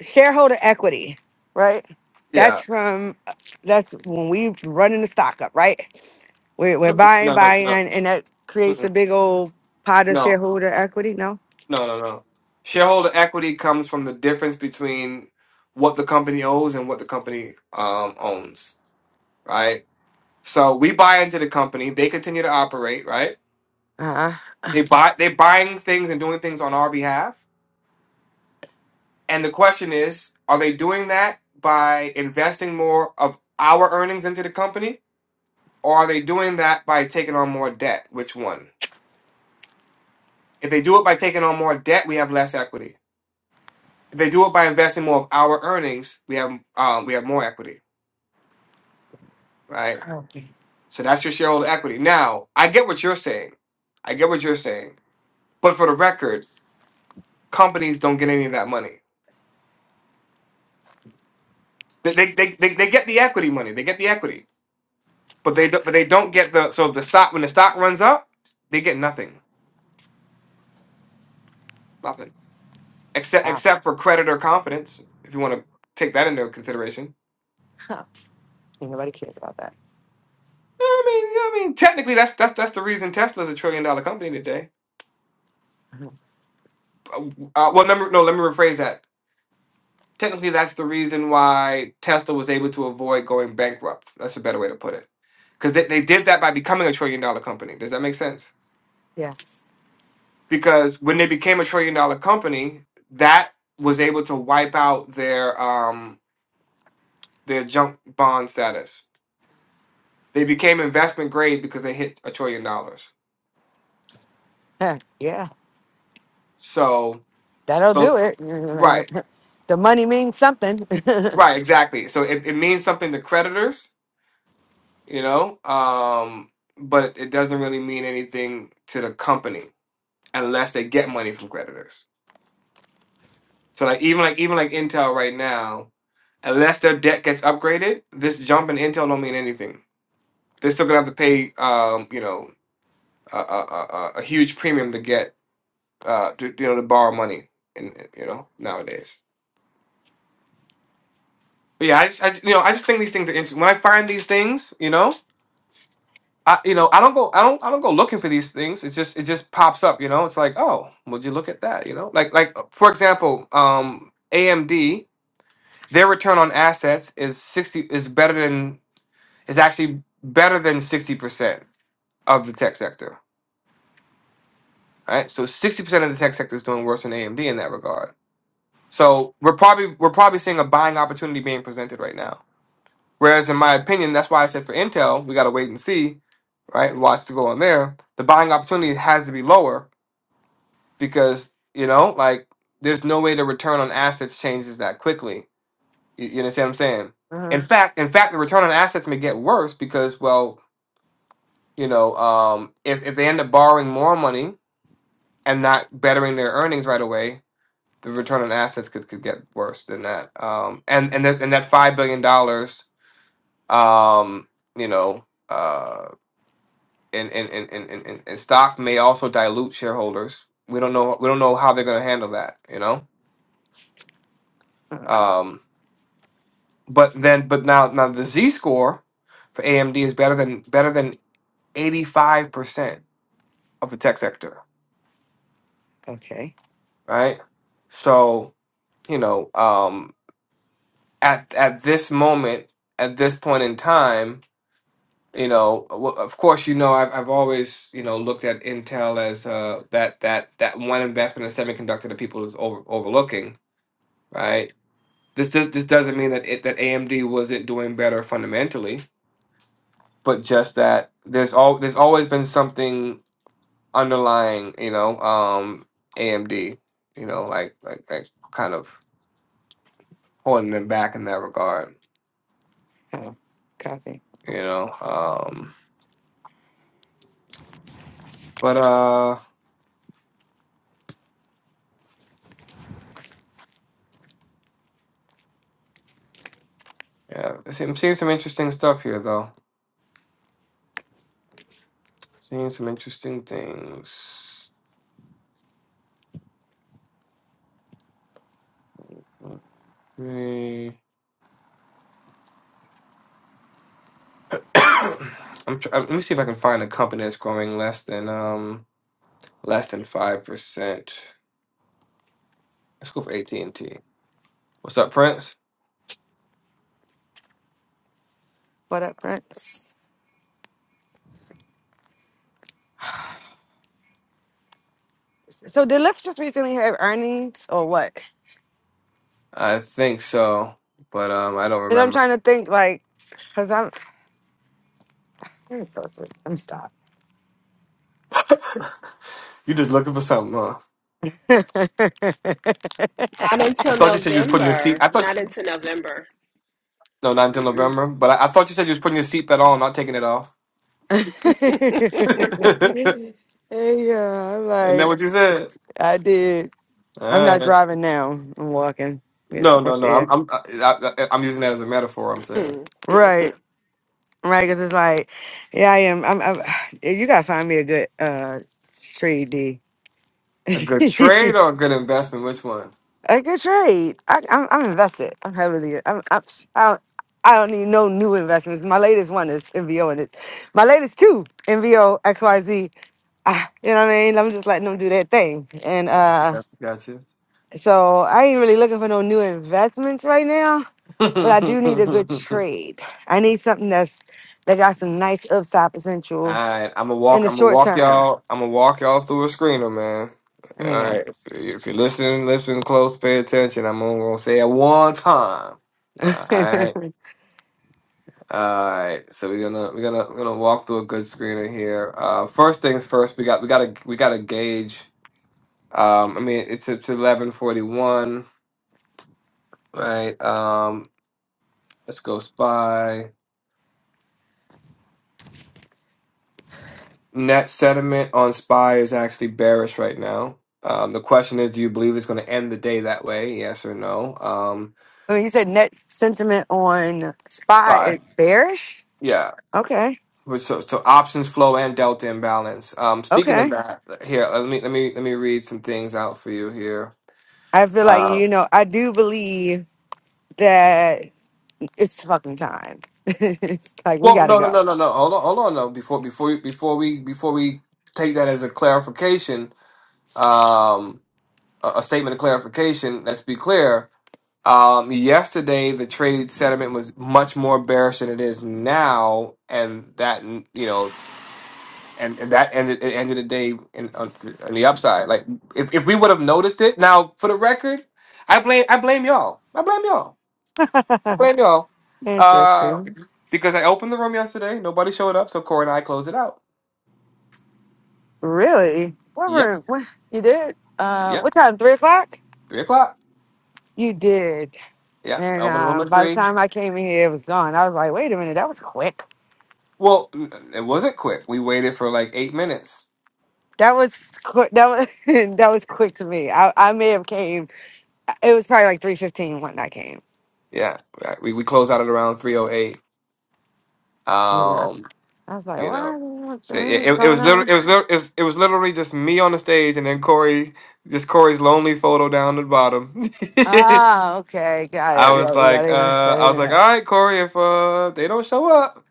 Speaker 3: shareholder equity, right? That's
Speaker 1: Yeah,
Speaker 3: from that's when we running the stock up, right? We're, we're
Speaker 1: Mm-mm.
Speaker 3: buying,
Speaker 1: no, no,
Speaker 3: buying,
Speaker 1: no,
Speaker 3: and, and that creates a
Speaker 1: Mm-mm.
Speaker 3: big old pot of
Speaker 1: no,
Speaker 3: shareholder equity. No,
Speaker 1: no, no, no. Shareholder equity comes from the difference between what the company owes and what the company um, owns, right? So we buy into the company, they continue to operate, right?
Speaker 3: uh-uh.
Speaker 1: They buy, they're buying things and doing things on our behalf. And the question is, are they doing that by investing more of our earnings into the company? Or are they doing that by taking on more debt? Which one? If they do it by taking on more debt, we have less equity. If they do it by investing more of our earnings, we have um, we have more equity, right? So that's your shareholder equity. Now, I get what you're saying. I get what you're saying. But for the record, companies don't get any of that money. They they they, they, they get the equity money. They get the equity, but they don't, but they don't get the so the stock when the stock runs up, they get nothing, nothing except
Speaker 3: wow,
Speaker 1: except for creditor confidence. If you want to take that into consideration
Speaker 3: huh. Ain't nobody cares about that.
Speaker 1: I mean, I mean, technically, that's that's that's the reason Tesla's a trillion dollar company today. Uh, uh, well, let no, let me rephrase that. Technically, that's the reason why Tesla was able to avoid going bankrupt. That's a better way to put it, because they, they did that by becoming a trillion dollar company. Does that make sense?
Speaker 3: Yes,
Speaker 1: Because when they became a trillion dollar company, that was able to wipe out their um their junk bond status. They became investment grade because they hit a trillion dollars.
Speaker 3: Huh. yeah,
Speaker 1: So
Speaker 3: That'll do
Speaker 1: so
Speaker 3: it.
Speaker 1: right.
Speaker 3: The money means something.
Speaker 1: Right, exactly. So it, it means something to creditors, you know, um, but it doesn't really mean anything to the company unless they get money from creditors. So like even like even like Intel right now, unless their debt gets upgraded, this jump in Intel don't mean anything. They're still gonna have to pay, um, you know, a, a, a, a a huge premium to get, uh, to, you know, to borrow money, and you know, nowadays. But yeah, I just, I just, you know, I just think these things are interesting. When I find these things, you know. I you know I don't go I don't I don't go looking for these things. It just it just pops up. You know, it's like oh, would you look at that? You know, like like for example, um, AMD their return on assets is sixty is better than is actually better than sixty percent of the tech sector. Right, so sixty percent of the tech sector is doing worse than AMD in that regard. So we're probably we're probably seeing a buying opportunity being presented right now. Whereas in my opinion, that's why I said for Intel we got to wait and see. Right, watch to go on there. The buying opportunity has to be lower because you know like there's no way the return on assets changes that quickly you, you understand what i'm saying
Speaker 3: uh
Speaker 1: in fact in fact the return on assets may get worse because well you know um, if, if they end up borrowing more money and not bettering their earnings right away the return on assets could, could get worse than that um, and and, that and that five billion dollars um, you know uh, in, in, in, in, in, in in stock may also dilute shareholders we don't know we don't know how they're going to handle that you know Um, But then, but now, now the Z score for AMD is better than better than eighty five percent of the tech sector,
Speaker 3: Okay.
Speaker 1: right? So you know, um, at at this moment, at this point in time, you know, w- of course, you know, I've I've always you know looked at Intel as uh, that that that one investment in semiconductor that people is over, overlooking, right? This do- this doesn't mean that it that AMD wasn't doing better fundamentally, but just that there's all there's always been something underlying, you know, um, AMD, you know, like like like kind of holding them back in that regard,
Speaker 3: Oh, copy.
Speaker 1: you know. Um, but uh, yeah, I see- I'm seeing some interesting stuff here though. Seeing some interesting things. Three. I'm tr- uh, let me see if I can find a company that's growing less than um less than five percent. Let's go for AT and T. What's up, Prince?
Speaker 3: What up, Prince? So did Lyft just recently have earnings or what?
Speaker 1: I think so, but um, I don't
Speaker 3: Because I'm
Speaker 1: remember.
Speaker 3: trying to think, like, because I'm. Let me close this. Let me stop.
Speaker 1: You just looking for something, huh?
Speaker 5: Not
Speaker 1: I
Speaker 5: until
Speaker 1: thought you said you was putting your seat.
Speaker 5: November.
Speaker 1: I thought
Speaker 5: Not until November.
Speaker 1: no, not until
Speaker 5: Mm-mm.
Speaker 1: November. But I, I thought you said you was putting your seatbelt on, not taking it off.
Speaker 3: hey, yeah, I'm
Speaker 1: and that
Speaker 3: like,
Speaker 1: what you said?
Speaker 3: I did. I'm
Speaker 1: All
Speaker 3: not
Speaker 1: right.
Speaker 3: driving now. I'm walking. Get
Speaker 1: No,
Speaker 3: some
Speaker 1: no,
Speaker 3: fresh
Speaker 1: no. I'm
Speaker 3: air.
Speaker 1: I'm I, I, I'm using that as a metaphor. I'm saying
Speaker 5: Mm, mm.
Speaker 3: Right. right? Because it's like, yeah, I am. I'm, I'm. You gotta find me a good uh trade D. a
Speaker 1: a good trade
Speaker 3: good
Speaker 1: or a good investment. Which one?
Speaker 3: trade. I, I'm, I'm invested. I'm heavily. I'm, I'm. I don't, I don't need no new investments. My latest one is NVO, and it. My latest two NVO XYZ. Ah, you know what I mean? I'm just letting them do their thing, and
Speaker 1: Gotcha,
Speaker 3: uh,
Speaker 1: gotcha, gotcha.
Speaker 3: so I ain't really looking for no new investments right now. But I do need a good trade. I need something that's that got some nice upside potential
Speaker 1: Alright, I'ma
Speaker 3: in
Speaker 1: walk
Speaker 3: the
Speaker 1: I'ma
Speaker 3: short
Speaker 1: walk
Speaker 3: term
Speaker 1: y'all I'ma walk y'all through a screener, man.
Speaker 3: Man.
Speaker 1: Alright. If, if you're listening, listen close, pay attention. I'm only gonna say it one time.
Speaker 3: I
Speaker 1: Alright. Alright. So we're gonna we're gonna we're gonna walk through a good screener here. Uh first things first, we got we gotta we gotta gauge um I mean it's it's eleven forty one, right? Um let's go spy. net sentiment on SPY is actually bearish right now. Um, the question is, do you believe it's going to end the day that way? Yes or no? Um,
Speaker 3: you said net sentiment on spy is
Speaker 1: SPY,
Speaker 3: bearish.
Speaker 1: yeah.
Speaker 3: Okay.
Speaker 1: But So, so options flow and delta imbalance. Um, speaking of
Speaker 3: Okay.
Speaker 1: that, here let me let me let me read some things out for you here.
Speaker 3: I feel like, you
Speaker 1: Um,
Speaker 3: know, I do believe that it's fucking time. it's like, we
Speaker 1: well,
Speaker 3: got to
Speaker 1: no, no, no,
Speaker 3: go.
Speaker 1: no, no. Hold on, hold on. though. Before before we- before we before we take that as a clarification, um, a, a statement of clarification. Let's be clear Um, yesterday, the trade sentiment was much more bearish than it is now, and that you know, and, and that ended it ended the day in, on, on the upside. Like if, if we would have noticed it now, for the record, I blame I blame y'all. I blame y'all. I blame y'all. Uh,
Speaker 3: Interesting.
Speaker 1: because I opened the room yesterday, nobody showed up, so Corey and I closed it out.
Speaker 3: Really? What
Speaker 1: Yep,
Speaker 3: room? What, you did? Uh,
Speaker 1: yep,
Speaker 3: what time? Three o'clock?
Speaker 1: three o'clock.
Speaker 3: You did.
Speaker 1: Yep, I
Speaker 3: And
Speaker 1: opened the room
Speaker 3: um,
Speaker 1: at
Speaker 3: by the
Speaker 1: three.
Speaker 3: time I came in here, it was gone. I was like, wait a minute, that was quick.
Speaker 1: Well, n- it wasn't quick. We waited for like eight minutes.
Speaker 3: That was quick. That was that was quick to me. I, I may have came It was probably like three fifteen when I came.
Speaker 1: Yeah, right. we we closed out at around 3:08.
Speaker 3: Yeah.
Speaker 1: Um,
Speaker 3: I was like,
Speaker 1: you know,
Speaker 3: what? What the
Speaker 1: so it,
Speaker 3: room is
Speaker 1: it, it
Speaker 3: going
Speaker 1: was literally
Speaker 3: on?
Speaker 1: it was lit- it was it was literally just me on the stage, and then Corey, just Corey's lonely photo down the bottom.
Speaker 3: Ah, okay, got
Speaker 1: I
Speaker 3: it.
Speaker 1: was
Speaker 3: Yo, that
Speaker 1: like,
Speaker 3: even
Speaker 1: uh,
Speaker 3: that
Speaker 1: I was
Speaker 3: even
Speaker 1: like, all
Speaker 3: know.
Speaker 1: right, Corey, if uh they don't show up,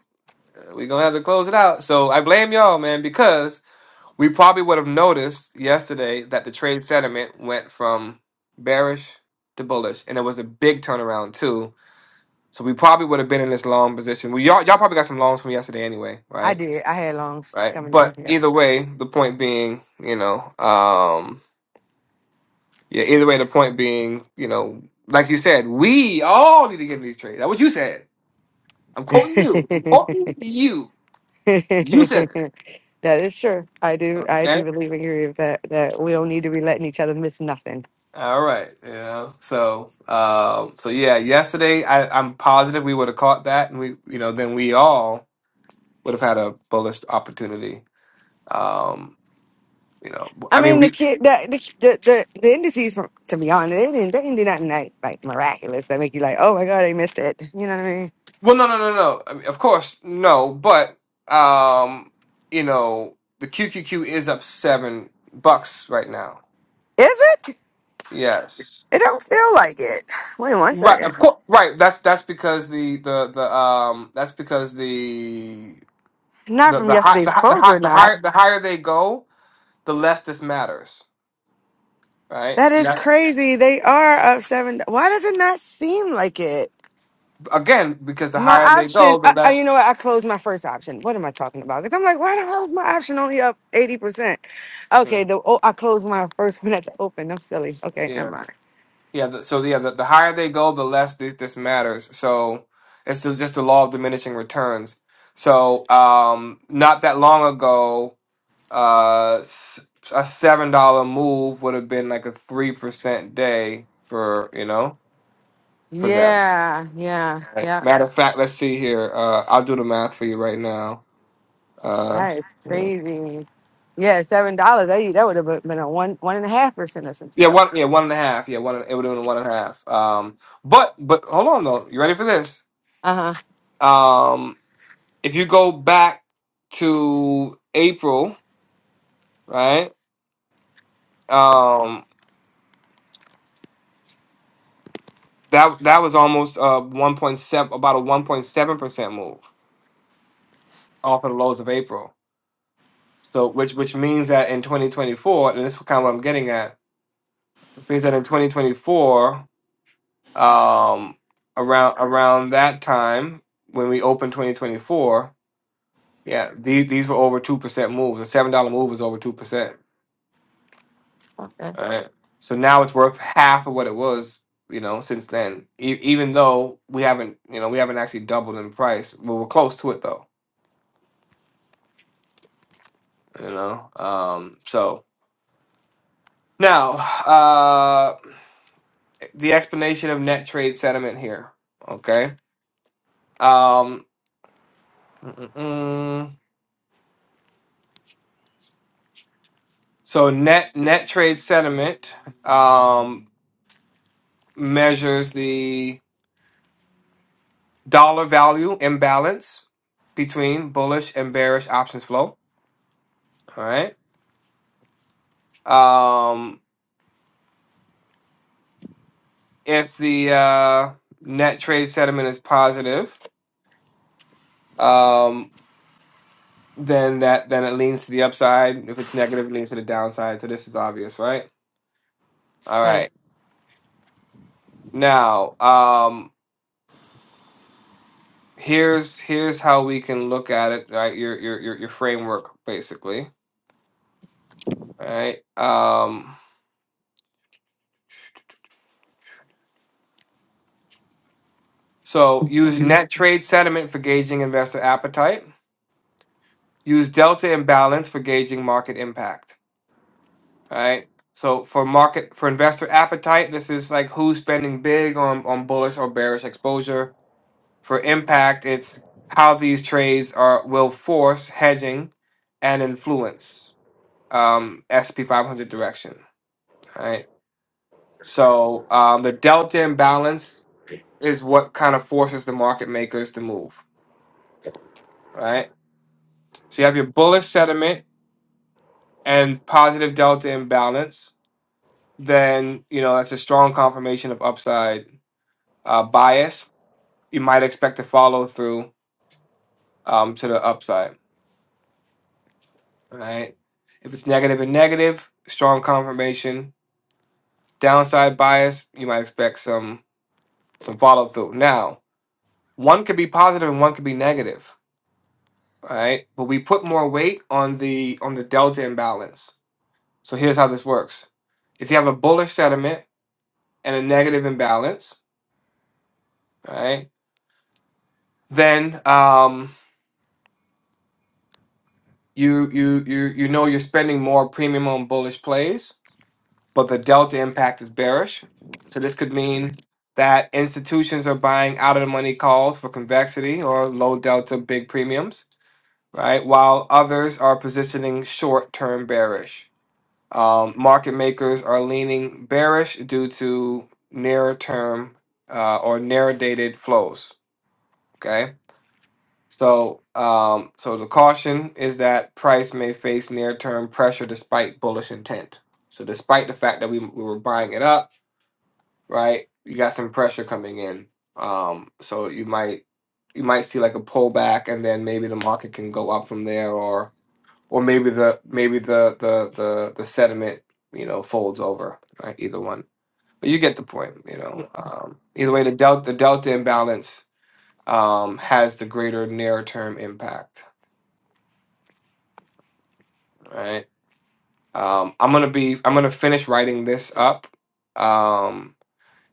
Speaker 1: we gonna have to close it out. So I blame y'all, man, because we probably would have noticed yesterday that the trade sentiment went from bearish to bullish, and it was a big turnaround too. So we probably would have been in this long position. Well, y'all, y'all probably got some longs from yesterday anyway, right?
Speaker 3: I did. I had longs
Speaker 1: right?
Speaker 3: coming down
Speaker 1: But
Speaker 3: here.
Speaker 1: either way, the point being, you know, um, yeah, either way, the point being, you know, like you said, we all need to get in these trades. That's what you said. I'm quoting you. I'm quoting you. You said it.
Speaker 3: that is true. I do. I
Speaker 1: Okay.
Speaker 3: do believe and agree with that. That we don't need to be letting each other miss nothing.
Speaker 1: All right. You know, so, um, so yeah, yesterday I, I'm positive we would have caught that and we, you know, then we all would have had a bullish opportunity. Um, you know,
Speaker 3: I
Speaker 1: I mean,
Speaker 3: mean,
Speaker 1: we
Speaker 3: the kid, the the the, the, the indices. From, to be honest, they didn't they didn't do nothing like like miraculous that make you like, oh my god, they missed it. You know what I mean?
Speaker 1: Well, no, no, no, no. I mean, of course, no. But um, you know, the QQQ is up seven bucks right now.
Speaker 3: Is it?
Speaker 1: Yes.
Speaker 3: It don't feel like it. Wait one
Speaker 1: Right.
Speaker 3: second.
Speaker 1: Of course. Right. That's that's because the the the um that's because the
Speaker 3: Not
Speaker 1: the
Speaker 3: from
Speaker 1: the high, the
Speaker 3: yesterday's
Speaker 1: high, the,
Speaker 3: clothes,
Speaker 1: high,
Speaker 3: we're
Speaker 1: the
Speaker 3: not.
Speaker 1: higher the higher they go, the less this matters. Right.
Speaker 3: That
Speaker 1: And
Speaker 3: is
Speaker 1: that's
Speaker 3: crazy. They are up seven. Why does it not seem like it?
Speaker 1: again because the
Speaker 3: My
Speaker 1: higher they
Speaker 3: option,
Speaker 1: go, the
Speaker 3: uh, uh, you know
Speaker 1: less.
Speaker 3: what? I closed my first option. What am I talking about? Because I'm like, why the hell is my option only up 80%?
Speaker 1: Yeah.
Speaker 3: Okay, the oh, I closed my first one that's open. I'm silly. Okay,
Speaker 1: Yeah.
Speaker 3: never mind.
Speaker 1: Yeah, the, so yeah, the, the higher they go, the less this this matters. So it's the, just the law of diminishing returns. So um, not that long ago, uh, s- a seven dollar move would have been like a three percent day for you know for them.
Speaker 3: Yeah, yeah,
Speaker 1: Right?
Speaker 3: yeah.
Speaker 1: Matter of fact, let's see here. Uh, I'll do the math for you right now. Uh,
Speaker 3: That is crazy. Yeah, seven dollars. That that would have been a one one and a half percent or some
Speaker 1: yeah,
Speaker 3: stuff.
Speaker 1: one yeah one and a half. Yeah, one it would have been one and a half. Um, but but hold on though. You ready for this?
Speaker 3: Uh
Speaker 1: Um, if you go back to April, right? Um, that that was almost uh one point seven, about a one point seven percent move off of the lows of April. So, which which means that in 2024, and this is kind of what I'm getting at, it means that in 2024, um, around around that time when we opened 2024, yeah, these these were over two percent moves. A seven dollar move was over two percent.
Speaker 3: huh. Okay.
Speaker 1: All right. So now it's worth half of what it was, you know, since then. E- even though we haven't, you know, we haven't actually doubled in price. Well, we're close to it though, you know. Um, so now, uh, the explanation of net trade sentiment here. Okay. Um, mm, mm, mm. so net net trade sentiment um, measures the dollar value imbalance between bullish and bearish options flow. All right. Um, If the uh, net trade sentiment is positive, um, then that then it leans to the upside. If it's negative, it leans to the downside. So this is obvious, right? All
Speaker 3: All right.
Speaker 1: right. Now, um, here's here's how we can look at it. Right, your your your, your framework basically. All right. Um, so use net trade sentiment for gauging investor appetite. Use delta imbalance for gauging market impact. All right. So for market for investor appetite, this is like who's spending big on on bullish or bearish exposure. For impact, it's how these trades are will force hedging and influence um, SP 500 direction. All right. So um, the delta imbalance is what kind of forces the market makers to move. Right. So you have your bullish sentiment and positive delta imbalance. Then you know that's a strong confirmation of upside uh, bias, you might expect to follow through um, to the upside. All right. If it's negative and negative, strong confirmation. Downside bias, you might expect some some follow through. Now, one could be positive and one could be negative. All right. But we put more weight on the on the delta imbalance. So here's how this works. If you have a bullish sentiment and a negative imbalance, all right, then um, you you you you know you're spending more premium on bullish plays but the delta impact is bearish. So this could mean that institutions are buying out of the money calls for convexity or low delta big premiums, right? While others are positioning short term bearish. Um, market makers are leaning bearish due to nearer term uh, or narrow dated flows. Okay. So, um, so the caution is that price may face near term pressure despite bullish intent. So, despite the fact that we, we were buying it up, right? You got some pressure coming in. Um, so you might you might see like a pullback and then maybe the market can go up from there or or maybe the maybe the the the, the sediment, you know, folds over, right? Either one. But you get the point, you know. Um,
Speaker 3: I
Speaker 1: either way the delta the delta imbalance um has the greater near term impact, right? Um, I'm gonna be I'm gonna finish writing this up. Um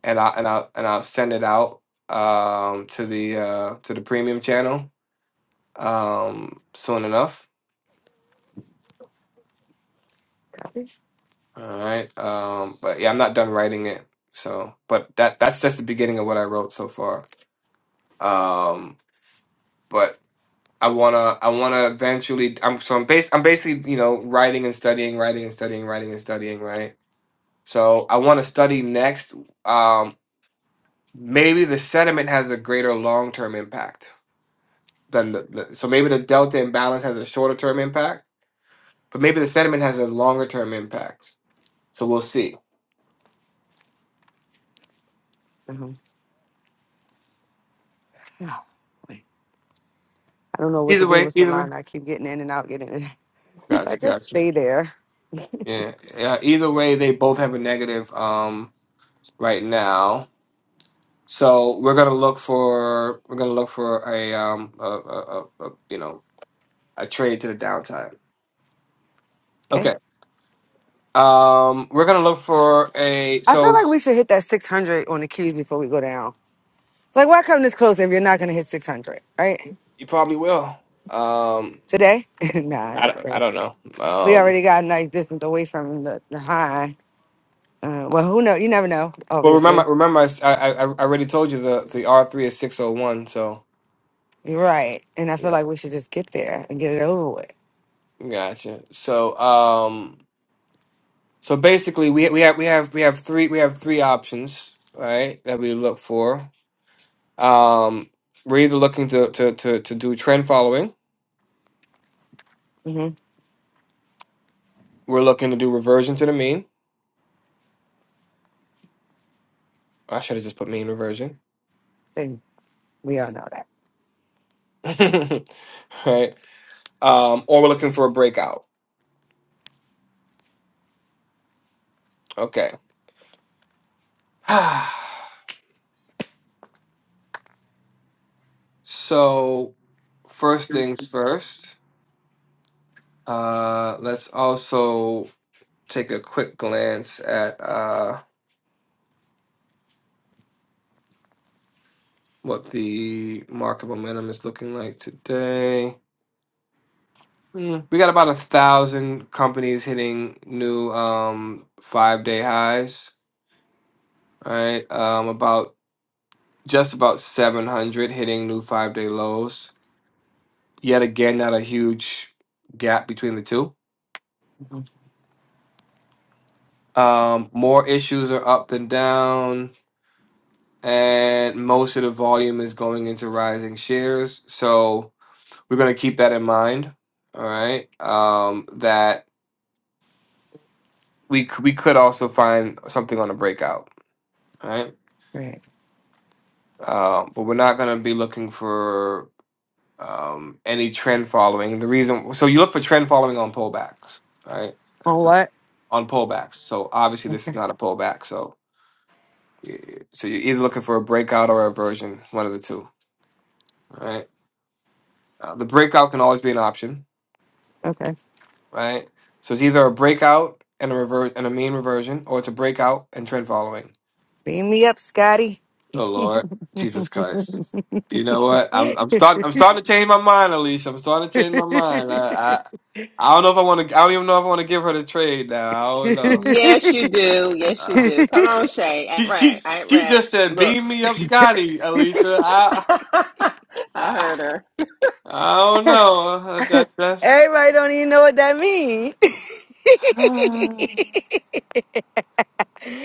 Speaker 1: and I and I and I'll send it out um to the uh to the premium channel um soon enough.
Speaker 3: did.
Speaker 1: All right. Um but yeah, I'm not done writing it. So, but that that's just the beginning of what I wrote so far. Um but I want to I want to eventually I'm so I'm bas- I'm basically, you know, writing and studying, writing and studying, writing and studying, right? So, I want to study next um maybe the sediment has a greater long-term impact than the, the so maybe the delta imbalance has a shorter term impact, but maybe the sediment has a longer term impact. So we'll see.
Speaker 3: Uh-huh. I don't know what to
Speaker 1: Either
Speaker 3: do
Speaker 1: way,
Speaker 3: with the
Speaker 1: either way.
Speaker 3: line. I keep getting in and out, getting in. I
Speaker 1: Gotcha,
Speaker 3: just
Speaker 1: gotcha.
Speaker 3: stay there.
Speaker 1: Yeah, yeah. Either way, they both have a negative um right now. So we're gonna look for we're gonna look for a um a, a, a, a you know a trade to the downside.
Speaker 3: Okay.
Speaker 1: Okay. Um, we're gonna look for a.
Speaker 3: I feel
Speaker 1: So
Speaker 3: like we should hit that 600 on the cues before we go down. It's like, why come this close if you're not going to hit 600, right?
Speaker 1: you probably will. Um,
Speaker 3: Today? nah,
Speaker 1: I
Speaker 3: not
Speaker 1: don't, I
Speaker 3: today.
Speaker 1: don't know.
Speaker 3: We
Speaker 1: Um,
Speaker 3: already got a nice distance away from the, the high. Uh, well, who knows? You never know,
Speaker 1: Well, remember,
Speaker 3: obviously.
Speaker 1: remember, I, s- I, I- I already told you the the R three is six oh one. So
Speaker 3: You're right. And I feel
Speaker 1: yeah,
Speaker 3: like we should just get there and get it over with.
Speaker 1: gotcha. So um, so basically, we we have we have we have three we have three options, right? That we look for. Um, we're either looking to to to to do trend following.
Speaker 3: Mm-hmm.
Speaker 1: We're looking to do reversion to the mean. I should have just put mean reversion,
Speaker 3: And we all know that.
Speaker 1: right? Um, or we're looking for a breakout. Okay. so first things first. Uh, let's also take a quick glance at uh, what the market momentum is looking like today. Mm, We got about a thousand companies hitting new um, five day highs, right? Um, about just about 700 hitting new five day lows. Yet again, not a huge gap between the two. Um, more issues are up than down and most of the volume is going into rising shares. So we're going to keep that in mind. All right. Um, that we c- we could also find something on a breakout. All right.
Speaker 3: Right.
Speaker 1: Uh, but we're not going to be looking for um, any trend following. The reason so you look for trend following on pullbacks. All right. Uh,
Speaker 3: On
Speaker 1: So
Speaker 3: what?
Speaker 1: on pullbacks. So obviously this is
Speaker 3: Okay.
Speaker 1: not a pullback. So y- so you're either looking for a breakout or a version, one of the two. All right. Uh, the breakout can always be an option
Speaker 3: Okay.
Speaker 1: right? So it's either a breakout and a reverse and a mean reversion, or it's a breakout and trend following.
Speaker 3: Beam me up, Scotty.
Speaker 1: Oh Lord, Jesus Christ! You know what? I'm
Speaker 3: Everybody
Speaker 1: I'm starting I'm starting to change my mind, Alicia. I'm starting to change my mind. I I, I don't know if I want to. I don't even know if I want to give her the trade now. I don't know.
Speaker 5: yes, you do. Yes, you
Speaker 1: Uh,
Speaker 5: do. Come on, Shay. I
Speaker 1: she
Speaker 5: ain't
Speaker 1: she
Speaker 5: right. I ain't
Speaker 1: she
Speaker 5: right.
Speaker 1: just said,
Speaker 5: Look,
Speaker 1: "Beam me up, Scotty, Alicia." I
Speaker 5: I
Speaker 1: I,
Speaker 5: heard her.
Speaker 1: I don't know. That that's.
Speaker 3: don't even know what that means.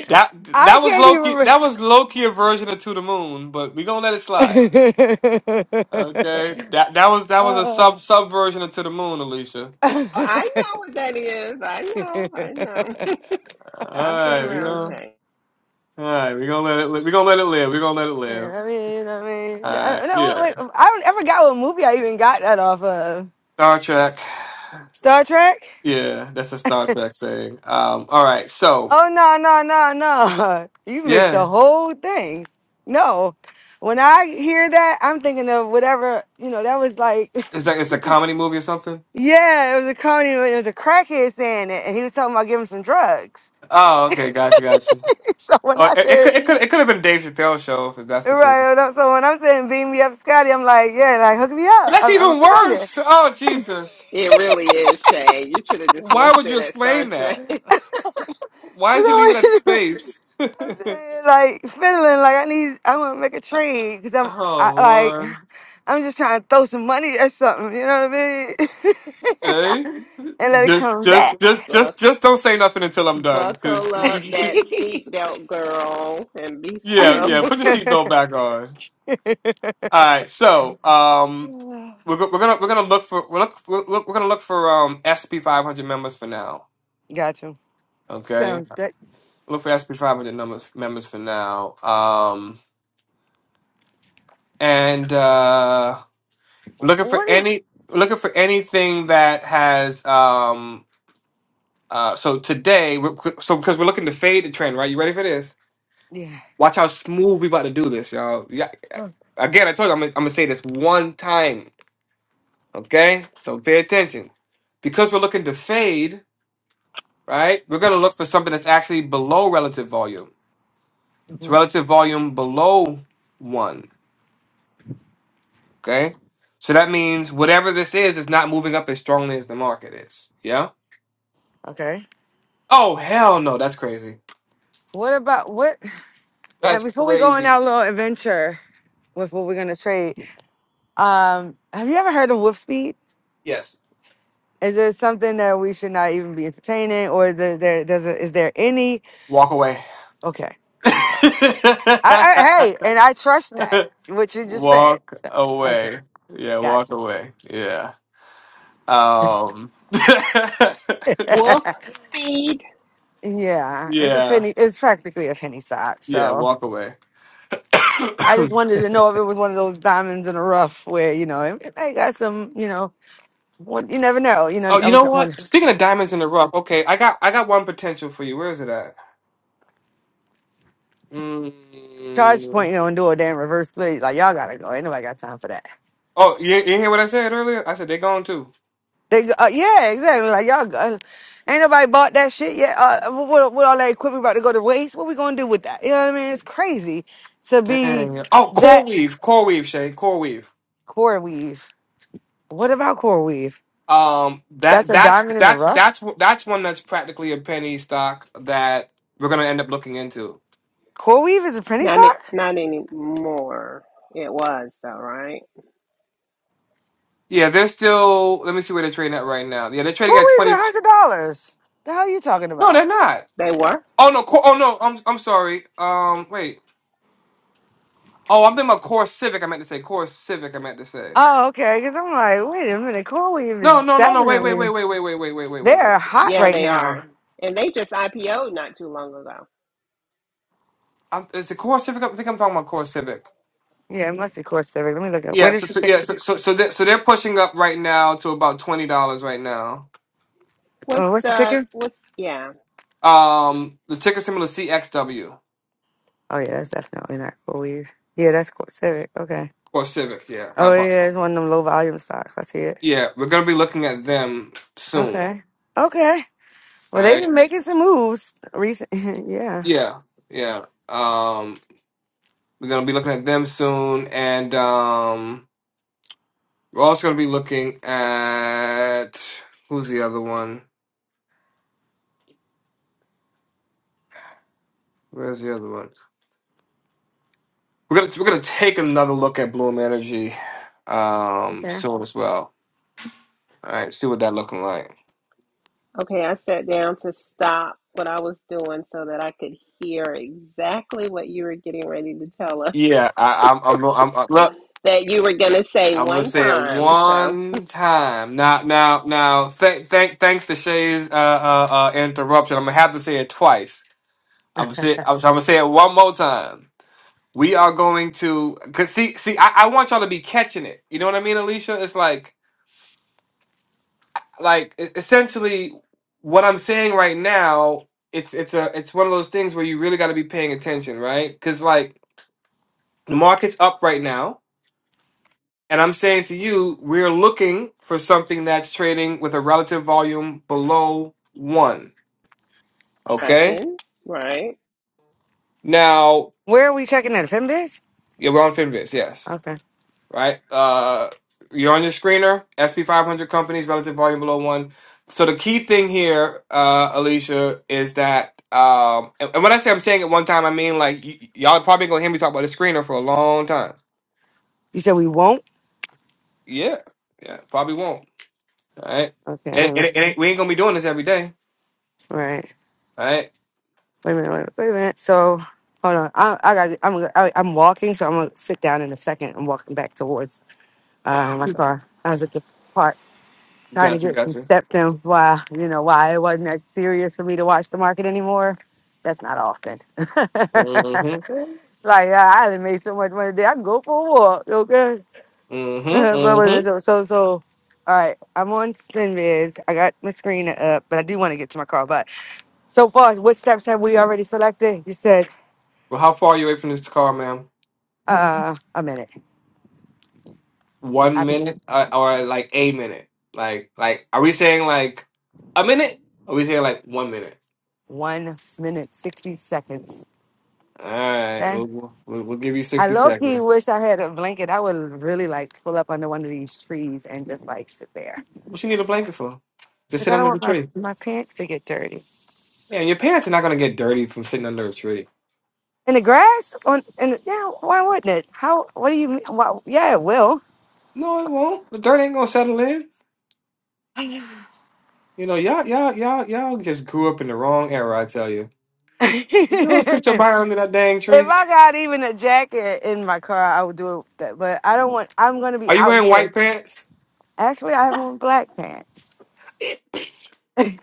Speaker 1: That
Speaker 3: I
Speaker 1: that was
Speaker 3: can't even.
Speaker 1: Loki. That
Speaker 3: Re-
Speaker 1: was Loki a version of To the Moon, but we gonna let it slide. Okay. That that was that was a sub sub version of To the Moon, Alicia.
Speaker 5: Oh, I know what that is. I know. I know.
Speaker 1: All
Speaker 5: I've been
Speaker 1: right, we
Speaker 5: around
Speaker 1: gonna
Speaker 5: Shay.
Speaker 1: all right. We gonna let it. Li- we gonna let it live. We gonna let it
Speaker 3: Yeah,
Speaker 1: live.
Speaker 3: I mean, I mean,
Speaker 1: All right.
Speaker 3: no, no,
Speaker 1: Yeah.
Speaker 3: wait, I don't ever got what movie I even got that off of.
Speaker 1: Star Trek.
Speaker 3: Star Trek?
Speaker 1: Yeah, that's a Star Trek thing. Um. All right. So
Speaker 3: Oh no, no, no, no. You missed
Speaker 1: yeah,
Speaker 3: the whole thing. No. When I hear that, I'm thinking of whatever, you know, that was like
Speaker 1: is that it's a comedy movie or something?
Speaker 3: yeah, it was a comedy when it was a crackhead saying it and he was talking about giving some drugs.
Speaker 1: Oh, okay. Gotcha. Gotcha.
Speaker 3: so when
Speaker 1: Oh,
Speaker 3: I
Speaker 1: it, it
Speaker 3: said
Speaker 1: could it could it could have been Dave Chappelle show if that's the
Speaker 3: right,
Speaker 1: case.
Speaker 3: when I'm- so when I'm saying beam me up Scotty, I'm like, yeah, like hook me
Speaker 1: But
Speaker 3: up.
Speaker 1: that's
Speaker 3: I'm I'm
Speaker 1: even
Speaker 3: seeing it.
Speaker 1: worse. Oh Jesus.
Speaker 5: It really is Shay. You should have just
Speaker 1: Why
Speaker 5: left
Speaker 1: would you
Speaker 5: it at Star
Speaker 1: explain
Speaker 5: Trek.
Speaker 1: that? Why did you leave it at
Speaker 3: It's always-
Speaker 1: space?
Speaker 3: I'm saying like fiddling, like I need I wanna make a trade because I'm
Speaker 1: oh
Speaker 3: I, like
Speaker 1: Lord,
Speaker 3: I'm just trying to throw some money at something, you know what I
Speaker 1: Jay,
Speaker 3: mean? and let it
Speaker 1: just,
Speaker 3: come
Speaker 1: just,
Speaker 3: back.
Speaker 1: just,
Speaker 5: Buck,
Speaker 1: just, just don't say nothing until I'm done, because
Speaker 5: buckle up
Speaker 1: you, you-
Speaker 5: that seatbelt, girl, and be
Speaker 1: yeah,
Speaker 5: still.
Speaker 1: yeah. Put your seatbelt back on. All right, so um, we're go- we're gonna we're gonna look for we're look we're, look- we're gonna look for um SP 500 members for now.
Speaker 3: Got you.
Speaker 1: Okay,
Speaker 3: Sounds good.
Speaker 1: look for SP 500 numbers members for now. Um, and uh. looking for
Speaker 3: What is
Speaker 1: any looking for anything that has um uh so today we're, so because we're looking to fade the trend right you ready for this
Speaker 3: yeah.
Speaker 1: watch how smooth we about to do this y'all yeah again i told you i'm gonna, I'm gonna say this one time okay so pay attention because we're looking to fade right we're gonna look for something that's actually below relative volume so
Speaker 3: Mhm.
Speaker 1: relative volume below one okay so that means whatever this is is not moving up as strongly as the market is yeah
Speaker 3: Okay.
Speaker 1: Oh hell no, that's crazy.
Speaker 3: What about what and
Speaker 1: That's
Speaker 3: before we go on
Speaker 1: crazy.
Speaker 3: our little adventure with what we're gonna trade, um, have you ever heard of Wolf Speed?
Speaker 1: Yes.
Speaker 3: Is there something that we should not even be entertaining or is there, there does it, is there any
Speaker 1: Walk away.
Speaker 3: okay. I, I hey, and I trust that what you just said.
Speaker 1: walk
Speaker 3: So, okay,
Speaker 1: away. Yeah, walk
Speaker 3: gotcha.
Speaker 1: away. Yeah. Um
Speaker 5: Wolf speed.
Speaker 3: yeah, it's a
Speaker 1: Yeah.
Speaker 3: penny. It's practically a penny stock.
Speaker 1: Yeah,
Speaker 3: So
Speaker 1: walk away.
Speaker 3: I
Speaker 1: oh,
Speaker 3: just wanted to know if it was one of those diamonds in the rough where you know it, it may got some. You know, one, you never know. You know, I
Speaker 1: you
Speaker 3: was
Speaker 1: know
Speaker 3: at one
Speaker 1: what? Speaking of diamonds in the rough, okay, I got I got one potential for you. Where is it at?
Speaker 3: charge
Speaker 1: Mm.
Speaker 3: point. You know, and do a damn reverse split. Like y'all gotta go. Ain't nobody got time for that.
Speaker 1: Oh, you, you hear what I said earlier? I said they're going too.
Speaker 3: They go, uh, yeah, exactly. Like y'all, go, ain't nobody bought that shit yet. Uh, uh, what, what all that equipment about to go to waste? What we gonna do with that? You know what I mean? It's crazy to be
Speaker 1: Dang. Oh, core
Speaker 3: that
Speaker 1: weave, core weave, Shay, core weave.
Speaker 3: Core weave. What about core weave?
Speaker 1: Um,
Speaker 3: That's
Speaker 1: that
Speaker 3: a
Speaker 1: that's
Speaker 3: diamond in the
Speaker 1: that's
Speaker 3: rough.
Speaker 1: that's wh- that's one that's practically a penny stock that we're gonna end up looking into.
Speaker 3: Core weave is a penny
Speaker 5: Not it.
Speaker 3: stock.
Speaker 5: Not anymore. It was though, right?
Speaker 1: Yeah, they're still. Let me see where they're trading at right now. Yeah, they're trading
Speaker 3: Core
Speaker 1: at
Speaker 3: weave's
Speaker 1: twenty.
Speaker 3: a hundred dollars. The hell you talking
Speaker 1: No,
Speaker 3: about?
Speaker 1: they're not.
Speaker 5: They were.
Speaker 1: Oh no. Cor- oh no. I'm I'm sorry. Um, wait. Oh, I'm thinking about Core Civic. I meant to say Core Civic. I meant to say.
Speaker 3: Oh, okay. Because I'm like, wait a minute. Core weave is
Speaker 1: No, no, no, no. Wait, wait, wait,
Speaker 3: definitely
Speaker 1: wait, wait, wait, wait, wait, wait, wait, wait. wait.
Speaker 3: they're hot
Speaker 5: Yeah,
Speaker 3: right
Speaker 5: they
Speaker 3: now.
Speaker 5: are. And they just IPO'd not too long ago.
Speaker 1: I'm, is the Core Civic? up? I think I'm talking about Core Civic.
Speaker 3: Yeah, it must be core civic. Let me look up.
Speaker 1: Yeah.
Speaker 3: What
Speaker 1: So,
Speaker 3: is the
Speaker 1: so yeah.
Speaker 3: ticker?
Speaker 1: So so so they're, so they're pushing up right now to about twenty dollars right now.
Speaker 3: Oh,
Speaker 5: What's
Speaker 3: what's the
Speaker 5: the
Speaker 3: ticker?
Speaker 5: what's? Yeah.
Speaker 1: Um, the ticker symbol is CXW
Speaker 3: Oh yeah, that's definitely not core weave. Yeah, that's core civic. Okay.
Speaker 1: or Civic. Yeah, my
Speaker 3: Oh
Speaker 1: apologies.
Speaker 3: yeah, it's one of them low volume stocks. I see it.
Speaker 1: Yeah, we're gonna be looking at them soon.
Speaker 3: Okay. Okay.
Speaker 1: All
Speaker 3: Well, they've
Speaker 1: right.
Speaker 3: been making some moves recent. yeah.
Speaker 1: Yeah, yeah. Um, we're gonna be looking at them soon, and um, we're also gonna be looking at who's the other one? Where's the other one? We're gonna we're gonna take another look at Bloom Energy, um,
Speaker 3: Okay.
Speaker 1: soon as well. All right, see what that looking like.
Speaker 5: Okay, I sat down to stop what I was doing so that I could hear exactly what you were getting ready to tell us
Speaker 1: Yeah, I, I'm, I'm, I'm, i look.
Speaker 5: that you were going to say
Speaker 1: I'm gonna
Speaker 5: one
Speaker 1: say it
Speaker 5: time. So,
Speaker 1: one time. Now, now, now. Thank, thank, thanks to Shay's uh, uh, uh, interruption. I'm gonna have to say it twice. I'm gonna say, I'm, so I'm gonna say it one more time. We are going to, cause see, see, I, I want y'all to be catching it. You know what I mean, Alicia? It's like, like e- essentially what I'm saying right now. It's, it's a, it's one of those things where you really got to be paying attention, right? Cause like the market's up right now And I'm saying to you, we're looking for something that's trading with a relative volume below one. Okay.
Speaker 5: tracking, right?
Speaker 1: Now,
Speaker 3: Where are we checking at? Finbiz?
Speaker 1: yeah, we're on Finviz, yes.
Speaker 3: Okay.
Speaker 1: Right. Uh, you're on your screener, SP 500 companies, relative volume below one. So the key thing here, uh, Alicia, is that, um, and, and when I say I'm saying it one time, I mean like y- y'all probably gonna hear me talk about the screener for a long time.
Speaker 3: You said we won't?
Speaker 1: Yeah. Yeah. Probably won't. All right.
Speaker 3: Okay, wait
Speaker 1: And,
Speaker 3: a
Speaker 1: and,
Speaker 3: minute.
Speaker 1: it- and
Speaker 3: Mhm.
Speaker 1: it- we ain't gonna be doing this every day.
Speaker 3: Right.
Speaker 1: All right.
Speaker 3: Wait a minute, wait, a minute, wait a minute. So, hold on. I, I got, I'm, gonna- I, I'm walking, so I'm going to sit down in a second. I'm walking back towards uh, my car. I was at the park trying to
Speaker 1: Gotcha.
Speaker 3: get some
Speaker 1: Gotcha.
Speaker 3: steps in why, you know, why it wasn't that serious for me to watch the market anymore. That's not often. like,
Speaker 1: Mm-hmm.
Speaker 3: I I haven't made so much money today. I can go for a walk, okay?
Speaker 1: Mm-hmm.
Speaker 3: Uh, but wait, wait,
Speaker 1: Mm-hmm.
Speaker 3: so, so, so, all right, I'm on SpinViz. I got my screen up, but I do want to get to my car. But so far, what steps have we already selected? You said
Speaker 1: Well, how far are you away from this car, ma'am?
Speaker 3: uh, a minute, I,
Speaker 1: One minute, uh, or like a minute? Like, like, are we saying like a minute? Are we saying like one minute?
Speaker 3: one minute, 60 seconds.
Speaker 1: All right,
Speaker 3: Okay.
Speaker 1: we'll, we'll, we'll give you
Speaker 3: I
Speaker 1: sixty
Speaker 3: low key
Speaker 1: seconds.
Speaker 3: wish I had a blanket. I would really like pull up under one of these trees and just like sit there
Speaker 1: What you need a blanket for? Just
Speaker 3: because
Speaker 1: sit
Speaker 3: I don't
Speaker 1: under the
Speaker 3: want my,
Speaker 1: tree.
Speaker 3: my pants to get dirty.
Speaker 1: Yeah, and your pants are not gonna get dirty from sitting under a tree.
Speaker 3: In the grass? On, in the, yeah, why wouldn't it? How, what do you mean? Why, yeah, it will.
Speaker 1: No, it won't. The dirt ain't gonna settle in. You know, y'all, y'all, y'all, y'all just grew up in the wrong era. I tell you. You don't sit your butt under that dang
Speaker 3: If
Speaker 1: tree.
Speaker 3: I got even a jacket in my car, I would do it. That, but I don't want. I'm gonna be
Speaker 1: Are you
Speaker 3: out
Speaker 1: wearing
Speaker 3: here.
Speaker 1: white pants?
Speaker 3: Actually, I have on black pants.
Speaker 1: I,
Speaker 3: yeah,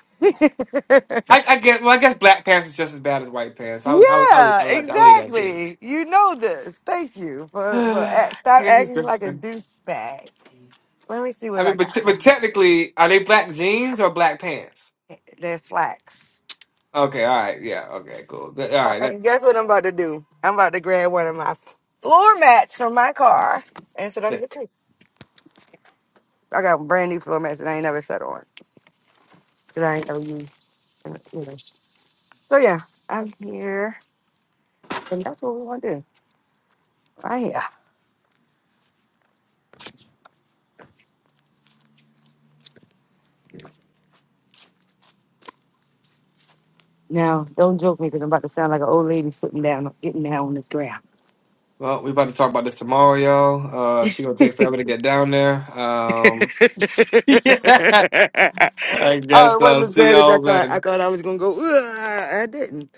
Speaker 1: I guess. Well, I guess black pants is just as bad as white pants. I'll I'll I'll, leave- I'll, let- I'll leave that be.
Speaker 3: exactly. You know this. Thank you for for
Speaker 1: yeah,
Speaker 3: act, stop
Speaker 1: it's just
Speaker 3: acting
Speaker 1: as
Speaker 3: like a
Speaker 1: bad.
Speaker 3: douchebag. Let me see
Speaker 1: I
Speaker 3: what I
Speaker 1: mean, but te-
Speaker 3: got. let
Speaker 1: but
Speaker 3: First.
Speaker 1: technically, are they black jeans or black pants?
Speaker 3: They're flax.
Speaker 1: Okay, all right, yeah, okay, cool. Th- all
Speaker 3: Uh,
Speaker 1: right, that,
Speaker 3: and guess what I'm about to do? I'm about to grab one of my floor mats from my car. And so I'm
Speaker 1: that-
Speaker 3: okay. I got brand new floor mats that I ain't never set on. That I ain't never used. So yeah, I'm here, and that's what we want to do. Right here. Now, don't joke me because I'm about to sound like an old lady sitting down, getting down on this ground.
Speaker 1: well, we about to talk about this tomorrow, y'all. Uh, she gonna take forever to get down there. Um, yeah, I
Speaker 3: Oh, it
Speaker 1: guess I'll
Speaker 3: wasn't as
Speaker 1: see
Speaker 3: bad as I
Speaker 1: y'all
Speaker 3: thought. I
Speaker 1: then.
Speaker 3: thought I was gonna go. "Ugh," I didn't.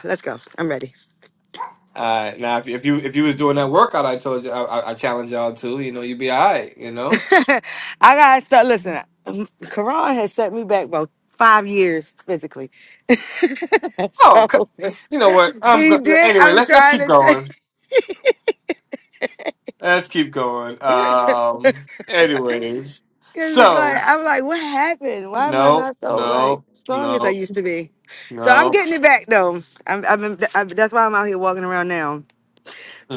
Speaker 3: Let's go. I'm ready.
Speaker 1: All right, now if, if you if you was doing that workout, I told you, I, I, I challenge y'all to, you know, you'd be all right, you know.
Speaker 3: I gotta start. Listen, um, Quran has set me back about five years physically.
Speaker 1: Oh,
Speaker 3: so
Speaker 1: c- you know what? I'm
Speaker 3: we
Speaker 1: go-
Speaker 3: did.
Speaker 1: anyway.
Speaker 3: I'm
Speaker 1: Let's let's keep
Speaker 3: trying to.
Speaker 1: going. Let's keep going.
Speaker 3: Say.
Speaker 1: Um. Anyways,
Speaker 3: Cause it's like
Speaker 1: so
Speaker 3: I'm like, what happened? Why am I
Speaker 1: no,
Speaker 3: not so like
Speaker 1: no,
Speaker 3: strong as I
Speaker 1: no,
Speaker 3: used to be? So I'm
Speaker 1: no.
Speaker 3: getting it back though. I'm, I've been i that's why I'm out here walking around now.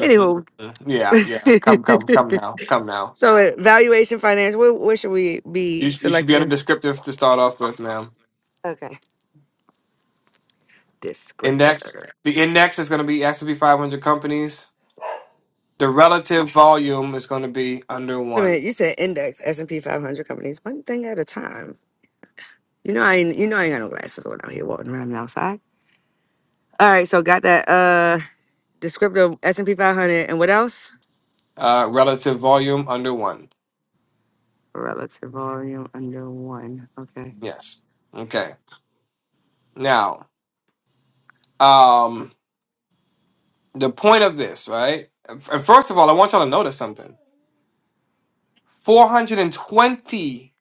Speaker 3: Anywho,
Speaker 1: Yeah, yeah. Come, come, come now. Come now.
Speaker 3: so uh, valuation finance. What, what should we be
Speaker 1: You sh- you should be on a
Speaker 3: selecting?
Speaker 1: descriptive to start off with, ma'am.
Speaker 3: Okay,
Speaker 1: Index.
Speaker 3: descriptor.
Speaker 1: The index is going to be S and P 500 companies. The relative volume is going to be under
Speaker 3: Wait a
Speaker 1: one.
Speaker 3: minute, you said index S and P 500 companies, one thing at a time. You know I ain't, you know I ain't got no glasses on out here walking around outside. All right, so got that uh descriptor S and P 500 and what else?
Speaker 1: Uh, relative volume under one.
Speaker 3: relative volume under one. Okay.
Speaker 1: Yes. Okay. Now. Um. the point of this, right? And first of all, I want y'all to notice something. 420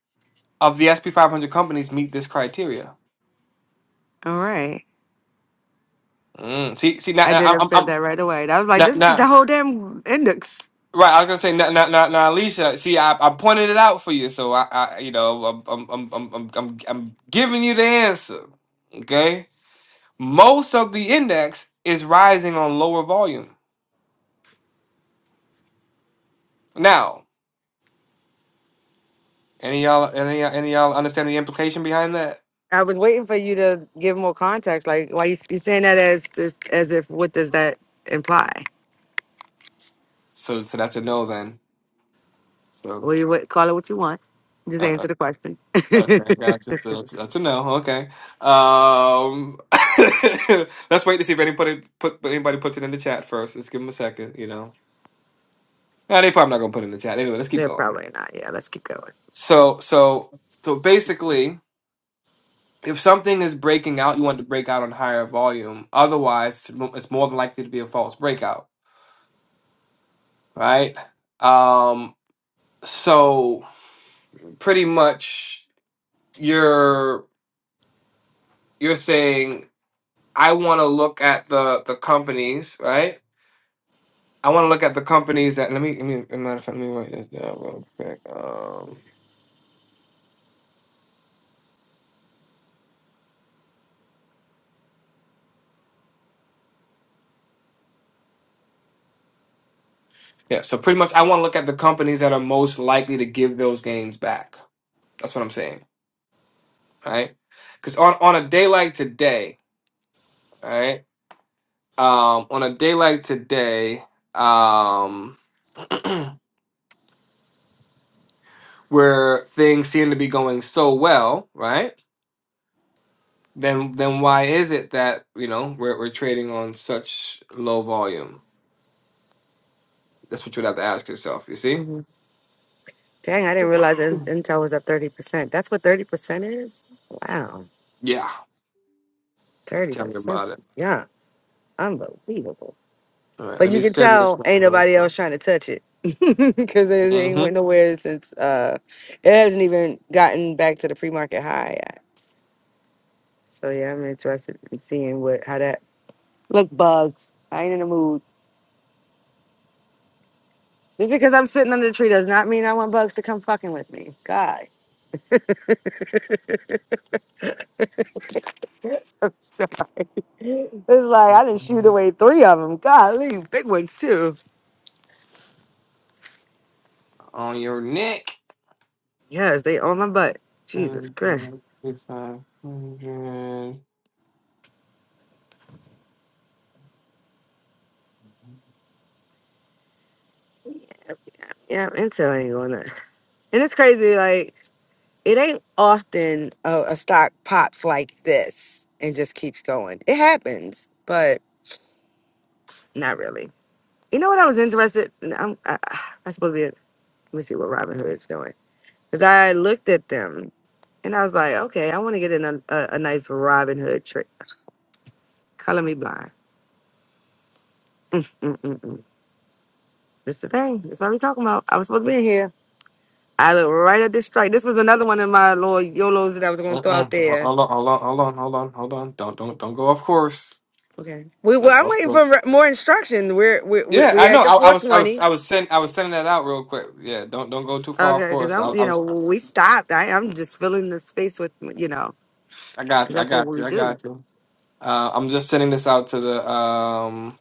Speaker 1: of the SP 500 companies meet this criteria.
Speaker 3: All right.
Speaker 1: Mm. See, see, now,
Speaker 3: I did
Speaker 1: now, I'm,
Speaker 3: observe
Speaker 1: I'm
Speaker 3: that right away. I was like,
Speaker 1: now,
Speaker 3: this is the
Speaker 1: now,
Speaker 3: whole damn index.
Speaker 1: right. I was gonna say, now, now, now, now Alicia. See, I, I pointed it out for you, so I, I you know, I'm, I'm, I'm, I'm, I'm, I'm I'm giving you the answer. Okay. Most of the index is rising on lower volume. Now, any y'all, any, y'all- any y'all understand the implication behind that?
Speaker 3: I was waiting for you to give more context. Like, why you you saying that as as as if what does that imply?
Speaker 1: So, so that's a no then. So.
Speaker 3: Well, you what, call it what you want. Just
Speaker 1: uh-uh.
Speaker 3: answer the question.
Speaker 1: Okay, gotcha. So that's, that's a no. Okay. Um, let's wait to see if anybody put anybody puts it in the chat first. Let's give them a second. You know, Nah, they probably not gonna put it in the chat anyway. Let's keep
Speaker 3: They're
Speaker 1: going.
Speaker 3: probably not. Yeah, let's keep going.
Speaker 1: So, so, so basically, if something is breaking out, you want it to break out on higher volume. Otherwise, it's mo- it's more than likely to be a false breakout, right? Um, so pretty much, you're you're saying I want to look at the the companies, right? I want to look at the companies that let me let me matter of fact, let me write this down real quick. Um, yeah, so pretty much I want to look at the companies that are most likely to give those gains back. That's what I'm saying, right? Because on on a day like today, right? Um, on a day like today, um, where things seem to be going so well, right? Then then why is it that you know we're we're trading on such low volume? That's what you would have to ask yourself. You see?
Speaker 3: hmm Dang, I didn't realize In- Intel was up thirty percent. That's what thirty percent is. Wow,
Speaker 1: Yeah.
Speaker 3: thirty
Speaker 1: Tell me
Speaker 3: percent.
Speaker 1: about it.
Speaker 3: Yeah, unbelievable.
Speaker 1: All right,
Speaker 3: But
Speaker 1: let
Speaker 3: you
Speaker 1: me
Speaker 3: can
Speaker 1: send this
Speaker 3: tell
Speaker 1: one
Speaker 3: ain't
Speaker 1: real
Speaker 3: nobody else
Speaker 1: quick.
Speaker 3: trying to touch it because it ain't
Speaker 1: hmm
Speaker 3: went nowhere since uh, it hasn't even gotten back to the pre market high yet. So yeah, I'm interested in seeing what how that look bugs. I ain't in the mood. Just because I'm sitting under the tree does not mean I want bugs to come fucking with me. God, I'm sorry. It's like I didn't shoot away three of them. God, leave big ones too.
Speaker 1: On your neck.
Speaker 3: Yes, they on my butt.
Speaker 1: Five
Speaker 3: Jesus Christ.
Speaker 1: hundred. hundred.
Speaker 3: Yeah, Intel ain't going there. And it's crazy, like. it ain't often a, a stock pops like this and just keeps going. It happens, but not really. You know what I was interested? and I'm I, I supposed to be. Let me see what Robin Hood is doing because I looked at them and I was like, okay, I want to get in a, a, a nice Robin Hood trick. Color me blind. Mm-mm-mm. It's the thing. That's what we talking about. I was supposed to be in here. I looked right at this strike. This was another one of my little yolos that I was going to throw
Speaker 1: Uh-uh.
Speaker 3: out there
Speaker 1: Hold on, hold on, hold on, hold on, hold on. Don't, don't, don't go off course.
Speaker 3: Okay. We well,
Speaker 1: Don't
Speaker 3: I'm
Speaker 1: go off
Speaker 3: waiting
Speaker 1: course.
Speaker 3: for re- more instruction. We're we we
Speaker 1: Yeah,
Speaker 3: we're
Speaker 1: I know.
Speaker 3: at the
Speaker 1: I, I was, I was,
Speaker 3: 420.
Speaker 1: I was sending, I was sending that out real quick. Yeah, don't, don't go too far off
Speaker 3: Okay, because
Speaker 1: course. I,
Speaker 3: I'm
Speaker 1: I
Speaker 3: you know
Speaker 1: was,
Speaker 3: we stopped. I I'm just filling the space with you know
Speaker 1: I got
Speaker 3: because
Speaker 1: you, I
Speaker 3: that's what
Speaker 1: got
Speaker 3: we
Speaker 1: you, I
Speaker 3: do.
Speaker 1: got you. Uh, I'm just sending this out to the. Um,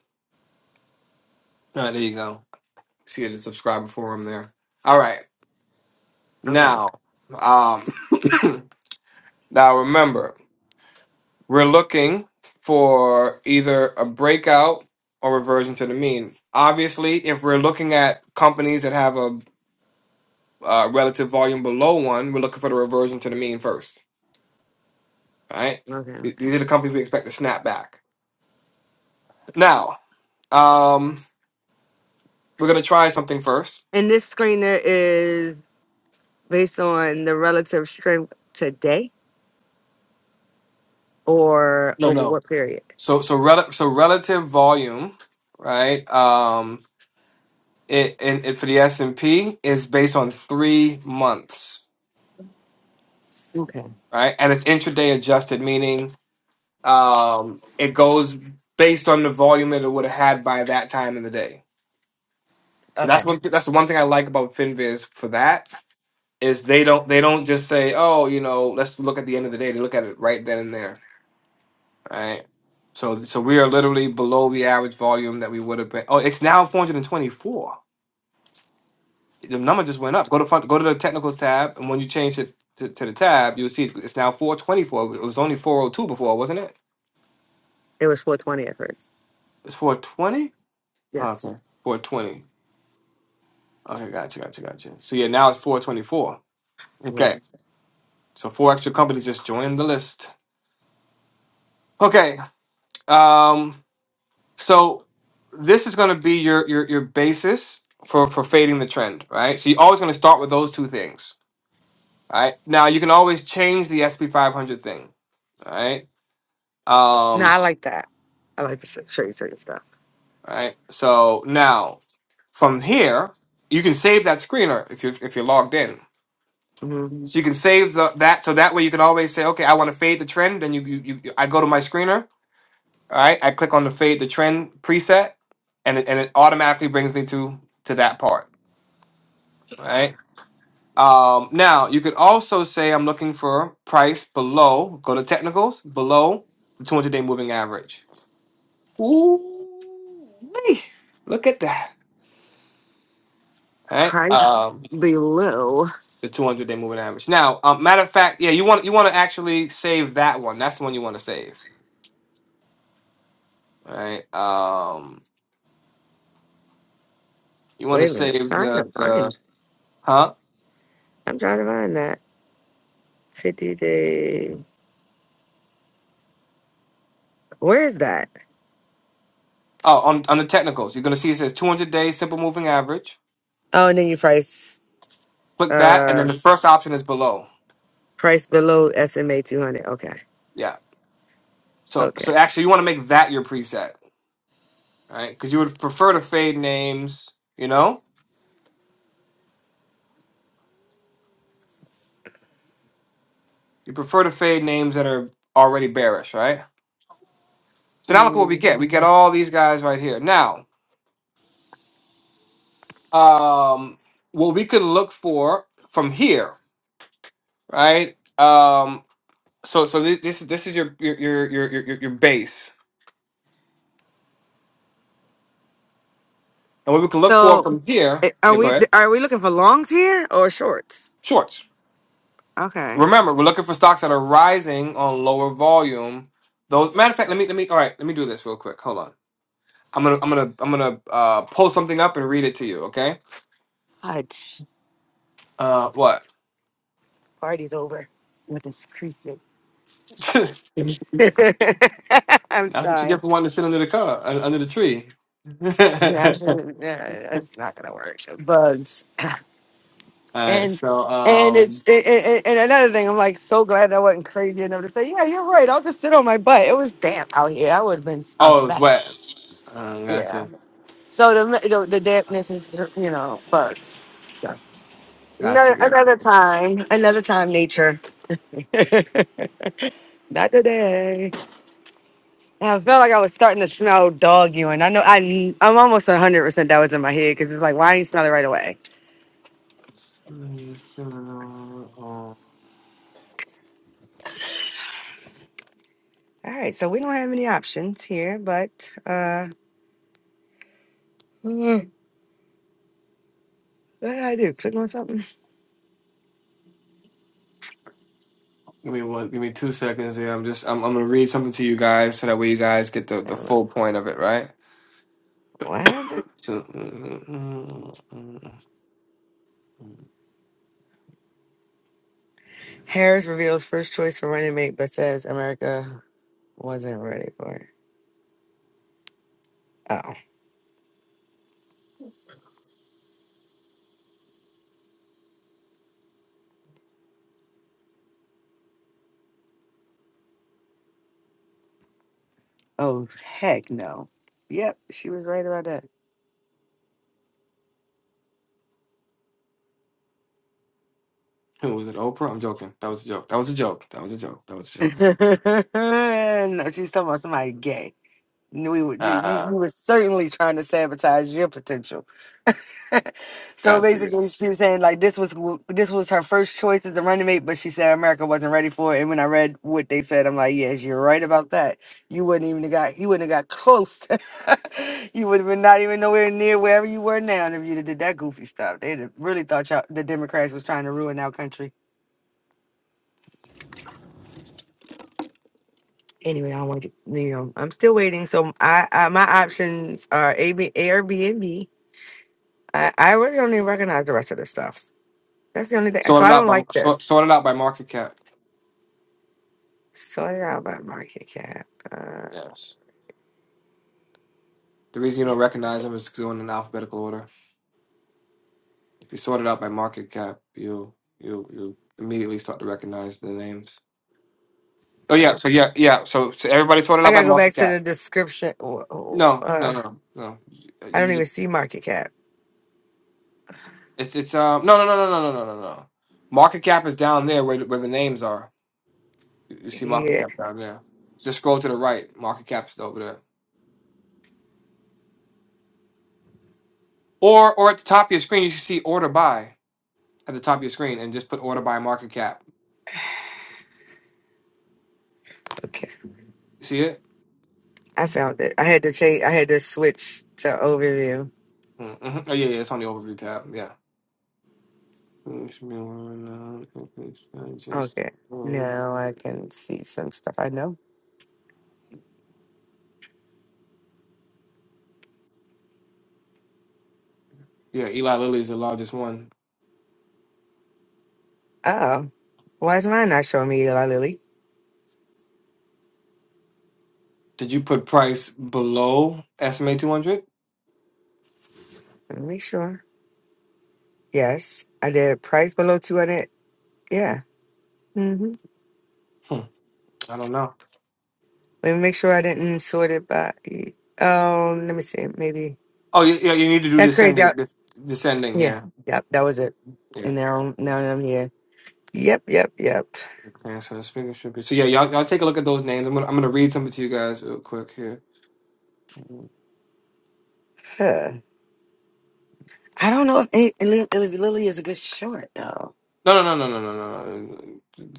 Speaker 1: all right, there you go. See the subscriber forum there. All right.
Speaker 3: Okay.
Speaker 1: Now, um, now remember, we're looking for either a breakout or reversion to the mean. Obviously, if we're looking at companies that have a, uh relative volume below one, we're looking for the reversion to the mean first. All right.
Speaker 3: Okay.
Speaker 1: These are the companies we expect to snap back. Now, um, we're gonna try something first.
Speaker 3: And this screener is based on the relative strength today or
Speaker 1: No,
Speaker 3: over
Speaker 1: no.
Speaker 3: what period?
Speaker 1: So, so, rel- so relative volume, right? Um, It and it, for the S and P is based on three months,
Speaker 3: Okay.
Speaker 1: right? And it's intraday adjusted, meaning um, it goes based on the volume that it would have had by that time in the day. So that's
Speaker 3: Okay.
Speaker 1: one. That's the one thing I like about Finviz for that is they don't they don't just say, oh, you know, let's look at the end of the day. They look at it right then and there, right? So so we are literally below the average volume that we would have been. Oh, it's now 424. the number just went up. Go to fun, go to the technicals tab, and when you change it to, to the tab, you'll see it's now 424. It was only 402 before, wasn't it?
Speaker 3: It was 420 at first.
Speaker 1: It's 420?
Speaker 3: Yes.
Speaker 1: okay. 420. Okay, gotcha, gotcha, gotcha. So yeah, now it's 424.
Speaker 3: Yeah.
Speaker 1: Okay. So four extra companies just joined the list. Okay. Um, so this is gonna be your your your basis for for fading the trend, right? So you're always gonna start with those two things. right? Now you can always change the SP 500 thing. All right.
Speaker 3: No,
Speaker 1: Um,
Speaker 3: I like that. I like to sh- show you certain stuff.
Speaker 1: right? So now from here, you can save that screener if you if you're logged in.
Speaker 3: hmm
Speaker 1: So you can save the, that so that way you can always say, okay, I want to fade the trend. Then you, you you you- I go to my screener, all right? I click on the fade the trend preset, and it, and it automatically brings me to to that part, all right? Um, now you could also say I'm looking for price below. Go to technicals below the 200 day moving average. Ooh, look at that! All right.
Speaker 3: Price
Speaker 1: Um,
Speaker 3: below.
Speaker 1: the 200 day moving average. Now, um, matter of fact, yeah, you want you want to actually save that one. That's the one you want to save, right? Um, you want to
Speaker 3: Wait a minute.
Speaker 1: save
Speaker 3: I'm trying to
Speaker 1: the
Speaker 3: find
Speaker 1: the huh?
Speaker 3: I'm trying to find that. 50 day. Where is that?
Speaker 1: Oh, on on the technicals, you're gonna see it says 200 day simple moving average.
Speaker 3: Oh, and then you price
Speaker 1: Click that, and then
Speaker 3: uh
Speaker 1: the first option is below.
Speaker 3: price below SMA 200. Okay.
Speaker 1: Yeah. So
Speaker 3: Okay.
Speaker 1: so actually, you want to make that your preset, right? Because you would prefer to fade names. You know, you prefer to fade names that are already bearish, right? So now look at what we
Speaker 3: Mm.
Speaker 1: get. We get all these guys right here now. um, what we could look for from here, right? Um, so so thi- this is this is your your your your your, your base, and what we can look for
Speaker 3: So
Speaker 1: from here.
Speaker 3: eh, are
Speaker 1: Yeah, go
Speaker 3: we
Speaker 1: ahead.
Speaker 3: are we looking for longs here or shorts?
Speaker 1: Shorts.
Speaker 3: Okay.
Speaker 1: Remember, we're looking for stocks that are rising on lower volume. Those matter of fact, let me let me all right, let me do this real quick. Hold on. I'm gonna I'm gonna I'm gonna uh, pull something up and read it to you. Okay.
Speaker 3: Fudge.
Speaker 1: Uh, what?
Speaker 3: Party's over with this creep. I'm
Speaker 1: That's what you get
Speaker 3: sorry.
Speaker 1: for wanting to sit under the car un- under the tree. all
Speaker 3: You actually, yeah, it's not gonna work. Bugs.
Speaker 1: right.
Speaker 3: And
Speaker 1: So
Speaker 3: and it's
Speaker 1: um.
Speaker 3: it, it, it- and another thing, I'm like so glad I wasn't crazy enough to say, yeah, you're right. I'll just sit on my butt. It was damp out here. I would have been a
Speaker 1: Oh, it was
Speaker 3: mess.
Speaker 1: wet. Uh,
Speaker 3: Yeah.
Speaker 1: gotcha.
Speaker 3: So the the, the dampness is you know bugs. So,
Speaker 1: Gotcha,
Speaker 3: Another,
Speaker 1: gotcha,
Speaker 3: another
Speaker 1: gotcha.
Speaker 3: time, another time, nature. Not today. I felt like I was starting to smell dog urine. I know I, I'm almost 100% that was in my head because it's like, why I ain't smell it right away?
Speaker 1: Yes, Uh,
Speaker 3: All right, so we don't have any options here, but uh, mm, what did I do? Click on something?
Speaker 1: Give me one, give me two seconds there. I'm just, I'm, I'm gonna read something to you guys so that way you guys get the, the full point of it, right?
Speaker 3: What happened?
Speaker 1: So, who
Speaker 3: Harris reveals first choice for running mate, but says America wasn't ready for it. Oh, oh, heck no. Yep, she was right about
Speaker 1: was it? Oprah? I'm joking. That was a joke. That was a joke. That was a joke. That was a joke.
Speaker 3: that. no, she was talking about somebody gay. We, were- you, you
Speaker 1: Ah,
Speaker 3: were certainly trying to sabotage your potential. so
Speaker 1: gotcha. gotcha.
Speaker 3: basically, she was saying like this was w- this was her first choice as a running mate, but she said America wasn't ready for it. And when I read what they said, I'm like, yes, you're right about that. You wouldn't even have got you wouldn't have got close. To, you would have been not even nowhere near wherever you were now. And if you did that goofy stuff, they'd have really thought y'all, the Democrats was trying to ruin our country. Anyway, I don't want to. get You know, I'm still waiting. So I, I my options are AB, Airbnb. I, I really don't even recognize the rest of this stuff. That's the only thing. So
Speaker 1: Sorted
Speaker 3: I
Speaker 1: out
Speaker 3: don't
Speaker 1: by,
Speaker 3: like
Speaker 1: sort,
Speaker 3: this.
Speaker 1: sorted out by market cap.
Speaker 3: Sorry about market cap. Uh,
Speaker 1: Yes. The reason you don't recognize them is 'cause they're in an alphabetical order. If you sort it out by market cap, you'll, you'll, you immediately start to recognize the names. Oh yeah, so
Speaker 3: okay.
Speaker 1: yeah, yeah. So, so everybody sorted
Speaker 3: I
Speaker 1: out by
Speaker 3: gotta go
Speaker 1: market
Speaker 3: back to
Speaker 1: cap.
Speaker 3: the description. Oh, oh,
Speaker 1: No,
Speaker 3: Uh,
Speaker 1: no, no, no.
Speaker 3: I don't
Speaker 1: You just
Speaker 3: even see market cap.
Speaker 1: it's it's um no no no no no no no no no. Market cap is down there where the- where the names are. You you see market
Speaker 3: Yeah.
Speaker 1: cap down there. Just scroll to the right. Market cap's over there. Or or at the top of your screen you should see order by at the top of your screen and just put order by market cap.
Speaker 3: Okay.
Speaker 1: You see it?
Speaker 3: I found it. I had to change. I had to switch to overview.
Speaker 1: Mm-hmm. Oh yeah, yeah. It's on the overview tab. Yeah.
Speaker 3: Okay. Now I can see some stuff I know.
Speaker 1: Yeah, Eli Lilly is the largest one.
Speaker 3: Oh, why is mine not showing me, Eli Lily?
Speaker 1: Did you put price below SMA 200?
Speaker 3: Let me make sure. Yes, I did. Price below two hundred. Yeah. hmm
Speaker 1: Hmm, I don't know.
Speaker 3: Let me make sure I didn't sort it by. Um, let me see. Maybe
Speaker 1: Oh, yeah, yeah, you need to do
Speaker 3: that's crazy.
Speaker 1: descending. des- Descending,
Speaker 3: Yeah.
Speaker 1: yeah.
Speaker 3: Yep. That was it.
Speaker 1: Yeah.
Speaker 3: And now, now
Speaker 1: Okay,
Speaker 3: I'm here. Yep. Yep. Yep.
Speaker 1: so the speaker should be. So, yeah, y'all, y'all take a look at those names. I'm going to I'm gonna read something to you guys real quick here. No,
Speaker 3: Huh. I don't know if, any- if Lily if Lily is a good short though.
Speaker 1: no, no, no, no, no, no.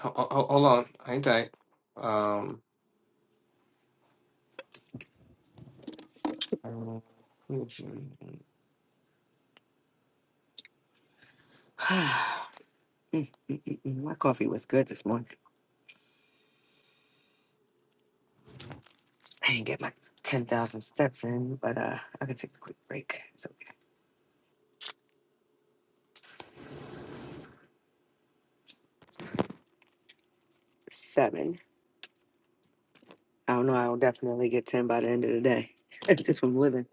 Speaker 1: Hold, hold on. Hang tight. Um,
Speaker 3: Mm, mm, mm, mm. my coffee was good this morning. I didn't get my ten thousand steps in, but uh, I can take a quick break. It's okay. Seven. I don't know. I will definitely get ten by the end of the day. Just from living.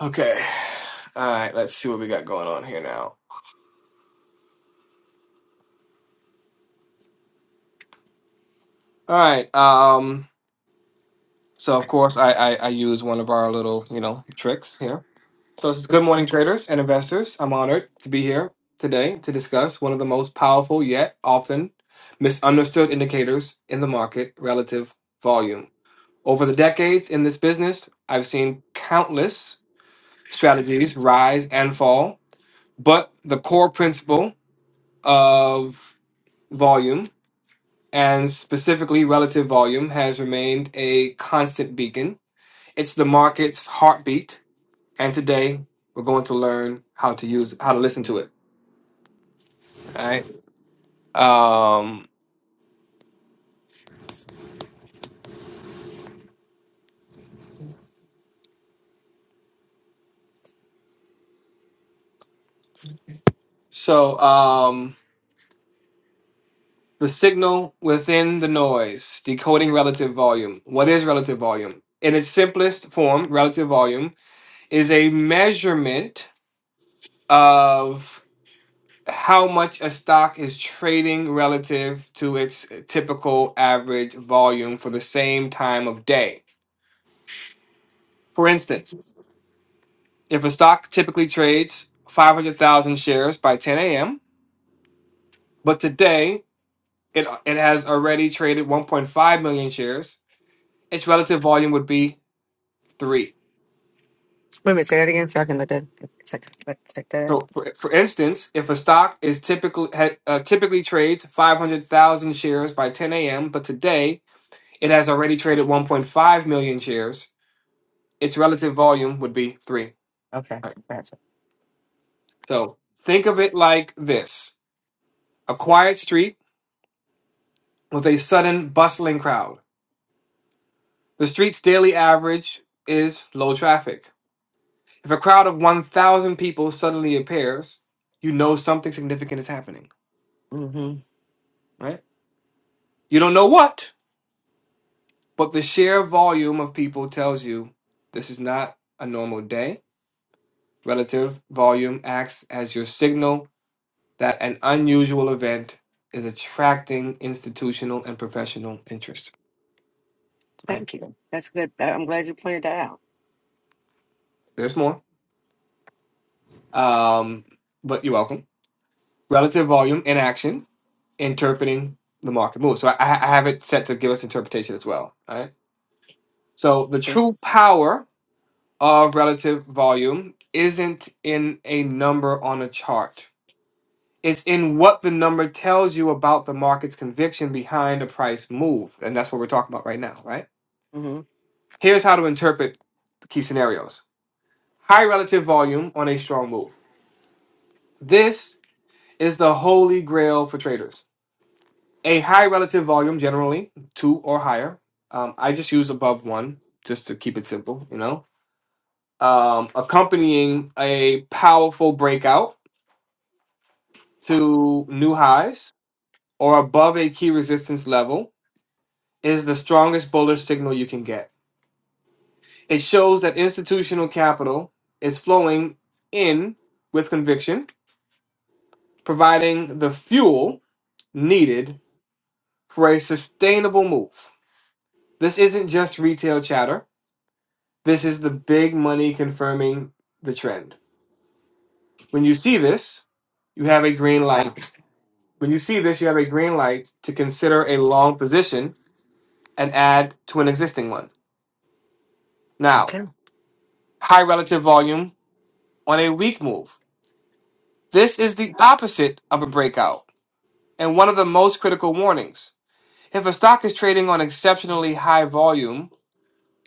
Speaker 1: okay. All right, let's see what we got going on here now. All right. Um, so, of course, I, I, I use one of our little, you know, tricks here. So this is good morning, traders and investors. I'm honored to be here today to discuss one of the most powerful yet often misunderstood indicators in the market, relative volume. Over the decades in this business, I've seen countless strategies rise and fall, but the core principle of volume and specifically relative volume has remained a constant beacon. It's the market's heartbeat and today we're going to learn how to use how to listen to it. All right. Um, so um, the signal within the noise, decoding relative volume. What is relative volume? In its simplest form, relative volume is a measurement of how much a stock is trading relative to its typical average volume for the same time of day. For instance, if a stock typically trades 500,000 shares by 10 a.m., But today, it it has already traded 1.5 million shares. Its relative volume would be three.
Speaker 3: Wait a minute. Say that again, so I can let that. Take, take that. in.
Speaker 1: So, for, for instance, if a stock is typically ha- uh, typically trades 500,000 shares by 10 a.m., but today it has already traded 1.5 million shares, its relative volume would be three.
Speaker 3: Okay.
Speaker 1: Right.
Speaker 3: Gotcha.
Speaker 1: So, think of it like this: a quiet street with a sudden bustling crowd. The street's daily average is low traffic. If a crowd of 1,000 people suddenly appears, you know something significant is happening,
Speaker 3: Mm-hmm.
Speaker 1: right? You don't know what, but the sheer volume of people tells you this is not a normal day. Relative volume acts as your signal that an unusual event is attracting institutional and professional interest, right?
Speaker 3: Thank you. That's good. I- I'm glad you pointed that out.
Speaker 1: There's more, um, but you're welcome. Relative volume in action, interpreting the market move. So I, I have it set to give us interpretation as well, right? So the true power of relative volume isn't in a number on a chart. It's in what the number tells you about the market's conviction behind a price move. And that's what we're talking about right now, right?
Speaker 3: Mm-hmm.
Speaker 1: Here's how to interpret the key scenarios high relative volume on a strong move. This is the holy grail for traders. A high relative volume, generally two or higher. Um, I just use above one just to keep it simple, you know um, accompanying a powerful breakout to new highs or above a key resistance level is the strongest bullish signal you can get. It shows that institutional capital is flowing in with conviction, providing the fuel needed for a sustainable move. This isn't just retail chatter. This is the big money confirming the trend. When you see this, you have a green light When you see this, you have a green light to consider a long position and add to an existing one. Now, high relative volume on a weak move. This is the opposite of a breakout and one of the most critical warnings. If a stock is trading on exceptionally high volume,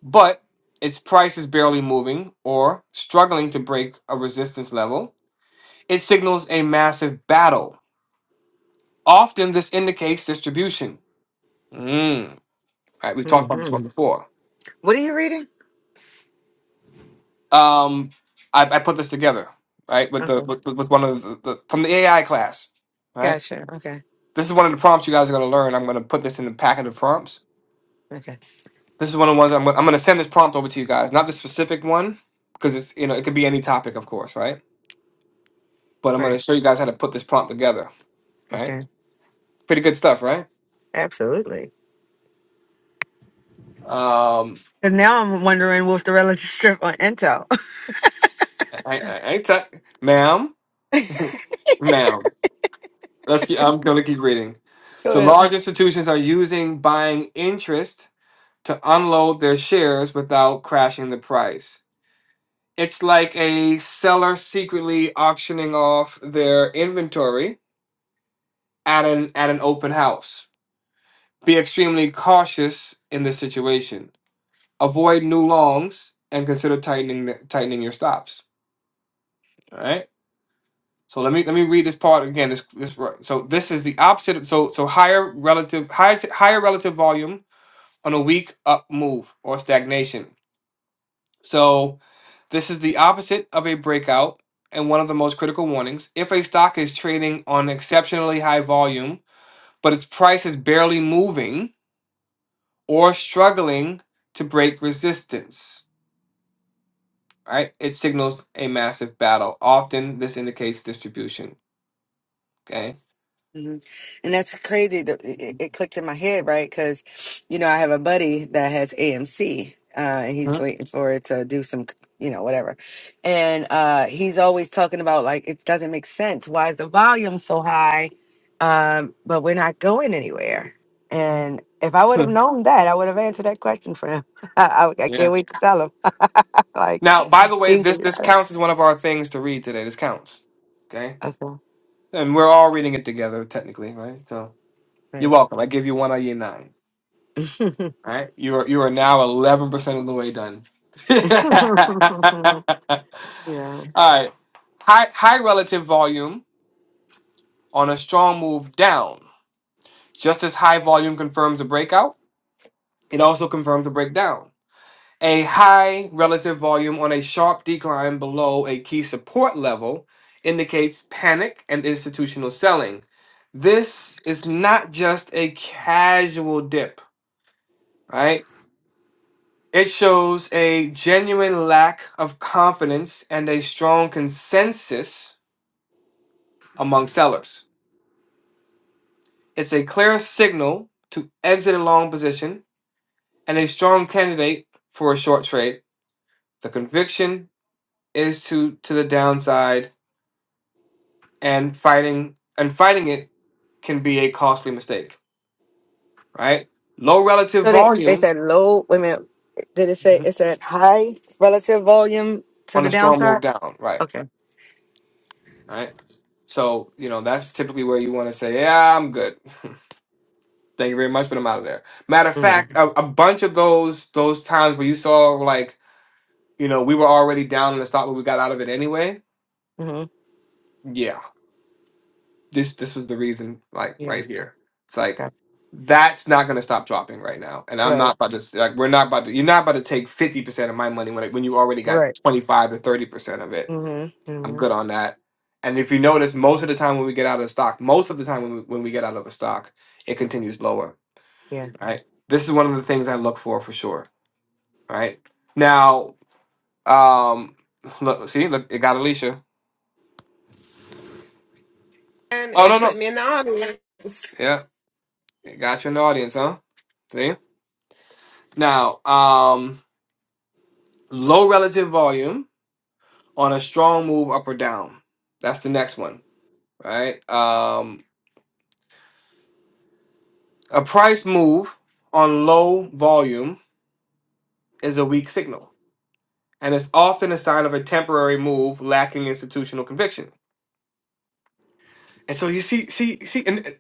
Speaker 1: but its price is barely moving or struggling to break a resistance level, it signals a massive battle. Often this indicates distribution. Mm. All right, we've talked about this
Speaker 3: hmm
Speaker 1: one before.
Speaker 3: What are you reading?
Speaker 1: Um, I, I put this together, right, with the
Speaker 3: Okay.
Speaker 1: with, with one of the, the from the AI class, right.
Speaker 3: Gotcha. Okay.
Speaker 1: This is one of the prompts you guys are going to learn. I'm going to put this in the packet of prompts.
Speaker 3: Okay.
Speaker 1: This is one of the ones I'm gonna, I'm going to send this prompt over to you guys, not the specific one, because it's you know it could be any topic, of course, right? But I'm going
Speaker 3: Right.
Speaker 1: to show you guys how to put this prompt together, right?
Speaker 3: Okay.
Speaker 1: Pretty good stuff, right?
Speaker 3: Absolutely.
Speaker 1: Um,
Speaker 3: Because now I'm wondering what's the relative strip on Intel.
Speaker 1: I, I, I t- ma'am,
Speaker 3: Go
Speaker 1: ma'am. Let's. Keep, I'm going to keep reading. So
Speaker 3: ahead.
Speaker 1: large institutions are using buying interest to unload their shares without crashing the price. It's like a seller secretly auctioning off their inventory at an at an open house. Be extremely cautious in this situation. Avoid new longs and consider tightening the, tightening your stops. All right. So let me let me read this part again. This this so this is the opposite. So so higher relative higher higher relative volume on a weak up move or stagnation So this is the opposite of a breakout and one of the most critical warnings. If a stock is trading on exceptionally high volume, but its price is barely moving or struggling to break resistance, right? It signals a massive battle. Often this indicates distribution, okay?
Speaker 3: hmm And that's crazy. That it, it it clicked in my head, right? Because, you know, I have a buddy that has AMC, uh, and he's waiting for it to do some, you know, whatever. And uh, he's always talking about like it doesn't make sense. Why is the volume so high? Um, but we're not going anywhere. And if I would have
Speaker 1: Mhm.
Speaker 3: known that, I would have answered that question for him. I, I, I
Speaker 1: yeah.
Speaker 3: can't wait to tell him. like,
Speaker 1: Now, by the way,
Speaker 3: things. are
Speaker 1: this this
Speaker 3: better.
Speaker 1: counts as one of our things to read today. This counts. Okay? And we're all reading it together technically, right? So, you're
Speaker 3: Okay.
Speaker 1: welcome. I give you one on year 9.
Speaker 3: Right.
Speaker 1: All right, you are you are now eleven percent of the way done. All
Speaker 3: yeah.
Speaker 1: right, high high relative volume on a strong move down. Just as high volume confirms a breakout, it also confirms a breakdown. A high relative volume on a sharp decline below a key support level indicates panic and institutional selling. This is not just a casual dip, right? It shows a genuine lack of confidence and a strong consensus among sellers. It's a clear signal to exit a long position and a strong candidate for a short trade. The conviction is to to the downside and fighting and fighting it can be a costly mistake, right? Low relative
Speaker 3: So they, they
Speaker 1: volume
Speaker 3: said low, wait a minute. Did it say
Speaker 1: Mhm.
Speaker 3: it said high relative volume to
Speaker 1: on
Speaker 3: the
Speaker 1: a strong move
Speaker 3: downside?
Speaker 1: down, right?
Speaker 3: Okay.
Speaker 1: Right. So, you know, that's typically where you want to say, yeah, I'm good. Thank you very much, but I'm out of there. Matter of fact, a, a bunch of those those times where you saw like you know we were already down in the stock, but we got out of it anyway.
Speaker 3: hmm
Speaker 1: Yeah, this this was the reason. Like
Speaker 3: Yeah.
Speaker 1: right here, it's like
Speaker 3: Okay.
Speaker 1: that's not going to stop dropping right now, and I'm
Speaker 3: Right.
Speaker 1: not about to s- like we're not about to. You're not about to take fifty percent of my money when it, when you already got
Speaker 3: Right.
Speaker 1: twenty five to thirty percent of it.
Speaker 3: hmm
Speaker 1: I'm
Speaker 3: hmm
Speaker 1: good on that. And if you notice, most of the time when we get out of the stock, most of the time when we, when we get out of a stock, it continues lower.
Speaker 3: Yeah.
Speaker 1: Right. This is one of the things I look for for sure right? Now, um, look, see, look, it got Alicia.
Speaker 5: And
Speaker 1: Oh
Speaker 5: it
Speaker 1: no,
Speaker 5: put
Speaker 1: no,
Speaker 5: me in the audience.
Speaker 1: yeah, it got you in the audience, huh? See, now, um, low relative volume on a strong move up or down. That's the next one, right? Um, a price move on low volume is a weak signal, and it's often a sign of a temporary move lacking institutional conviction. And so you see, see, see, and and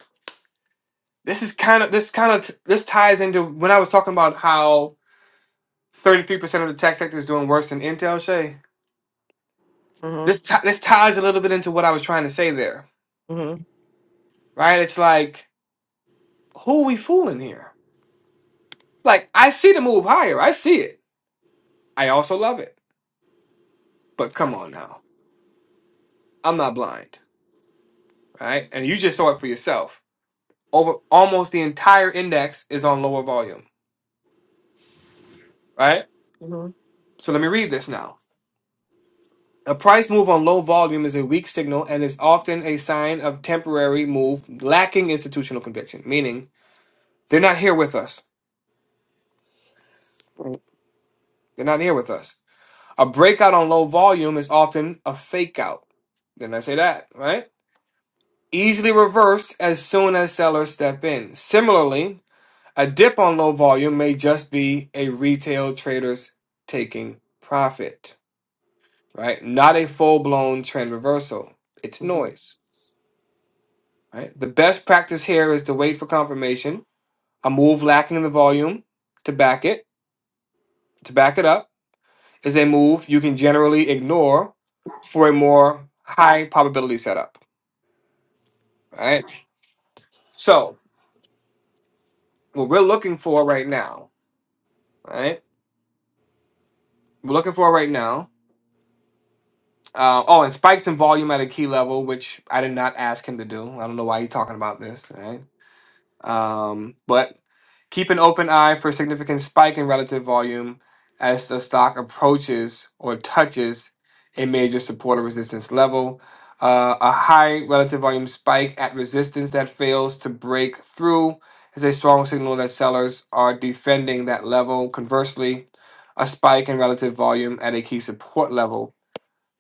Speaker 1: this is kind of this kind of this ties into when I was talking about how 33% of the tech sector is doing worse than Intel, Shay.
Speaker 3: hmm
Speaker 1: This, ti this ties a little bit into what I was trying to say there,
Speaker 3: hmm
Speaker 1: right? It's like, who are we fooling here? Like, I see the move higher. I see it. I also love it. But come on now. I'm not blind, right? And you just saw it for yourself. Over almost the entire index is on lower volume, right?
Speaker 3: hmm
Speaker 1: So let me read this now. A price move on low volume is a weak signal and is often a sign of temporary move lacking institutional conviction, meaning they're not here with us
Speaker 3: Right.
Speaker 1: They're not here with us. A breakout on low volume is often a fake out. Didn't I say that, right? Easily reversed as soon as sellers step in. Similarly, a dip on low volume may just be a retail trader's taking profit, right? Not a full blown trend reversal. It's
Speaker 3: hmm
Speaker 1: noise, right? The best practice here is to wait for confirmation, a move lacking the volume to back it, to back it up is a move you can generally ignore for a more high probability setup. All right. So what we're looking for right now, all right, we're looking for right now. Uh, oh, and spikes in volume at a key level, which I did not ask him to do. I don't know why he's talking about this. All Right? Um, but keep an open eye for a significant spike in relative volume as the stock approaches or touches a major support or resistance level. Uh, a high relative volume spike at resistance that fails to break through is a strong signal that sellers are defending that level. Conversely, a spike in relative volume at a key support level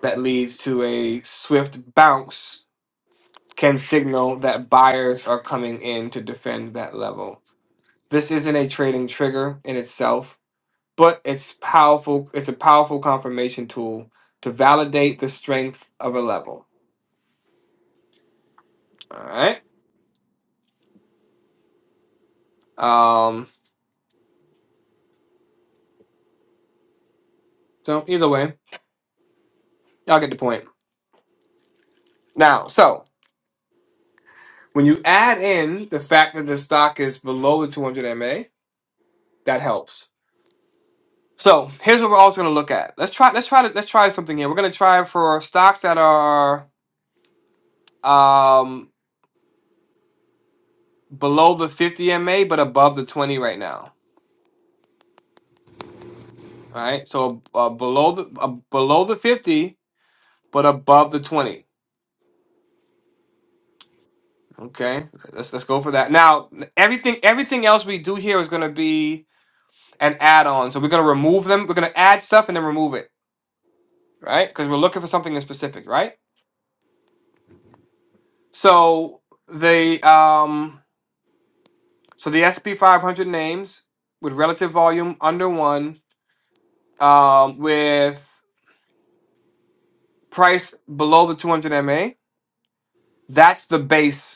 Speaker 1: that leads to a swift bounce can signal that buyers are coming in to defend that level. This isn't a trading trigger in itself, but it's powerful. It's a powerful confirmation tool to validate the strength of a level. All right. Um, so either way, y'all get the point. Now, so when you add in the fact that the stock is below the 200 MA, that helps. So here's what we're also going to look at. Let's try. Let's try. to- Let's try something here. We're going to try for stocks that are um, below the 50 MA but above the 20 right now. Right, so uh, below the uh, below the fifty, but above the twenty. Okay, let's let's go for that. Now everything everything else we do here is going to be an add on. So we're going to remove them. We're going to add stuff and then remove it, right? Because we're looking for something in specific, right? So the um so the SP five hundred names with relative volume under one, um, with price below the two hundred MA. That's the base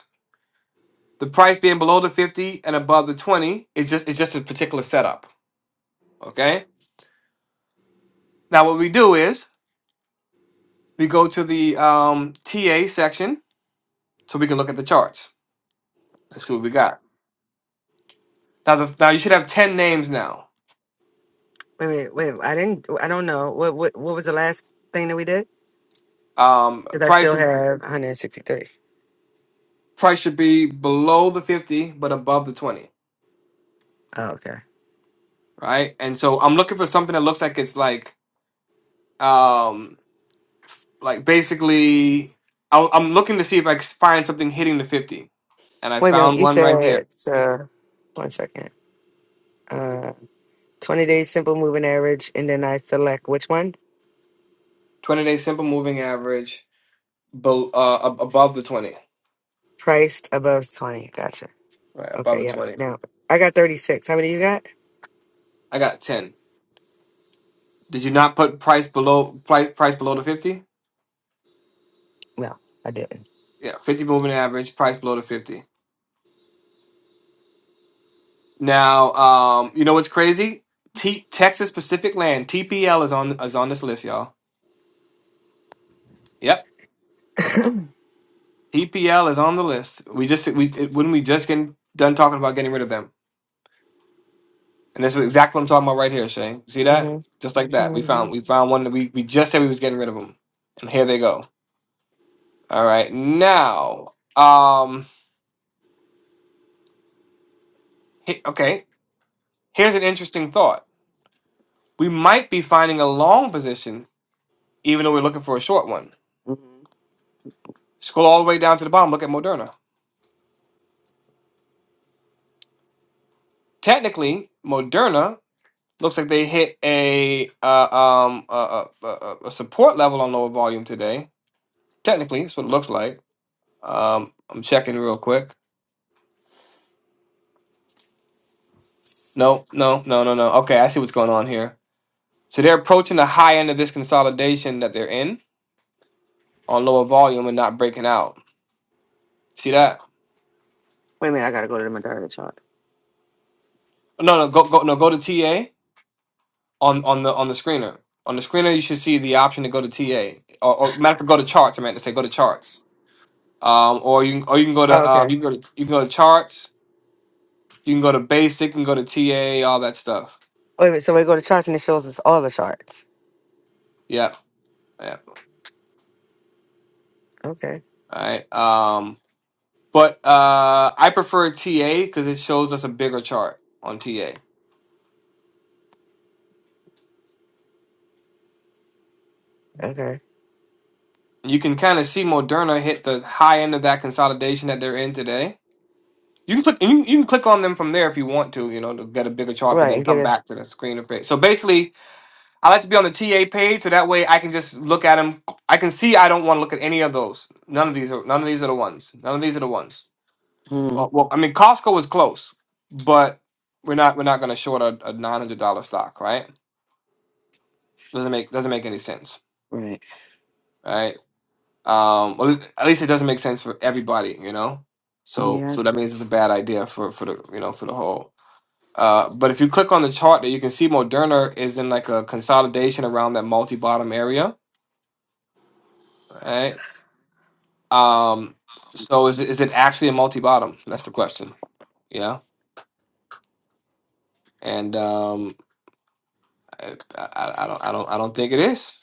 Speaker 1: The price being below the 50 and above the 20 is just it's just a particular setup. Okay. Now what we do is we go to the um, TA section so we can look at the charts. Let's see what we got. Now the now you should have 10 names now.
Speaker 3: Wait a Wait. I didn't. I don't know. What What What was the last thing that we did?
Speaker 1: Um,
Speaker 3: Because I
Speaker 1: price
Speaker 3: still
Speaker 1: is-
Speaker 3: have 163.
Speaker 1: price should be below the 50 but above the 20,
Speaker 3: Oh, okay.
Speaker 1: right? And so I'm looking for something that looks like it's like um like basically I- I'm looking to see if I can find something hitting the 50 and I
Speaker 3: Wait a minute.
Speaker 1: found
Speaker 3: You
Speaker 1: one right
Speaker 3: said
Speaker 1: here.
Speaker 3: uh, one second. Uh, 20 day simple moving average, and then I select which one?
Speaker 1: 20 day simple moving average Bel uh, ab- above the twenty.
Speaker 3: Priced above 20. Gotcha.
Speaker 1: Right above
Speaker 3: Okay,
Speaker 1: the
Speaker 3: yeah.
Speaker 1: twenty.
Speaker 3: Now I got 36. How many you got?
Speaker 1: I got ten. Did you not put price below price price below the fifty?
Speaker 3: No, I didn't.
Speaker 1: Yeah, fifty moving average, price below the fifty. Now, um, you know what's crazy? T- Texas Pacific Land TPL is on is on this list, y'all. Yep, TPL is on the list. We just we it, when we just getting done talking about getting rid of them, and that's exactly what I'm talking about right here, Shane. See that?
Speaker 3: Mm-hmm.
Speaker 1: Just like that, we found
Speaker 3: Mm-hmm.
Speaker 1: we found one that we we just said we was getting rid of them, and here they go. All right, now. Um, He- okay, here's an interesting thought. We might be finding a long position even though we're looking for a short one.
Speaker 3: hmm
Speaker 1: Scroll all the way down to the bottom. Look at Moderna. Technically, Moderna looks like they hit a uh, um a, a, a a support level on lower volume today. Technically, that's what it looks like. Um, I'm checking real quick. No, no, no, no, no. Okay, I see what's going on here. So they're approaching the high end of this consolidation that they're in on lower volume and not breaking out. See that?
Speaker 3: Wait a minute, I gotta go to the Moderna chart.
Speaker 1: No, no, go, go, no, go to TA on on the on the screener. On the screener, you should see the option to go to TA, or, or matter of fact, go to charts. I meant to say go to charts. Um, or you can, or you can go
Speaker 3: Oh,
Speaker 1: to um,
Speaker 3: okay.
Speaker 1: you can go to you can go to charts. You can go to basic. You can go to TA. All that stuff.
Speaker 3: Wait a minute, so we go to charts and it shows us all the charts.
Speaker 1: Yep. Yep.
Speaker 3: Okay,
Speaker 1: All right. Um, but uh, I prefer TA because it shows us a bigger chart on TA.
Speaker 3: okay.
Speaker 1: You can kind of see Moderna hit the high end of that consolidation that they're in today. You can click. and You, you can click on them from there if you want to. You know, to get a bigger chart, but
Speaker 3: Right,
Speaker 1: then
Speaker 3: and get
Speaker 1: come
Speaker 3: a.
Speaker 1: back to the screen of it. So basically, I like to be on the TA page so that way I can just look at them. I can see I don't want to look at any of those. None of these are none of these are the ones. None of these are the ones.
Speaker 3: Mm,
Speaker 1: Well, well I mean Costco was close, but we're not we're not going to short a, a nine hundred dollar stock, right? Doesn't make doesn't make any sense,
Speaker 3: right.
Speaker 1: right? Um, well, at least it doesn't make sense for everybody, you know. So
Speaker 3: Yeah.
Speaker 1: so that means it's a bad idea for for the you know for the whole. Uh, but if you click on the chart, there you can see Moderna is in like a consolidation around that multi bottom area, right? Um, so is it, is it actually a multi bottom? That's the question. Yeah, and um, I, I, I don't I don't I don't think it is.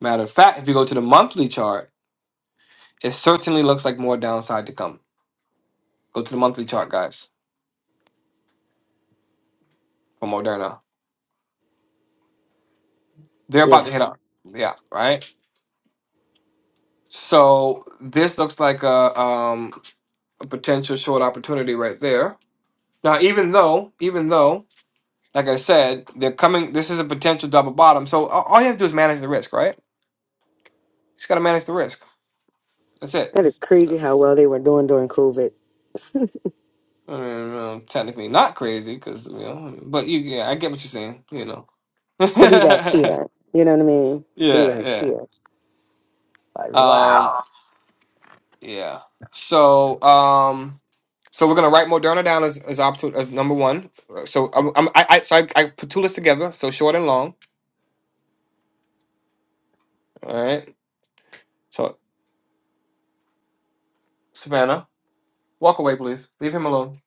Speaker 1: Matter of fact, if you go to the monthly chart, it certainly looks like more downside to come. Go to the monthly chart, guys, for Moderna. They're about
Speaker 3: Yeah.
Speaker 1: to hit up. Yeah, right. So this looks like a um a potential short opportunity right there. Now, even though even though like I said, they're coming. This is a potential double bottom. So a- all you have to do is manage the risk, right? just got to manage the risk. That's it.
Speaker 3: That is
Speaker 1: You know,
Speaker 3: crazy how well they were doing during COVID.
Speaker 1: I mean, um, technically not crazy because you know, but you yeah, I get what you're saying. You know,
Speaker 3: To be back
Speaker 1: yeah,
Speaker 3: here, you know what I mean? To be back
Speaker 1: yeah,
Speaker 3: here. Like,
Speaker 1: um,
Speaker 3: wow.
Speaker 1: yeah. So, um, so we're gonna write Moderna down as as option as number one. So I'm, I'm I, I so I, I put two lists together. So short and long. All right. So Savannah, walk away, please. Leave him alone.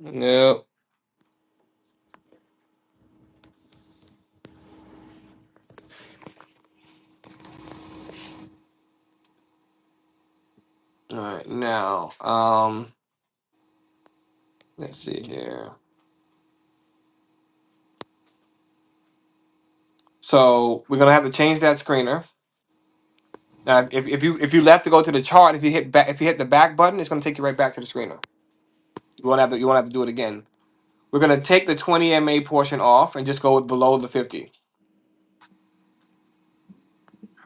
Speaker 1: Yep. All right. Now, um, let's see here. So we're gonna have to change that screener Now, if, if you if you left to go to the chart, if you hit back, if you hit the back button, it's going to take you right back to the screener. You won't have to you won't have to do it again. We're going to take the 20 MA portion off and just go with below the 50.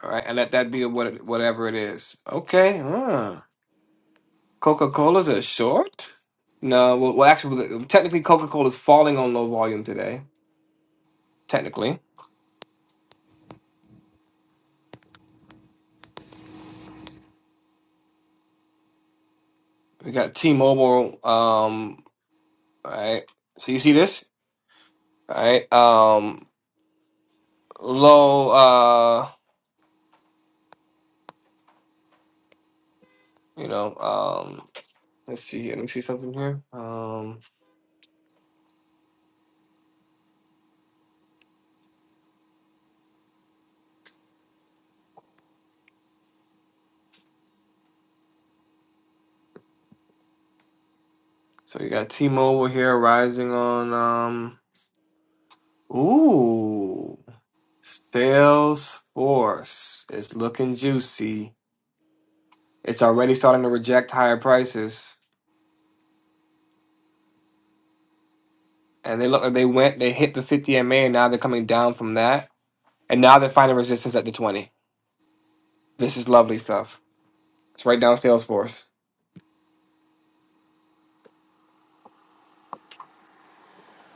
Speaker 1: All right, and let that be what it- whatever it is. Okay. Huh. Coca Cola's a short. No, well, well actually, technically, Coca Cola's falling on low volume today. Technically, we got T-Mobile. Um, all right. So you see this, all right? Um, low. Uh, you know. um, Let's see. here. Let me see something here. Um, so you got T-Mobile here rising on um. Ooh, Salesforce is looking juicy. It's already starting to reject higher prices, and they look. They went. They hit the 50 MA, and now they're coming down from that, and now they're finding resistance at the 20. This is lovely stuff. Let's write down Salesforce.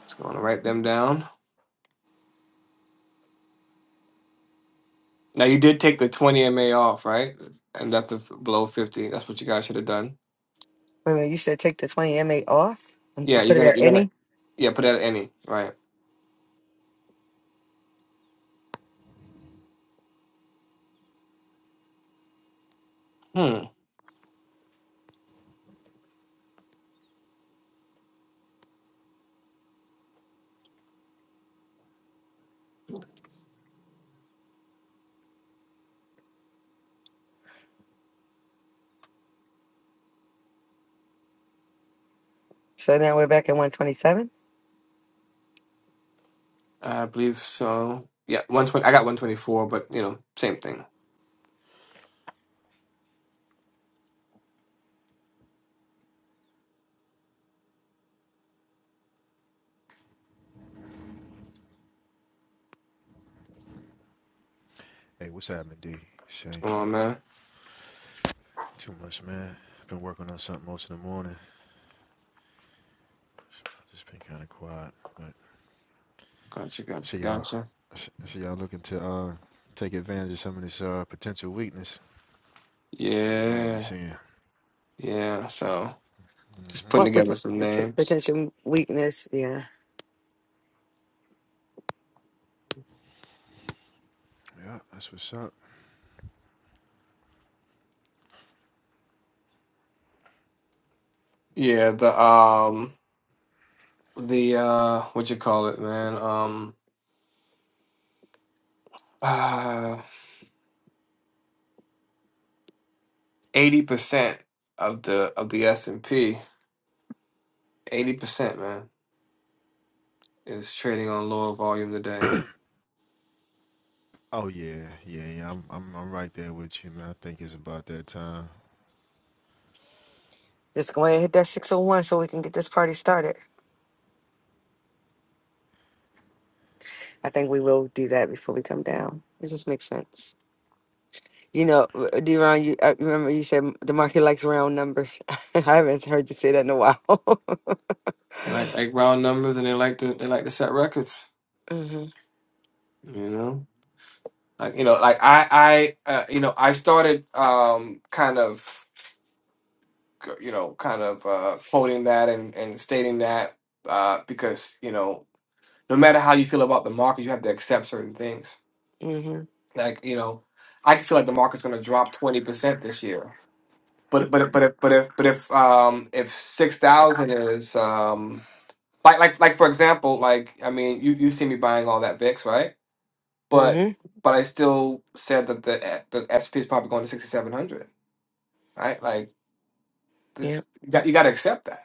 Speaker 1: It's going to write them down. Now you did take the 20 MA off, right? And that's the f- below 50. That's what you guys should have done.
Speaker 3: Wait a minute, you said take the 20 MA off and
Speaker 1: Yeah, you're
Speaker 3: put it
Speaker 1: gonna
Speaker 3: at
Speaker 1: you're gonna
Speaker 3: any?
Speaker 1: Yeah, put it at any, right? Hmm.
Speaker 3: So now we're back at 127?
Speaker 1: I believe so. Yeah, one twenty. I got one twenty four, but you know, same thing. What's
Speaker 7: Hey, what's happening, D? Shane,
Speaker 1: going on, man?
Speaker 7: too much, man. I've Been working on something most of the morning. Just been kind of quiet, but I
Speaker 1: Gotcha, gotcha,
Speaker 7: see y'all.
Speaker 1: gotcha.
Speaker 7: I see y'all looking to uh take advantage of some of this uh potential weakness that we might be
Speaker 1: Yeah,
Speaker 7: seeing.
Speaker 1: yeah. So just putting
Speaker 3: What
Speaker 7: Mm-hmm.
Speaker 3: pot-
Speaker 1: together some
Speaker 3: the p-
Speaker 1: names.
Speaker 3: potential weakness? Yeah.
Speaker 7: Yeah, that's what's up.
Speaker 1: Yeah, the um, the uh, what you call it, man? Um, uh, eighty percent of the of the S and P, eighty percent, man, is trading on lower volume today.
Speaker 7: Oh yeah, yeah, yeah. I'm I'm I'm right there with you, man. I think it's about that time.
Speaker 3: Just go ahead and hit that 601 so we can get this party started. I think we will do that before we come down. It just makes sense. You know, uh, uh, Deron, you I remember you said the market likes round numbers. I haven't heard you say that in a while.
Speaker 1: They like like round numbers, and they like to they like to set records.
Speaker 3: hmm
Speaker 1: You know. Like, you know, like I, I, uh, you know, I started um, kind of, you know, kind of uh, quoting that and and stating that uh, because you know, no matter how you feel about the market, you have to accept certain things.
Speaker 3: hmm
Speaker 1: Like, you know, I could feel like the market's going to drop twenty percent this year, but but if- but if but if but if um, if six thousand is um, like like like for example, like I mean, you you see me buying all that VIX, right? But
Speaker 3: hmm
Speaker 1: but I still said that the eh, the SP is probably going to sixty seven hundred right? Like this,
Speaker 3: Yep.
Speaker 1: you got, you got to accept that.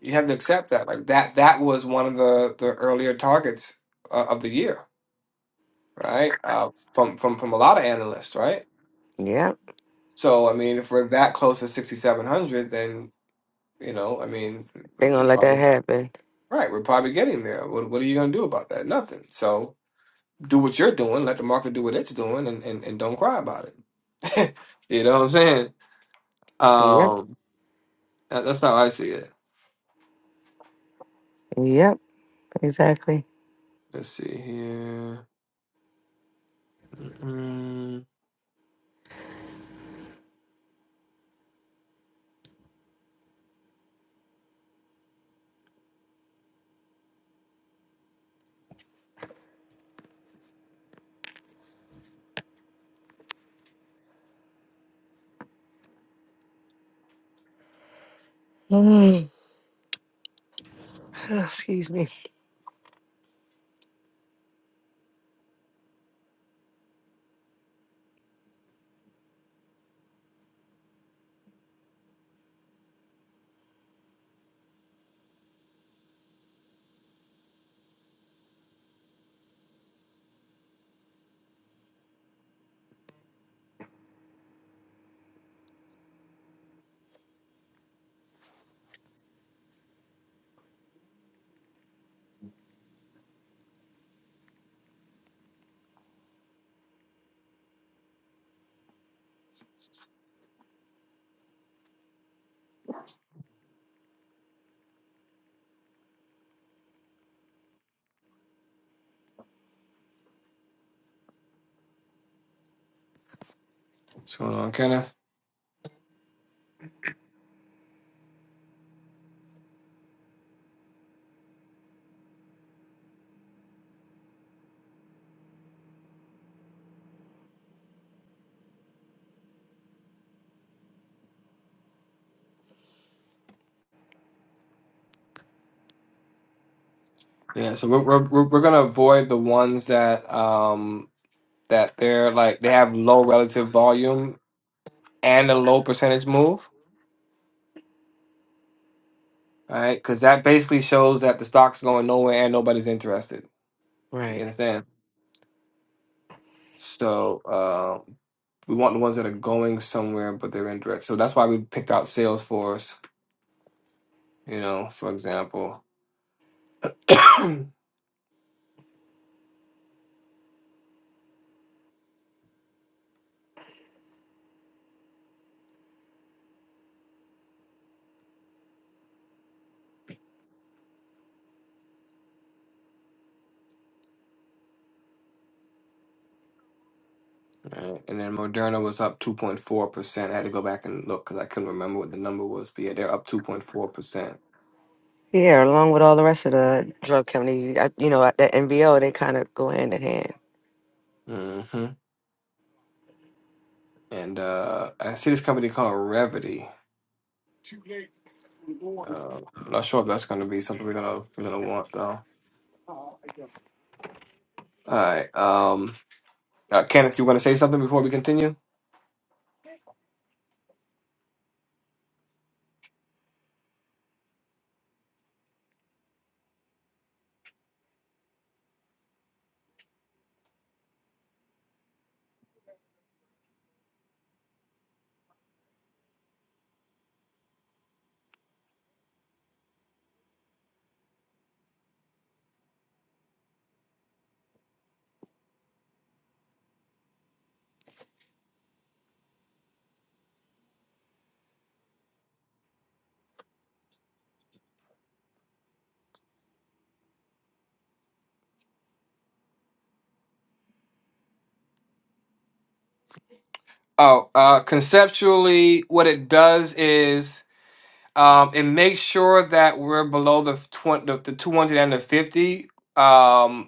Speaker 1: You have to accept that. Like that, that was one of the the earlier targets uh, of the year, right? Uh, from from from a lot of analysts, right?
Speaker 3: Yep.
Speaker 1: So I mean, if we're that close to sixty seven hundred, then you know, I mean,
Speaker 3: They're
Speaker 1: we're, we're
Speaker 3: gonna let that
Speaker 1: probably
Speaker 3: happen.
Speaker 1: right. We're probably getting there. What what are you going to do about that? Nothing. So do what you're doing. Let the market do what it's doing, and and, and don't cry about it. you know what I'm saying?
Speaker 3: Yep.
Speaker 1: Um, that- that's how I see it.
Speaker 3: Yep. Exactly.
Speaker 1: Let's see here. Mm-mm.
Speaker 3: Excuse me.
Speaker 1: What's going on, Kenneth? Yeah, so we're we're we're we're gonna avoid the ones that um that they're like they have low relative volume and a low percentage move, right? Because that basically shows that the stock's going nowhere and nobody's interested. You
Speaker 3: Right.
Speaker 1: understand? So uh, we want the ones that are going somewhere but they're interested. So that's why we picked out Salesforce, you know, for example. Right. And then Moderna was up 2.4%. I had to go back and look because I couldn't remember what the number was, but yeah, they're up 2.4%.
Speaker 3: Yeah, along with all the rest of the drug companies, I- you know, at the NBO, they kind of go hand in hand.
Speaker 1: hmm And uh, I see this company called Revity. Uh, I'm not sure if that's going to be something we're gonna we're gonna want though. All right. Um, Uh, Kenneth, you want to say something before we continue? Oh, uh, conceptually, what it does is um, it makes sure that we're below the twenty, the, the two hundred and the fifty. Um,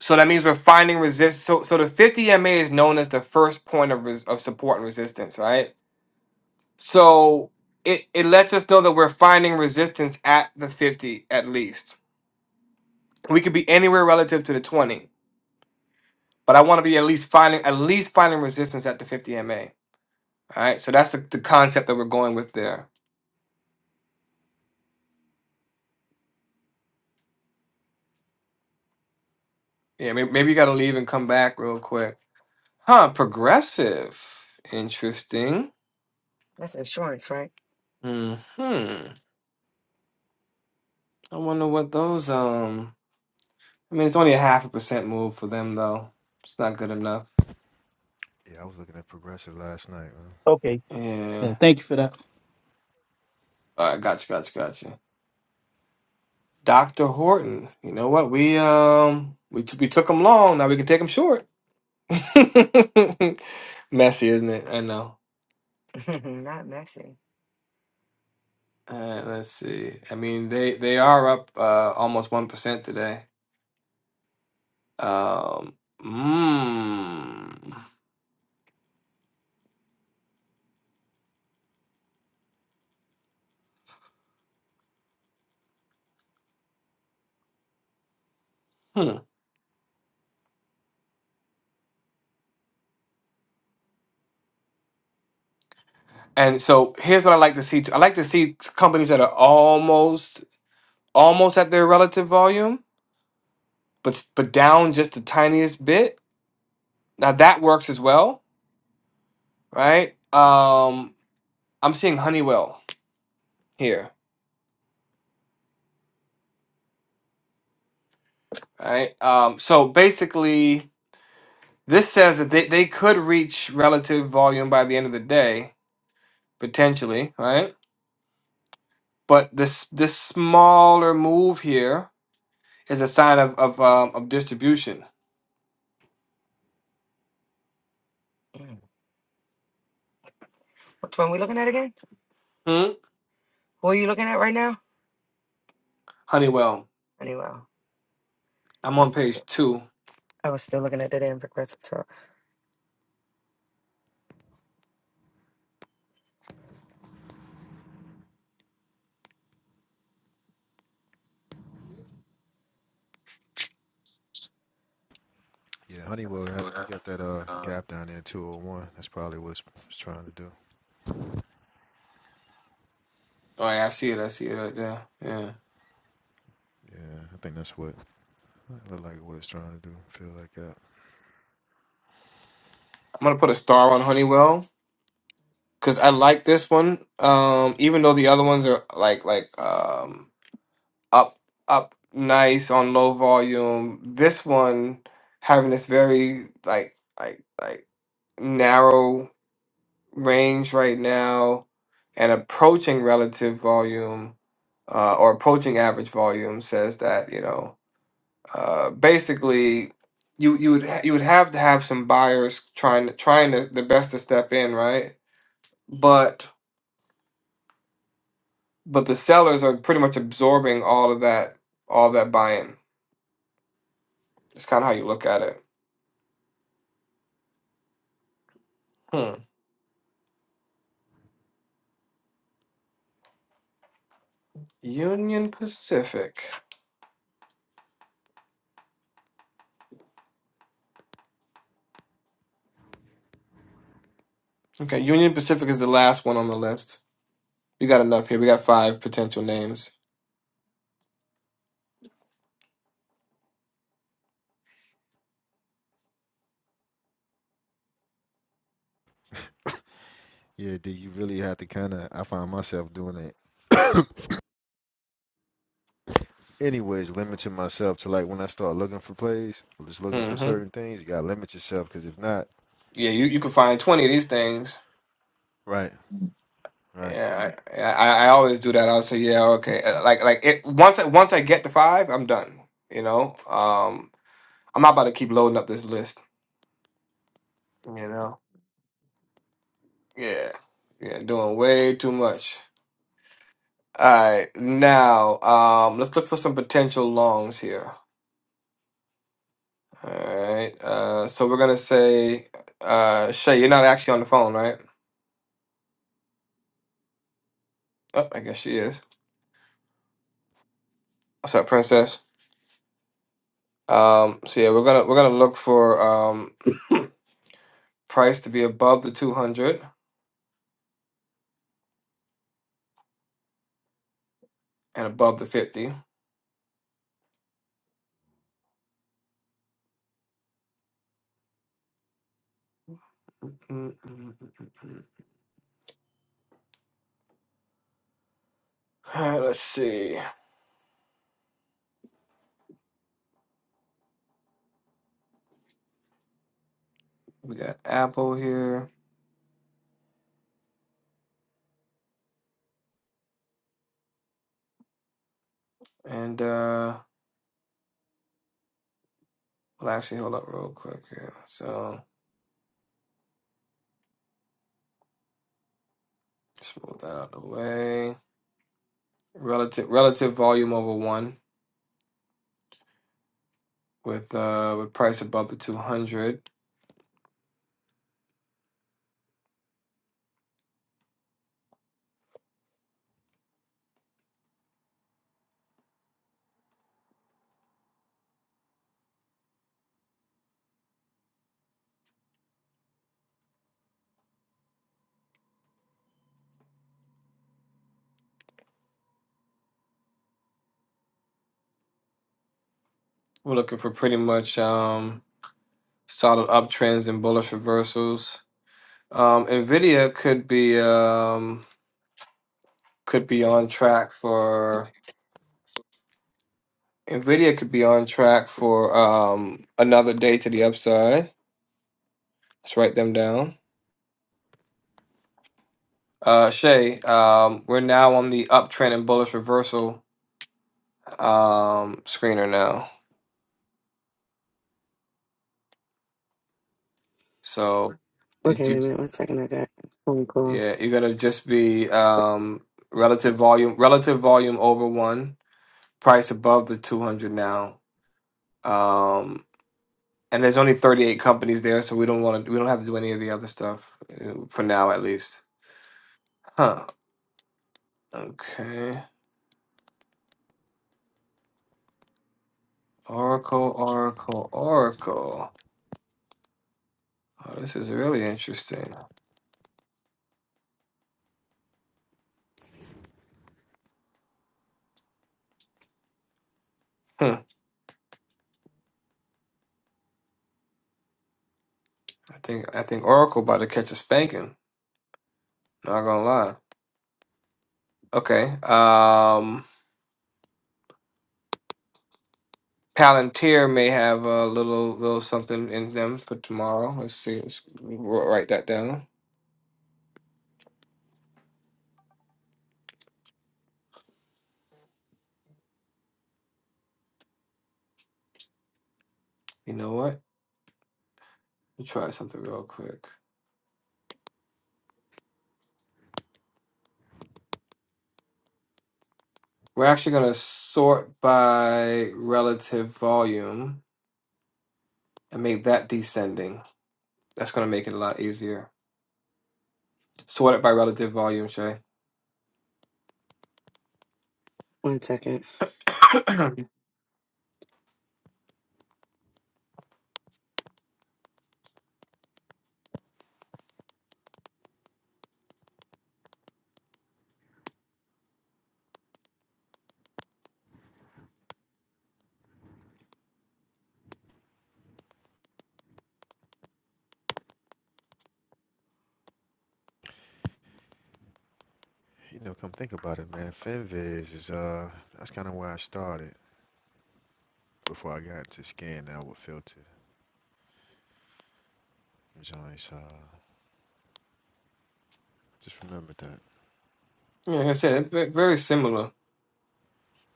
Speaker 1: So that means we're finding resist. So so the 50 MA is known as the first point of res- of support and resistance, right? So it it lets us know that we're finding resistance at the 50 at least. We could be anywhere relative to the 20, but I want to be at least finding at least finding resistance at the 50 MA. All right, so that's the, the concept that we're going with there. Yeah, maybe, maybe you got to leave and come back real quick. Huh? Progressive. Interesting.
Speaker 3: That's insurance, right?
Speaker 1: Hmm. I wonder what those um. I mean, it's only a half a percent move for them, though. It's not good enough.
Speaker 7: Yeah, I was looking at Progressive last night, man.
Speaker 8: Okay. Yeah,
Speaker 1: Yeah.
Speaker 8: thank you for that.
Speaker 1: All right, gotcha, gotcha, gotcha. Doctor Horton. You know what? We um we t- we took him long. Now we can take him short. Messy, isn't it? I know.
Speaker 3: Not messy.
Speaker 1: Uh, let's see. I mean, they they are up uh, almost one percent today. Um. Mm. Hmm. And so here's what I like to see. too. I like to see companies that are almost almost at their relative volume but but down just the tiniest bit. Now that works as well, right? Um, I'm seeing Honeywell here, right? Um, so basically, this says that they, they could reach relative volume by the end of the day, potentially, right? But this this smaller move here is a sign of of um, of distribution.
Speaker 3: Mm. Which one we looking at again?
Speaker 1: Hmm?
Speaker 3: Who are you looking at right now?
Speaker 1: Honeywell.
Speaker 3: Anyway,
Speaker 1: I'm
Speaker 3: I
Speaker 1: on page two.
Speaker 3: I was still looking at the damn progressive talk.
Speaker 7: Yeah, Honeywell, we got that uh gap down there, 201. That's probably what it's, it's trying to do.
Speaker 1: All right, I see it. I see it right there. Yeah,
Speaker 7: Yeah, I think that's what I look like what it's trying to do. Feel like that.
Speaker 1: I'm gonna put a star on Honeywell because I like this one. Um, even though the other ones are like like um up up nice on low volume, this one having this very like like like narrow range right now and approaching relative volume uh, or approaching average volume says that you know uh, basically you you would ha- you would have to have some buyers trying to trying to the best to step in right but but the sellers are pretty much absorbing all of that all that buy-in it's kind of how you look at it hmm union pacific okay union pacific is the last one on the list we got enough here we got five potential names
Speaker 7: Yeah, do you really have to kind of? I find myself doing it anyways, limiting myself to like when I start looking for plays, or just looking for
Speaker 1: hmm
Speaker 7: certain things. You gotta limit yourself because if not,
Speaker 1: yeah you, you can find 20 of these things
Speaker 7: right, right.
Speaker 1: Yeah, I, I I always do that. I'll say, yeah, okay. Uh, Like like it once I once I get to five, I'm done. You know, um, I'm not about to keep loading up this list. You know. Yeah, yeah, doing way too much. All right, now um, let's look for some potential longs here. All right, uh, so we're gonna say, uh, Shay, you're not actually on the phone, right? Oh, I guess she is. What's up, princess? Um, so yeah, we're gonna we're gonna look for um price to be above the 200 and above the 50. Mm, mm. mm. All right, let's see. We got Apple here, and uh, well, actually, hold up real quick here. So just move that out of the way. Relative relative volume over one with uh with price above the 200. We're looking for pretty much um solid uptrends and bullish reversals. Um, Nvidia could be um could be on track for Nvidia could be on track for um another day to the upside. Let's write them down. Uh, Shay, um, we're now on the uptrend and bullish reversal um, screener now. So, did
Speaker 3: Okay, wait
Speaker 1: you?
Speaker 3: a minute. One second. I got a phone call.
Speaker 1: Yeah, you're gonna just be um, relative volume, relative volume over one, price above the 200 now. Um, and there's only 38 companies there, so we don't want to. We don't have to do any of the other stuff uh, for now, at least. Huh? Okay. Oracle, Oracle, Oracle. Oh, this is really interesting. Hmm. I think I think Oracle about to catch a spanking. Not gonna lie. Okay. Um, Palantir may have a little little something in them for tomorrow. Let's see. Let's wr- write that down. You know what? Let me try something real quick. We're actually gonna sort by relative volume and make that descending. That's gonna make it a lot easier. Sort it by relative volume, Shay.
Speaker 3: One second.
Speaker 1: yeah,
Speaker 7: You know, come think about it, man. FinViz is uh, that's kind of where I started before I got to scan now with filter joints. Uh, just remember that.
Speaker 1: like I said, it's ve- very similar.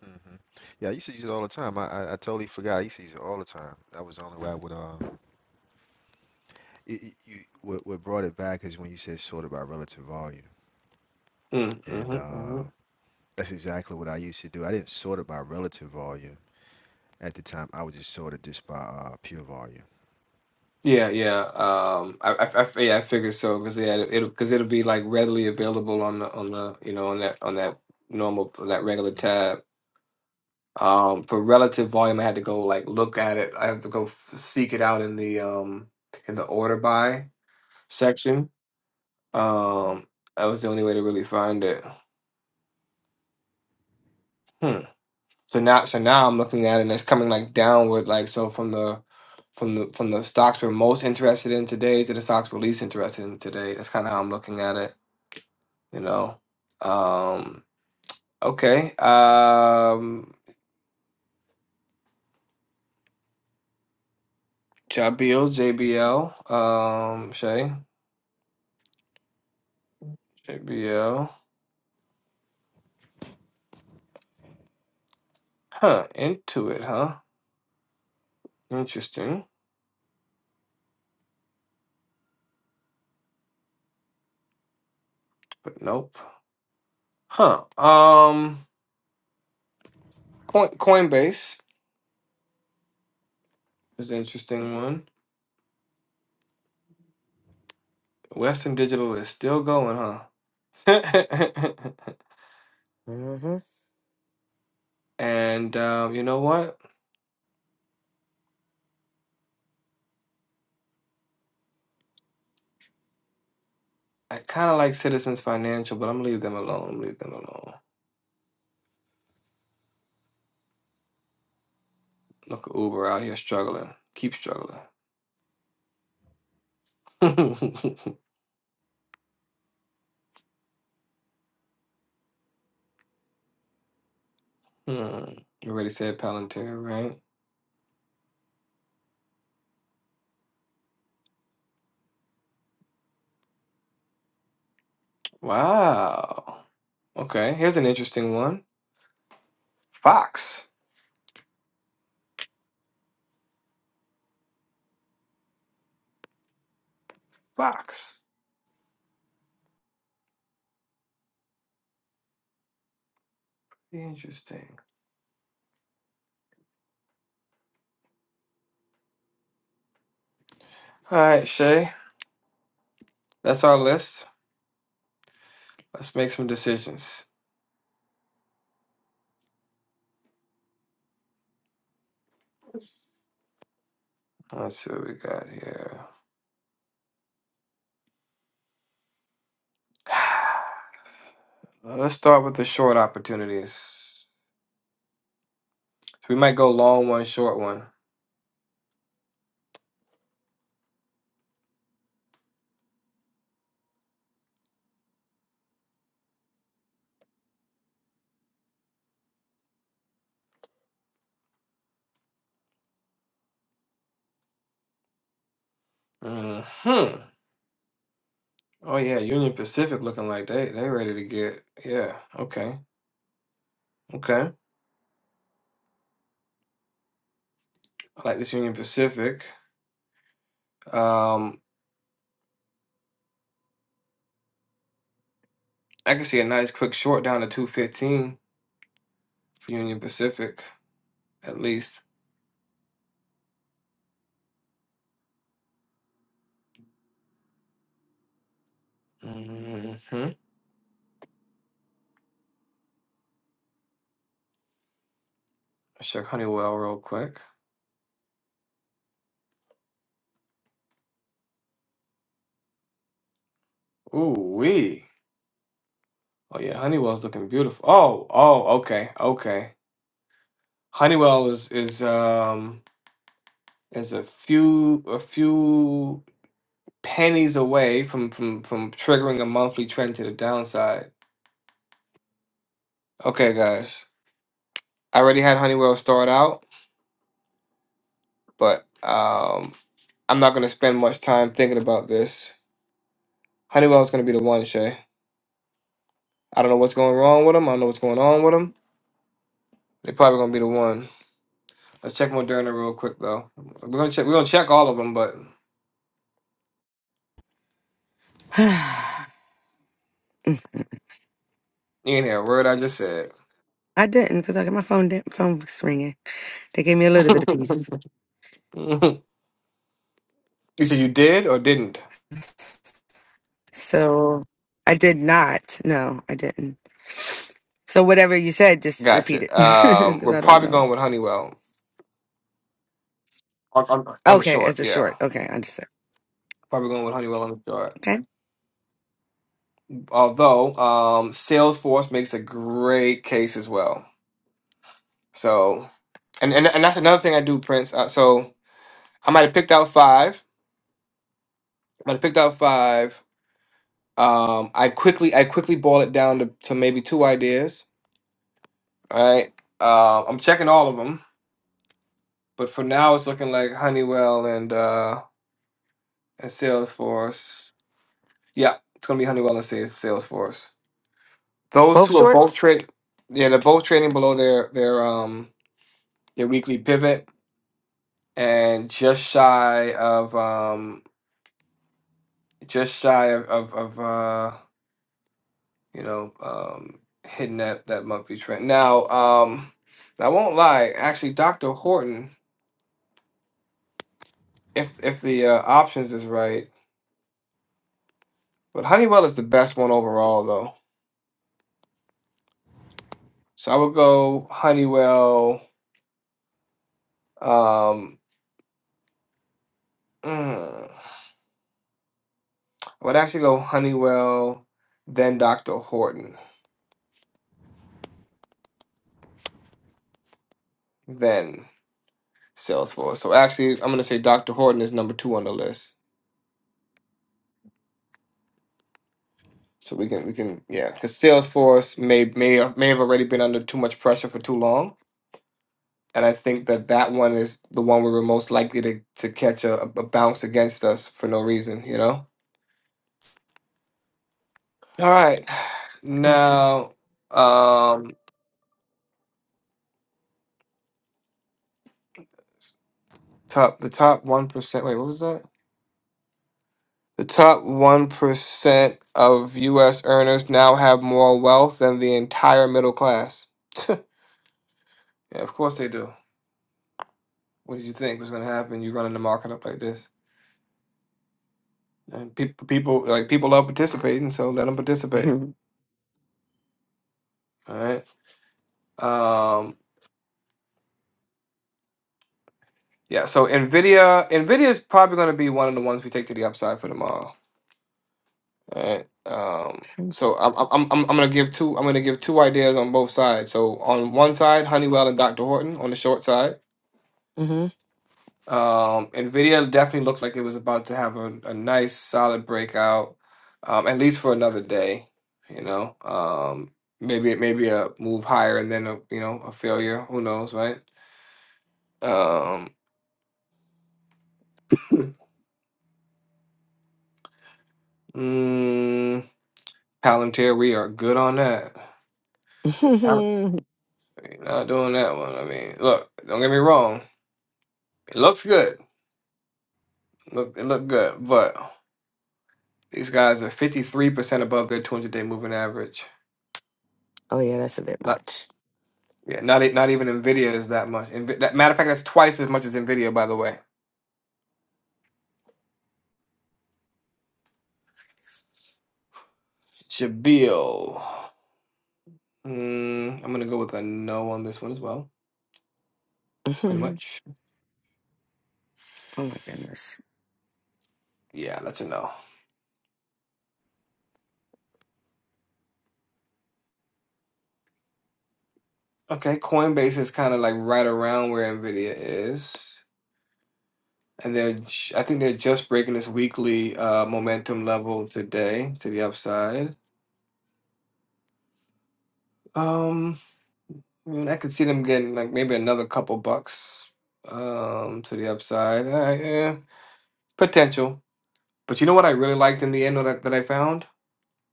Speaker 7: hmm Yeah, I used to use it all the time. I, I I totally forgot. I used to use it all the time. That was the only way I would uh it, it- you what what brought it back is when you said sorted by relative volume,
Speaker 1: Mm,
Speaker 7: and
Speaker 1: mm-hmm,
Speaker 7: uh,
Speaker 1: hmm
Speaker 7: that's exactly what I used to do. I didn't sort it by relative volume at the time. I would just sort it just by uh, pure volume.
Speaker 1: Yeah, yeah. Um, I, I, I, yeah, I figured so because yeah, it'll because it'll be like readily available on the on the you know on that on that normal on that regular
Speaker 7: Mm.
Speaker 1: tab. Um, for relative volume, I had to go like look at it. I have to go f- seek it out in the um in the order by section. Um, that was the only way to really find it. Hmm. So now, so now I'm looking at it and it's coming like downward, like so from the from the from the stocks we're most interested in today to the stocks we're least interested in today. That's kind of how I'm looking at it, you know. Um, okay. Um, Jabil, JBL, um, Shay, JBL. Huh, into it, huh? Interesting, but nope. Huh. Um, Coin Coinbase is an interesting one. Western Digital is still going, huh?
Speaker 3: Mm-hmm.
Speaker 1: And um, you know what? I kind of like Citizens Financial, but I'm gonna leave them alone. I'm gonna leave them alone. Look at Uber out here struggling. Keep struggling. hmm. You already said Palantir, right? Wow. Okay, here's an interesting one. Fox. Fox. Interesting. All right, Shay. That's our list. Let's make some decisions. Let's see what we got here. Uh, Let's start with the short opportunities. We might go long one, short one. Hmm. Oh yeah, Union Pacific looking like they they ready to get yeah. Okay, okay. I like this Union Pacific. Um, I can see a nice quick short down to two fifteen for Union Pacific at least. Mm-hmm. Let's check Honeywell real quick. Ooh wee. Oh yeah, Honeywell's looking beautiful. Oh oh okay okay. Honeywell is is um is a few a few pennies away from from from triggering a monthly trend to the downside. Okay, guys. I already had Honeywell start out, but um, I'm not going to spend much time thinking about this. Honeywell's going to be the one, Shay. I don't know what's going wrong with them. I don't know what's going on with them. They're probably going to be the one. Let's check Moderna real quick, though. We're going to check. We're going to check all of them, but you ain't hear a word I just said.
Speaker 3: I didn't because I got my phone da- phone was ringing. They gave me a little bit of peace.
Speaker 1: you said you did or didn't.
Speaker 3: So I did not. No, I didn't. So whatever you said, just repeat
Speaker 1: Gotcha.
Speaker 3: it
Speaker 1: Um,
Speaker 3: because
Speaker 1: we're
Speaker 3: I don't
Speaker 1: probably
Speaker 3: know.
Speaker 1: going with Honeywell on, on, on the
Speaker 3: Okay, as
Speaker 1: short.
Speaker 3: a
Speaker 1: Yeah,
Speaker 3: short. Okay, I understand.
Speaker 1: probably going with Honeywell on the short.
Speaker 3: Okay,
Speaker 1: Although um, Salesforce makes a great case as well. So, and and, and that's another thing I do, Prince. Uh, so I might have picked out five. I might have picked out five. Um, I quickly I quickly boiled it down to, to maybe two ideas. All right. Uh, I'm checking all of them, but for now it's looking like Honeywell and uh, and Salesforce. Yeah, it's gonna be Honeywell and Sa- Salesforce. Those
Speaker 3: both
Speaker 1: two are both
Speaker 3: shorts.
Speaker 1: trade. Yeah, they're both trading below their their um their weekly pivot and just shy of um just shy of of, of uh you know, um, hitting that that monthly trend. Now, um, I won't lie. Actually, Dr. Horton, if if the uh, options is right, but Honeywell is the best one overall, though. So I would go Honeywell. Um, mm, I would actually go Honeywell, then Dr. Horton, then Salesforce. So actually, I'm gonna say Dr. Horton is number two on the list. So we can we can yeah, because Salesforce may may may have already been under too much pressure for too long And I think that that one is the one where we're most likely to, to catch a, a bounce against us for no reason, you know? All right.
Speaker 3: Okay.
Speaker 1: Now, um, top the top 1%. Wait, what was that? The top 1% of US earners now have more wealth than the entire middle class. yeah, of course they do. What did you think was going to happen? You running the market up like this. And people, people like people love participating, so let them participate.
Speaker 3: hmm
Speaker 1: All right. um. Yeah, so Nvidia, Nvidia is probably going to be one of the ones we take to the upside for tomorrow. All right. Um, so I'm I'm I'm I'm going to give two. I'm going to give two ideas on both sides. So on one side, Honeywell and Dr. Horton on the short side. Um, Nvidia definitely looked like it was about to have a, a nice solid breakout, um, at least for another day. You know, um, maybe maybe a move higher and then a you know a failure. Who knows, right? Um, mm, Palantir, we are good on that.
Speaker 3: oh
Speaker 1: You're not doing that one. I mean, look, don't get me wrong. It looks good. Look, it looked good, but these guys are 53% above their 200-day moving average.
Speaker 3: yeah, that's a bit
Speaker 1: Not,
Speaker 3: much.
Speaker 1: yeah, not e- not even Nvidia is that much. Invi- that, matter of fact, that's twice as much as Nvidia, by the way. Jabil. Mm, I'm gonna go with a no on this one as well. Pretty
Speaker 3: Mhm.
Speaker 1: much.
Speaker 3: oh my goodness.
Speaker 1: Yeah, that's a no. Okay, Coinbase is kind of like right around where Nvidia is. And they're, j- I think they're just breaking this weekly uh, momentum level today to the upside. Um, I mean, I could see them getting like maybe another couple bucks um, to the upside. All right, yeah, potential. But you know what I really liked in the end that, that I found?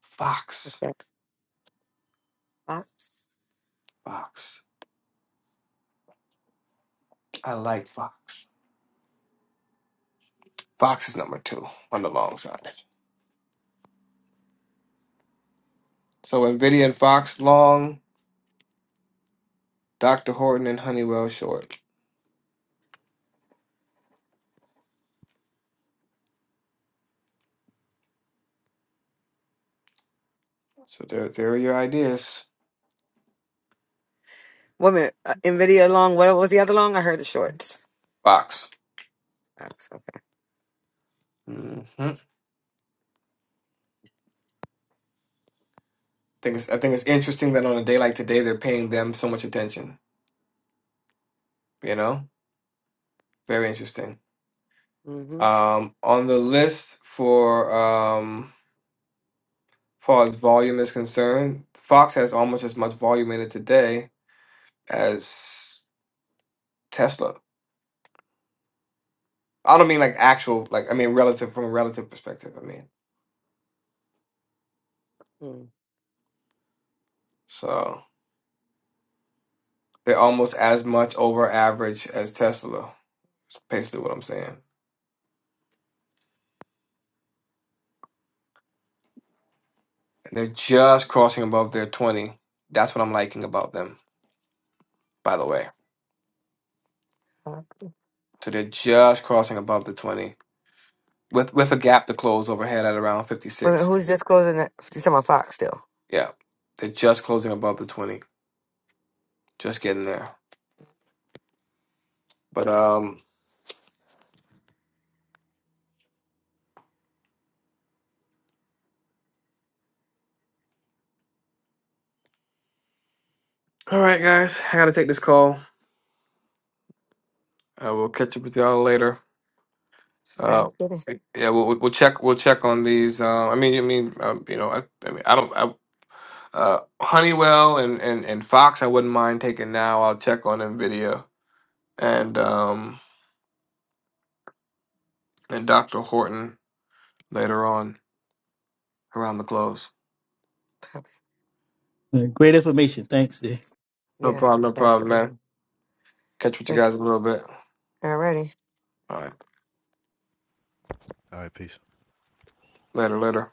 Speaker 1: Fox. Fox. I like Fox. Fox is number two on the long side. So Nvidia and Fox long, Dr. Horton and Honeywell short. So there, there are your ideas.
Speaker 3: Woman, uh, Nvidia long. What was the other long? I heard the shorts.
Speaker 1: Fox.
Speaker 3: Fox, okay.
Speaker 1: hmm think it's, I think it's interesting that on a day like today, they're paying them so much attention. You know, very interesting.
Speaker 3: Mhm.
Speaker 1: Um, on the list for um, far as volume is concerned, Fox has almost as much volume in it today as Tesla. I don't mean like actual, like I mean relative from a relative perspective. I mean,
Speaker 3: mm
Speaker 1: so they're almost as much over average as Tesla. It's basically what I'm saying. they're just crossing above their twenty. That's what I'm liking about them, by the way.
Speaker 3: Fox.
Speaker 1: So they're just crossing above the 20 with with a gap to close overhead at around
Speaker 3: Wait, a minute.
Speaker 1: 56.
Speaker 3: who's just closing that? You talking about Fox still?
Speaker 1: Yeah. They're just closing above the 20. Just getting there. But um all right guys, I got to take this call. Uh, we'll catch up with y'all later. Uh
Speaker 3: Sounds good.
Speaker 1: yeah, we'll we'll we'll check we'll check on these uh, I mean I mean um, you know I, I mean I don't I, uh Honeywell and and and Fox I wouldn't mind taking now. I'll check on Nvidia and um and Dr. Horton later on around the close.
Speaker 3: Fox.
Speaker 8: Uh, Great information. Thanks. Yeah.
Speaker 1: No
Speaker 3: Yeah,
Speaker 1: problem, no
Speaker 3: that's a
Speaker 1: problem,
Speaker 3: good
Speaker 1: man.
Speaker 3: one.
Speaker 1: Catch with you
Speaker 3: Thank.
Speaker 1: guys in a little bit.
Speaker 3: Alrighty.
Speaker 1: All right.
Speaker 7: All right, peace.
Speaker 1: Later, later.